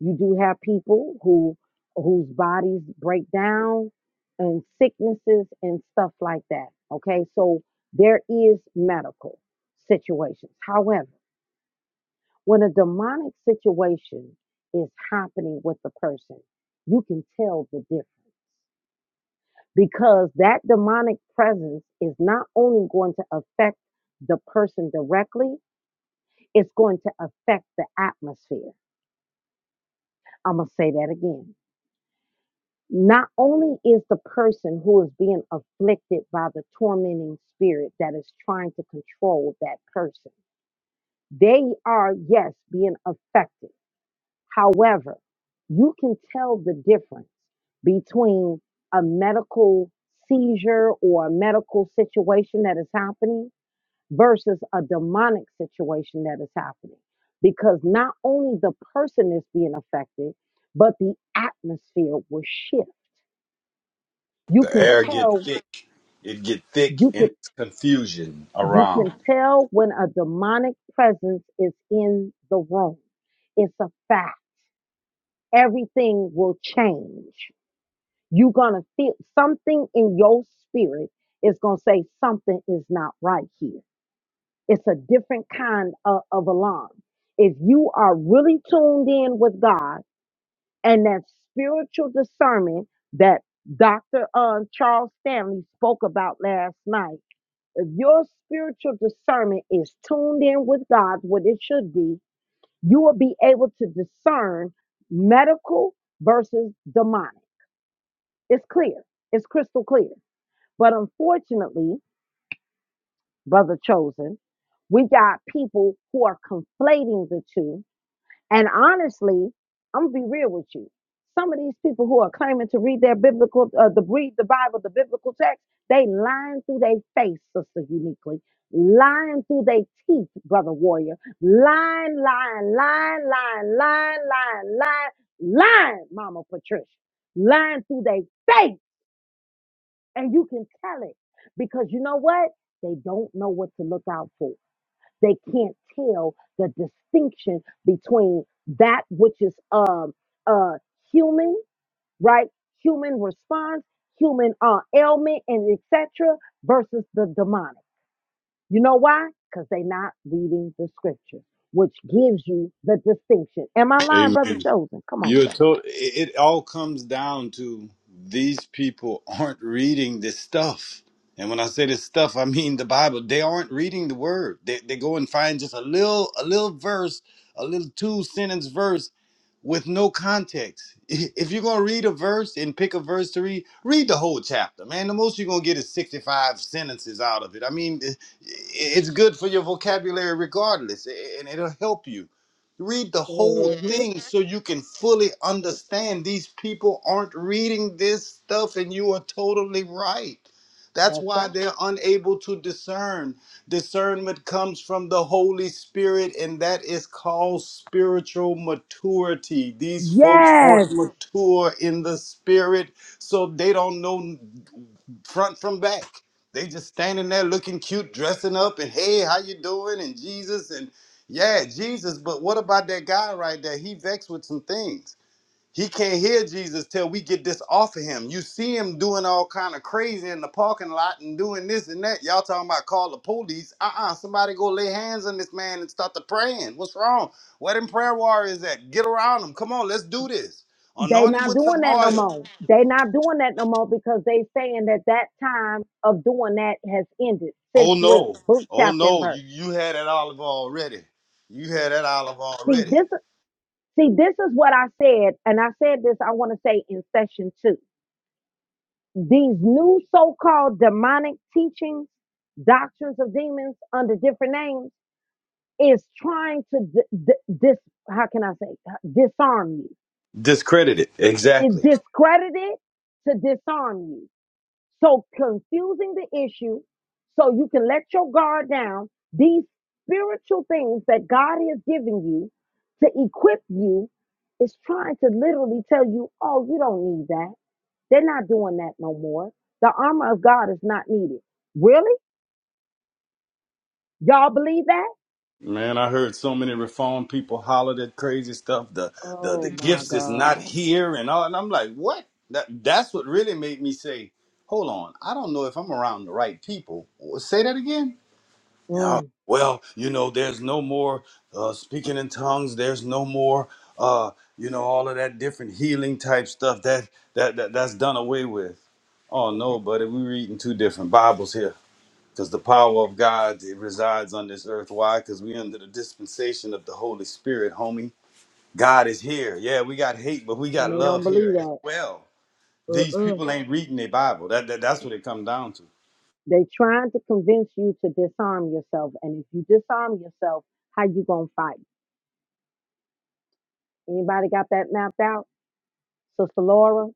[SPEAKER 1] You do have people who, whose bodies break down and sicknesses and stuff like that. Okay. So there is medical situations. However, when a demonic situation is happening with the person, you can tell the difference because that demonic presence is not only going to affect the person directly, it's going to affect the atmosphere. I'm going to say that again. Not only is the person who is being afflicted by the tormenting spirit that is trying to control that person, they are, yes, being affected However, you can tell the difference between a medical seizure or a medical situation that is happening versus a demonic situation that is happening because not only the person is being affected, but the atmosphere will shift. You
[SPEAKER 4] The
[SPEAKER 1] can
[SPEAKER 4] air get
[SPEAKER 1] tell
[SPEAKER 4] thick. It get thick
[SPEAKER 1] you
[SPEAKER 4] and
[SPEAKER 1] could
[SPEAKER 4] it's confusion
[SPEAKER 1] you
[SPEAKER 4] around.
[SPEAKER 1] can tell when a demonic presence is in the room. It's a fact. Everything will change. You're gonna feel something in your spirit is gonna say something is not right here. It's a different kind of, of alarm. If you are really tuned in with God and that spiritual discernment that Dr. Uh, Charles Stanley spoke about last night, if your spiritual discernment is tuned in with God, what it should be, you will be able to discern medical versus demonic. It's clear. It's crystal clear. But unfortunately, brother chosen, we got people who are conflating the two. And honestly, I'm gonna be real with you. Some of these people who are claiming to read their biblical, uh, the read the Bible, the biblical text, they lying through their face, sister uniquely, lying through their teeth, brother warrior, lying, lying, lying, lying, lying, lying, lying, lying, mama Patricia, lying through their face and you can tell it because you know what? They don't know what to look out for. They can't tell the distinction between that which is um uh human, right? Human response, human uh ailment and etc. versus the demonic. You know why? Because they're not reading the scripture, which gives you the distinction. Am I lying, brother
[SPEAKER 4] Amen.
[SPEAKER 1] chosen? Come on,
[SPEAKER 4] You're
[SPEAKER 1] sir.
[SPEAKER 4] told it, it all comes down to these people aren't reading this stuff. And when I say this stuff, I mean the Bible. They aren't reading the word. They, they go and find just a little a little verse, a little two sentence verse with no context. If you're gonna read a verse and pick a verse to read, read the whole chapter, man. The most you're gonna get is 65 sentences out of it. I mean, eh, i- it's good for your vocabulary regardless, and it'll help you. Read the whole
[SPEAKER 1] hmm
[SPEAKER 4] thing so you can fully understand. These people aren't reading this stuff, and you are totally right. That's
[SPEAKER 1] That's
[SPEAKER 4] why they're
[SPEAKER 1] right.
[SPEAKER 4] unable to discern Discernment comes from the Holy Spirit, and that is called spiritual maturity. These folks
[SPEAKER 1] Yes.
[SPEAKER 4] aren't mature in the spirit, so they don't know front from back. They just standing there looking cute, dressing up, and hey, how you doing? And Jesus, and yeah, Jesus. But what about that guy right there? He vexed with some things. He can't hear Jesus till we get this off of him. You see him doing all kind of crazy in the parking lot and doing this and that. Y'all talking about call the police. Uh-uh. Somebody go lay hands on this man and start the praying. What's wrong? Where them prayer warriors at? Get around him. Come on, let's do this.
[SPEAKER 1] They
[SPEAKER 4] Anoint him
[SPEAKER 1] not
[SPEAKER 4] with some
[SPEAKER 1] doing that no
[SPEAKER 4] oil.
[SPEAKER 1] more. They not doing that no more because they saying that that time of doing that has ended. Since
[SPEAKER 4] Oh
[SPEAKER 1] when?
[SPEAKER 4] no.
[SPEAKER 1] Book,
[SPEAKER 4] Oh
[SPEAKER 1] chapter, and
[SPEAKER 4] no. You
[SPEAKER 1] verse.
[SPEAKER 4] you had that olive already. You had that olive
[SPEAKER 1] See
[SPEAKER 4] already.
[SPEAKER 1] this. See this is what I said, and I said this. I want to say in session two. These new so-called demonic teachings, doctrines of demons under different names, is trying to d- d- dis. How can I say disarm you?
[SPEAKER 4] Discredited.
[SPEAKER 1] It
[SPEAKER 4] Exactly.
[SPEAKER 1] discredited to disarm you. So confusing the issue so you can let your guard down. These spiritual things that God has given you to equip you is trying to literally tell you, oh, you don't need that. They're not doing that no more. The armor of God is not needed. Really? Y'all believe that?
[SPEAKER 4] Man, I heard so many reformed people holler that crazy stuff. The the the
[SPEAKER 1] Oh my
[SPEAKER 4] gifts is not
[SPEAKER 1] God.
[SPEAKER 4] here and all, and I'm like, what? That that's what really made me say, hold on, I don't know if I'm around the right people. Say that again. Yeah,
[SPEAKER 1] Mm,
[SPEAKER 4] well, you know, there's no more uh, speaking in tongues. There's no more, uh, you know, all of that different healing type stuff that that, that that's done away with. Oh no,
[SPEAKER 1] okay.
[SPEAKER 4] buddy, we're reading two different Bibles here because the power of God it resides on this earth. Why? Because we under the dispensation of the Holy Spirit, homie. God is here. Yeah, we got hate, but we
[SPEAKER 1] And
[SPEAKER 4] got
[SPEAKER 1] they don't
[SPEAKER 4] love here
[SPEAKER 1] believe
[SPEAKER 4] as
[SPEAKER 1] that.
[SPEAKER 4] well. These
[SPEAKER 1] Uh-uh.
[SPEAKER 4] people ain't reading their Bible. That, that that's what it comes down to.
[SPEAKER 1] They trying to convince you to disarm yourself. And if you disarm yourself, how you gonna fight? Anybody got that mapped out? Sister Laura,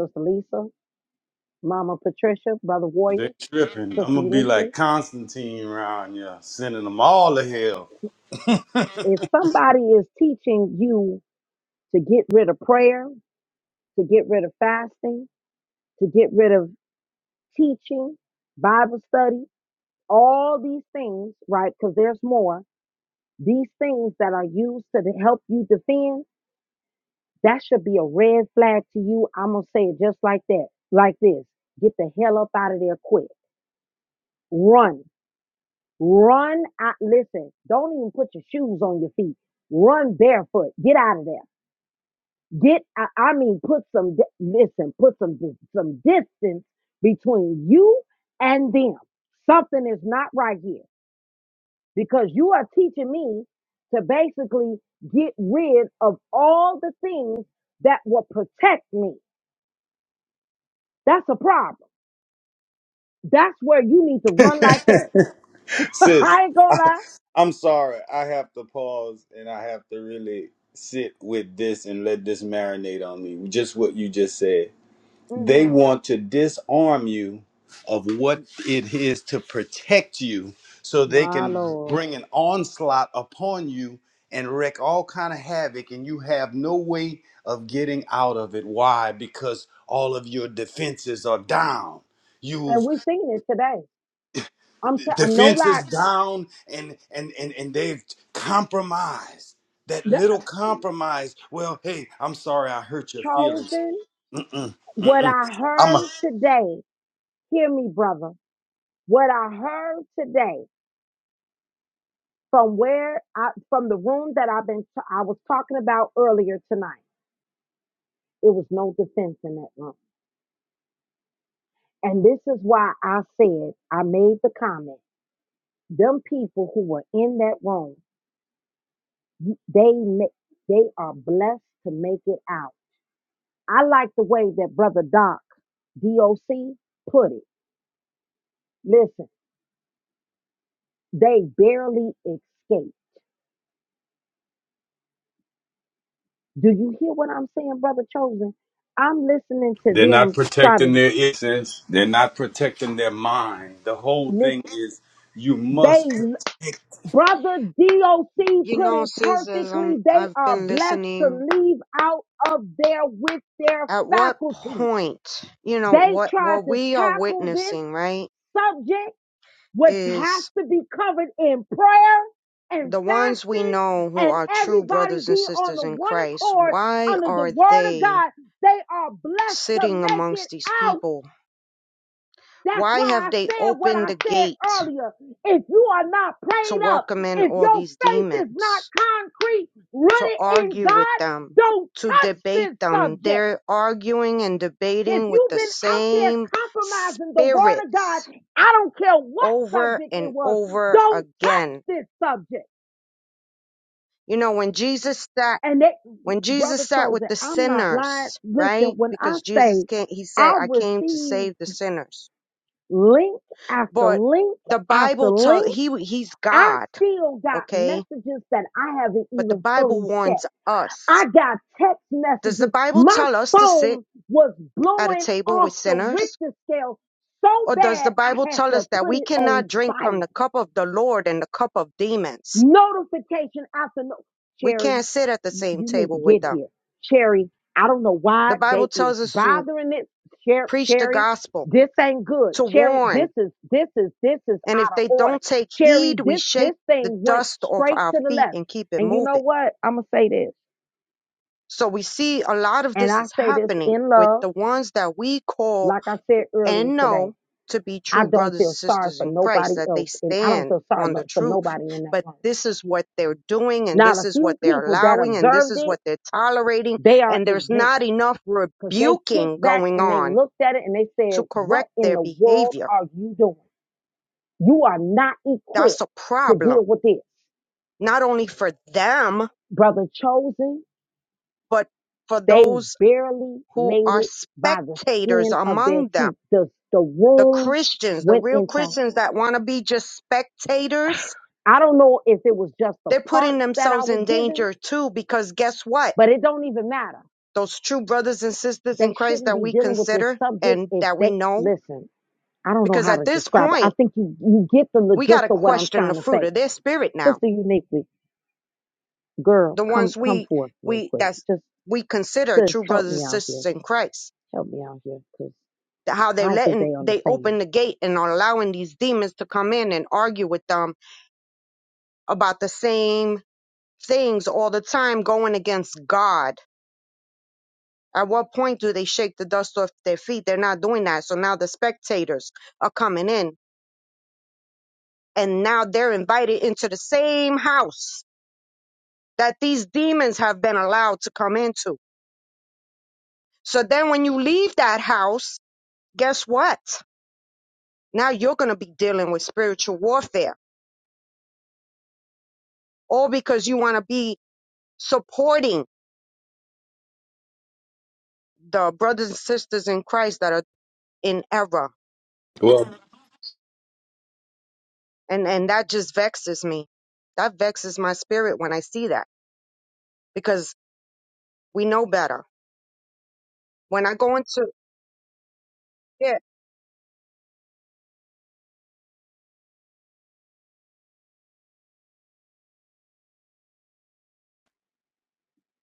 [SPEAKER 1] Sister Lisa, Mama Patricia, Brother
[SPEAKER 4] They're
[SPEAKER 1] Warrior,
[SPEAKER 4] tripping.
[SPEAKER 1] Sister
[SPEAKER 4] I'm gonna be
[SPEAKER 1] Uniquely.
[SPEAKER 4] like Constantine around here, sending them all to hell.
[SPEAKER 1] If somebody is teaching you to get rid of prayer, to get rid of fasting, to get rid of teaching, Bible study, all these things, right? Because there's more. These things that are used to help you defend, that should be a red flag to you. I'm going to say it just like that, like this. Get the hell up out of there quick. Run Run out. Listen, don't even put your shoes on your feet. Run barefoot. Get out of there. Get. I, I mean, put some. di- Listen, put some dis- some distance between you and them. Something is not right here because you are teaching me to basically get rid of all the things that will protect me. That's a problem. That's where you need to run like heck.
[SPEAKER 4] Sis,
[SPEAKER 1] I ain't gonna lie.
[SPEAKER 4] I'm sorry. I have to pause and I have to really sit with this and let this marinate on me. Just what you just said.
[SPEAKER 1] hmm
[SPEAKER 4] They want to disarm you of what it is to protect you so they
[SPEAKER 1] My
[SPEAKER 4] can
[SPEAKER 1] lord.
[SPEAKER 4] bring an onslaught upon you and wreak all kind of havoc and you have no way of getting out of it why because all of your defenses are down
[SPEAKER 1] And
[SPEAKER 4] you've
[SPEAKER 1] we're seeing it today. I'm telling no lie.
[SPEAKER 4] defenses down and and and, and they've compromised that
[SPEAKER 1] The,
[SPEAKER 4] little compromise well hey i'm sorry i hurt your feelings
[SPEAKER 1] chosen
[SPEAKER 4] Mm-mm,
[SPEAKER 1] what
[SPEAKER 4] mm-mm.
[SPEAKER 1] I
[SPEAKER 4] I'm a,
[SPEAKER 1] heard today. Hear me, brother. What I heard today from where I from the room that I've been I was talking about earlier tonight. It was no defense in that room. And this is why I said I made the comment. Them people who were in that room, they make, they are blessed to make it out. I like the way that brother Doc DOC put it. Listen They barely escape. Do you hear what I'm saying, brother chosen? I'm listening to
[SPEAKER 4] They're not
[SPEAKER 1] them try to
[SPEAKER 4] protecting their innocence. They're not protecting their mind. The whole thing
[SPEAKER 1] listen.
[SPEAKER 4] is you
[SPEAKER 1] They,
[SPEAKER 4] must protect.
[SPEAKER 1] brother DOC
[SPEAKER 7] You
[SPEAKER 1] put
[SPEAKER 7] know,
[SPEAKER 1] it
[SPEAKER 7] sis, as
[SPEAKER 1] perfectly. They
[SPEAKER 7] I've
[SPEAKER 1] are
[SPEAKER 7] been
[SPEAKER 1] blessed
[SPEAKER 7] listening,
[SPEAKER 1] to leave out of there with their
[SPEAKER 7] at what
[SPEAKER 1] faculty.
[SPEAKER 7] point, you know,
[SPEAKER 1] They
[SPEAKER 7] what,
[SPEAKER 1] tried
[SPEAKER 7] what
[SPEAKER 1] to
[SPEAKER 7] we are
[SPEAKER 1] tackle this
[SPEAKER 7] witnessing, right,
[SPEAKER 1] subject which has
[SPEAKER 7] is
[SPEAKER 1] to be covered in prayer and
[SPEAKER 7] the ones we
[SPEAKER 1] fasting
[SPEAKER 7] know who
[SPEAKER 1] and
[SPEAKER 7] are true
[SPEAKER 1] everybody
[SPEAKER 7] brothers and
[SPEAKER 1] being on
[SPEAKER 7] sisters
[SPEAKER 1] the
[SPEAKER 7] in
[SPEAKER 1] one
[SPEAKER 7] Christ,
[SPEAKER 1] accord
[SPEAKER 7] why
[SPEAKER 1] under the
[SPEAKER 7] are
[SPEAKER 1] word of
[SPEAKER 7] they
[SPEAKER 1] God. They are blessed to
[SPEAKER 7] sitting
[SPEAKER 1] make it
[SPEAKER 7] amongst these
[SPEAKER 1] out.
[SPEAKER 7] people?
[SPEAKER 1] That's
[SPEAKER 7] Why
[SPEAKER 1] why
[SPEAKER 7] have
[SPEAKER 1] I
[SPEAKER 7] they
[SPEAKER 1] said what
[SPEAKER 7] opened
[SPEAKER 1] I
[SPEAKER 7] the
[SPEAKER 1] said
[SPEAKER 7] gate
[SPEAKER 1] earlier. If you are not
[SPEAKER 7] to
[SPEAKER 1] prayed up,
[SPEAKER 7] welcome in
[SPEAKER 1] if
[SPEAKER 7] all
[SPEAKER 1] your
[SPEAKER 7] these
[SPEAKER 1] faith is not
[SPEAKER 7] demons,
[SPEAKER 1] concrete,
[SPEAKER 7] to
[SPEAKER 1] rooted in
[SPEAKER 7] argue with
[SPEAKER 1] God,
[SPEAKER 7] them,
[SPEAKER 1] don't
[SPEAKER 7] to
[SPEAKER 1] touch
[SPEAKER 7] debate
[SPEAKER 1] this
[SPEAKER 7] them?
[SPEAKER 1] subject.
[SPEAKER 7] They're arguing and
[SPEAKER 1] If
[SPEAKER 7] debating with
[SPEAKER 1] you've
[SPEAKER 7] the
[SPEAKER 1] been out there
[SPEAKER 7] same
[SPEAKER 1] compromising the word of
[SPEAKER 7] spirits
[SPEAKER 1] God, I don't care what
[SPEAKER 7] over
[SPEAKER 1] subject it
[SPEAKER 7] and
[SPEAKER 1] was,
[SPEAKER 7] over
[SPEAKER 1] don't touch
[SPEAKER 7] again.
[SPEAKER 1] this subject.
[SPEAKER 7] You know, when Jesus sat,
[SPEAKER 1] And that
[SPEAKER 7] when Jesus
[SPEAKER 1] brother
[SPEAKER 7] sat with
[SPEAKER 1] chosen,
[SPEAKER 7] the
[SPEAKER 1] I'm not lying.
[SPEAKER 7] sinners,
[SPEAKER 1] Listen,
[SPEAKER 7] right?
[SPEAKER 1] when I
[SPEAKER 7] Because Jesus
[SPEAKER 1] say
[SPEAKER 7] came, he said,
[SPEAKER 1] I
[SPEAKER 7] I came to
[SPEAKER 1] receive
[SPEAKER 7] save the sinners.
[SPEAKER 1] link after
[SPEAKER 7] But
[SPEAKER 1] link
[SPEAKER 7] the
[SPEAKER 1] after
[SPEAKER 7] Bible tells,
[SPEAKER 1] link,
[SPEAKER 7] he, he's
[SPEAKER 1] I
[SPEAKER 7] God,
[SPEAKER 1] still got
[SPEAKER 7] okay?
[SPEAKER 1] messages that I haven't
[SPEAKER 7] But the
[SPEAKER 1] even
[SPEAKER 7] Bible
[SPEAKER 1] fully checked.
[SPEAKER 7] warns us.
[SPEAKER 1] I got text
[SPEAKER 7] Does the
[SPEAKER 1] messages.
[SPEAKER 7] Bible
[SPEAKER 1] My
[SPEAKER 7] tell us to sit
[SPEAKER 1] phone was
[SPEAKER 7] at a
[SPEAKER 1] blowing
[SPEAKER 7] table
[SPEAKER 1] off
[SPEAKER 7] with
[SPEAKER 1] the
[SPEAKER 7] sinners?
[SPEAKER 1] Richter scale so
[SPEAKER 7] Or does
[SPEAKER 1] bad
[SPEAKER 7] the Bible
[SPEAKER 1] I had
[SPEAKER 7] tell
[SPEAKER 1] to
[SPEAKER 7] us that
[SPEAKER 1] put
[SPEAKER 7] we
[SPEAKER 1] it on
[SPEAKER 7] cannot drink from
[SPEAKER 1] silent.
[SPEAKER 7] the cup of the Lord and the cup of demons?
[SPEAKER 1] Notification after no.
[SPEAKER 7] We
[SPEAKER 1] Cherry,
[SPEAKER 7] can't sit at the
[SPEAKER 1] you
[SPEAKER 7] same
[SPEAKER 1] need to
[SPEAKER 7] table with
[SPEAKER 1] get
[SPEAKER 7] them.
[SPEAKER 1] here. Cherry, I don't know
[SPEAKER 7] The
[SPEAKER 1] why
[SPEAKER 7] Bible
[SPEAKER 1] they is
[SPEAKER 7] tells us to
[SPEAKER 1] bothering it. Cher-
[SPEAKER 7] preach the
[SPEAKER 1] Cherry,
[SPEAKER 7] gospel,
[SPEAKER 1] this ain't good.
[SPEAKER 7] to
[SPEAKER 1] Cherry,
[SPEAKER 7] warn.
[SPEAKER 1] this is this is this is
[SPEAKER 7] And if
[SPEAKER 1] out of
[SPEAKER 7] they
[SPEAKER 1] order.
[SPEAKER 7] don't take
[SPEAKER 1] Cherry,
[SPEAKER 7] heed, we
[SPEAKER 1] this
[SPEAKER 7] shake
[SPEAKER 1] this
[SPEAKER 7] the
[SPEAKER 1] thing went
[SPEAKER 7] dust off
[SPEAKER 1] straight
[SPEAKER 7] our
[SPEAKER 1] to the
[SPEAKER 7] feet
[SPEAKER 1] left.
[SPEAKER 7] and keep it
[SPEAKER 1] And you know
[SPEAKER 7] moving.
[SPEAKER 1] what? I'm gonna say this,
[SPEAKER 7] So we see a lot of
[SPEAKER 1] and
[SPEAKER 7] this
[SPEAKER 1] I
[SPEAKER 7] is
[SPEAKER 1] say this
[SPEAKER 7] happening
[SPEAKER 1] in
[SPEAKER 7] with
[SPEAKER 1] love
[SPEAKER 7] the ones that we call
[SPEAKER 1] Like I said earlier
[SPEAKER 7] and
[SPEAKER 1] today,
[SPEAKER 7] know to be
[SPEAKER 1] I
[SPEAKER 7] true
[SPEAKER 1] don't
[SPEAKER 7] brothers and
[SPEAKER 1] feel sorry
[SPEAKER 7] sisters
[SPEAKER 1] for
[SPEAKER 7] in
[SPEAKER 1] nobody
[SPEAKER 7] Christ, that they
[SPEAKER 1] else, and I don't
[SPEAKER 7] stand
[SPEAKER 1] feel sorry
[SPEAKER 7] on
[SPEAKER 1] but
[SPEAKER 7] the
[SPEAKER 1] for
[SPEAKER 7] truth.
[SPEAKER 1] nobody in that
[SPEAKER 7] But
[SPEAKER 1] room.
[SPEAKER 7] this is what they're doing, and
[SPEAKER 1] Now,
[SPEAKER 7] this
[SPEAKER 1] the
[SPEAKER 7] is what
[SPEAKER 1] few
[SPEAKER 7] they're
[SPEAKER 1] people that
[SPEAKER 7] allowing, and this
[SPEAKER 1] observed
[SPEAKER 7] is
[SPEAKER 1] it,
[SPEAKER 7] what they're tolerating.
[SPEAKER 1] they are
[SPEAKER 7] And there's
[SPEAKER 1] exempt
[SPEAKER 7] not enough
[SPEAKER 1] because they
[SPEAKER 7] rebuking
[SPEAKER 1] kicked back
[SPEAKER 7] going
[SPEAKER 1] and they
[SPEAKER 7] on
[SPEAKER 1] looked at it and they
[SPEAKER 7] to
[SPEAKER 1] said, "What
[SPEAKER 7] correct
[SPEAKER 1] in
[SPEAKER 7] their
[SPEAKER 1] the world
[SPEAKER 7] behavior.
[SPEAKER 1] are you doing? You are not
[SPEAKER 7] That's
[SPEAKER 1] equipped
[SPEAKER 7] a
[SPEAKER 1] to
[SPEAKER 7] problem
[SPEAKER 1] deal with this,
[SPEAKER 7] not only for them,
[SPEAKER 1] brother." Chosen,
[SPEAKER 7] but for
[SPEAKER 1] they
[SPEAKER 7] those
[SPEAKER 1] barely
[SPEAKER 7] who
[SPEAKER 1] made
[SPEAKER 7] are
[SPEAKER 1] it by the
[SPEAKER 7] spectators
[SPEAKER 1] skin of their
[SPEAKER 7] among them.
[SPEAKER 1] teeth. The the
[SPEAKER 7] The
[SPEAKER 1] room
[SPEAKER 7] Christians, the
[SPEAKER 1] went
[SPEAKER 7] real
[SPEAKER 1] into.
[SPEAKER 7] Christians that want to be just spectators,
[SPEAKER 1] I don't know if it was just the
[SPEAKER 7] they're putting
[SPEAKER 1] parts that I
[SPEAKER 7] themselves
[SPEAKER 1] was
[SPEAKER 7] in
[SPEAKER 1] given
[SPEAKER 7] danger too, because guess what?
[SPEAKER 1] But it don't even matter.
[SPEAKER 7] Those true brothers and sisters
[SPEAKER 1] They
[SPEAKER 7] in Christ
[SPEAKER 1] shouldn't
[SPEAKER 7] that
[SPEAKER 1] be
[SPEAKER 7] we
[SPEAKER 1] dealing with this
[SPEAKER 7] consider
[SPEAKER 1] subject
[SPEAKER 7] and
[SPEAKER 1] if
[SPEAKER 7] that we
[SPEAKER 1] they
[SPEAKER 7] know,
[SPEAKER 1] listen. I don't know
[SPEAKER 7] because
[SPEAKER 1] how
[SPEAKER 7] at
[SPEAKER 1] to
[SPEAKER 7] this
[SPEAKER 1] describe it. I
[SPEAKER 7] point,
[SPEAKER 1] think you you get the
[SPEAKER 7] we got
[SPEAKER 1] gist
[SPEAKER 7] to
[SPEAKER 1] of what I'm
[SPEAKER 7] question the
[SPEAKER 1] trying to
[SPEAKER 7] fruit
[SPEAKER 1] say.
[SPEAKER 7] of their spirit now.
[SPEAKER 1] Sister Uniquely, girl,
[SPEAKER 7] The
[SPEAKER 1] come
[SPEAKER 7] ones
[SPEAKER 1] come
[SPEAKER 7] we,
[SPEAKER 1] forth real
[SPEAKER 7] we,
[SPEAKER 1] quick.
[SPEAKER 7] that's,
[SPEAKER 1] Just
[SPEAKER 7] we consider
[SPEAKER 1] sis,
[SPEAKER 7] true
[SPEAKER 1] help
[SPEAKER 7] brothers and
[SPEAKER 1] me out here.
[SPEAKER 7] sisters in Christ
[SPEAKER 1] Help me out here because
[SPEAKER 7] how
[SPEAKER 1] I
[SPEAKER 7] they're
[SPEAKER 1] don't think
[SPEAKER 7] letting
[SPEAKER 1] they
[SPEAKER 7] they
[SPEAKER 1] understand.
[SPEAKER 7] open the gate and are allowing these demons to come in and argue with them about the same things all the time going against god at what point do they shake the dust off their feet they're not doing that so now the spectators are coming in and now they're invited into the same house that these demons have been allowed to come into so then when you leave that house guess what now you're going to be dealing with spiritual warfare all because you want to be supporting the brothers and sisters in Christ that are in error.
[SPEAKER 4] Well,
[SPEAKER 7] And and that just vexes me. That vexes my spirit when I see that because we know better. When I go into yeah,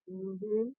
[SPEAKER 7] hmm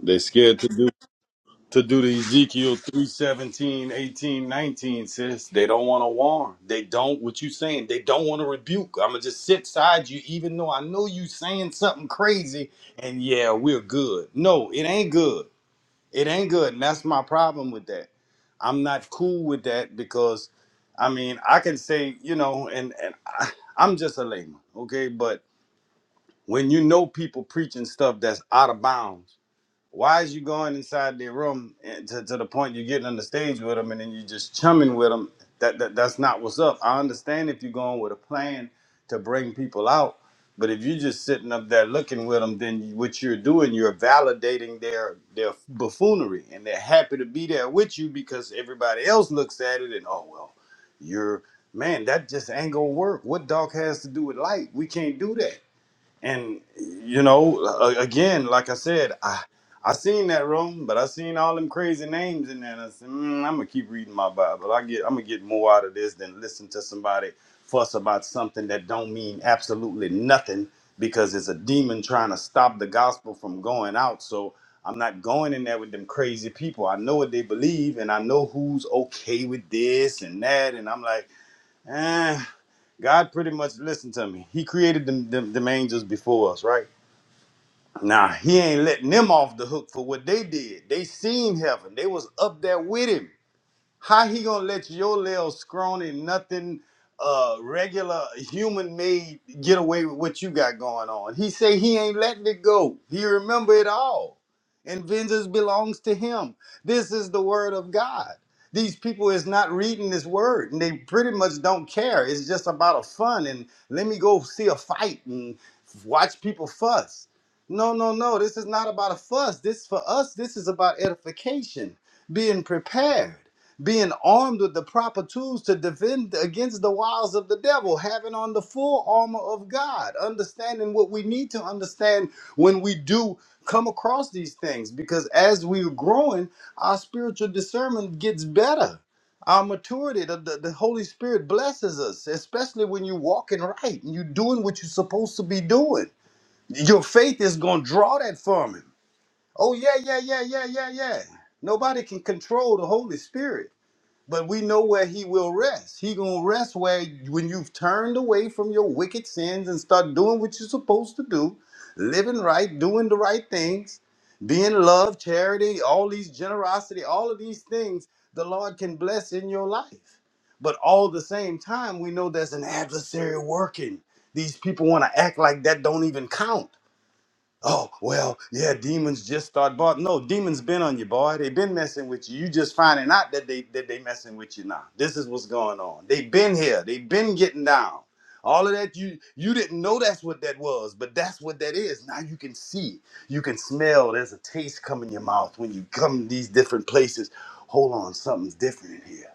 [SPEAKER 4] they're scared to do to do the Ezekiel 3 17 18 19. sis. They don't want to warn. They don't what you saying. They don't want to rebuke. I'ma just sit side you even though I know you saying something crazy and yeah, we're good. No, it ain't good. It ain't good. And that's my problem with that I'm not cool with that because, I mean, I can say, you know, and and I, I'm just a layman, okay? But when you know people preaching stuff that's out of bounds why is you going inside their room and to, to the point you're getting on the stage with them and then you just chumming with them? That, that that's not what's up. I understand if you're going with a plan to bring people out, but if you're just sitting up there looking with them, then what you're doing, you're validating their their buffoonery, and they're happy to be there with you because everybody else looks at it and oh well, you're man, that just ain't gonna work. What dog has to do with light? We can't do that and you know, a- again, like I said, I I seen that room, but I seen all them crazy names in there. And I said, mm, I'm gonna keep reading my Bible. I get, I'm gonna get more out of this than listen to somebody fuss about something that don't mean absolutely nothing because it's a demon trying to stop the gospel from going out. So I'm not going in there with them crazy people. I know what they believe, and I know who's okay with this and that. And I'm like, eh. God pretty much listened to me. He created them, them, them angels before us, right? Now, he ain't letting them off the hook for what they did. They seen heaven. They was up there with him. How he gonna let your little scrawny, nothing, uh, regular human made get away with what you got going on? He say he ain't letting it go. He remember it all, and vengeance belongs to him. This is the word of God. These people is not reading this word, and they pretty much don't care. It's just about a fun and let me go see a fight and watch people fuss. No, no, no. This is not about a fuss. This for us. This is about edification, being prepared being armed with the proper tools to defend against the wiles of the devil, having on the full armor of God, understanding what we need to understand when we do come across these things. Because as we're growing, our spiritual discernment gets better. Our maturity, the, the, the Holy Spirit blesses us, especially when you're walking right and you're doing what you're supposed to be doing. Your faith is going to draw that from Him. Oh, yeah, yeah, yeah, yeah, yeah, yeah. Nobody can control the Holy Spirit but we know where he will rest. He gonna rest where when you've turned away from your wicked sins and start doing what you're supposed to do, living right, doing the right things, being love, charity, all these generosity, all of these things the Lord can bless in your life. But all the same time, we know there's an adversary working. These people want to act like that don't even count oh well yeah demons just start bothering no demons been on you boy they been messing with you you just finding out that they that they messing with you now this is what's going on they been here they been getting down all of that you you didn't know that's what that was but that's what that is now you can see you can smell there's a taste come in your mouth when you come to these different places hold on something's different in here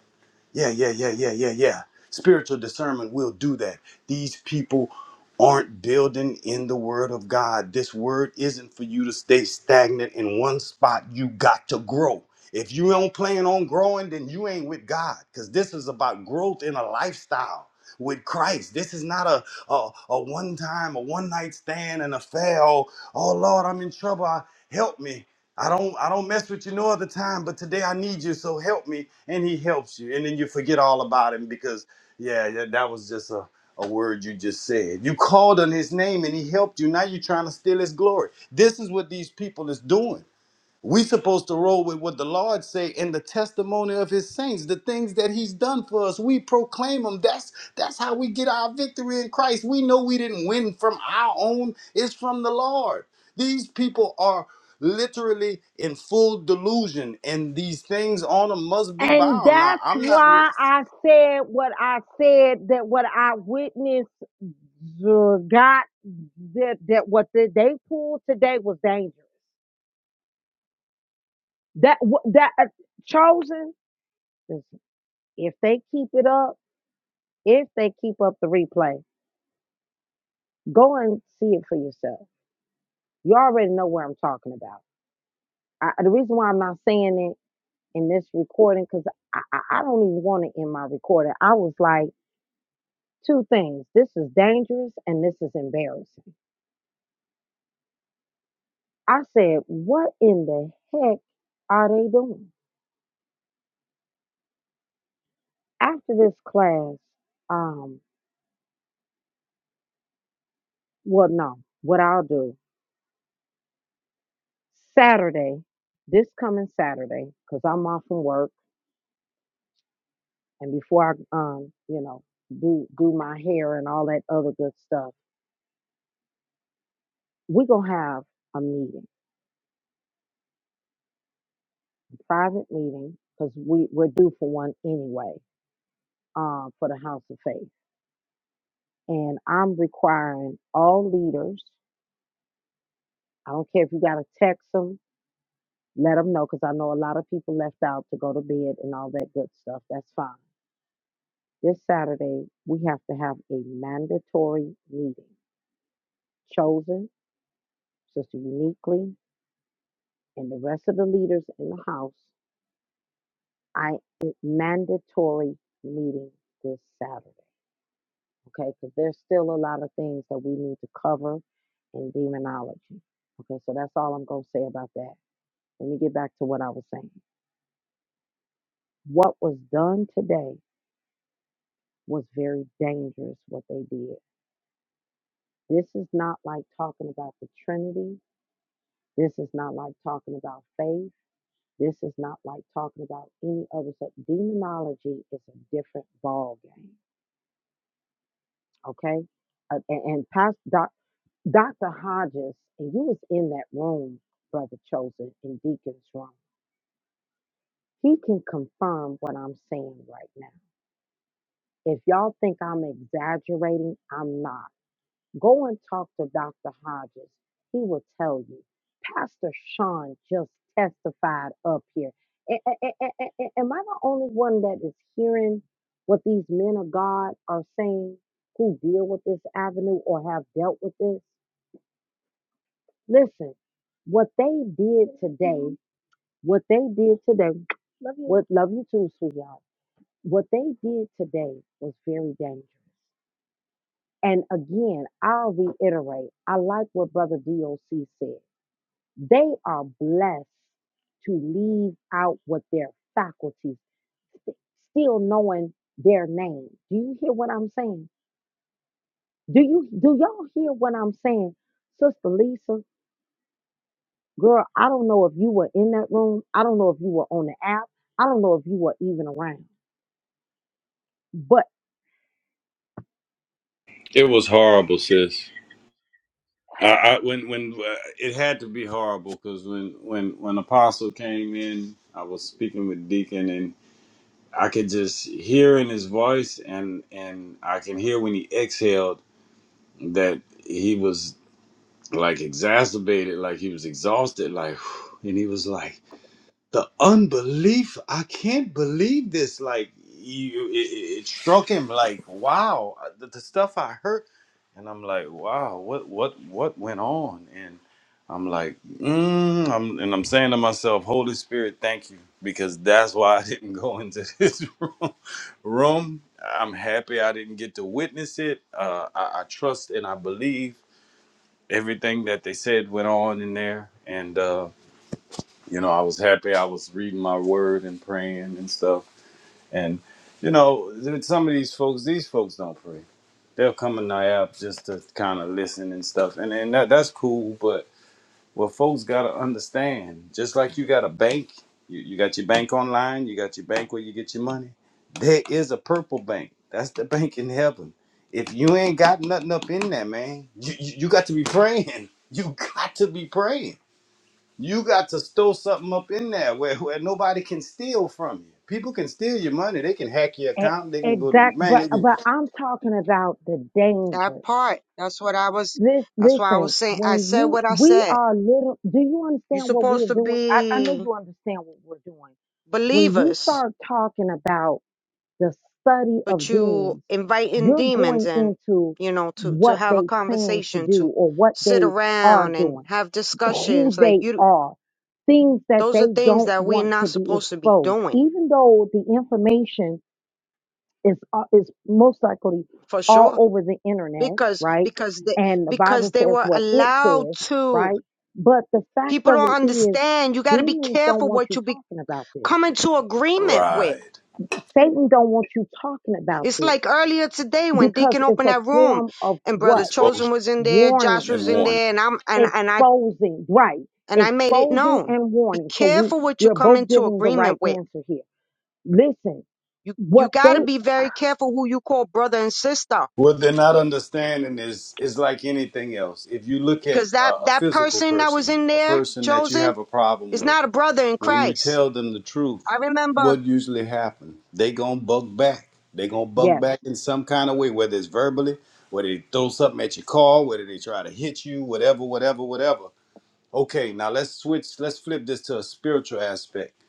[SPEAKER 4] yeah, yeah, yeah, yeah, yeah, yeah. Spiritual discernment will do that. These people aren't building in the word of God. This word isn't for you to stay stagnant in one spot. You got to grow. If you don't plan on growing, then you ain't with God because this is about growth in a lifestyle with Christ. This is not a, a, a one time, a one night stand and a fail. Oh, Lord, I'm in trouble. Help me. I don't I don't mess with you no other time, but today I need you, so help me. And he helps you. And then you forget all about him because yeah, yeah, that was just a, a word you just said. You called on his name and he helped you. Now you're trying to steal his glory. This is what these people is doing. We supposed to roll with what the Lord say in the testimony of his saints, the things that he's done for us. We proclaim them. That's that's how we get our victory in Christ. We know we didn't win from our own, it's from the Lord. These people are literally in full delusion and these things on them must be
[SPEAKER 1] And
[SPEAKER 4] bound. Now,
[SPEAKER 1] that's
[SPEAKER 4] I'm not re-
[SPEAKER 1] why I said what I said that what I witnessed the got that that what the, they pulled today was dangerous. That wh- that uh, chosen. 'Cause if they keep it up, if they keep up the replay, go and see it for yourself. You already know where I'm talking about. I, the reason why I'm not saying it in this recording, because I, I, I don't even want it in my recording. I was like, two things. This is dangerous and this is embarrassing. I said, what in the heck are they doing? After this class, um, well, no, what I'll do Saturday, this coming Saturday, because I'm off from work and before I um, you know, do do my hair and all that other good stuff, we're gonna have a meeting, a private meeting, because we, we're due for one anyway, um, for the House of Faith. And I'm requiring all leaders, I don't care if you gotta text them, let them know, because I know a lot of people left out to go to bed and all that good stuff. That's fine. This Saturday, we have to have a mandatory meeting chosen, Sister Uniquely, and the rest of the leaders in the house I it's mandatory meeting this Saturday, okay? Because there's still a lot of things that we need to cover in demonology. Okay, so that's all I'm gonna say about that. Let me get back to what I was saying. What was done today was very dangerous, what they did. This is not like talking about the Trinity. This is not like talking about faith. This is not like talking about any other stuff. Demonology is a different ball game. okay? Uh, and, and Pastor Doc, Dr. Hodges, and you was in that room, Brother Chosen, in Deacon's room. He can confirm what I'm saying right now. If y'all think I'm exaggerating, I'm not. Go and talk to Dr. Hodges. He will tell you. Pastor Sean just testified up here. A- a- a- a- a- a- Am I the only one that is hearing what these men of God are saying who deal with this avenue or have dealt with this? Listen, what they did today, what they did today, love you. what love you too, sweetheart. What they did today was very dangerous. And again, I'll reiterate, I like what Brother DOC said. They are blessed to leave out what their faculties, still knowing their name. Do you hear what I'm saying? Do you do y'all hear what I'm saying? Sister Lisa, Girl, I don't know if you were in that room. I don't know if you were on the app. I don't know if you were even around. But
[SPEAKER 4] It was horrible, sis. I, I when when uh, it had to be horrible because when when when Apostle came in, I was speaking with Deacon I could just hear in his voice, and and I can hear when he exhaled that he was like exacerbated, like he was exhausted, like, and he was like the unbelief i can't believe this like you it, it struck him like wow uh, the, the stuff i heard and i'm like wow what what what went on and i'm like mm, I'm, and i'm saying to myself holy spirit thank you because that's why i didn't go into this room room i'm happy i didn't get to witness it uh, I, I trust and i believe everything that they said went on in there and Uh, you know, I was happy. I was reading my word and praying and stuff. And you know, th- some of these folks, these folks don't pray. They'll come in the app just to kind of listen and stuff, and and that, that's cool. But what folks gotta understand, just like you got a bank, you, you got your bank online, you got your bank where you get your money. There is a purple bank. That's the bank in heaven. If you ain't got nothing up in there, man, you, you, you got to be praying. You got to be praying you got to store something up in there where, where nobody can steal from you. People can steal your money. They can hack your
[SPEAKER 1] e-
[SPEAKER 4] account. They can go to your
[SPEAKER 1] exact
[SPEAKER 4] bank.
[SPEAKER 1] but
[SPEAKER 4] They can...
[SPEAKER 1] but I'm talking about the danger.
[SPEAKER 7] that part, that's what I was.
[SPEAKER 1] This
[SPEAKER 7] That's why I was
[SPEAKER 1] listen,
[SPEAKER 7] saying. I
[SPEAKER 1] when
[SPEAKER 7] said
[SPEAKER 1] you
[SPEAKER 7] what I
[SPEAKER 1] we
[SPEAKER 7] said.
[SPEAKER 1] are little do you
[SPEAKER 7] You're
[SPEAKER 1] understand what
[SPEAKER 7] supposed
[SPEAKER 1] we're
[SPEAKER 7] to
[SPEAKER 1] doing? I, I know
[SPEAKER 7] be
[SPEAKER 1] you understand what we're doing. When you
[SPEAKER 7] believers,
[SPEAKER 1] start talking about the study
[SPEAKER 7] but
[SPEAKER 1] of
[SPEAKER 7] you
[SPEAKER 1] demons,
[SPEAKER 7] inviting
[SPEAKER 1] you're
[SPEAKER 7] demons
[SPEAKER 1] going
[SPEAKER 7] in.
[SPEAKER 1] into
[SPEAKER 7] You know, to to
[SPEAKER 1] what
[SPEAKER 7] have a
[SPEAKER 1] they plan to
[SPEAKER 7] conversation, to
[SPEAKER 1] do or what
[SPEAKER 7] sit
[SPEAKER 1] they are
[SPEAKER 7] around and
[SPEAKER 1] doing.
[SPEAKER 7] have
[SPEAKER 1] who
[SPEAKER 7] discussions. Like
[SPEAKER 1] they
[SPEAKER 7] you,
[SPEAKER 1] are, things that
[SPEAKER 7] those
[SPEAKER 1] they
[SPEAKER 7] are things
[SPEAKER 1] don't
[SPEAKER 7] that we're
[SPEAKER 1] want
[SPEAKER 7] not
[SPEAKER 1] to be
[SPEAKER 7] supposed to be
[SPEAKER 1] exposed,
[SPEAKER 7] doing
[SPEAKER 1] even though the information is uh, is most likely
[SPEAKER 7] for
[SPEAKER 1] all
[SPEAKER 7] sure
[SPEAKER 1] over the internet,
[SPEAKER 7] because
[SPEAKER 1] right?
[SPEAKER 7] because they
[SPEAKER 1] And the
[SPEAKER 7] because
[SPEAKER 1] Bible
[SPEAKER 7] they
[SPEAKER 1] says
[SPEAKER 7] were
[SPEAKER 1] what it
[SPEAKER 7] allowed
[SPEAKER 1] says,
[SPEAKER 7] to
[SPEAKER 1] right? But the fact
[SPEAKER 7] people
[SPEAKER 1] of
[SPEAKER 7] don't
[SPEAKER 1] it is,
[SPEAKER 7] understand you got to be
[SPEAKER 1] demons don't
[SPEAKER 7] careful
[SPEAKER 1] want
[SPEAKER 7] what
[SPEAKER 1] you
[SPEAKER 7] you be
[SPEAKER 1] talking about this.
[SPEAKER 7] come into agreement with
[SPEAKER 4] Right.
[SPEAKER 1] Satan don't want you talking about
[SPEAKER 7] it's
[SPEAKER 1] this
[SPEAKER 7] like earlier today when
[SPEAKER 1] because
[SPEAKER 7] deacon
[SPEAKER 1] it's
[SPEAKER 7] opened
[SPEAKER 1] a
[SPEAKER 7] that room
[SPEAKER 1] form of
[SPEAKER 7] and brother
[SPEAKER 1] what
[SPEAKER 4] exposure
[SPEAKER 7] chosen was in there josh
[SPEAKER 1] warning
[SPEAKER 4] and
[SPEAKER 7] was in
[SPEAKER 4] warning.
[SPEAKER 7] there and i'm and, and i
[SPEAKER 1] exposing right
[SPEAKER 7] and i made it
[SPEAKER 1] exposing
[SPEAKER 7] known
[SPEAKER 1] and
[SPEAKER 7] be
[SPEAKER 1] warning so we
[SPEAKER 7] careful what you
[SPEAKER 1] we're
[SPEAKER 7] come
[SPEAKER 1] both
[SPEAKER 7] into
[SPEAKER 1] giving the right
[SPEAKER 7] agreement with
[SPEAKER 1] answer here listen
[SPEAKER 7] you
[SPEAKER 1] what
[SPEAKER 7] you got
[SPEAKER 1] they
[SPEAKER 7] to be very careful who you call brother and sister
[SPEAKER 4] What they're not understanding is is like anything else. If you look at
[SPEAKER 7] because that
[SPEAKER 4] a, a
[SPEAKER 7] that
[SPEAKER 4] physical
[SPEAKER 7] person that was
[SPEAKER 4] person,
[SPEAKER 7] in
[SPEAKER 4] a
[SPEAKER 7] there
[SPEAKER 4] person that you
[SPEAKER 7] chosen
[SPEAKER 4] have a problem
[SPEAKER 7] It's
[SPEAKER 4] with,
[SPEAKER 7] not a brother in
[SPEAKER 4] when you
[SPEAKER 7] Christ.
[SPEAKER 4] tell them the
[SPEAKER 7] I
[SPEAKER 4] truth,
[SPEAKER 7] remember,
[SPEAKER 4] what usually happens? They gonna bug back. They gonna bug
[SPEAKER 1] yes
[SPEAKER 4] back in some kind of way, whether it's verbally, whether they throw something at your car, whether they try to hit you, whatever, whatever, whatever. Okay, now let's switch, let's flip this to a spiritual aspect.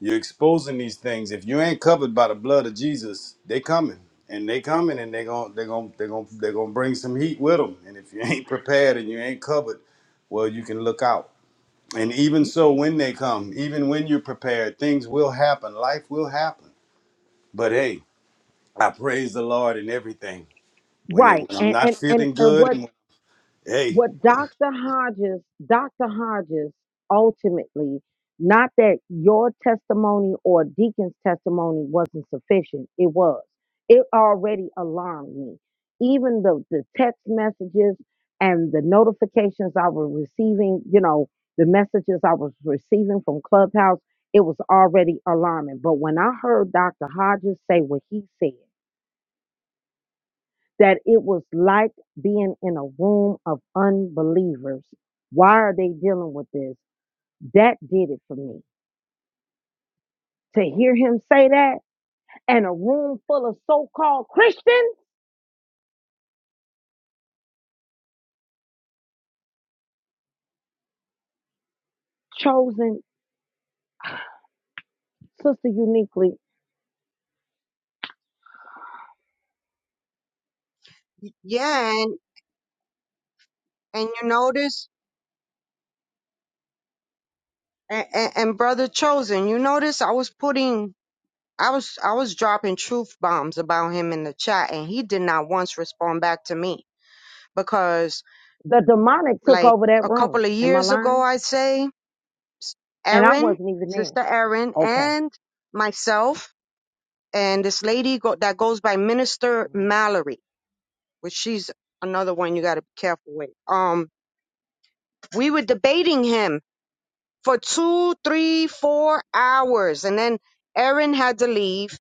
[SPEAKER 4] You're exposing these things. If you ain't covered by the blood of Jesus, they coming. And they coming and they gon' they gon' they gon' they gonna bring some heat with them. And if you ain't prepared and you ain't covered, well, you can look out. And even so when they come, even when you're prepared, things will happen. Life will happen. But hey, I praise the Lord in everything. When it
[SPEAKER 1] right
[SPEAKER 4] when I'm
[SPEAKER 1] and
[SPEAKER 4] not
[SPEAKER 1] and and,
[SPEAKER 4] feeling
[SPEAKER 1] and
[SPEAKER 4] good
[SPEAKER 1] what
[SPEAKER 4] and hey,
[SPEAKER 1] what Dr. Hodges, Dr. Hodges ultimately, not that your testimony or Deacon's testimony wasn't sufficient, it was. It already alarmed me. Even the, the text messages and the notifications I was receiving, you know, the messages I was receiving from Clubhouse, it was already alarming. But when I heard Dr. Hodges say what he said, that it was like being in a room of unbelievers. Why are they dealing with this? That did it for me. To hear him say that and a room full of so called Christians, chosen sister uniquely,
[SPEAKER 7] yeah, and, and you notice, and, and, and brother chosen, you notice I was putting, I was, I was dropping truth bombs about him in the chat, and he did not once respond back to me because,
[SPEAKER 1] the demonic took
[SPEAKER 7] like
[SPEAKER 1] over that
[SPEAKER 7] a couple
[SPEAKER 1] room.
[SPEAKER 7] of
[SPEAKER 1] Am I
[SPEAKER 7] years ago,
[SPEAKER 1] lying?
[SPEAKER 7] I'd say,
[SPEAKER 1] And I
[SPEAKER 7] Erin,
[SPEAKER 1] wasn't even there.
[SPEAKER 7] sister Erin,
[SPEAKER 1] Okay.
[SPEAKER 7] and myself, and this lady go, that goes by Minister
[SPEAKER 1] Mm,
[SPEAKER 7] Mallory, which she's another one you got to be careful with. Um, we were debating him for two, three, four hours. And then Aaron had to leave.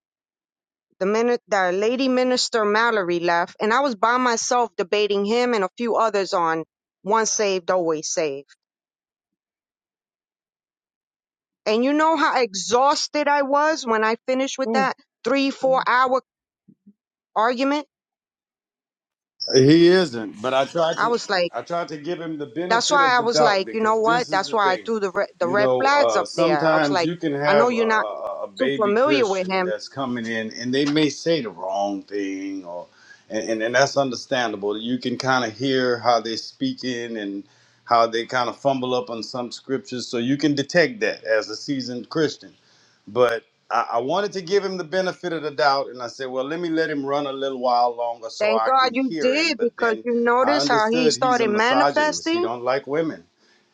[SPEAKER 7] The minute the lady minister Mallory left, and I was by myself debating him and a few others on once saved, always saved. And you know how exhausted I was when I finished with that three,
[SPEAKER 1] mm.
[SPEAKER 7] four hour argument?
[SPEAKER 4] He isn't, but I tried
[SPEAKER 7] I
[SPEAKER 4] to
[SPEAKER 7] was like,
[SPEAKER 4] I tried to give him the
[SPEAKER 7] that's
[SPEAKER 4] benefit
[SPEAKER 7] why
[SPEAKER 4] of
[SPEAKER 7] I
[SPEAKER 4] the
[SPEAKER 7] was
[SPEAKER 4] doubt
[SPEAKER 7] like, you know
[SPEAKER 4] because
[SPEAKER 7] what?
[SPEAKER 4] this is
[SPEAKER 7] That's
[SPEAKER 4] the
[SPEAKER 7] why I
[SPEAKER 4] thing.
[SPEAKER 7] threw the, re- the
[SPEAKER 4] You
[SPEAKER 7] red
[SPEAKER 4] know,
[SPEAKER 7] flags
[SPEAKER 4] uh,
[SPEAKER 7] up there. I was
[SPEAKER 4] sometimes
[SPEAKER 7] like,
[SPEAKER 4] you can
[SPEAKER 7] I know
[SPEAKER 4] have a,
[SPEAKER 7] you're not
[SPEAKER 4] a, a
[SPEAKER 7] too
[SPEAKER 4] baby
[SPEAKER 7] familiar with
[SPEAKER 4] Christian
[SPEAKER 7] him,
[SPEAKER 4] that's coming in and they may say the wrong thing or and, and, and that's understandable. You can kind of hear how they are speaking and how they kind of fumble up on some scriptures. So you can detect that as a seasoned Christian but I, I wanted to give him the benefit of the doubt, and I said, "Well, let me let him run a little while longer so
[SPEAKER 7] Thank
[SPEAKER 4] I
[SPEAKER 7] God
[SPEAKER 4] can
[SPEAKER 7] you
[SPEAKER 4] hear him."
[SPEAKER 7] did
[SPEAKER 4] But
[SPEAKER 7] because
[SPEAKER 4] then
[SPEAKER 7] you
[SPEAKER 4] I
[SPEAKER 7] notice how he
[SPEAKER 4] understood he's a
[SPEAKER 7] started
[SPEAKER 4] misogynist; he
[SPEAKER 7] manifesting.
[SPEAKER 4] don't like women,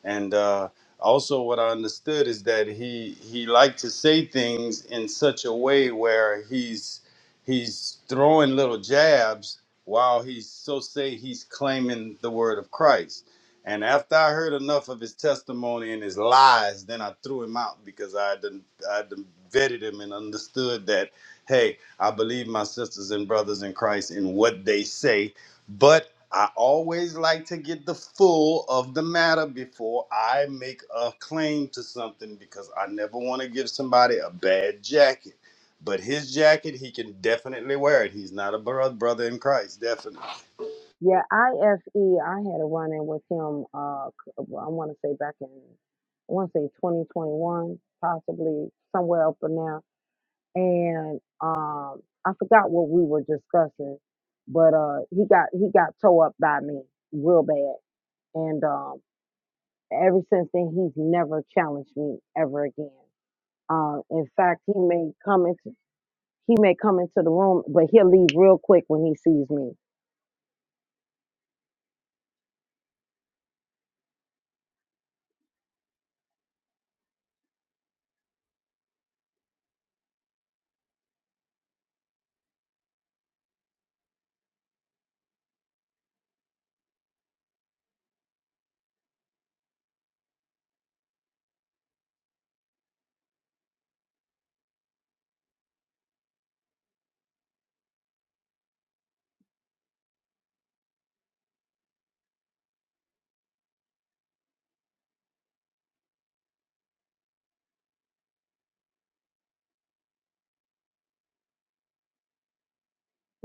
[SPEAKER 4] and uh, also what I understood is that he he liked to say things in such a way where he's he's throwing little jabs while he's so say he's claiming the word of Christ and after I heard enough of his testimony and his lies, then I threw him out because I done, I done vetted him and understood that, hey, I believe my sisters and brothers in Christ in what they say, but I always like to get the full of the matter before I make a claim to something because I never want to give somebody a bad jacket. But his jacket, he can definitely wear it. He's not a bro- brother in Christ, definitely.
[SPEAKER 1] Yeah, IFE, I had a run in with him, uh, c- well, I want to say back in, I want to say 2021, possibly somewhere up in now. and um I forgot what we were discussing, but uh he got he got tore up by me real bad. And um ever since then he's never challenged me ever again. Uh, in fact he may come into he may come into the room, but he'll leave real quick when he sees me.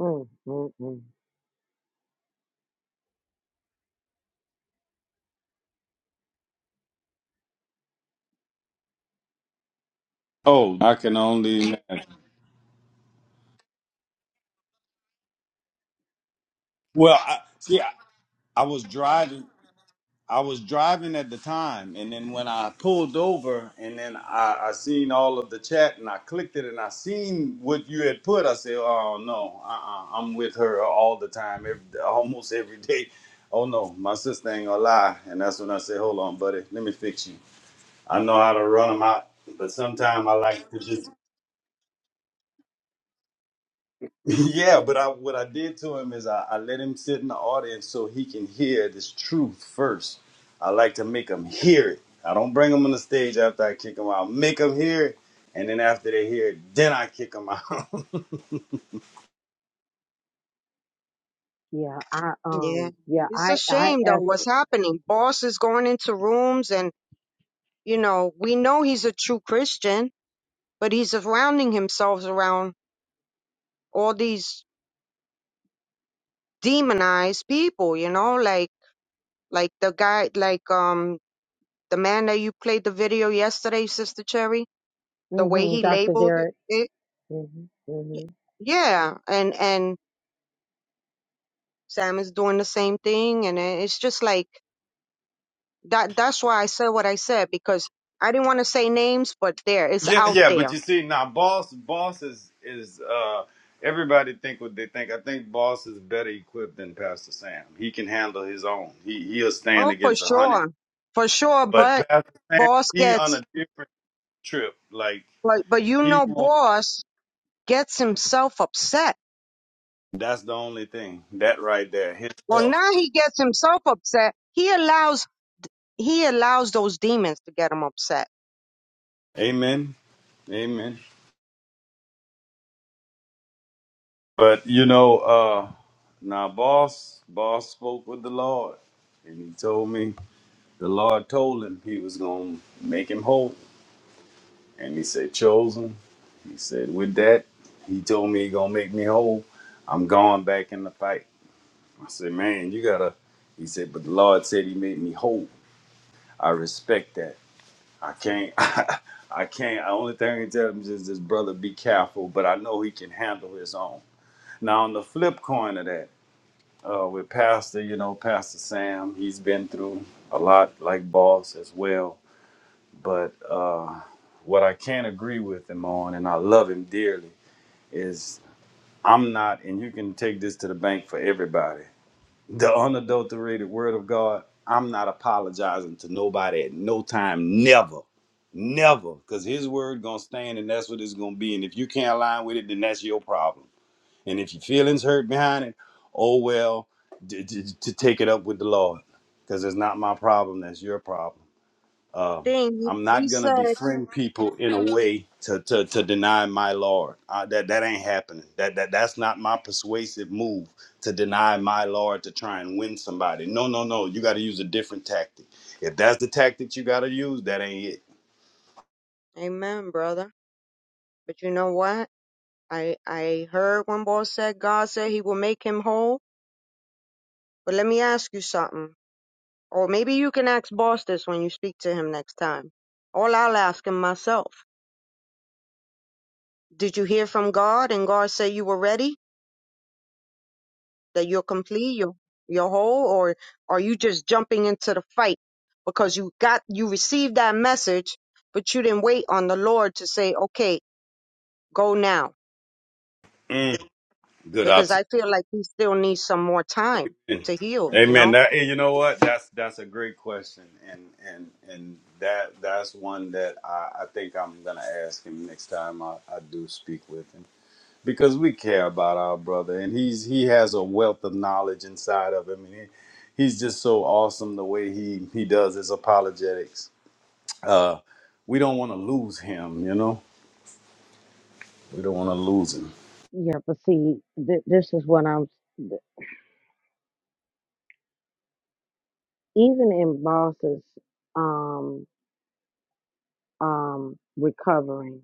[SPEAKER 1] Mm, mm, mm.
[SPEAKER 4] Oh, I can only imagine. well, I, see, I, I was driving. I was driving at the time, and then when I pulled over, and then I, I seen all of the chat, and I clicked it, and I seen what you had put. I said, "Oh no, uh-uh, I'm with her all the time, every, almost every day." Oh no, my sister ain't gonna lie, and that's when I said, "Hold on, buddy, let me fix you. I know how to run them out, but sometimes I like to just yeah, but I what I did to him is I, I let him sit in the audience so he can hear this truth first. I like to make him hear it. I don't bring him on the stage after I kick him out. Make him hear it, and then after they hear it, then I kick him out.
[SPEAKER 1] Yeah, I
[SPEAKER 7] Yeah.
[SPEAKER 1] um yeah,
[SPEAKER 7] It's a
[SPEAKER 1] I I
[SPEAKER 7] shame though
[SPEAKER 1] F
[SPEAKER 7] what's happening. Boss is going into rooms and you know, we know he's a true Christian, but he's surrounding himself around all these demonized people, you know, like like the guy like um the man that you played the video yesterday, Sister Cherry, the way
[SPEAKER 1] mhm,
[SPEAKER 7] he
[SPEAKER 1] Dr.
[SPEAKER 7] labeled
[SPEAKER 1] Derek.
[SPEAKER 7] it.
[SPEAKER 1] Mhm. Mhm.
[SPEAKER 7] Yeah. And and Sam is doing the same thing and it- it's just like That that's why I said what I said because I didn't want to say names, but there it's
[SPEAKER 4] yeah,
[SPEAKER 7] out
[SPEAKER 4] yeah. But
[SPEAKER 7] there.
[SPEAKER 4] you see, now boss, boss is is uh, everybody think what they think. I think boss is better equipped than Pastor Sam. He can handle his own. He he'll stand
[SPEAKER 7] Oh, for
[SPEAKER 4] against a hundred.
[SPEAKER 7] sure, for sure.
[SPEAKER 4] But
[SPEAKER 7] But
[SPEAKER 4] Pastor Sam,
[SPEAKER 7] boss
[SPEAKER 4] he on
[SPEAKER 7] gets,
[SPEAKER 4] a different trip. Like
[SPEAKER 7] but but you
[SPEAKER 4] he
[SPEAKER 7] know,
[SPEAKER 4] more
[SPEAKER 7] boss gets himself upset.
[SPEAKER 4] That's the only thing. That right there. His
[SPEAKER 7] Well,
[SPEAKER 4] health.
[SPEAKER 7] now he gets himself upset. He allows he allows those demons to get him upset.
[SPEAKER 4] Amen. Amen. But you know, uh now boss, boss spoke with the Lord and he told me the Lord told him he was gonna make him whole. And he said, Chosen. He said, with that, he told me he gonna make me whole. I'm going back in the fight. I said, Man, you gotta he said, but the Lord said he made me whole. I respect that. I can't. I can't. The only thing I can tell him is this brother be careful, but I know he can handle his own. Now on the flip coin of that, uh, with Pastor, you know, Pastor Sam, he's been through a lot, like Boss as well. But uh, what I can't agree with him on, and I love him dearly, is I'm not, and you can take this to the bank for everybody the unadulterated word of God, I'm not apologizing to nobody at no time, never, never, because His word gonna stand, and that's what it's gonna be. And if you can't align with it, then that's your problem. And if your feelings hurt behind it, oh well, d- d- to take it up with the Lord, because it's not my problem. That's your problem um,
[SPEAKER 7] Thing he
[SPEAKER 4] I'm
[SPEAKER 7] he
[SPEAKER 4] not gonna
[SPEAKER 7] said,
[SPEAKER 4] befriend people in a way to to, to deny my Lord. Uh, that that ain't happening. That that that's not my persuasive move to deny my Lord to try and win somebody. No, no, no. You got to use a different tactic. If that's the tactic you got to use, that ain't it.
[SPEAKER 7] "Amen, brother." But you know what? I I heard when boss said God said He will make him whole. But let me ask you something. Or maybe you can ask boss this when you speak to him next time. Or I'll ask him myself. Did you hear from God and God said you were ready? That you're complete, you're, you're whole? Or are you just jumping into the fight because you got, you received that message, but you didn't wait on the Lord to say, okay, go now.
[SPEAKER 4] Mm, good
[SPEAKER 7] Because I
[SPEAKER 4] observation.
[SPEAKER 7] feel like he still needs some more time to heal, you
[SPEAKER 4] Amen.
[SPEAKER 7] know?
[SPEAKER 4] That and you know what? That's that's a great question, and and and that that's one that I, I think I'm gonna ask him next time I, I do speak with him because we care about our brother and he's he has a wealth of knowledge inside of him and he, he's just so awesome the way he he does his apologetics uh we don't want to lose him you know we don't want to lose him
[SPEAKER 1] Yeah, but see th- this is what I'm even in bosses. Um, um, recovering.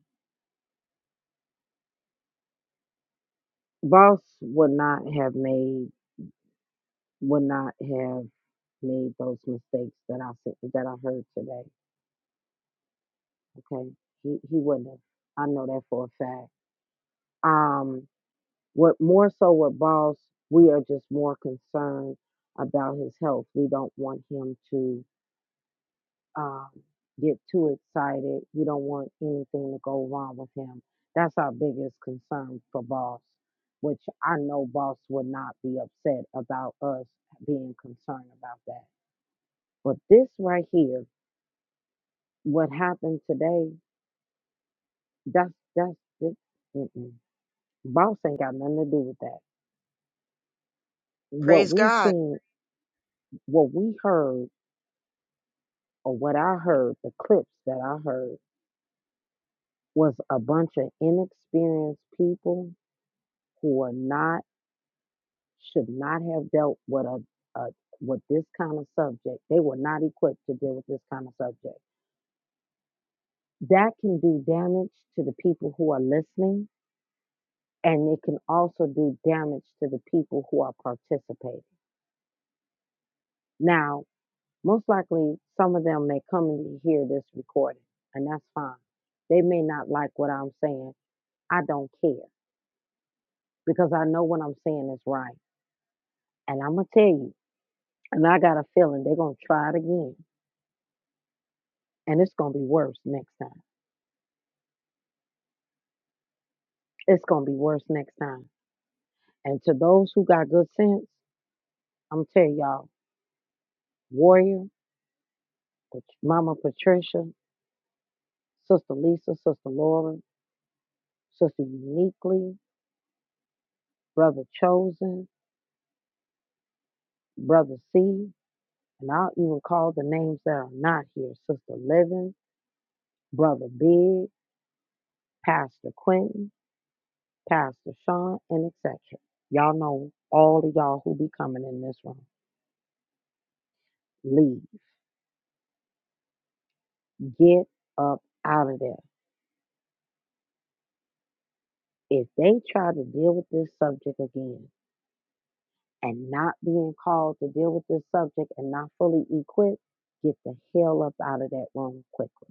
[SPEAKER 1] Boss would not have made would not have made those mistakes that I said that I heard today. Okay, he he wouldn't have. I know that for a fact. Um, what more so with boss, we are just more concerned about his health. We don't want him to um, get too excited. We don't want anything to go wrong with him. That's our biggest concern for boss, which I know boss would not be upset about us being concerned about that. But this right here, what happened today, that's that's it. Mm-mm. Boss ain't got nothing to do with that. What
[SPEAKER 7] Praise
[SPEAKER 1] we
[SPEAKER 7] God.
[SPEAKER 1] seen, what we heard, or what I heard, the clips that I heard was a bunch of inexperienced people who are not. should not have dealt with a, a with this kind of subject. They were not equipped to deal with this kind of subject. That can do damage to the people who are listening, and it can also do damage to the people who are participating. Now, most likely, some of them may come and hear this recording, and that's fine. They may not like what I'm saying. I don't care because I know what I'm saying is right. And I'm going to tell you, and I got a feeling they're going to try it again, and it's going to be worse next time It's gonna be worse next time. And to those who got good sense, I'm tell y'all, Warrior, Pat- Mama Patricia, Sister Lisa, Sister Laura, Sister Uniquely, Brother Chosen, Brother C, and I'll even call the names that are not here: Sister Living, Brother Big, Pastor Quentin, Pastor Sean, and etc. Y'all know all of y'all who be coming in this room. Leave. Get up out of there. if they try to deal with this subject again and not being called to deal with this subject and not fully equipped, get the hell up out of that room quickly.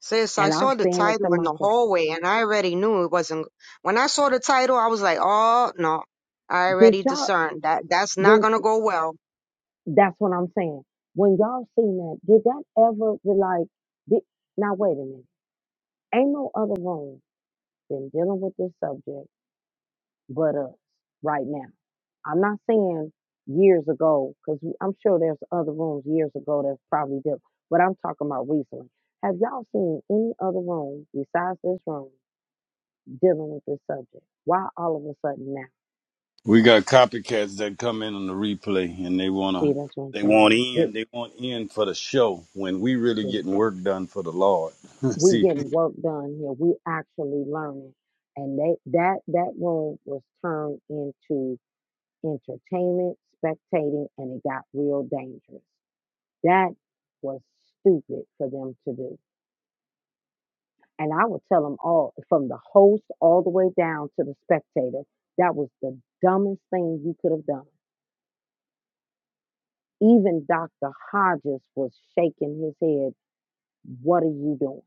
[SPEAKER 7] Sis, I
[SPEAKER 1] And I'm
[SPEAKER 7] saw the
[SPEAKER 1] saying it to
[SPEAKER 7] title in the
[SPEAKER 1] myself.
[SPEAKER 7] hallway and I already knew it wasn't. When I saw the title, I was like, oh no, I
[SPEAKER 1] Did
[SPEAKER 7] already
[SPEAKER 1] y'all
[SPEAKER 7] discerned that that's not
[SPEAKER 1] when
[SPEAKER 7] gonna go well.
[SPEAKER 1] that's what I'm saying. When y'all seen that, did that ever be like did, now wait a minute. Ain't no other room been dealing with this subject but us right now. I'm not saying years ago, because I'm sure there's other rooms years ago that's probably did, but I'm talking about recently. Have y'all seen any other room besides this room dealing with this subject? Why all of a sudden now?
[SPEAKER 4] we got copycats that come in on the replay and they want to
[SPEAKER 1] See, that's what I'm
[SPEAKER 4] they want
[SPEAKER 1] saying. This,
[SPEAKER 4] in they want in for the show when we really
[SPEAKER 1] see,
[SPEAKER 4] getting work done for the lord
[SPEAKER 1] we
[SPEAKER 4] see
[SPEAKER 1] getting work done here. We actually learning, and they that that room was turned into entertainment, spectating, and it got real dangerous. That was stupid for them to do And I would tell them all, from the host all the way down to the spectator, that was the dumbest thing you could have done. Even Dr. Hodges was shaking his head. What are you doing?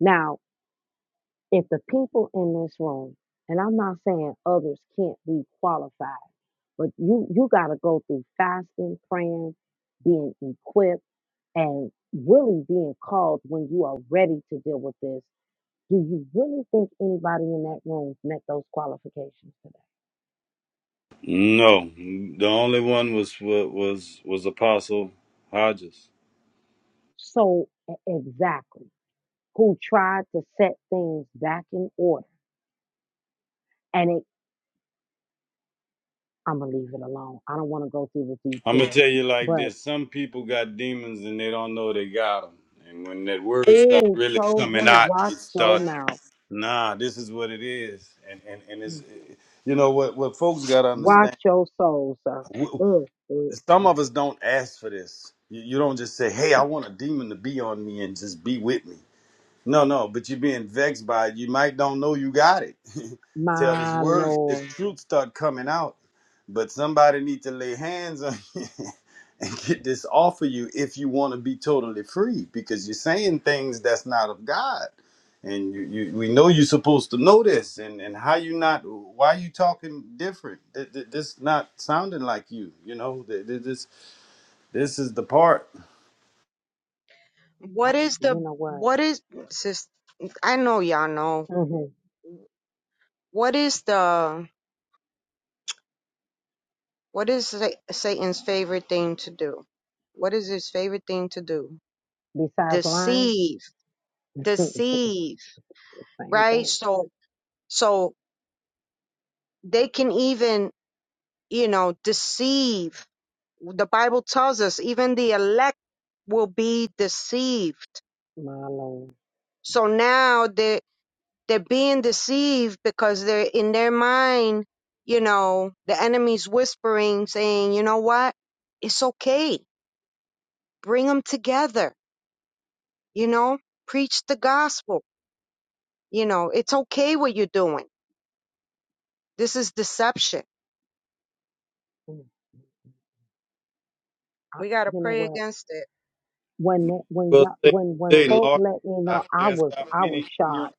[SPEAKER 1] Now, if the people in this room, and I'm not saying others can't be qualified, but you you got to go through fasting, praying, being equipped, and really being called when you are ready to deal with this Do you really think anybody in that room met those qualifications today?
[SPEAKER 4] no the only one was was was apostle hodges
[SPEAKER 1] So e- exactly, who tried to set things back in order? And it, I'm gonna leave it alone. I don't want to go through the
[SPEAKER 4] I'm gonna
[SPEAKER 1] details,
[SPEAKER 4] tell you like
[SPEAKER 1] but
[SPEAKER 4] this: some people got demons and they don't know they got them. And when that word start
[SPEAKER 1] oh,
[SPEAKER 4] really coming
[SPEAKER 1] chosen,
[SPEAKER 4] out,
[SPEAKER 1] watch
[SPEAKER 4] it
[SPEAKER 1] your
[SPEAKER 4] start.
[SPEAKER 1] mouth,
[SPEAKER 4] Nah, this is what it is, and and and it's,
[SPEAKER 1] Mm.
[SPEAKER 4] eh, you know what what folks got to
[SPEAKER 1] watch
[SPEAKER 4] understand.
[SPEAKER 1] your soul, sir.
[SPEAKER 4] w-
[SPEAKER 1] Mm, mm.
[SPEAKER 4] Some of us don't ask for this. You, you don't just say, "Hey, I want a demon to be on me and just be with me." No, no, but you're being vexed by it. You might don't know you got it. Till these
[SPEAKER 1] My
[SPEAKER 4] words, this
[SPEAKER 1] Lord,
[SPEAKER 4] truth start coming out. But somebody need to lay hands on you and get this off of you if you want to be totally free, because you're saying things that's not of God. And you, you we know you're supposed to know this. And, and how you not, why you talking different? Th- th- This not sounding like you, you know? Th- th- This, this is the part.
[SPEAKER 1] I,
[SPEAKER 7] What is
[SPEAKER 1] you
[SPEAKER 7] the,
[SPEAKER 1] know what?
[SPEAKER 7] what is, sis, I know y'all know.
[SPEAKER 1] hmm
[SPEAKER 7] What is the, what is Sa- Satan's favorite thing to do? What is his favorite thing to do?
[SPEAKER 1] Besides lying,
[SPEAKER 7] Deceive, deceive,
[SPEAKER 1] same
[SPEAKER 7] right?
[SPEAKER 1] thing.
[SPEAKER 7] So, so they can even, you know, deceive The Bible tells us even the elect will be deceived.
[SPEAKER 1] My Lord,
[SPEAKER 7] So now they they're being deceived because they're in their mind, you know, the enemy's whispering, saying, you know what? It's okay. Bring them together, you know, preach the gospel. You know, it's okay what you're doing. This is deception.
[SPEAKER 1] Mm. I,
[SPEAKER 7] We got to
[SPEAKER 1] you know
[SPEAKER 7] pray
[SPEAKER 1] what?
[SPEAKER 7] against it.
[SPEAKER 1] when that- when
[SPEAKER 4] Well,
[SPEAKER 1] y'all,
[SPEAKER 4] say
[SPEAKER 1] when when
[SPEAKER 4] today,
[SPEAKER 1] folk
[SPEAKER 4] Lord,
[SPEAKER 1] let me
[SPEAKER 4] I
[SPEAKER 1] know, I
[SPEAKER 4] can't
[SPEAKER 1] was
[SPEAKER 4] stop
[SPEAKER 1] I was
[SPEAKER 4] many.
[SPEAKER 1] shocked.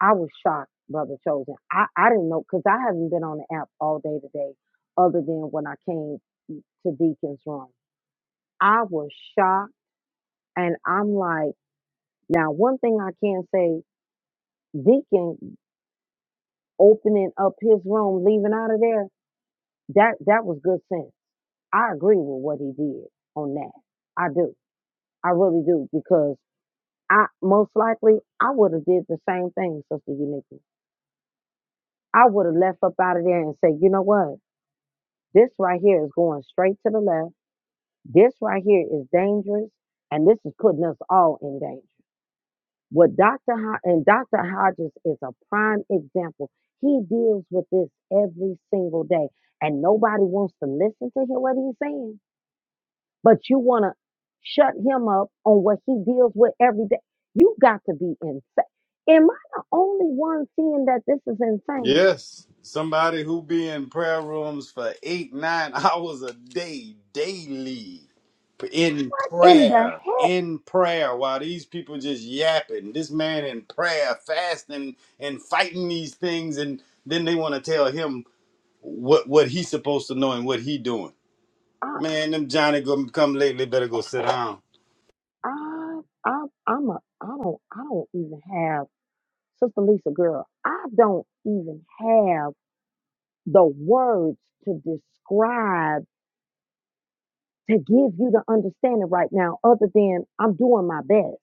[SPEAKER 1] I was shocked, brother chosen. I I didn't know because I haven't been on the app all day today, other than when I came to Deacon's room. I was shocked, and I'm like, now one thing I can say, Deacon opening up his room, leaving out of there, that that was good sense. I agree with what he did on that. I do. I really do because I most likely I would have did the same thing, Sister Unique. I would have left up out of there and say, you know what? This right here is going straight to the left. This right here is dangerous, and this is putting us all in danger. What Dr. Ho- and Dr. Hodges is a prime example. He deals with this every single day, and nobody wants to listen to him what he's saying. But you want to shut him up on what he deals with every day. You got to be insane. Am I the only one seeing that this is insane?
[SPEAKER 4] Yes, somebody who be in prayer rooms for eight, nine hours a day, daily, in
[SPEAKER 1] What in the
[SPEAKER 4] prayer,
[SPEAKER 1] heck?
[SPEAKER 4] in prayer, while these people just yapping. This man in prayer, fasting and fighting these things, and then they want to tell him what what he's supposed to know and what he doing. Man, them Johnny come come lately better go sit down.
[SPEAKER 1] I, I, I'm a, I don't, I don't even have, Sister Lisa, girl, I don't even have the words to describe, to give you the understanding right now, other than I'm doing my best.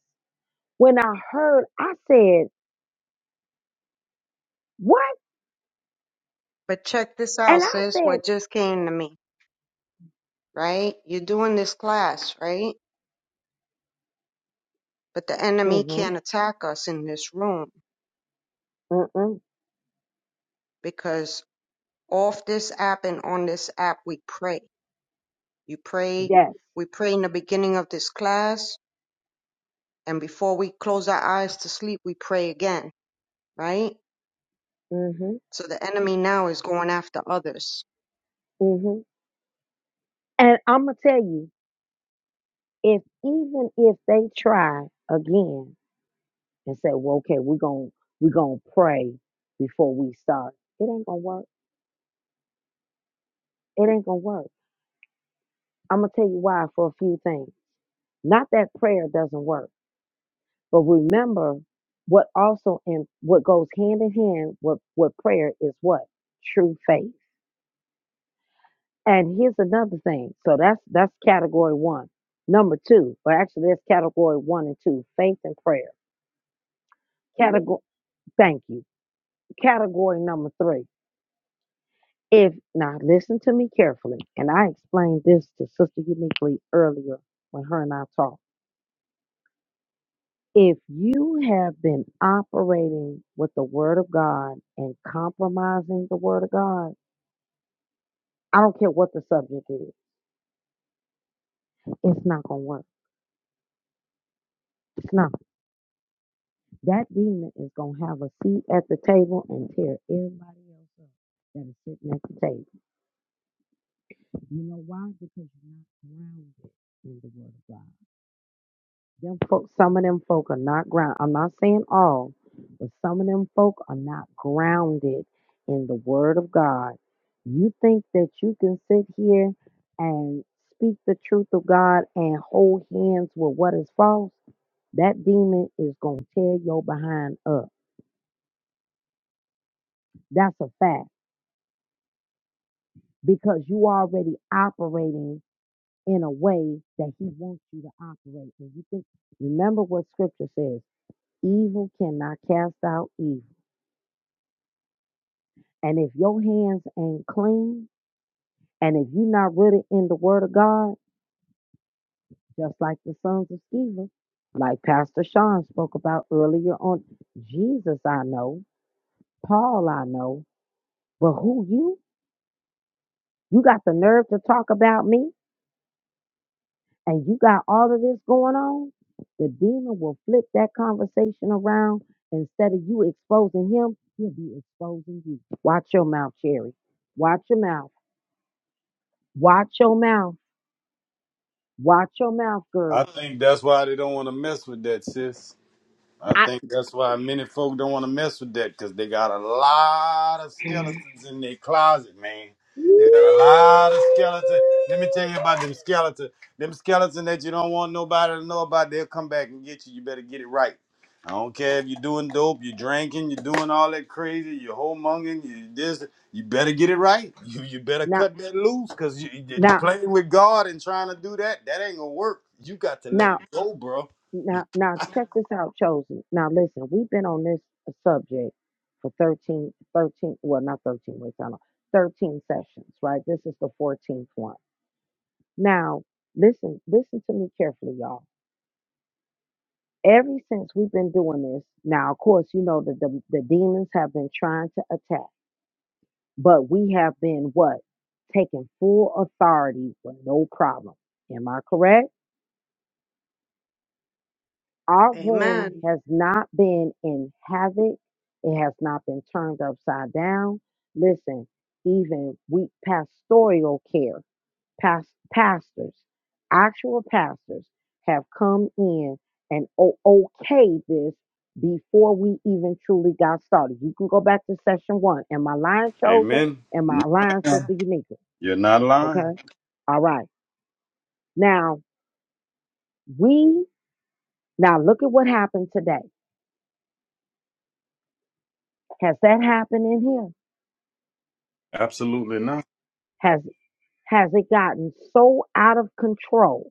[SPEAKER 1] When I heard, I said, what?
[SPEAKER 7] But check this out,
[SPEAKER 1] And I
[SPEAKER 7] sis,
[SPEAKER 1] said,
[SPEAKER 7] what just came to me, right? You're doing this class, right? But the enemy can't
[SPEAKER 1] mm-hmm,
[SPEAKER 7] attack us in this room
[SPEAKER 1] mm-mm,
[SPEAKER 7] because off this app and on this app we pray. You pray,
[SPEAKER 1] yes,
[SPEAKER 7] we pray in the beginning of this class, and before we close our eyes to sleep, we pray again, right?
[SPEAKER 1] mm-hmm,
[SPEAKER 7] So the enemy now is going after others.
[SPEAKER 1] mm-hmm. And I'm going to tell you, if even if they try again, and say, well, okay, we're going to we're gonna pray before we start. It ain't going to work. It ain't going to work. I'm going to tell you why for a few things. Not that prayer doesn't work, but remember what also in what goes hand in hand with, with prayer is what? True faith. And here's another thing. So that's that's category one. Number two, well actually that's category one and two, faith and prayer. Category thank you. Category number three. If now listen to me carefully, and I explained this to Sister Uniquely earlier when her and I talked. If you have been operating with the Word of God and compromising the Word of God, I don't care what the subject is, it's not gonna work. It's not. That demon is gonna have a seat at the table and tear everybody else up that is sitting at the table. You know why? Because you're not grounded in the Word of God. Them folk, some of them folk are not ground. I'm not saying all, but some of them folk are not grounded in the Word of God. You think that you can sit here and speak the truth of God and hold hands with what is false? That demon is gonna tear your behind up. That's a fact because you already operating in a way that he wants you to operate. And you think, remember what Scripture says: evil cannot cast out evil. And if your hands ain't clean, and if you're not really in the Word of God, just like the sons of Sceva, like Pastor Sean spoke about earlier on, Jesus I know, Paul I know, but who you? You got the nerve to talk about me, and you got all of this going on. The demon will flip that conversation around. Instead of you exposing him, he'll be exposing you. Watch your mouth, Cherry. Watch your mouth. Watch your mouth. Watch your mouth,
[SPEAKER 4] I
[SPEAKER 1] girl.
[SPEAKER 4] think that's why they don't want to mess with that, sis. I
[SPEAKER 1] I.
[SPEAKER 4] think that's why many folk don't want to mess with that because they got a lot of skeletons in their closet, man. They got a lot of skeletons. Let me tell you about them skeletons. Them skeletons that you don't want nobody to know about, they'll come back and get you. You better get it right. I don't care if you're doing dope, you're drinking, you're doing all that crazy, you're homonging, you this. You better get it right. You you better
[SPEAKER 1] Now,
[SPEAKER 4] cut that loose because you, you
[SPEAKER 1] now,
[SPEAKER 4] playing with God and trying to do that. That ain't gonna work. You got to let it
[SPEAKER 1] now,
[SPEAKER 4] go, bro.
[SPEAKER 1] now, now, check this out, Chosen. Now, listen, we've been on this uh, subject for 13, 13, well, not 13 weeks, I don't know, 13 sessions, right? This is the 14th one. Now, listen, listen to me carefully, y'all. Ever since we've been doing this, now, of course, you know that the, the demons have been trying to attack, but we have been what? Taking full authority with no problem. Am I correct? Our room
[SPEAKER 7] Amen.
[SPEAKER 1] has not been in havoc. It has not been turned upside down. Listen, even we pastoral care, past, pastors, actual pastors have come in and o- okayed this before we even truly got started. You can go back to session one. Am I lying chosen?
[SPEAKER 4] Amen.
[SPEAKER 1] Am I lying sister unique.
[SPEAKER 4] You're not lying.
[SPEAKER 1] Okay. All right. Now we now look at what happened today. Has that happened in here?
[SPEAKER 4] Absolutely not.
[SPEAKER 1] Has Has it gotten so out of control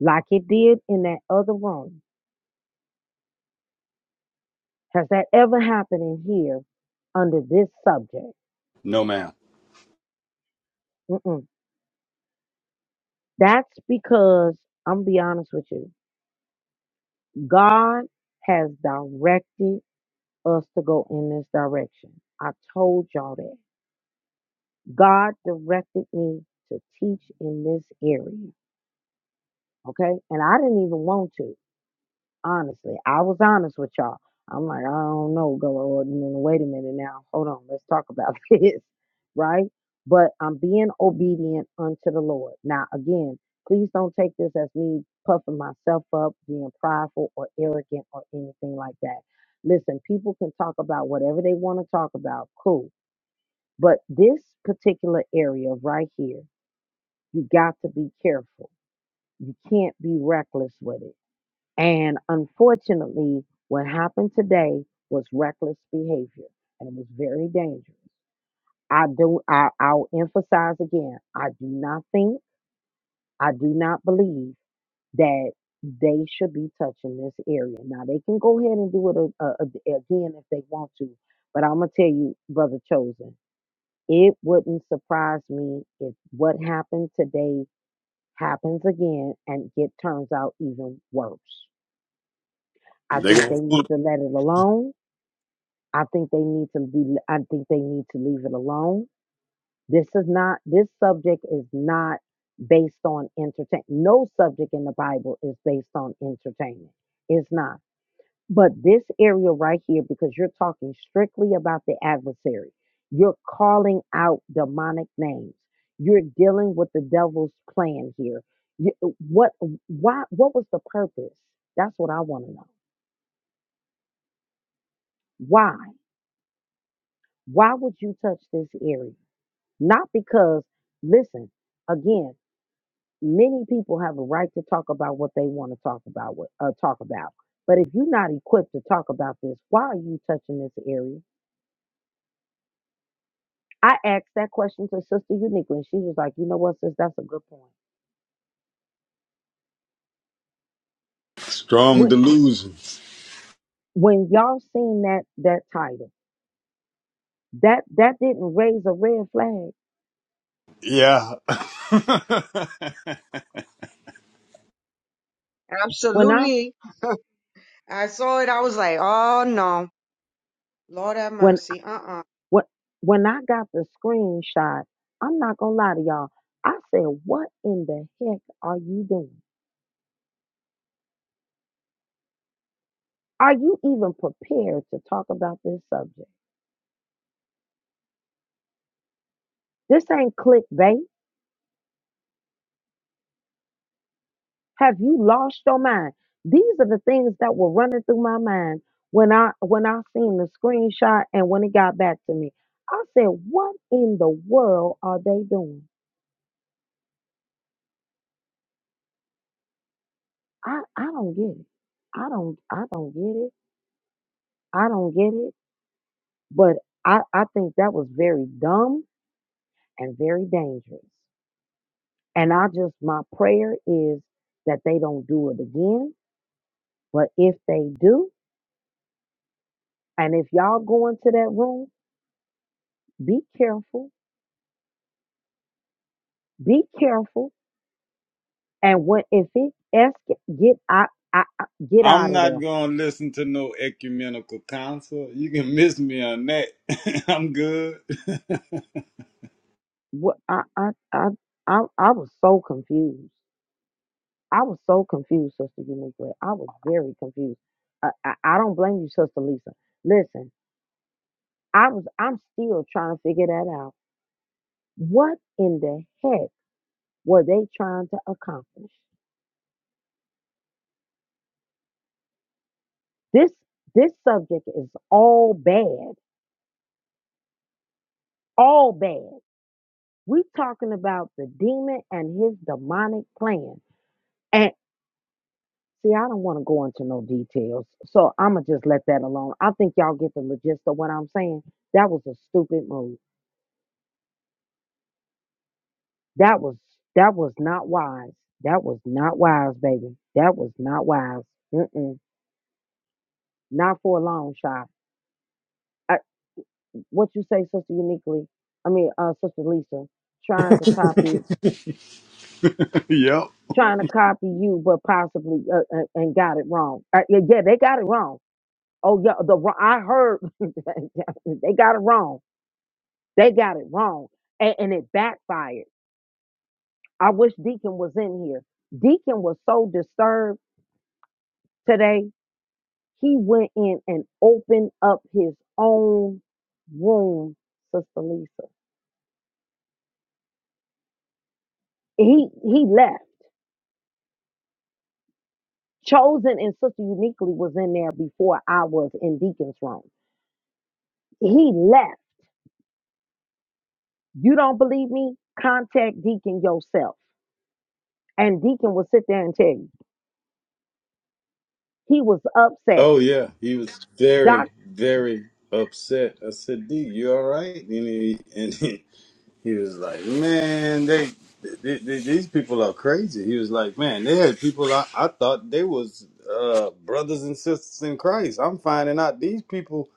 [SPEAKER 1] like it did in that other room? Has that ever happened in here under this subject?
[SPEAKER 4] No, ma'am.
[SPEAKER 1] Mm-mm. That's because, I'm going to be honest with you, God has directed us to go in this direction. I told y'all that. God directed me to teach in this area. Okay. And I didn't even want to. Honestly, I was honest with y'all. I'm like, I don't know, Lord. Wait a minute now. Hold on. Let's talk about this, right? But I'm being obedient unto the Lord. Now, again, please don't take this as me puffing myself up, being prideful or arrogant or anything like that. Listen, people can talk about whatever they want to talk about. Cool. But this particular area right here, you got to be careful. You can't be reckless with it and unfortunately, what happened today was reckless behavior and it was very dangerous. I do I, I'll emphasize again, I do not think, I do not believe that they should be touching this area. Now they can go ahead and do it a, a, a- again if they want to, but I'm gonna tell you, brother chosen, it wouldn't surprise me if what happened today happens again and it turns out even worse. I
[SPEAKER 4] They
[SPEAKER 1] think they
[SPEAKER 4] go full
[SPEAKER 1] need to let it alone. I think they need to be I think they need to leave it alone. This is not this subject is not based on entertainment. No subject in the Bible is based on entertainment. It's not. But this area right here because you're talking strictly about the adversary. You're calling out demonic names. You're dealing with the devil's plan here. You, uh, what why what was the purpose? That's what I want to know. Why? Why would you touch this area? Not because, listen, again, many people have a right to talk about what they want to talk about, what- uh, talk about. But if you're not equipped to talk about this, why are you touching this area? I asked that question to Sister Uniquely, and she was like, "You know what, sis? That's a good point."
[SPEAKER 4] strong
[SPEAKER 1] When
[SPEAKER 4] delusion.
[SPEAKER 1] when y'all seen that that title, that that didn't raise a red flag.
[SPEAKER 4] Yeah.
[SPEAKER 1] When I
[SPEAKER 7] Absolutely. I saw it. I was like, oh no. Lord have
[SPEAKER 1] when
[SPEAKER 7] mercy. Uh uh
[SPEAKER 1] when when I got the screenshot, I'm not gonna lie to y'all. I said, "What in the heck are you doing?" Are you even prepared to talk about this subject? This ain't clickbait. Have you lost your mind? These are the things that were running through my mind when I when I seen the screenshot and when it got back to me. I said, "What in the world are they doing?" I I don't get it. I don't I don't get it. I don't get it. But I I think that was very dumb and very dangerous. And I just my prayer is that they don't do it again. But if they do, And if y'all go into that room, be careful, be careful. And when if it ask, get out, I, I, get
[SPEAKER 4] I'm
[SPEAKER 1] out of
[SPEAKER 4] not
[SPEAKER 1] there.
[SPEAKER 4] gonna listen to no ecumenical council. You can miss me on that. I'm good.
[SPEAKER 1] What I, I, I, I, I was so confused. I was so confused, Sister Uniquely. I was very confused. I, I, I don't blame you, Sister Lisa. Listen, I was, I'm still trying to figure that out. What in the heck were they trying to accomplish? This, this subject is all bad, all bad We talking about the demon and his demonic plan. And see, I don't want to go into no details, so I'ma just let that alone. I think y'all get the gist of what I'm saying. That was a stupid move. That was that was not wise. That was not wise, baby. That was not wise. Mm-mm. Not for a long shot. I, what you say, sister uniquely? I mean, uh, sister Lisa, trying to copy,
[SPEAKER 4] yep.
[SPEAKER 1] trying to copy you, but possibly uh, uh, and got it wrong. Uh, yeah, yeah, they got it wrong Oh yeah, the wr- I heard they got it wrong. They got it wrong, and, and it backfired. I wish Deacon was in here. Deacon was so disturbed today. He went in and opened up his own room, Sister Lisa. He he left. Chosen and Sister Uniquely was in there before I was in Deacon's room. He left. You don't believe me? Contact Deacon yourself, and Deacon will sit there and tell you he was upset
[SPEAKER 4] Oh yeah. He was
[SPEAKER 1] Doc,
[SPEAKER 4] very, very upset. I said, D, you all right? And he, and he. He was like, man, they, they, they these people are crazy. He was like, man, they had people I, I thought they was uh, brothers and sisters in Christ. I'm finding out these people.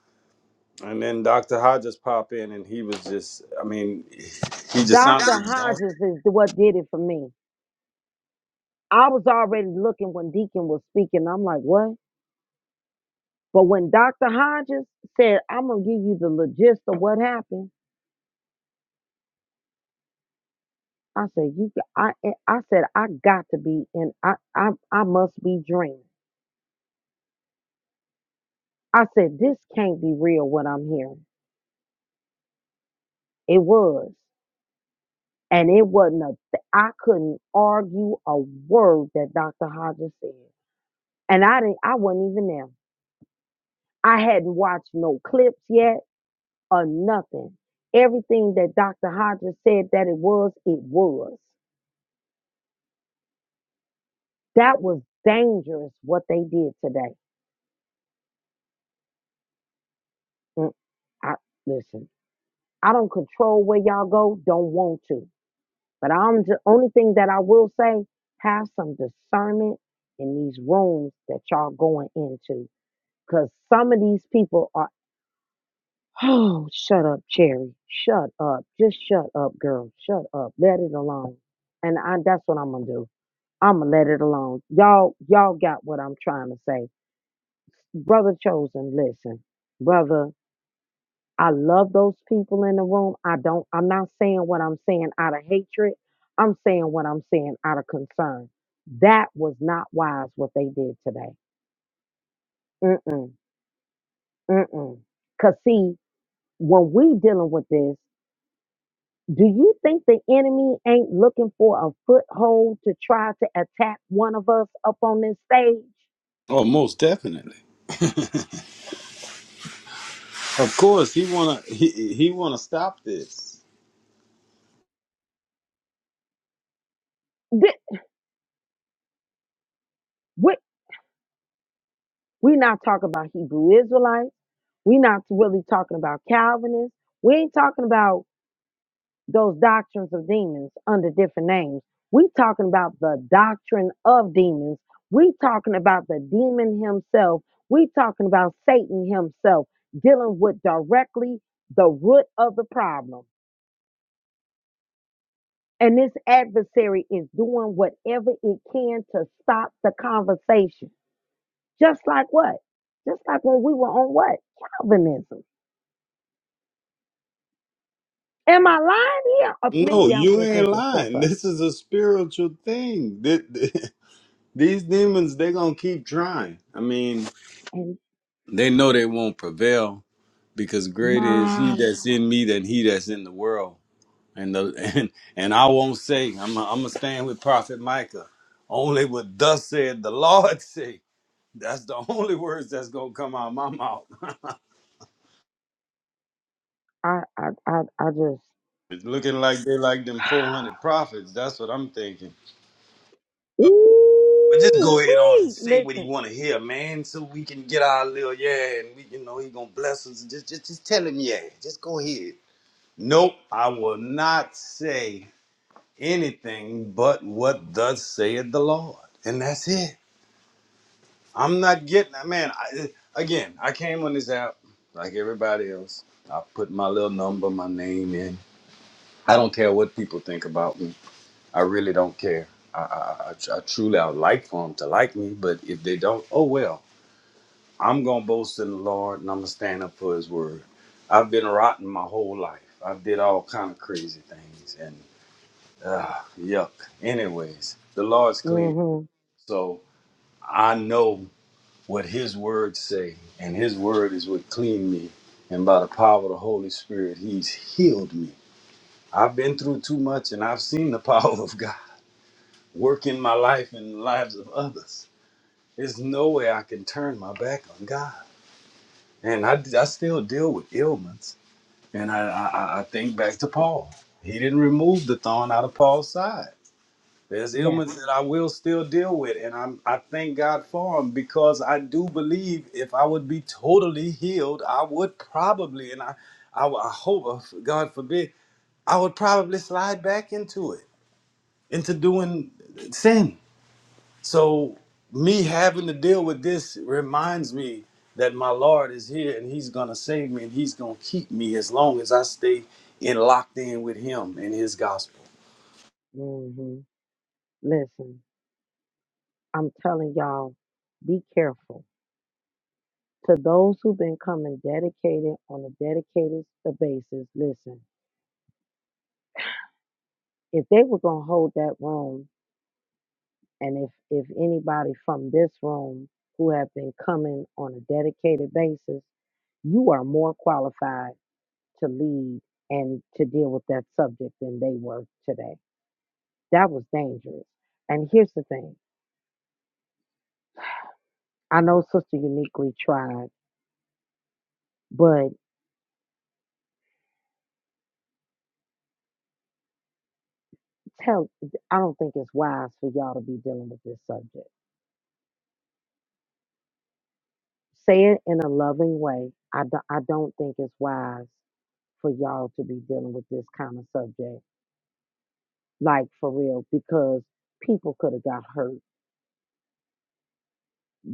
[SPEAKER 4] And then Dr. Hodges pop in, and he was just, I mean, he just sounded
[SPEAKER 1] Dr.
[SPEAKER 4] exhausted.
[SPEAKER 1] Hodges is what did it for me. I was already looking when Deacon was speaking. I'm like, what? But when Dr. Hodges said, I'm gonna give you the logist of what happened, I said, you, got- I, eh, I said, I got to be in, I, I, I must be dreaming. I said, this can't be real. What I'm hearing, it was, and it wasn't a. th- I couldn't argue a word that Dr. Hodges said, and I didn't. I wasn't even there. I hadn't watched no clips yet. or nothing. Everything that Dr. Hodges said that it was, it was. That was dangerous what they did today. Mm, I, listen, I don't control where y'all go, don't want to. But I'm the only thing that I will say, have some discernment in these rooms that y'all going into. Cause some of these people are, oh, shut up, Cherry. Shut up. Just shut up, girl. Shut up. Let it alone. And I, that's what I'm gonna do. I'ma let it alone. Y'all, y'all got what I'm trying to say. Brother Chosen, listen. Brother, I love those people in the room. I don't, I'm not saying what I'm saying out of hatred. I'm saying what I'm saying out of concern. That was not wise what they did today. Mm-mm. Mm-mm. Cause see, when we dealing with this, do you think the enemy ain't looking for a foothold to try to attack one of us up on this stage?
[SPEAKER 4] Oh, most definitely. Of course, he wanna he he wanna stop this.
[SPEAKER 1] Thi- we- We're not talking about Hebrew Israelites. We're not really talking about Calvinists. We ain't talking about those doctrines of demons under different names. We talking about the doctrine of demons. We talking about the demon himself. We talking about Satan himself dealing with directly the root of the problem. And this adversary is doing whatever it can to stop the conversation. Just like what? Just like when we were on what? Calvinism. Am I lying here? Or
[SPEAKER 4] No,
[SPEAKER 1] maybe I'm
[SPEAKER 4] you
[SPEAKER 1] just
[SPEAKER 4] ain't
[SPEAKER 1] making stuff
[SPEAKER 4] lying.
[SPEAKER 1] up.
[SPEAKER 4] This is a spiritual thing. Th- th- These demons, they gonna keep trying. I mean,
[SPEAKER 1] And
[SPEAKER 4] they know they won't prevail because greater is he
[SPEAKER 1] mom,
[SPEAKER 4] that's in me than he that's in the world. And the and and I won't say I'm i am i gonna stand with Prophet Micah. Only what thus said the Lord say. That's the only words that's gonna come out of my mouth.
[SPEAKER 1] I I I, I just
[SPEAKER 4] It's looking like they like them 400 prophets. That's what I'm thinking. But just go
[SPEAKER 1] ooh
[SPEAKER 4] ahead on and
[SPEAKER 1] wee
[SPEAKER 4] say what
[SPEAKER 1] listen.
[SPEAKER 4] he want to hear, man, so we can get our little yeah, and we you know he gonna bless us. Just just just tell him yeah. Just go ahead. Nope, I will not say anything but what thus saith the Lord. And that's it. I'm not getting that. Man, I, again, I came on this app like everybody else. I put my little number, my name in. I don't care what people think about me. I really don't care. I, I, I, I truly, I would like for them to like me, but if they don't, oh well. I'm going to boast in the Lord and I'm going to stand up for his word. I've been rotten my whole life. I did all kind of crazy things and uh, yuck. Anyways, the Lord's clean
[SPEAKER 1] Mm-hmm.
[SPEAKER 4] So I know what his words say, and his word is what cleaned me. And by the power of the Holy Spirit, he's healed me. I've been through too much and I've seen the power of God work in my life and the lives of others. There's no way I can turn my back on God. And I, I still deal with ailments. And I, I, I I think back to Paul. He didn't remove the thorn out of Paul's side. There's
[SPEAKER 1] Yes.
[SPEAKER 4] ailments that I will still deal with, and I'm I thank God for them because I do believe if I would be totally healed, I would probably, and I, I, I hope, uh, God forbid, I would probably slide back into it, into doing sin. So me having to deal with this reminds me that my Lord is here and He's gonna save me and He's gonna keep me as long as I stay in locked in with Him and His gospel.
[SPEAKER 1] Mm-hmm. Listen, I'm telling y'all, be careful. To those who've been coming dedicated on a dedicated s- basis, listen, if they were gonna hold that room, and if if anybody from this room who have been coming on a dedicated basis, you are more qualified to lead and to deal with that subject than they were today. That was dangerous. And here's the thing I know Sister Uniquely tried, but tell, I don't think it's wise for y'all to be dealing with this subject. Say it in a loving way. I, do, I don't think it's wise for y'all to be dealing with this kind of subject, like for real, because people could have got hurt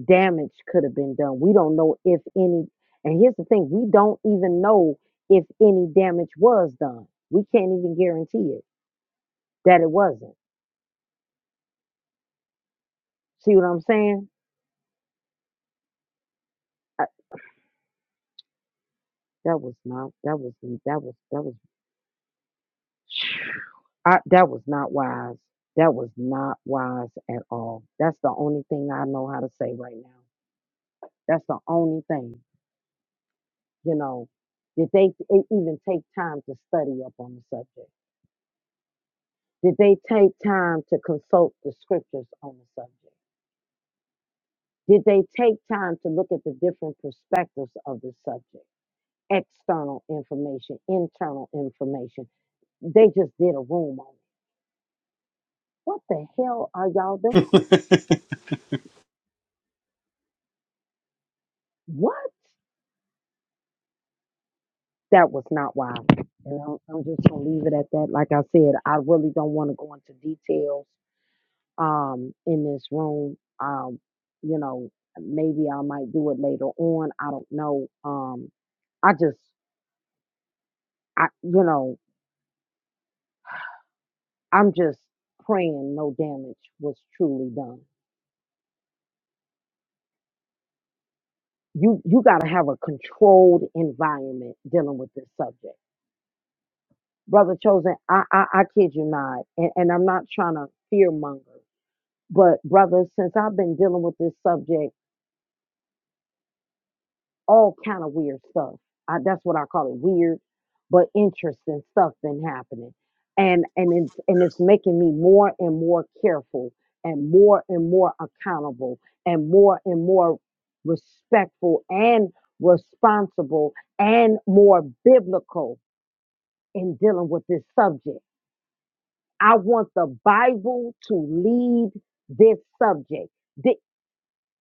[SPEAKER 1] damage could have been done. We don't know if any, and here's the thing we don't even know if any damage was done. We can't even guarantee it that it wasn't. See what I'm saying? I, that was not, that was, that was, that was, I, that was not wise. That was not wise at all. That's the only thing I know how to say right now. That's the only thing, you know, did they e- even take time to study up on the subject? Did they take time to consult the scriptures on the subject? Did they take time to look at the different perspectives of the subject? External information, internal information. They just did a room on it. What the hell are y'all doing? What? That was not why. I And I'm, I'm just gonna leave it at that. Like I said, I really don't want to go into details um, in this room. Um, you know, maybe I might do it later on. I don't know. Um, I just I, you know, I'm just praying no damage was truly done. You you got to have a controlled environment dealing with this subject, brother chosen. I I, I kid you not, and, and I'm not trying to fear monger, but brother, since I've been dealing with this subject all kind of weird stuff. I, that's what I call it weird, but interesting stuff been happening, and and it's and it's making me more and more careful, and more and more accountable, and more and more respectful and responsible, and more biblical in dealing with this subject. I want the Bible to lead this subject. Did,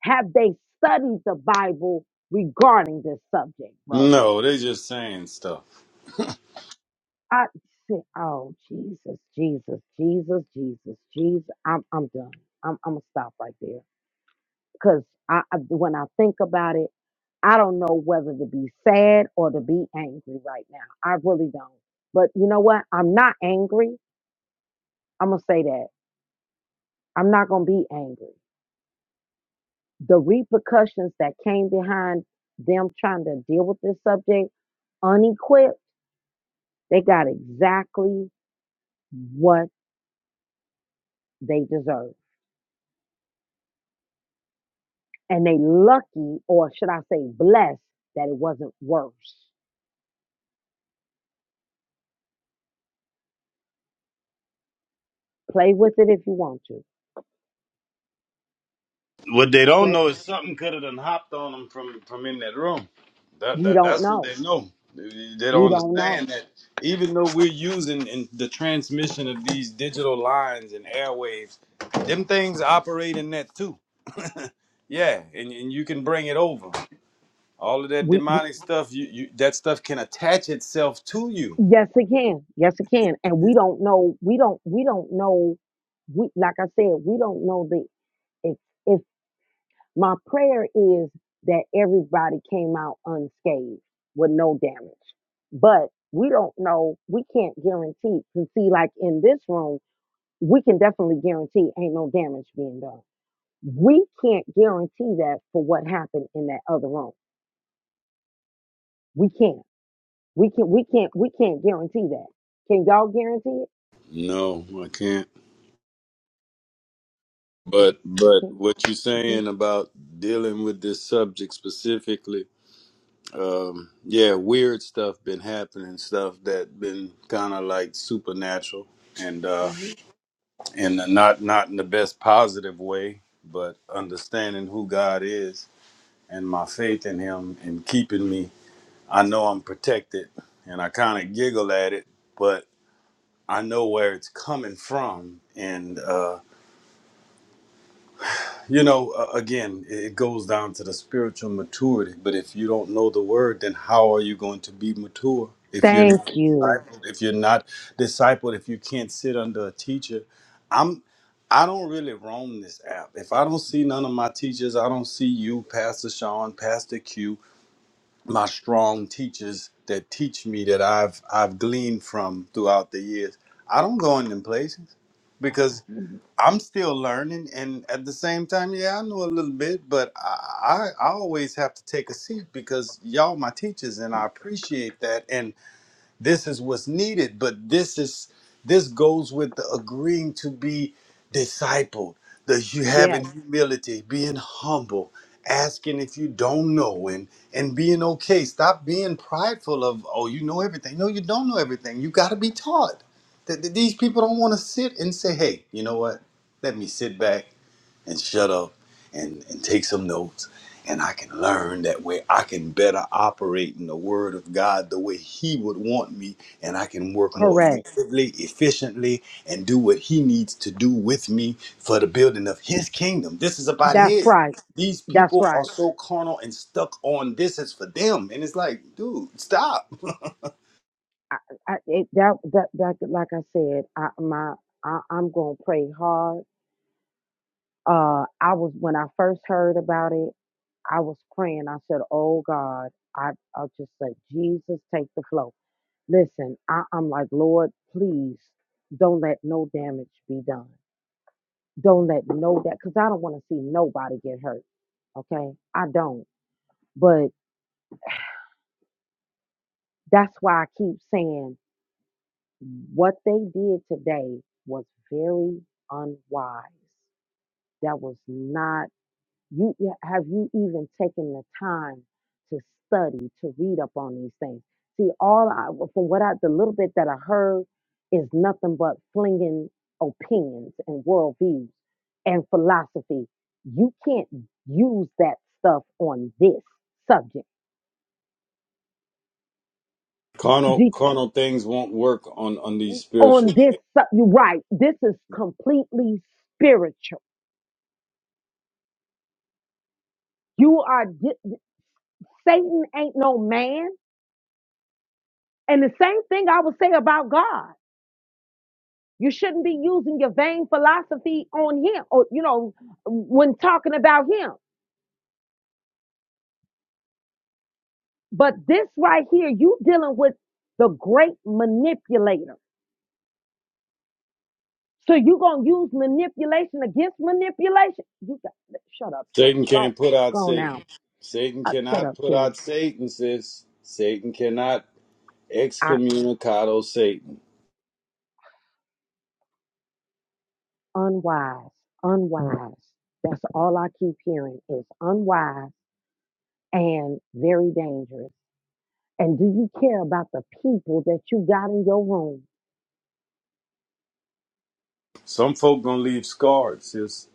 [SPEAKER 1] have they studied the Bible regarding this subject, bro?
[SPEAKER 4] No, they're just saying stuff.
[SPEAKER 1] I said, "Oh Jesus, Jesus, Jesus, Jesus, Jesus." I'm I'm done. I'm I'm gonna stop right there because I, I when I think about it, I don't know whether to be sad or to be angry right now. I really don't. But you know what? I'm not angry. I'm gonna say that. I'm not gonna be angry. The repercussions that came behind them trying to deal with this subject unequipped, they got exactly what they deserve. and they lucky or should I say blessed that it wasn't worse. Play with it if you want to.
[SPEAKER 4] What they don't
[SPEAKER 1] Play.
[SPEAKER 4] know is something could have done hopped on them from from in that room. That,
[SPEAKER 1] We
[SPEAKER 4] that
[SPEAKER 1] don't
[SPEAKER 4] that's what
[SPEAKER 1] know.
[SPEAKER 4] they know. They they don't
[SPEAKER 1] We don't know.
[SPEAKER 4] understand that even though we're using in the transmission of these digital lines and airwaves, them things operate in that too. Yeah, and, and you can bring it over. All of that
[SPEAKER 1] We
[SPEAKER 4] demonic stuff, you, you that stuff can attach itself to you.
[SPEAKER 1] yes it can. Yes it can. And we don't know. We don't we don't know we like I said, we don't know the if if my prayer is that everybody came out unscathed with no damage. But we don't know, we can't guarantee. You see, like in this room, we can definitely guarantee ain't no damage being done we can't guarantee that for what happened in that other room. We can't. We can. not We can't. We can't guarantee that. Can y'all guarantee it?
[SPEAKER 4] No, I can't.
[SPEAKER 1] No,
[SPEAKER 4] But
[SPEAKER 1] you
[SPEAKER 4] but
[SPEAKER 1] can't.
[SPEAKER 4] what you're saying
[SPEAKER 1] You
[SPEAKER 4] about dealing with this subject specifically um yeah weird stuff been happening stuff that been kind of like supernatural and uh
[SPEAKER 1] can't. hmm
[SPEAKER 4] and not not in the best positive way but understanding who god is and my faith in him and keeping me i know i'm protected and i kind of giggle at it but i know where it's coming from and uh You know, uh, again, it it goes down to the spiritual maturity. But if you don't know the word, then how are you going to be mature? If you're
[SPEAKER 1] Thank
[SPEAKER 4] not
[SPEAKER 1] you.
[SPEAKER 4] discipled, if you're not discipled, if you can't sit under a teacher, I'm. I don't really roam this app. If I don't see none of my teachers, I don't see you, Pastor Sean, Pastor Q, my strong teachers that teach me that I've I've gleaned from throughout the years. I don't go in them places because I'm still learning, and at the same time, yeah, I know a little bit, but I, I, I always have to take a seat because y'all my teachers, and I appreciate that. And. This is what's needed, but this is this goes with the agreeing to be discipled, the you
[SPEAKER 1] Yes,
[SPEAKER 4] having humility, being humble, asking if you don't know and and being okay. Stop being prideful of oh you know everything. No, you don't know everything. You got to be taught. That that these people don't want to sit and say, hey, you know what? Let me sit back and shut up and, and take some notes and I can learn that way. I can better operate in the word of God the way he would want me and I can work more
[SPEAKER 1] correct.
[SPEAKER 4] effectively, efficiently and do what he needs to do with me for the building of his kingdom. This is about
[SPEAKER 1] That's
[SPEAKER 4] his.
[SPEAKER 1] right.
[SPEAKER 4] These
[SPEAKER 1] That's
[SPEAKER 4] people are
[SPEAKER 1] right.
[SPEAKER 4] so carnal and stuck on this is for them and it's like, dude, stop.
[SPEAKER 1] I, I it, that that that like I said, I my I, I'm gonna pray hard. Uh, I was when I first heard about it, I was praying. I said, "Oh God, I I'll just say, Jesus, take the flow." Listen, I, I'm like, Lord, please don't let no damage be done. Don't let no that because I don't want to see nobody get hurt. Okay. I don't. But that's why I keep saying what they did today was very unwise. That was not You you- have you even taken the time to study to read up on these things? See, all I from what I the little bit that I heard is nothing but flinging opinions and worldviews and philosophy. You can't use that stuff on this subject.
[SPEAKER 4] Carnal
[SPEAKER 1] The-
[SPEAKER 4] carnal things won't work on on these spiritual
[SPEAKER 1] on this,
[SPEAKER 4] things.
[SPEAKER 1] sub- you're right. This is completely spiritual. You are di- Satan ain't no man, and the same thing I would say about God. You shouldn't be using your vain philosophy on him or, you know, when talking about him. But this right here, you dealing with the great manipulator. So you going to use manipulation against manipulation. You got, shut up, Cherry.
[SPEAKER 4] Satan
[SPEAKER 1] Go,
[SPEAKER 4] can't put out
[SPEAKER 1] go
[SPEAKER 4] Satan
[SPEAKER 1] now.
[SPEAKER 4] Satan
[SPEAKER 1] Uh, shut
[SPEAKER 4] cannot
[SPEAKER 1] up,
[SPEAKER 4] put
[SPEAKER 1] Cherry.
[SPEAKER 4] out Satan, sis. Satan cannot
[SPEAKER 1] I,
[SPEAKER 4] excommunicado Satan.
[SPEAKER 1] unwise, unwise. That's all I keep hearing is unwise and very dangerous. And do you care about the people that you got in your room?
[SPEAKER 4] Some folk gonna leave scarred, sis.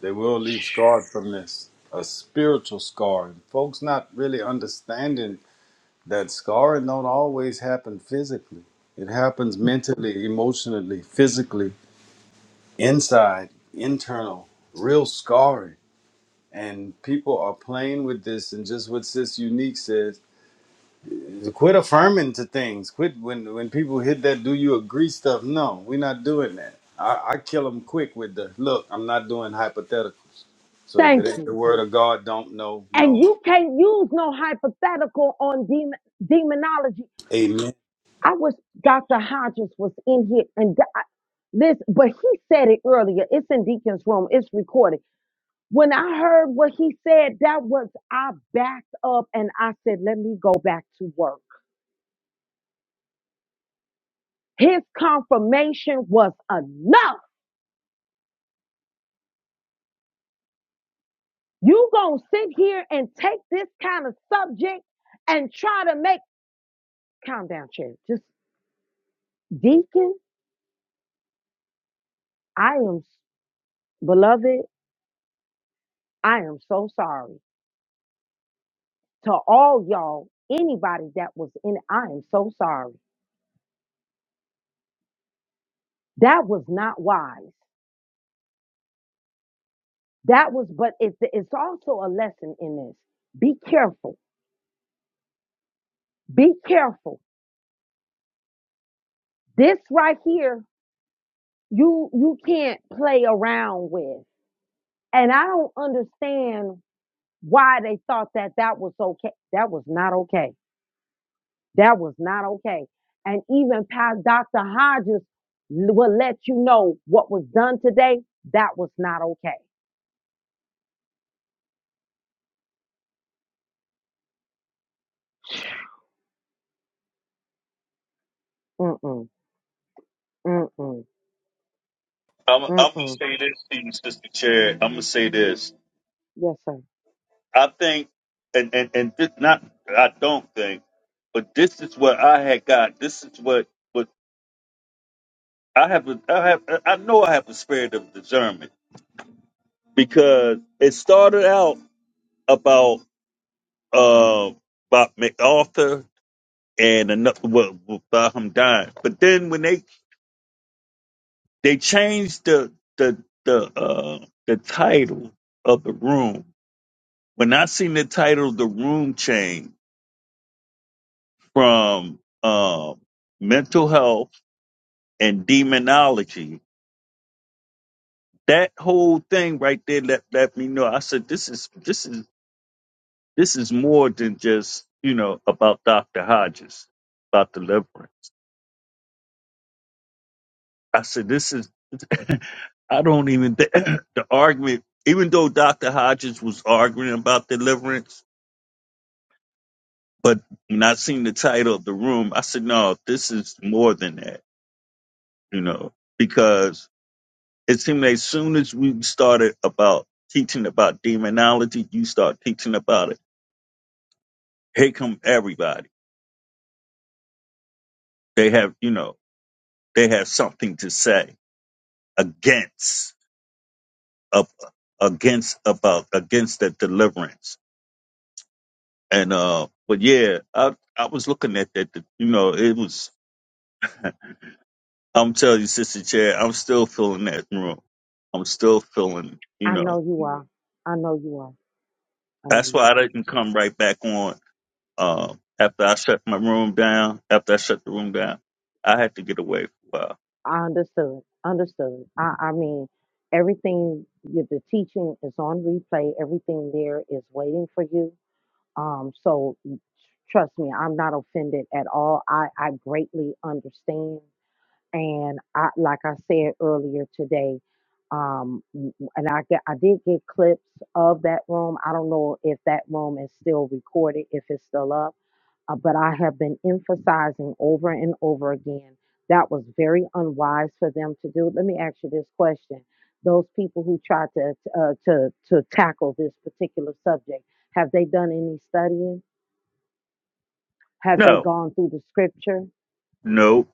[SPEAKER 4] They will leave scarred from this. A spiritual scar. And folks not really understanding that scarring don't always happen physically. It happens mentally, emotionally, physically, inside, internal, real scarring. And people are playing with this and just what Sis Unique says, Quit affirming to things. Quit when when people hit that "Do you agree?" stuff. No, we're not doing that. I, I kill them quick with the look. I'm not doing hypotheticals. So if
[SPEAKER 1] Thank
[SPEAKER 4] it ain't
[SPEAKER 1] you.
[SPEAKER 4] the word of God, don't know.
[SPEAKER 1] and
[SPEAKER 4] No,
[SPEAKER 1] you can't use no hypothetical on demon demonology.
[SPEAKER 4] amen.
[SPEAKER 1] I wish Dr. Hodges was in here and di- this, but he said it earlier. It's in Deacon's room. It's recorded. When I heard what he said, that was I backed up and I said, "Let me go back to work." His confirmation was enough. You gonna sit here and take this kind of subject and try to make calm down, chair. Just Deacon, I am beloved. I am so sorry. To all y'all, anybody that was in, I am so sorry. That was not wise. That was, but it, it's also a lesson in this. Be careful. Be careful. This right here, you you can't play around with. And I don't understand why they thought that that was okay. That was not okay. That was not okay. And even past Dr. Hodges will let you know what was done today. That was not okay. Mm-mm, mm-mm,
[SPEAKER 8] I'm, I'm gonna
[SPEAKER 1] mm-mm.
[SPEAKER 8] say this to you, Sister Chair. I'm gonna say this.
[SPEAKER 1] Yes, sir.
[SPEAKER 8] I think, and and and this not. I don't think, but this is what I had got. This is what what I have. a- I have. I know I have the spirit of discernment because it started out about uh about MacArthur and another well, about him dying, but then when they they changed the the the uh the title of the room When I seen the title The Room Change from um, mental health and demonology, that whole thing right there let, let me know. I said this is this is this is more than just, you know, about Dr. Hodges, about deliverance. I said this is I don't even think the argument, even though Dr. Hodges was arguing about deliverance, but when I seen the title of the room, I said, no, this is more than that, you know, because It seemed like as soon as we started about teaching about demonology, you start teaching about it. Here come everybody. They have, you know, they have something to say against up against about against that deliverance. And uh but yeah, I I was looking at that you know, it was I'm telling you, Sister Chair, I'm still feeling that room. I'm still feeling, you
[SPEAKER 1] I
[SPEAKER 8] know.
[SPEAKER 1] know you are. I know you are. I know
[SPEAKER 8] That's why I
[SPEAKER 1] you
[SPEAKER 8] didn't come right back on Um, after I shut my room down, after I shut the room down, I had to get away for a while.
[SPEAKER 1] are. I understood. Understood. I, I mean, everything, you, the teaching is on replay. Everything there is waiting for you. Um, so trust me, I'm not offended at all. I, I greatly understand. and I, like I said earlier today, um, w- and I get, I did get clips of that room. I don't know if that room is still recorded, if it's still up, uh, but I have been emphasizing over and over again that was very unwise for them to do. Let me ask you this question: Those people who tried to uh, to to tackle this particular subject, have they done any studying? Have they
[SPEAKER 8] No,
[SPEAKER 1] gone through the scripture?
[SPEAKER 8] no,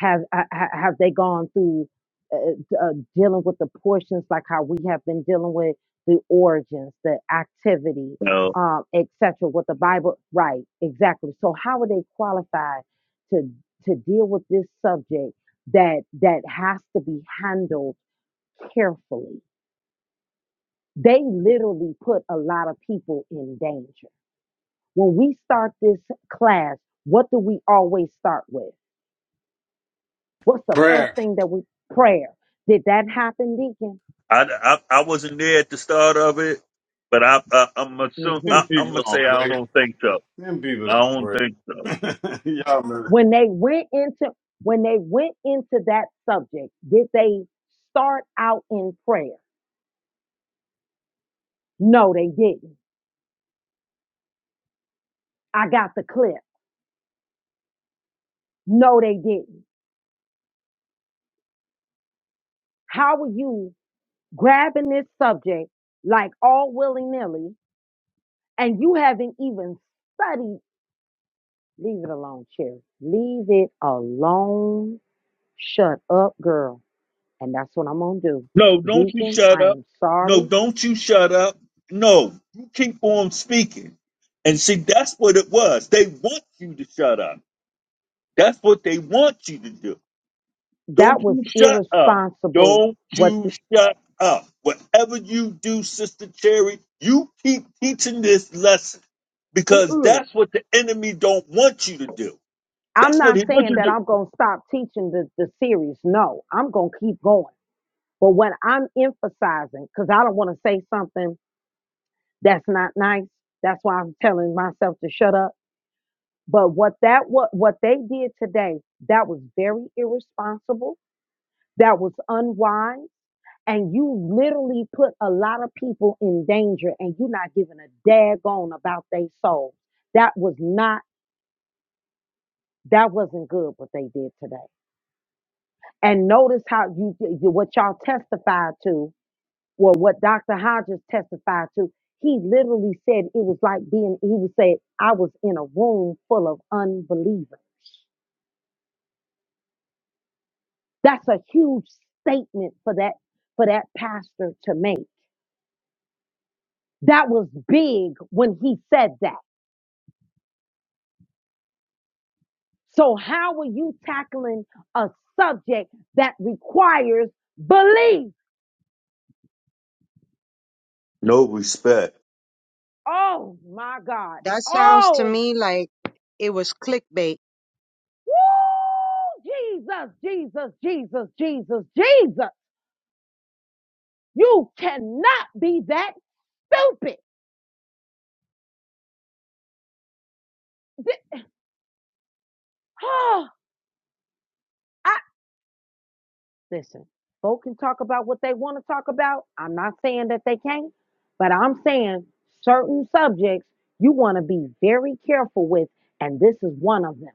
[SPEAKER 1] Have ha- ha- have they gone through uh, uh, dealing with the portions like how we have been dealing with the origins, the activity,
[SPEAKER 8] no.
[SPEAKER 1] um, etc. What the Bible, right? Exactly. So how are they qualified to to deal with this subject that that has to be handled carefully? They literally put a lot of people in danger. When we start this class, what do we always start with? What's the first
[SPEAKER 4] Prayer.
[SPEAKER 1] thing that we prayer? Did that happen, Deacon?
[SPEAKER 8] I, I, I wasn't there at the start of it, but I, I I'm assume
[SPEAKER 1] hmm
[SPEAKER 4] Them
[SPEAKER 8] I, I'm
[SPEAKER 4] people
[SPEAKER 8] gonna say
[SPEAKER 4] don't
[SPEAKER 8] I
[SPEAKER 4] pray.
[SPEAKER 8] don't think so.
[SPEAKER 4] Them people
[SPEAKER 8] I
[SPEAKER 4] don't
[SPEAKER 8] don't
[SPEAKER 4] pray.
[SPEAKER 8] think so.
[SPEAKER 4] Y'all remember?
[SPEAKER 1] When they went into when they went into that subject, did they start out in prayer? No, they didn't. I got the clip. No, they didn't. How are you grabbing this subject like all willy nilly, and you haven't even studied? Leave it alone, Cherry. Leave it alone. Shut up, girl. And that's what I'm gonna do.
[SPEAKER 8] No, don't you
[SPEAKER 1] Deacon,
[SPEAKER 8] shut
[SPEAKER 1] I
[SPEAKER 8] up.
[SPEAKER 1] am
[SPEAKER 8] No,
[SPEAKER 1] sorry.
[SPEAKER 8] don't you shut up. No, you keep on speaking. And see, that's what it was. They want you to shut up. That's what they want you to do.
[SPEAKER 1] That
[SPEAKER 8] Don't
[SPEAKER 1] was
[SPEAKER 8] you shut up.
[SPEAKER 1] irresponsible.
[SPEAKER 8] Don't
[SPEAKER 1] What
[SPEAKER 8] you
[SPEAKER 1] the,
[SPEAKER 8] shut up. Whatever you do, Sister Cherry, you keep teaching this lesson because
[SPEAKER 1] mm-mm.
[SPEAKER 8] that's what the enemy don't want you to do.
[SPEAKER 1] I'm
[SPEAKER 8] That's what
[SPEAKER 1] not
[SPEAKER 8] he wants
[SPEAKER 1] saying
[SPEAKER 8] you
[SPEAKER 1] that
[SPEAKER 8] to do.
[SPEAKER 1] I'm going to stop teaching the, the series. No, I'm going to keep going. But what I'm emphasizing, because I don't want to say something that's not nice. That's why I'm telling myself to shut up. But what that what what they did today, that was very irresponsible. That was unwise. And you literally put a lot of people in danger and you're not giving a daggone about their soul. That was not That wasn't good what they did today. And notice how you what y'all testified to, or what Dr. Hodges testified to. He literally said it was like being. He would say, "I was in a room full of unbelievers." That's a huge statement for that for that pastor to make. That was big when he said that. So how are you tackling a subject that requires belief?
[SPEAKER 8] No respect.
[SPEAKER 1] Oh my God.
[SPEAKER 7] That sounds to
[SPEAKER 1] Oh
[SPEAKER 7] me like it was clickbait.
[SPEAKER 1] Woo! Jesus, Jesus, Jesus, Jesus, Jesus. You cannot be that stupid. Th- Oh, I listen. Folk can talk about what they want to talk about. I'm not saying that they can't, but I'm saying certain subjects you want to be very careful with, and this is one of them.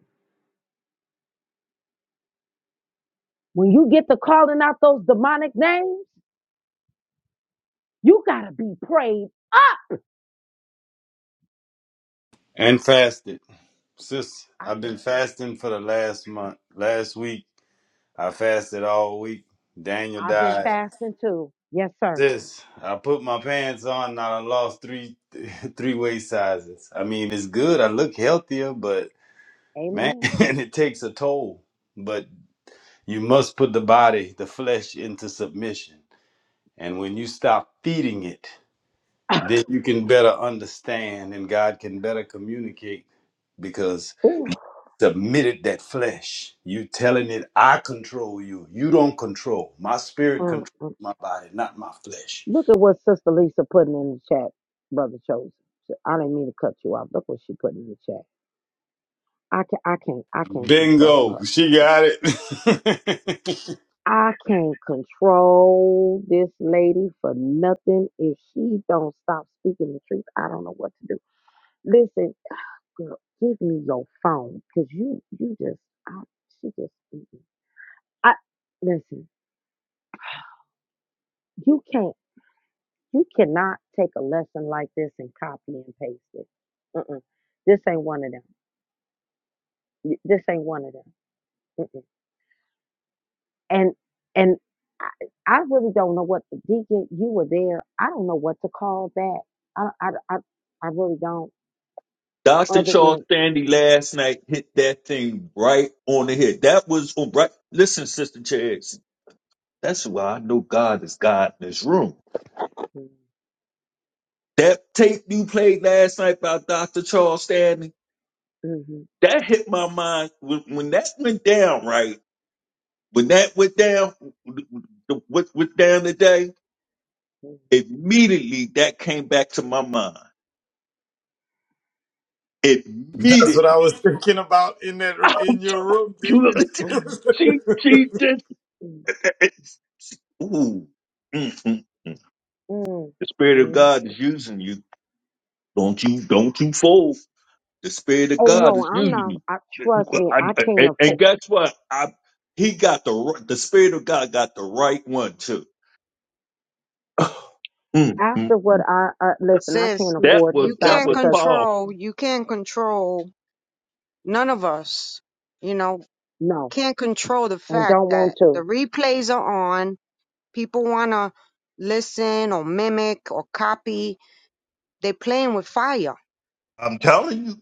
[SPEAKER 1] When you get to calling out those demonic names, you gotta be prayed up.
[SPEAKER 4] And fasted, sis.
[SPEAKER 1] I
[SPEAKER 4] I've
[SPEAKER 1] just,
[SPEAKER 4] been fasting for the last month. Last week I fasted all week. Daniel
[SPEAKER 1] I've been
[SPEAKER 4] died.
[SPEAKER 1] fasting too. Yes, sir.
[SPEAKER 4] This I put my pants on and I lost three three waist sizes. I mean, it's good. I look healthier, but man,
[SPEAKER 1] Amen.
[SPEAKER 4] it takes a toll. But you must put the body, the flesh, into submission. And when you stop feeding it, then you can better understand and God can better communicate because
[SPEAKER 1] Ooh.
[SPEAKER 4] submitted that flesh. You telling it, I control you. You don't control. My spirit
[SPEAKER 1] Mm,
[SPEAKER 4] controls
[SPEAKER 1] mm.
[SPEAKER 4] my body, not my flesh.
[SPEAKER 1] Look at what Sister Lisa putting in the chat, Brother Chosen. I didn't mean to cut you off. Look what she put in the chat. I can I can't I can't control
[SPEAKER 4] Bingo.
[SPEAKER 1] her.
[SPEAKER 4] She
[SPEAKER 1] Yes.
[SPEAKER 4] got it.
[SPEAKER 1] I can't control this lady for nothing. If she don't stop speaking the truth, I don't know what to do. Listen, girl, give me your phone because you you just I, she just mm-mm. I listen. You can't. You cannot take a lesson like this and copy and paste it. Mm-mm. This ain't one of them. Y- This ain't one of them. Mm-mm. And and I, I really don't know what the deacon. You were there. I don't know what to call that. I I I, I really don't.
[SPEAKER 8] Dr.
[SPEAKER 1] Other
[SPEAKER 8] Charles
[SPEAKER 1] than
[SPEAKER 8] Stanley last night hit that thing right on the head. That was on right. Listen, Sister Cherry, that's why I know God is God in this room.
[SPEAKER 1] mm,
[SPEAKER 8] That tape you played last night by Dr. Charles Stanley
[SPEAKER 1] mhm,
[SPEAKER 8] that hit my mind when, when that went down, right? When that went down, what went down today,
[SPEAKER 1] mm,
[SPEAKER 8] immediately that came back to my mind.
[SPEAKER 4] That's what I
[SPEAKER 8] Immediately.
[SPEAKER 4] was thinking about in that
[SPEAKER 8] I'm
[SPEAKER 4] in your
[SPEAKER 8] telling
[SPEAKER 4] room,
[SPEAKER 8] You-
[SPEAKER 4] Deacon.
[SPEAKER 1] mm,
[SPEAKER 8] she, she just,
[SPEAKER 1] mm,
[SPEAKER 8] ooh. Mm-mm. The
[SPEAKER 1] mm,
[SPEAKER 8] Spirit of
[SPEAKER 1] mm.
[SPEAKER 8] God is using you. Don't you, don't you fold. The Spirit of
[SPEAKER 1] oh
[SPEAKER 8] God
[SPEAKER 1] no,
[SPEAKER 8] is
[SPEAKER 1] I'm
[SPEAKER 8] using
[SPEAKER 1] not.
[SPEAKER 8] you.
[SPEAKER 1] I trust me.
[SPEAKER 8] I-
[SPEAKER 1] I
[SPEAKER 8] I-
[SPEAKER 1] can't
[SPEAKER 8] and, and
[SPEAKER 1] afford.
[SPEAKER 8] guess what? I, he got the, r- the Spirit of God got the right one too. Mm, mm,
[SPEAKER 1] After what
[SPEAKER 8] mm.
[SPEAKER 1] I uh, listen, I
[SPEAKER 7] Sis,
[SPEAKER 1] can't
[SPEAKER 8] that
[SPEAKER 1] afford to
[SPEAKER 7] you
[SPEAKER 8] was
[SPEAKER 1] stop
[SPEAKER 8] that
[SPEAKER 7] can't
[SPEAKER 8] was
[SPEAKER 1] because
[SPEAKER 7] control,
[SPEAKER 8] powerful.
[SPEAKER 7] you can't control None of us, you know,
[SPEAKER 1] no,
[SPEAKER 7] can't control the
[SPEAKER 1] and
[SPEAKER 7] fact
[SPEAKER 1] don't want
[SPEAKER 7] that the
[SPEAKER 1] to.
[SPEAKER 7] replays are on. People want to listen or mimic or copy. They're playing with fire.
[SPEAKER 8] I'm telling you,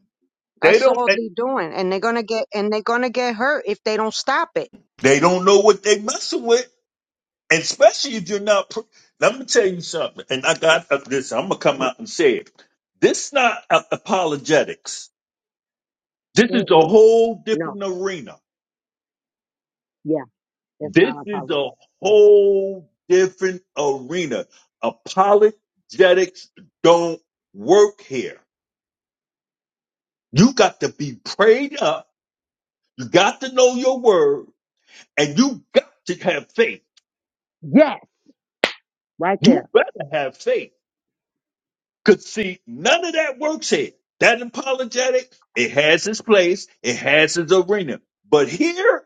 [SPEAKER 8] they
[SPEAKER 7] That's
[SPEAKER 8] don't
[SPEAKER 7] all
[SPEAKER 8] and
[SPEAKER 7] they're doing. And they're going to get, and they're going to get hurt if they don't stop it.
[SPEAKER 8] they don't know what they messing with, and especially if you're not. Pr- Let me tell you something, and I got uh, this. I'm gonna come out and say it. This not a- apologetics. This is a whole
[SPEAKER 1] No.
[SPEAKER 8] different arena.
[SPEAKER 1] Yeah. That's
[SPEAKER 8] This
[SPEAKER 1] not
[SPEAKER 8] is a
[SPEAKER 1] apologetics. No.
[SPEAKER 8] whole different arena. Apologetics don't work here. You got to be prayed up. You got to know your word And you got to have faith.
[SPEAKER 1] Yes. Right
[SPEAKER 8] You
[SPEAKER 1] there.
[SPEAKER 8] better have faith. Because, see, none of that works here. That apologetic, it has its place, it has its arena. But here,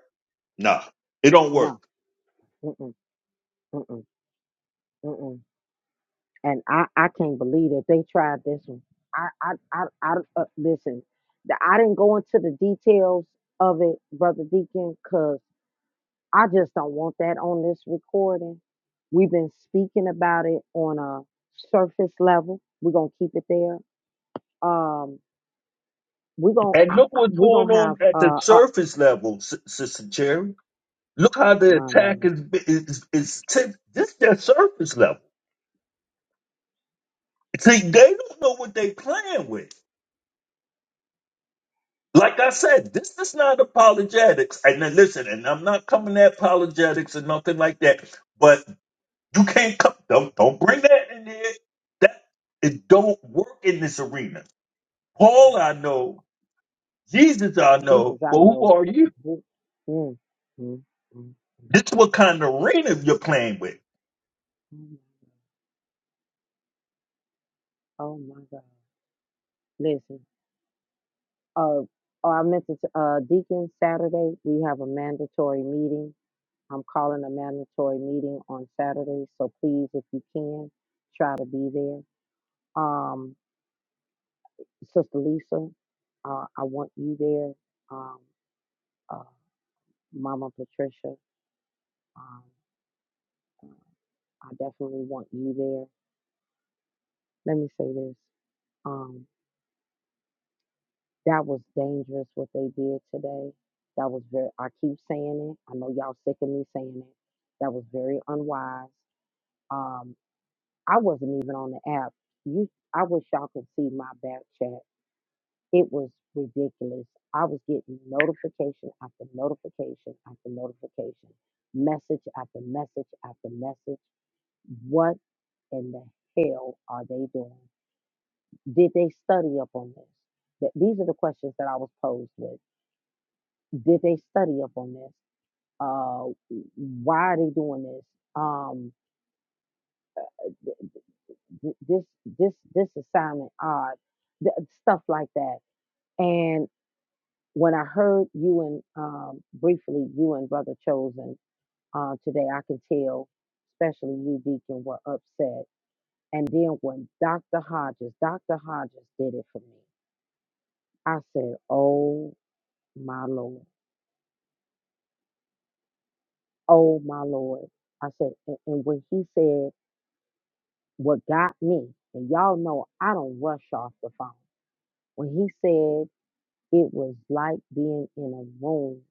[SPEAKER 8] nah, it don't work.
[SPEAKER 1] No. Mm-mm. Mm-mm. Mm-mm. And I, I can't believe that they tried this one. I, I, I, I uh, listen. the- I didn't go into the details of it, brother Deacon, because I just don't want that on this recording. We've been speaking about it on a surface level. We're gonna keep it there. Um, we're gonna
[SPEAKER 8] And
[SPEAKER 1] I,
[SPEAKER 8] look
[SPEAKER 1] I-
[SPEAKER 8] what's
[SPEAKER 1] we're
[SPEAKER 8] going
[SPEAKER 1] gonna have
[SPEAKER 8] on at the
[SPEAKER 1] uh, uh
[SPEAKER 8] surface level, S- Sister Cherry. Look how the
[SPEAKER 1] my lord.
[SPEAKER 8] attack is, is, is, is this is their surface level. See, they don't know what they playing with. Like I said, this is not apologetics. And then listen, and I'm not coming at apologetics and nothing like that. But you can't come. Don't don't bring that in here. That it don't work in this arena. Paul, I know. Jesus, I
[SPEAKER 1] Jesus,
[SPEAKER 8] know. But
[SPEAKER 1] I
[SPEAKER 8] who
[SPEAKER 1] know.
[SPEAKER 8] are you?
[SPEAKER 1] Mm, mm, mm, mm.
[SPEAKER 8] This is what kind of arena you're playing with.
[SPEAKER 1] Mm. Oh my God. Listen, uh, oh, I meant to, t- uh, Deacon, Saturday, we have a mandatory meeting. I'm calling a mandatory meeting on Saturday, so please, if you can, try to be there. Um, Sister Lisa, uh, I want you there. Um, uh, Mama Patricia, um, uh, I definitely want you there. Let me say this. Um, That was dangerous what they did today. That was very, I keep saying it. I know y'all sick of me saying it. That was very unwise. Um, I wasn't even on the app. You, I wish y'all could see my back chat. It was ridiculous. I was getting notification after notification after notification, message after message after message. What in the hell are they doing? Did they study up on this? That these are the questions that I was posed with Did they study up on this? Uh, why are they doing this? Um, th- th- this this this assignment odd, th- stuff like that. And when I heard you and um, briefly you and Brother Chosen uh, today, I can tell, especially you, Deacon, were upset. And then when Dr. Hodges, Dr. Hodges did it for me, I said, "Oh my Lord, oh my Lord." I said, and, and when he said what got me, and y'all know I don't rush off the phone. When he said it was like being in a room,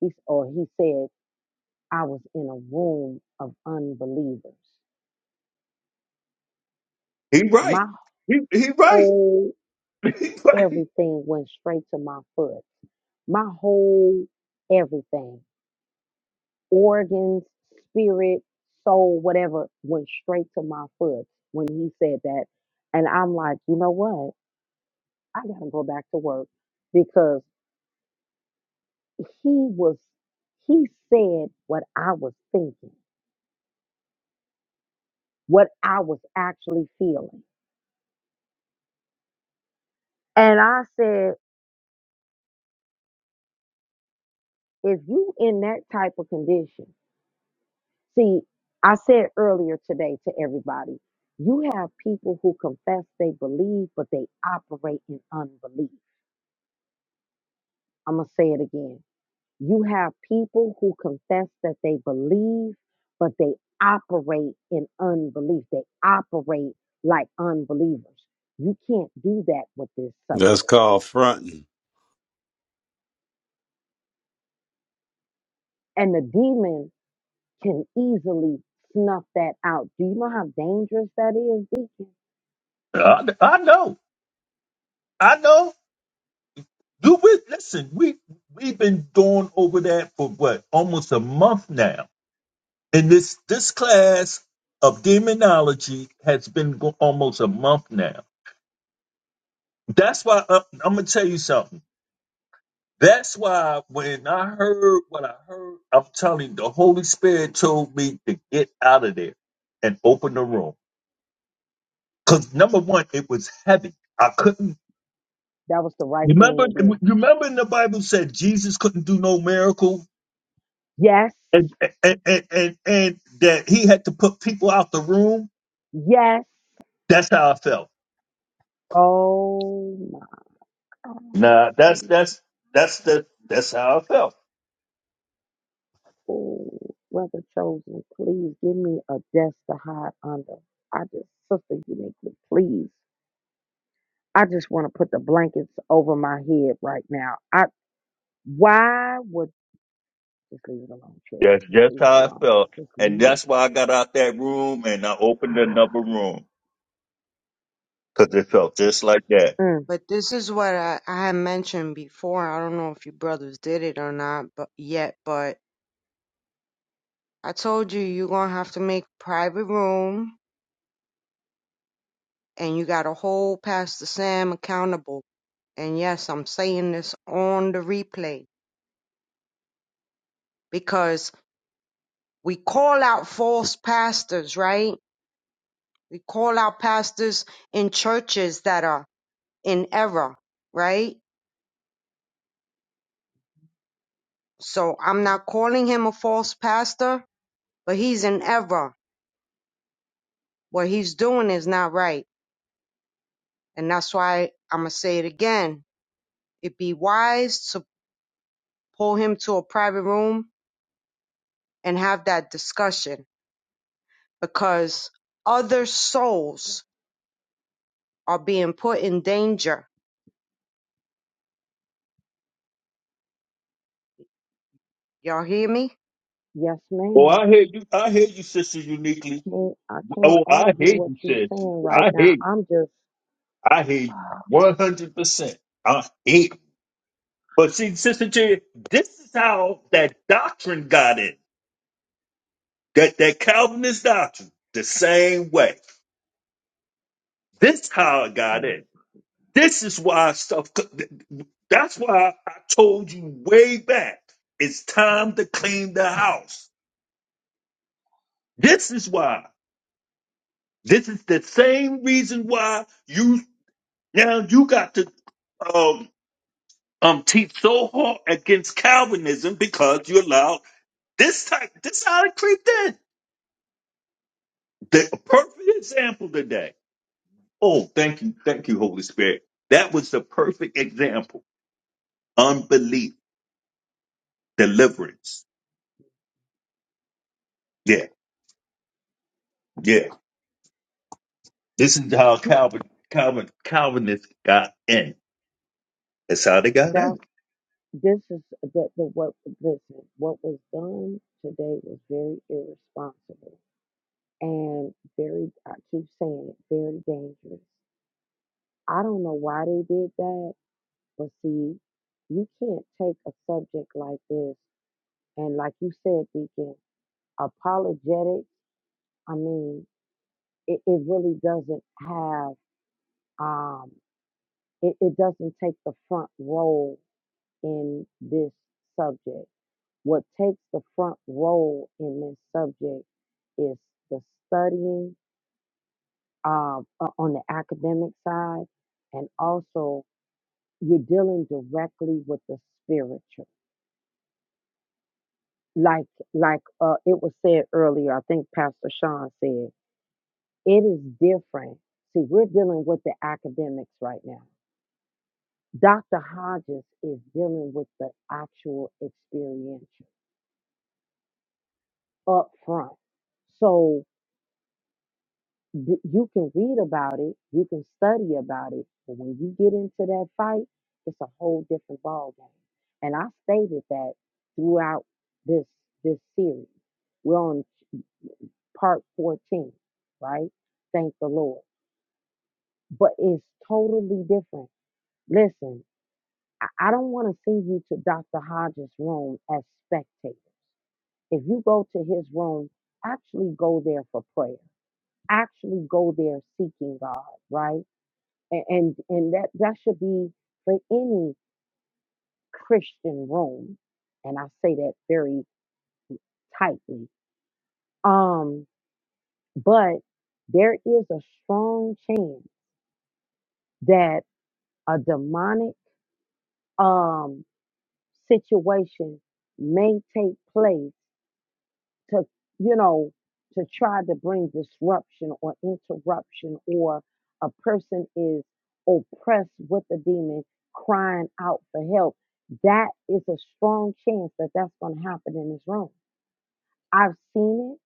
[SPEAKER 1] he, or he said I was in a room of unbelievers.
[SPEAKER 8] He right.
[SPEAKER 1] My
[SPEAKER 8] He he right.
[SPEAKER 1] whole
[SPEAKER 8] He right.
[SPEAKER 1] everything went straight to my foot. My whole everything, organs, spirit, soul, whatever, went straight to my foot when he said that. And I'm like, you know what? I gotta go back to work because he was he said what I was thinking, what I was actually feeling. And I said, if you in that type of condition, see, I said earlier today to everybody, you have people who confess they believe, but they operate in unbelief. I'm gonna say it again. You have people who confess that they believe, but they operate in unbelief. They operate like unbelievers. You can't do that with this
[SPEAKER 4] That's
[SPEAKER 1] subject.
[SPEAKER 4] called fronting.
[SPEAKER 1] And the demon can easily snuff that out. Do you know how dangerous that is, Deacon?
[SPEAKER 8] I, I know. I know. Do we listen? We we've been going over that for what almost a month now And this this class of demonology has been go- almost a month now. That's why I, I'm gonna tell you something. That's why when I heard what I heard, I'm telling you, the Holy Spirit told me to get out of there and open the room. Cause number one, it was heavy. I couldn't
[SPEAKER 1] That was the right
[SPEAKER 8] remember.
[SPEAKER 1] thing to
[SPEAKER 8] You
[SPEAKER 1] do.
[SPEAKER 8] remember in the Bible said Jesus couldn't do no miracle,
[SPEAKER 1] Yes.
[SPEAKER 8] and and and and, and that he had to put people out the room.
[SPEAKER 1] Yes.
[SPEAKER 8] That's how I felt.
[SPEAKER 1] Oh my
[SPEAKER 8] Nah,
[SPEAKER 1] God.
[SPEAKER 8] that's that's that's the that's how I felt.
[SPEAKER 1] Oh, brother chosen, please give me a desk to hide under. I just, sister uniquely, please. I just want to put the blankets over my head right now. I why would just leave it alone, Cherry.
[SPEAKER 8] That's
[SPEAKER 1] Just
[SPEAKER 8] just
[SPEAKER 1] leave it
[SPEAKER 8] how I
[SPEAKER 1] alone.
[SPEAKER 8] felt,
[SPEAKER 1] Just
[SPEAKER 8] and
[SPEAKER 1] leave it.
[SPEAKER 8] that's why I got out that room and I opened another room because it felt just like that.
[SPEAKER 1] Mm,
[SPEAKER 7] But this is what I, I had mentioned before. I don't know if you brothers did it or not, but yet, but I told you, you're going to have to make private room and you got to hold Pastor Sam accountable And yes, I'm saying this on the replay because we call out false pastors, right? We call out pastors in churches that are in error, right? So I'm not calling him a false pastor, but he's in error. What he's doing is not right. And that's why I'm going to say it again. It'd be wise to pull him to a private room and have that discussion because other souls are being put in danger Y'all hear me?
[SPEAKER 1] yes,
[SPEAKER 8] Oh,
[SPEAKER 1] ma'am.
[SPEAKER 8] I hear you. I hear you, sister. Uniquely.
[SPEAKER 1] Can't I can't
[SPEAKER 8] Oh,
[SPEAKER 1] argue
[SPEAKER 8] I hear
[SPEAKER 1] what
[SPEAKER 8] you,
[SPEAKER 1] you're
[SPEAKER 8] sis.
[SPEAKER 1] saying right
[SPEAKER 8] I
[SPEAKER 1] now.
[SPEAKER 8] hear. You.
[SPEAKER 1] I'm just
[SPEAKER 8] I hear you one hundred percent. I hear. You. But see, sister J, this is how that doctrine got in. That that Calvinist doctrine, the same way. This how it got
[SPEAKER 1] mm,
[SPEAKER 8] in. This is why stuff. That's why I told you way back. It's time to clean the house. This is why. This is the same reason why you now you got to um um teach so hard against Calvinism because you allowed this type. This how it creeped in. The perfect example today. Oh, thank you, thank you, Holy Spirit. That was the perfect example. Unbelief, deliverance. Yeah, yeah. This is how
[SPEAKER 1] you
[SPEAKER 8] Calvin, Calvin, Calvinists got in. That's how they got
[SPEAKER 1] that
[SPEAKER 8] in.
[SPEAKER 1] this is that the what listen what was done today was very irresponsible and very I keep saying it, very dangerous. I don't know why they did that, but see, you can't take a subject like this and like you said, Deacon, apologetics, I mean, it, it really doesn't have um it, it doesn't take the front role in this subject. What takes the front role in this subject is the studying uh, uh, on the academic side, and also you're dealing directly with the spiritual. Like like uh, it was said earlier, I think Pastor Sean said it is different. See, we're dealing with the academics right now. Dr. Hodges is dealing with the actual experiential up front. So d- you can read about it, you can study about it, but when you get into that fight, it's a whole different ball game. And I stated that throughout this this series. We're on part 14, right? Thank the Lord. But it's totally different. Listen, I, I don't want to send you to Dr. Hodges' room as spectators. If you go to his room, actually go there for prayer. Actually go there seeking God, right? A- and and that that should be for any christian room and i say that very tightly um but there is a strong chance that a demonic um situation may take place to you know to try to bring disruption or interruption or a person is oppressed with a demon crying out for help that is a strong chance that that's going to happen in this room i've seen it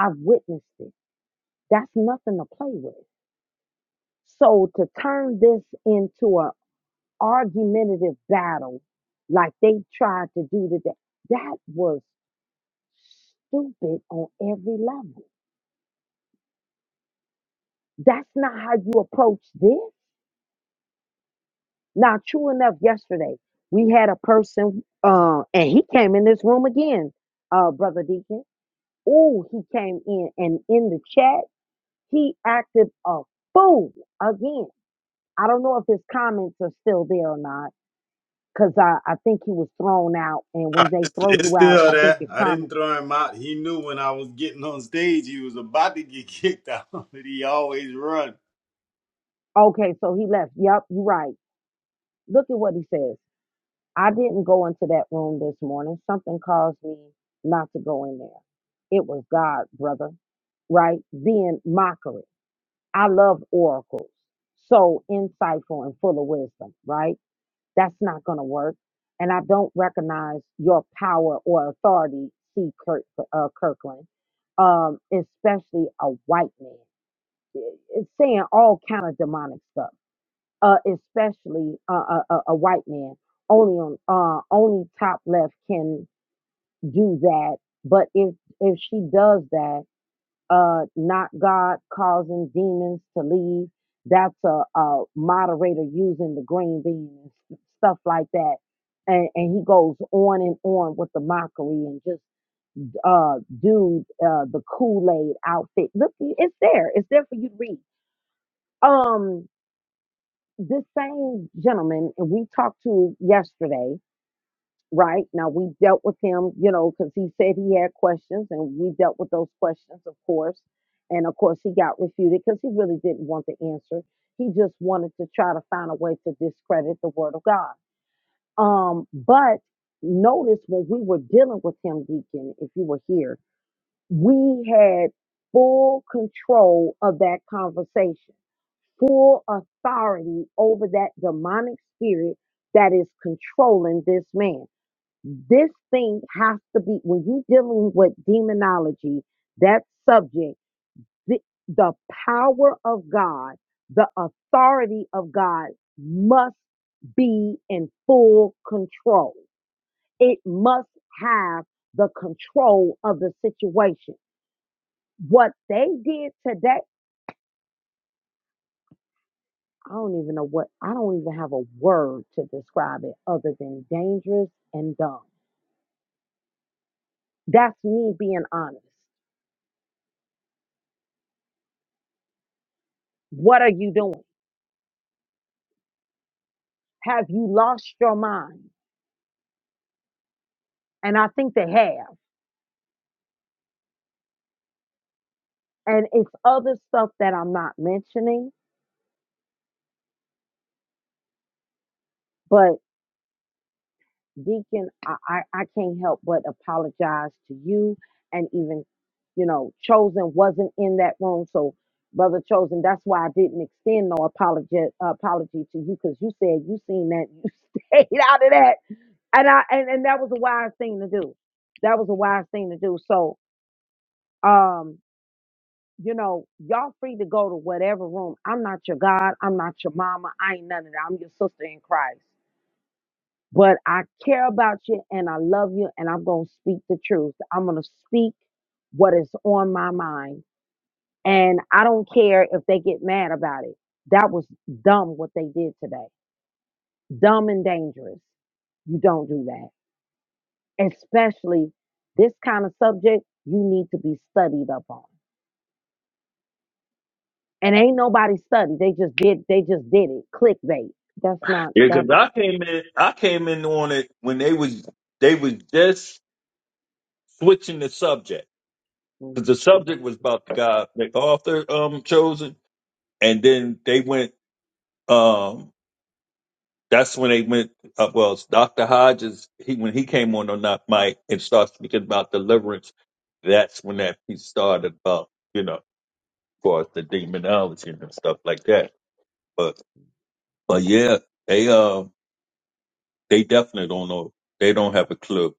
[SPEAKER 1] i've witnessed it that's nothing to play with so to turn this into an argumentative battle like they tried to do today that was stupid on every level That's not how you approach this. Now, true enough, yesterday we had a person, uh, and he came in this room again, uh, Brother Deacon. Oh, he came in, and in the chat, he acted a fool again. I don't know if his comments are still there or not, because I, I think he was thrown out. And
[SPEAKER 4] Nah,
[SPEAKER 1] when they
[SPEAKER 4] It's
[SPEAKER 1] throw
[SPEAKER 4] it's
[SPEAKER 1] you out,
[SPEAKER 4] still
[SPEAKER 1] I think
[SPEAKER 4] that.
[SPEAKER 1] your
[SPEAKER 4] I didn't
[SPEAKER 1] comments.
[SPEAKER 4] throw him out. He knew when I was getting on stage, he was about to get kicked out, but he always run.
[SPEAKER 1] Okay, so he left. Yep, you're right. Look at what he says. I didn't go into that room this morning. Something caused me not to go in there. It was God, brother, right? Being mockery. I love oracles. So insightful and full of wisdom, right? That's not going to work. And I don't recognize your power or authority, C. Kirk, uh, Kirkland, um, especially a white man. It's saying all kind of demonic stuff uh, especially uh, a, a, a white man. Only on uh, only top left can do that. But if if she does that, uh, not God causing demons to leave. That's a, a moderator using the green bean and stuff like that. And, and he goes on and on with the mockery and just uh dude uh the kool-aid outfit look it's there it's there for you to read um this same gentleman and we talked to yesterday right now we dealt with him you know because he said he had questions and we dealt with those questions of course and of course he got refuted because he really didn't want the answer he just wanted to try to find a way to discredit the word of god um but notice when we were dealing with him deacon if you were here we had full control of that conversation full authority over that demonic spirit that is controlling this man. This thing has to be, when you're dealing with demonology, that subject, the, the power of God, the authority of God must be in full control. It must have the control of the situation. What they did today I don't even know what, I don't even have a word to describe it other than dangerous and dumb. That's me being honest. What are you doing? Have you lost your mind? And I think they have. And it's other stuff that I'm not mentioning, but Deacon, I, I, I can't help but apologize to you and even, you know, Chosen wasn't in that room. So, Brother Chosen, that's why I didn't extend no apology apology to you because you said you seen that you stayed out of that. And I and, and that was a wise thing to do. That was a wise thing to do. So um, you know, y'all free to go to whatever room. I'm not your God, I'm not your mama, I ain't none of that. I'm your sister in Christ but I care about you and I love you and I'm going to speak the truth. I'm going to speak what is on my mind and I don't care if they get mad about it. That was dumb what they did today. Dumb and dangerous. You don't do that. Especially this kind of subject you need to be studied up on. And ain't nobody studied. They just did they just did it. Clickbait. That's not
[SPEAKER 8] Yeah,
[SPEAKER 1] that
[SPEAKER 8] because
[SPEAKER 1] was
[SPEAKER 8] I came in, I came in on it when they was they was just switching the subject
[SPEAKER 1] mm,
[SPEAKER 8] because the
[SPEAKER 1] mm,
[SPEAKER 8] subject was about the guy the author um chosen, and then they went um that's when they went uh, well it's Doctor Hodges he when he came on on that mic and started speaking about deliverance, that's when that he started about you know of course the demonology and stuff like that, but. But yeah, they uh they definitely don't know. They don't have a clue.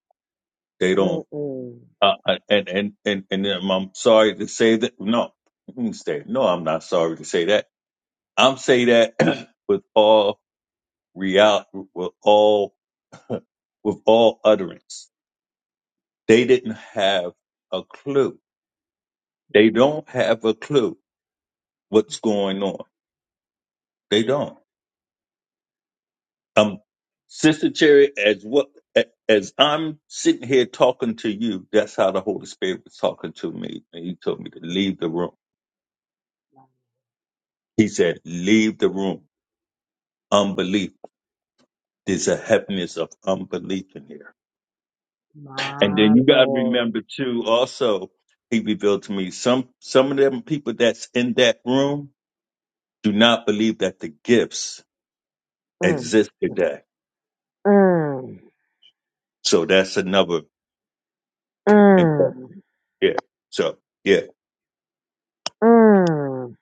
[SPEAKER 8] They
[SPEAKER 1] mm,
[SPEAKER 8] don't.
[SPEAKER 1] mm.
[SPEAKER 8] Uh, uh, and and and and um, I'm sorry to say that. No, I didn't say no. I'm not sorry to say that. I'm say that with all real, with all with all utterance. They didn't have a clue. They don't have a clue what's going on. They don't. Um, Sister Cherry, as what as I'm sitting here talking to you, that's how the Holy Spirit was talking to me, and He told me to leave the room. He said, "Leave the room. Unbelief. There's a heaviness of unbelief in here." And
[SPEAKER 1] my
[SPEAKER 8] then you got to
[SPEAKER 1] lord.
[SPEAKER 8] remember too. Also, He revealed to me some some of them people that's in that room do not believe that the gifts
[SPEAKER 1] Mm.
[SPEAKER 8] exist
[SPEAKER 1] mm.
[SPEAKER 8] today.
[SPEAKER 1] Mm,
[SPEAKER 8] So that's another impact.
[SPEAKER 1] mm,
[SPEAKER 8] Yeah. So yeah.
[SPEAKER 1] mm.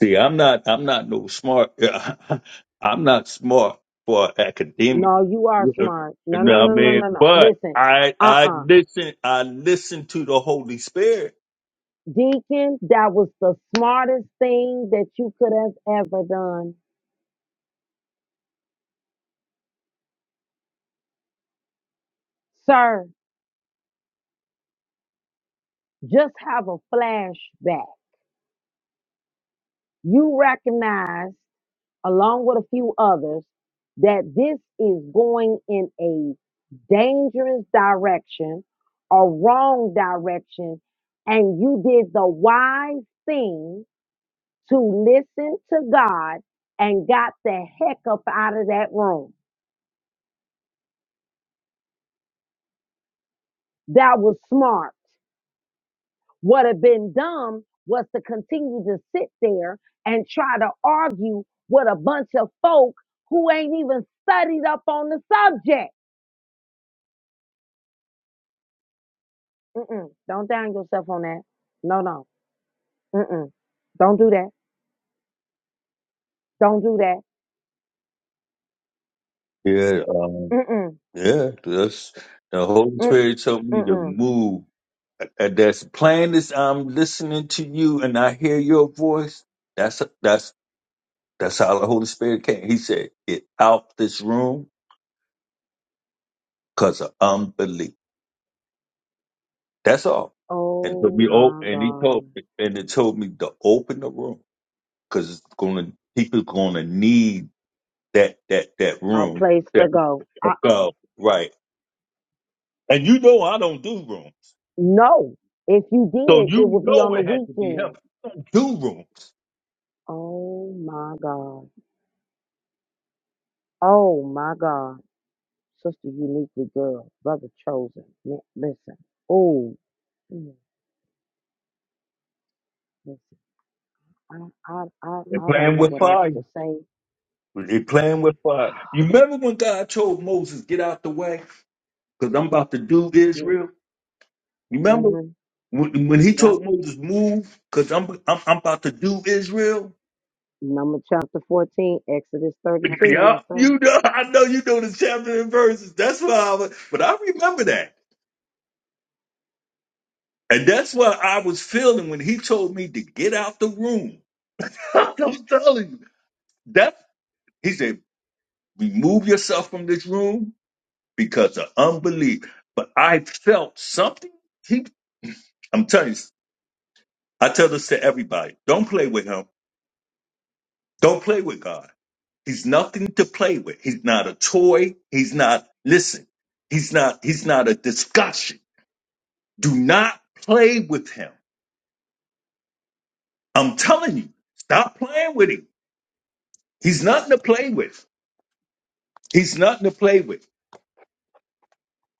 [SPEAKER 8] See, I'm not. I'm not no smart. I'm not smart for academia.
[SPEAKER 1] No, you are
[SPEAKER 8] You know
[SPEAKER 1] smart. No,
[SPEAKER 8] what
[SPEAKER 1] no,
[SPEAKER 8] I
[SPEAKER 1] no, no,
[SPEAKER 8] mean?
[SPEAKER 1] no, no.
[SPEAKER 8] But
[SPEAKER 1] Listen,
[SPEAKER 8] I
[SPEAKER 1] uh
[SPEAKER 8] I
[SPEAKER 1] uh
[SPEAKER 8] listen. I listen to the Holy Spirit.
[SPEAKER 1] Deacon, that was the smartest thing that you could have ever done. Sir, just have a flashback. You recognize, along with a few others, that this is going in a dangerous direction, a wrong direction, and you did the wise thing to listen to God and got the heck up out of that room. That was smart. What had been dumb was to continue to sit there and try to argue with a bunch of folk who ain't even studied up on the subject. Mm-mm. Don't down yourself on that. No, no. Mm-mm. Don't do that. Don't do that.
[SPEAKER 8] Yeah. Um,
[SPEAKER 1] Mm-mm.
[SPEAKER 8] yeah. That's the Holy Spirit told me to
[SPEAKER 1] Mm-mm.
[SPEAKER 8] move. And That's plain as I'm listening to you and I hear your voice. That's that's that's how the Holy Spirit came. He said, "Get out this room, cause of unbelief." That's all. And so
[SPEAKER 1] Oh
[SPEAKER 8] we oh,
[SPEAKER 1] my
[SPEAKER 8] and he
[SPEAKER 1] God.
[SPEAKER 8] told and it told me to open the room because it's gonna people gonna need that that that
[SPEAKER 1] A
[SPEAKER 8] room
[SPEAKER 1] place to
[SPEAKER 8] that
[SPEAKER 1] go.
[SPEAKER 8] go right. And you know I don't do rooms,
[SPEAKER 1] No. If you
[SPEAKER 8] so
[SPEAKER 1] did,
[SPEAKER 8] you
[SPEAKER 1] it would be on
[SPEAKER 8] know
[SPEAKER 1] the
[SPEAKER 8] it had to be him.
[SPEAKER 1] weekend.
[SPEAKER 8] I don't do rooms.
[SPEAKER 1] Oh my God. Oh my God. Sister uniquely girl, Brother chosen. Li- Listen. Oh, mm, listen. I, I, I,
[SPEAKER 8] They're
[SPEAKER 1] I don't
[SPEAKER 8] playing
[SPEAKER 1] know
[SPEAKER 8] with
[SPEAKER 1] what else
[SPEAKER 8] fire.
[SPEAKER 1] to say.
[SPEAKER 8] They're playing with fire. You remember when God told Moses, "Get out the way, because I'm about to do Israel." You remember
[SPEAKER 1] Mm-hmm.
[SPEAKER 8] when, when He
[SPEAKER 1] Yep.
[SPEAKER 8] told Moses, "Move, because I'm, I'm I'm about to do Israel."
[SPEAKER 1] Number chapter 14, Exodus 32. Yes,
[SPEAKER 8] Yeah,
[SPEAKER 1] sir.
[SPEAKER 8] you know, I know you know the chapter and verses. That's why I was, but I remember that. And that's what I was feeling when he told me to get out the room. I'm telling you. That he said, remove yourself from this room because of unbelief. But I felt something. He I'm telling you, I tell this to everybody. Don't play with him. Don't play with God. He's nothing to play with. He's not a toy. He's not listen, he's not he's not a discussion. Do not play with him. I'm telling you, stop playing with him. He's nothing to play with. He's nothing to play with.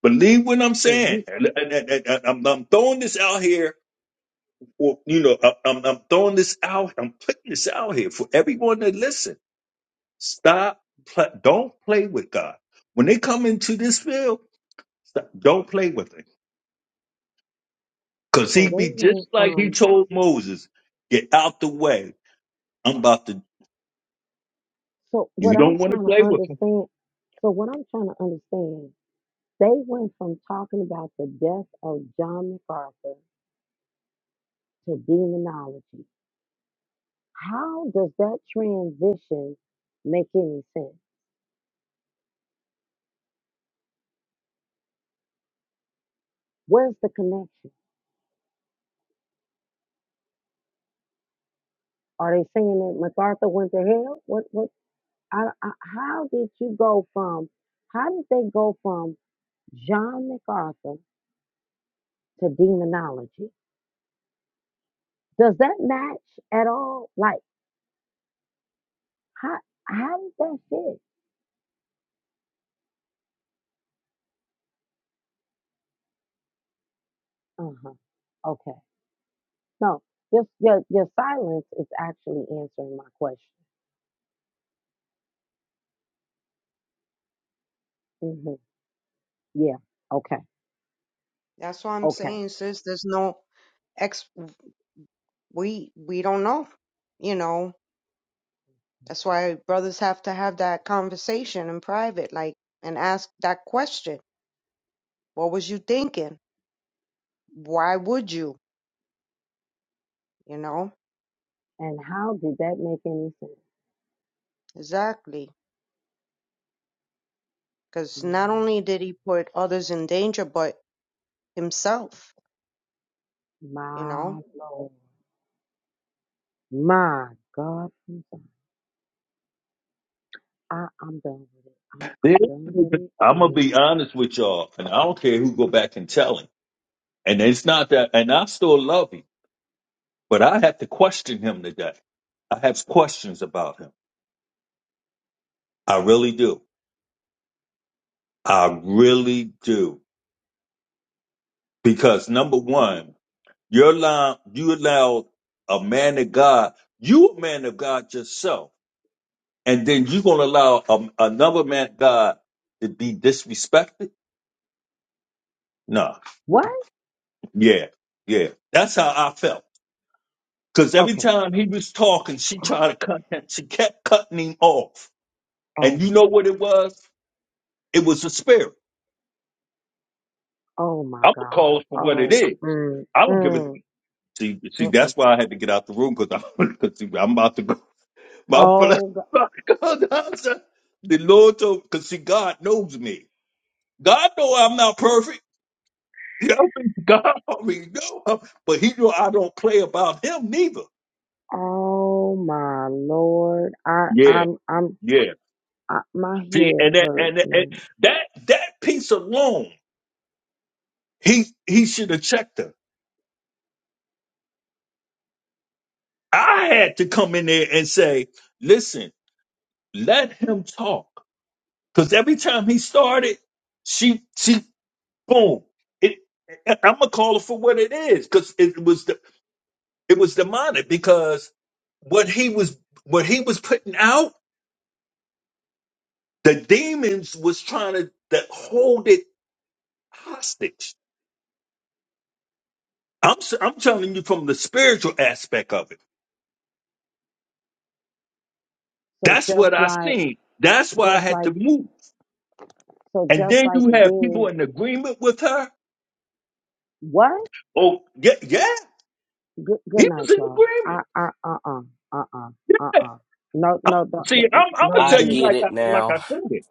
[SPEAKER 8] Believe what I'm
[SPEAKER 1] So
[SPEAKER 8] saying.
[SPEAKER 1] you,
[SPEAKER 8] And- and- and- and- and I'm, I'm throwing this out here. Or, you know, I- I'm, I'm throwing this out. I'm putting this out here for everyone to listen. Stop. Play, don't play with God. When they come into this field, stop, don't play with him. Because
[SPEAKER 1] so
[SPEAKER 8] he
[SPEAKER 1] they
[SPEAKER 8] be just
[SPEAKER 1] went
[SPEAKER 8] like he
[SPEAKER 1] from,
[SPEAKER 8] told Moses, get out the way. I'm about to,
[SPEAKER 1] so
[SPEAKER 8] you
[SPEAKER 1] what I'm
[SPEAKER 8] don't want to
[SPEAKER 1] trying to
[SPEAKER 8] play with him.
[SPEAKER 1] understand, so what I'm trying to understand They went from talking about the death of John MacArthur to demonology. How does that transition make any sense? Where's the connection? Are they saying that MacArthur went to hell? What? What? I, I, how did you go from? How did they go from John MacArthur to demonology? Does that match at all? Like how? How did that fit? Uh huh. Okay. No, your your your silence is actually answering my question. hmm Yeah. Okay.
[SPEAKER 7] That's what I'm
[SPEAKER 1] Okay.
[SPEAKER 7] saying, sis. There's no ex. We we don't know. You know. That's why brothers have to have that conversation in private, like, and ask that question. What was you thinking? Why would you? You know
[SPEAKER 1] And how did that make any sense?
[SPEAKER 7] exactly. Because
[SPEAKER 1] My,
[SPEAKER 7] not only did he put others in danger, but himself. You know.
[SPEAKER 1] my Lord. My God. i I, I'm done with it. I'm,
[SPEAKER 8] There-
[SPEAKER 1] I'm done with it.
[SPEAKER 8] I'm gonna be
[SPEAKER 1] And
[SPEAKER 8] honest with y'all, and I don't care who go back and tell him. And it's not that, and I still love him, but I have to question him today. I have questions about him. I really do. I really do. Because number
[SPEAKER 1] what?
[SPEAKER 8] one, you're allowed, you allow a man of God, you a man of God yourself, and then you're gonna allow a, another man of God to be disrespected? Nah.
[SPEAKER 1] What?
[SPEAKER 8] Yeah. Yeah. That's how I felt. Because every
[SPEAKER 1] Okay.
[SPEAKER 8] time he was talking, she tried to cut him. She kept cutting him off. And you know what it was? It was a spirit.
[SPEAKER 1] Oh my
[SPEAKER 8] I'm gonna
[SPEAKER 1] God.
[SPEAKER 8] call it for what it
[SPEAKER 1] Oh
[SPEAKER 8] is.
[SPEAKER 1] my God. Oh. Mm,
[SPEAKER 8] I don't give it.
[SPEAKER 1] mm,
[SPEAKER 8] see. See,
[SPEAKER 1] mm-mm.
[SPEAKER 8] that's why I had to get out the room because I'm because I'm about to go. My,
[SPEAKER 1] Oh. g-
[SPEAKER 8] the Lord told because see, God knows me. God know I'm not perfect. You know, what I mean? God already know, but He know I don't play about Him neither.
[SPEAKER 1] Oh my Lord. I.
[SPEAKER 8] Yeah,
[SPEAKER 1] I'm. I'm.
[SPEAKER 8] yeah.
[SPEAKER 1] I, my
[SPEAKER 8] See,
[SPEAKER 1] head
[SPEAKER 8] and that
[SPEAKER 1] hurts
[SPEAKER 8] and, and
[SPEAKER 1] now.
[SPEAKER 8] that that piece alone. He he should have checked her. I had to come in there and say, listen, let him talk. Because every time he started, she she boom. It I'm gonna call it for what it is, because it was the it was demonic because what he was what he was putting out, the demons was trying to, to hold it hostage. I'm s- I'm telling you from the spiritual aspect of it.
[SPEAKER 1] So
[SPEAKER 8] That's
[SPEAKER 1] just
[SPEAKER 8] what I
[SPEAKER 1] like.
[SPEAKER 8] seen. That's why I
[SPEAKER 1] Just
[SPEAKER 8] had
[SPEAKER 1] like.
[SPEAKER 8] to move.
[SPEAKER 1] So
[SPEAKER 8] And
[SPEAKER 1] just
[SPEAKER 8] then
[SPEAKER 1] like
[SPEAKER 8] you
[SPEAKER 1] the
[SPEAKER 8] have people
[SPEAKER 1] demon.
[SPEAKER 8] in agreement with her.
[SPEAKER 1] What?
[SPEAKER 8] Oh, yeah, yeah.
[SPEAKER 1] Good good
[SPEAKER 8] He
[SPEAKER 1] night,
[SPEAKER 8] was in
[SPEAKER 1] y'all. Uh
[SPEAKER 8] agreement.
[SPEAKER 1] uh uh uh uh uh uh uh. No
[SPEAKER 8] I'm,
[SPEAKER 1] no no no
[SPEAKER 8] see, I'm, I'm
[SPEAKER 1] no,
[SPEAKER 8] gonna
[SPEAKER 1] you
[SPEAKER 5] I
[SPEAKER 8] tell you
[SPEAKER 1] didn't.
[SPEAKER 5] get
[SPEAKER 8] like
[SPEAKER 5] it
[SPEAKER 8] I like
[SPEAKER 5] now.
[SPEAKER 8] I said it.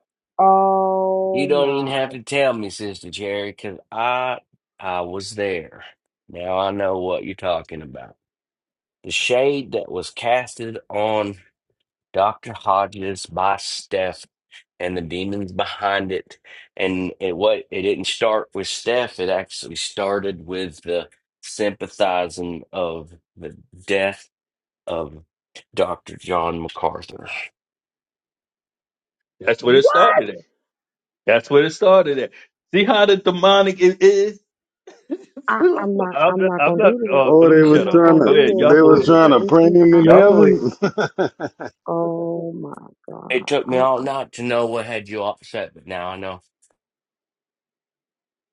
[SPEAKER 5] You
[SPEAKER 1] Oh
[SPEAKER 5] don't even have
[SPEAKER 1] my!
[SPEAKER 5] to tell me, Sister Cherry, because I I was there. Now I know what you're talking about. The shade that was casted on Dr. Hodges by Steph and the demons behind it. And it what it didn't start with Steph, it actually started with the sympathizing of the death of Dr. John MacArthur.
[SPEAKER 8] That's where it
[SPEAKER 1] What?
[SPEAKER 8] started at. That's where it started at. See how the demonic it is.
[SPEAKER 1] I
[SPEAKER 8] I'm
[SPEAKER 1] I'm not I'm
[SPEAKER 8] not.
[SPEAKER 1] not
[SPEAKER 8] I'm
[SPEAKER 1] gonna
[SPEAKER 8] not
[SPEAKER 1] do this.
[SPEAKER 8] uh,
[SPEAKER 4] Oh,
[SPEAKER 8] let
[SPEAKER 4] they
[SPEAKER 8] me
[SPEAKER 1] I'm
[SPEAKER 4] was
[SPEAKER 8] shut
[SPEAKER 1] not
[SPEAKER 8] up.
[SPEAKER 4] trying
[SPEAKER 1] gonna
[SPEAKER 4] to
[SPEAKER 8] Go
[SPEAKER 1] do
[SPEAKER 8] ahead. Y'all
[SPEAKER 1] this.
[SPEAKER 4] they
[SPEAKER 8] go
[SPEAKER 1] I'm
[SPEAKER 4] was
[SPEAKER 8] ahead,
[SPEAKER 4] trying
[SPEAKER 8] man.
[SPEAKER 4] to pray
[SPEAKER 1] mm-mm,
[SPEAKER 4] him
[SPEAKER 1] I,
[SPEAKER 4] in
[SPEAKER 8] Y'all
[SPEAKER 1] I'm.
[SPEAKER 8] go ahead.
[SPEAKER 4] heaven.
[SPEAKER 1] Oh my
[SPEAKER 5] It
[SPEAKER 1] god.
[SPEAKER 5] took me all
[SPEAKER 1] Uh uh.
[SPEAKER 5] night to know what had you upset, but now I know.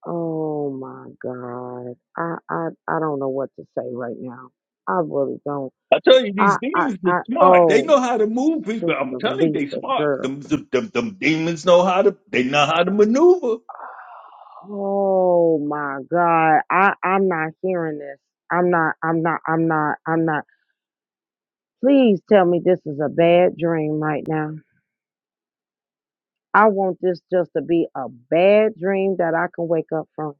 [SPEAKER 1] Oh my god. I I I don't know what to say right now. I really don't.
[SPEAKER 8] I tell you,
[SPEAKER 1] I
[SPEAKER 8] these
[SPEAKER 1] I
[SPEAKER 8] demons are
[SPEAKER 1] I.
[SPEAKER 8] smart. They
[SPEAKER 1] Oh,
[SPEAKER 8] know how to move people. I'm
[SPEAKER 1] Sister
[SPEAKER 8] telling you, they
[SPEAKER 1] Lisa,
[SPEAKER 8] smart.
[SPEAKER 1] girl.
[SPEAKER 8] Them, them, them, them demons know how to. They know how to maneuver.
[SPEAKER 1] Oh my God. I, I'm not hearing this. I'm not, I'm not, I'm not, I'm not. Please tell me this is a bad dream right now. I want this just to be a bad dream that I can wake up from.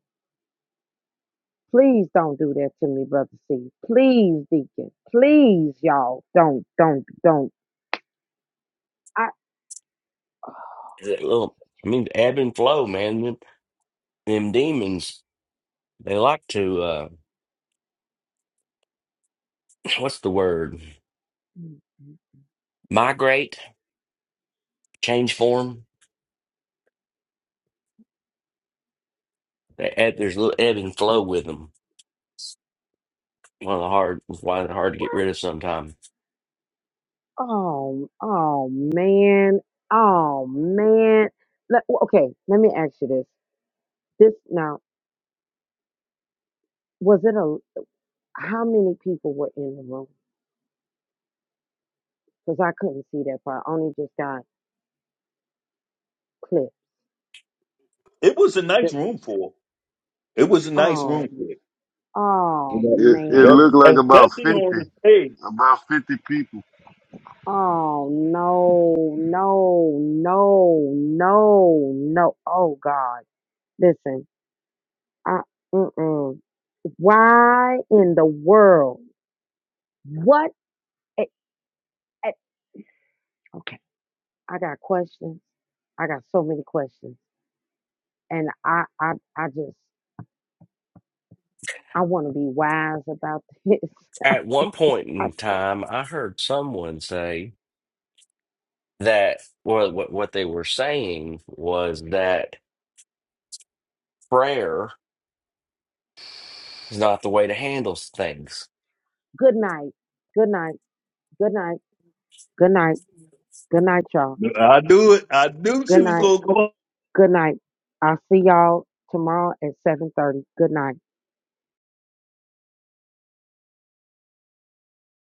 [SPEAKER 1] Please don't do that to me, brother C. Please, Deacon. Please, y'all. Don't, don't, don't. I
[SPEAKER 5] That little, I mean, ebb and flow, man. Them, them demons, they like to, uh, what's the word? Migrate, change form. They ebb, there's a little ebb and flow with them. One of the hard, why they're hard to get
[SPEAKER 1] what?
[SPEAKER 5] rid of sometimes.
[SPEAKER 1] Oh, oh man. Oh man. Let, okay, let me ask you this. This now. Was it a how many people were in the room? Because I couldn't see that part. I only just got clipped.
[SPEAKER 8] It was a nice
[SPEAKER 1] Just
[SPEAKER 8] room for. 'em. It was a nice room
[SPEAKER 1] oh
[SPEAKER 8] for. 'em.
[SPEAKER 1] oh
[SPEAKER 4] it, it
[SPEAKER 8] Yep.
[SPEAKER 4] looked
[SPEAKER 1] man.
[SPEAKER 4] like about
[SPEAKER 8] Especially on
[SPEAKER 4] fifty,
[SPEAKER 8] the stage.
[SPEAKER 4] about fifty people.
[SPEAKER 1] Oh no, no, no, no, no. Oh God. Listen, I mm-mm. why in the world? What it, it, okay, I got questions. I got so many questions. And I I I just I want to be wise about this.
[SPEAKER 5] At one point in time, I heard someone say that well, what, what they were saying was that prayer is not the way to handle things
[SPEAKER 1] Good night. Good night. Good night. Good night. Good night, y'all.
[SPEAKER 8] I knew it. I knew she
[SPEAKER 1] Good
[SPEAKER 8] was
[SPEAKER 1] night.
[SPEAKER 8] going to go
[SPEAKER 1] Good night. I'll see y'all tomorrow at 7:30. Good night.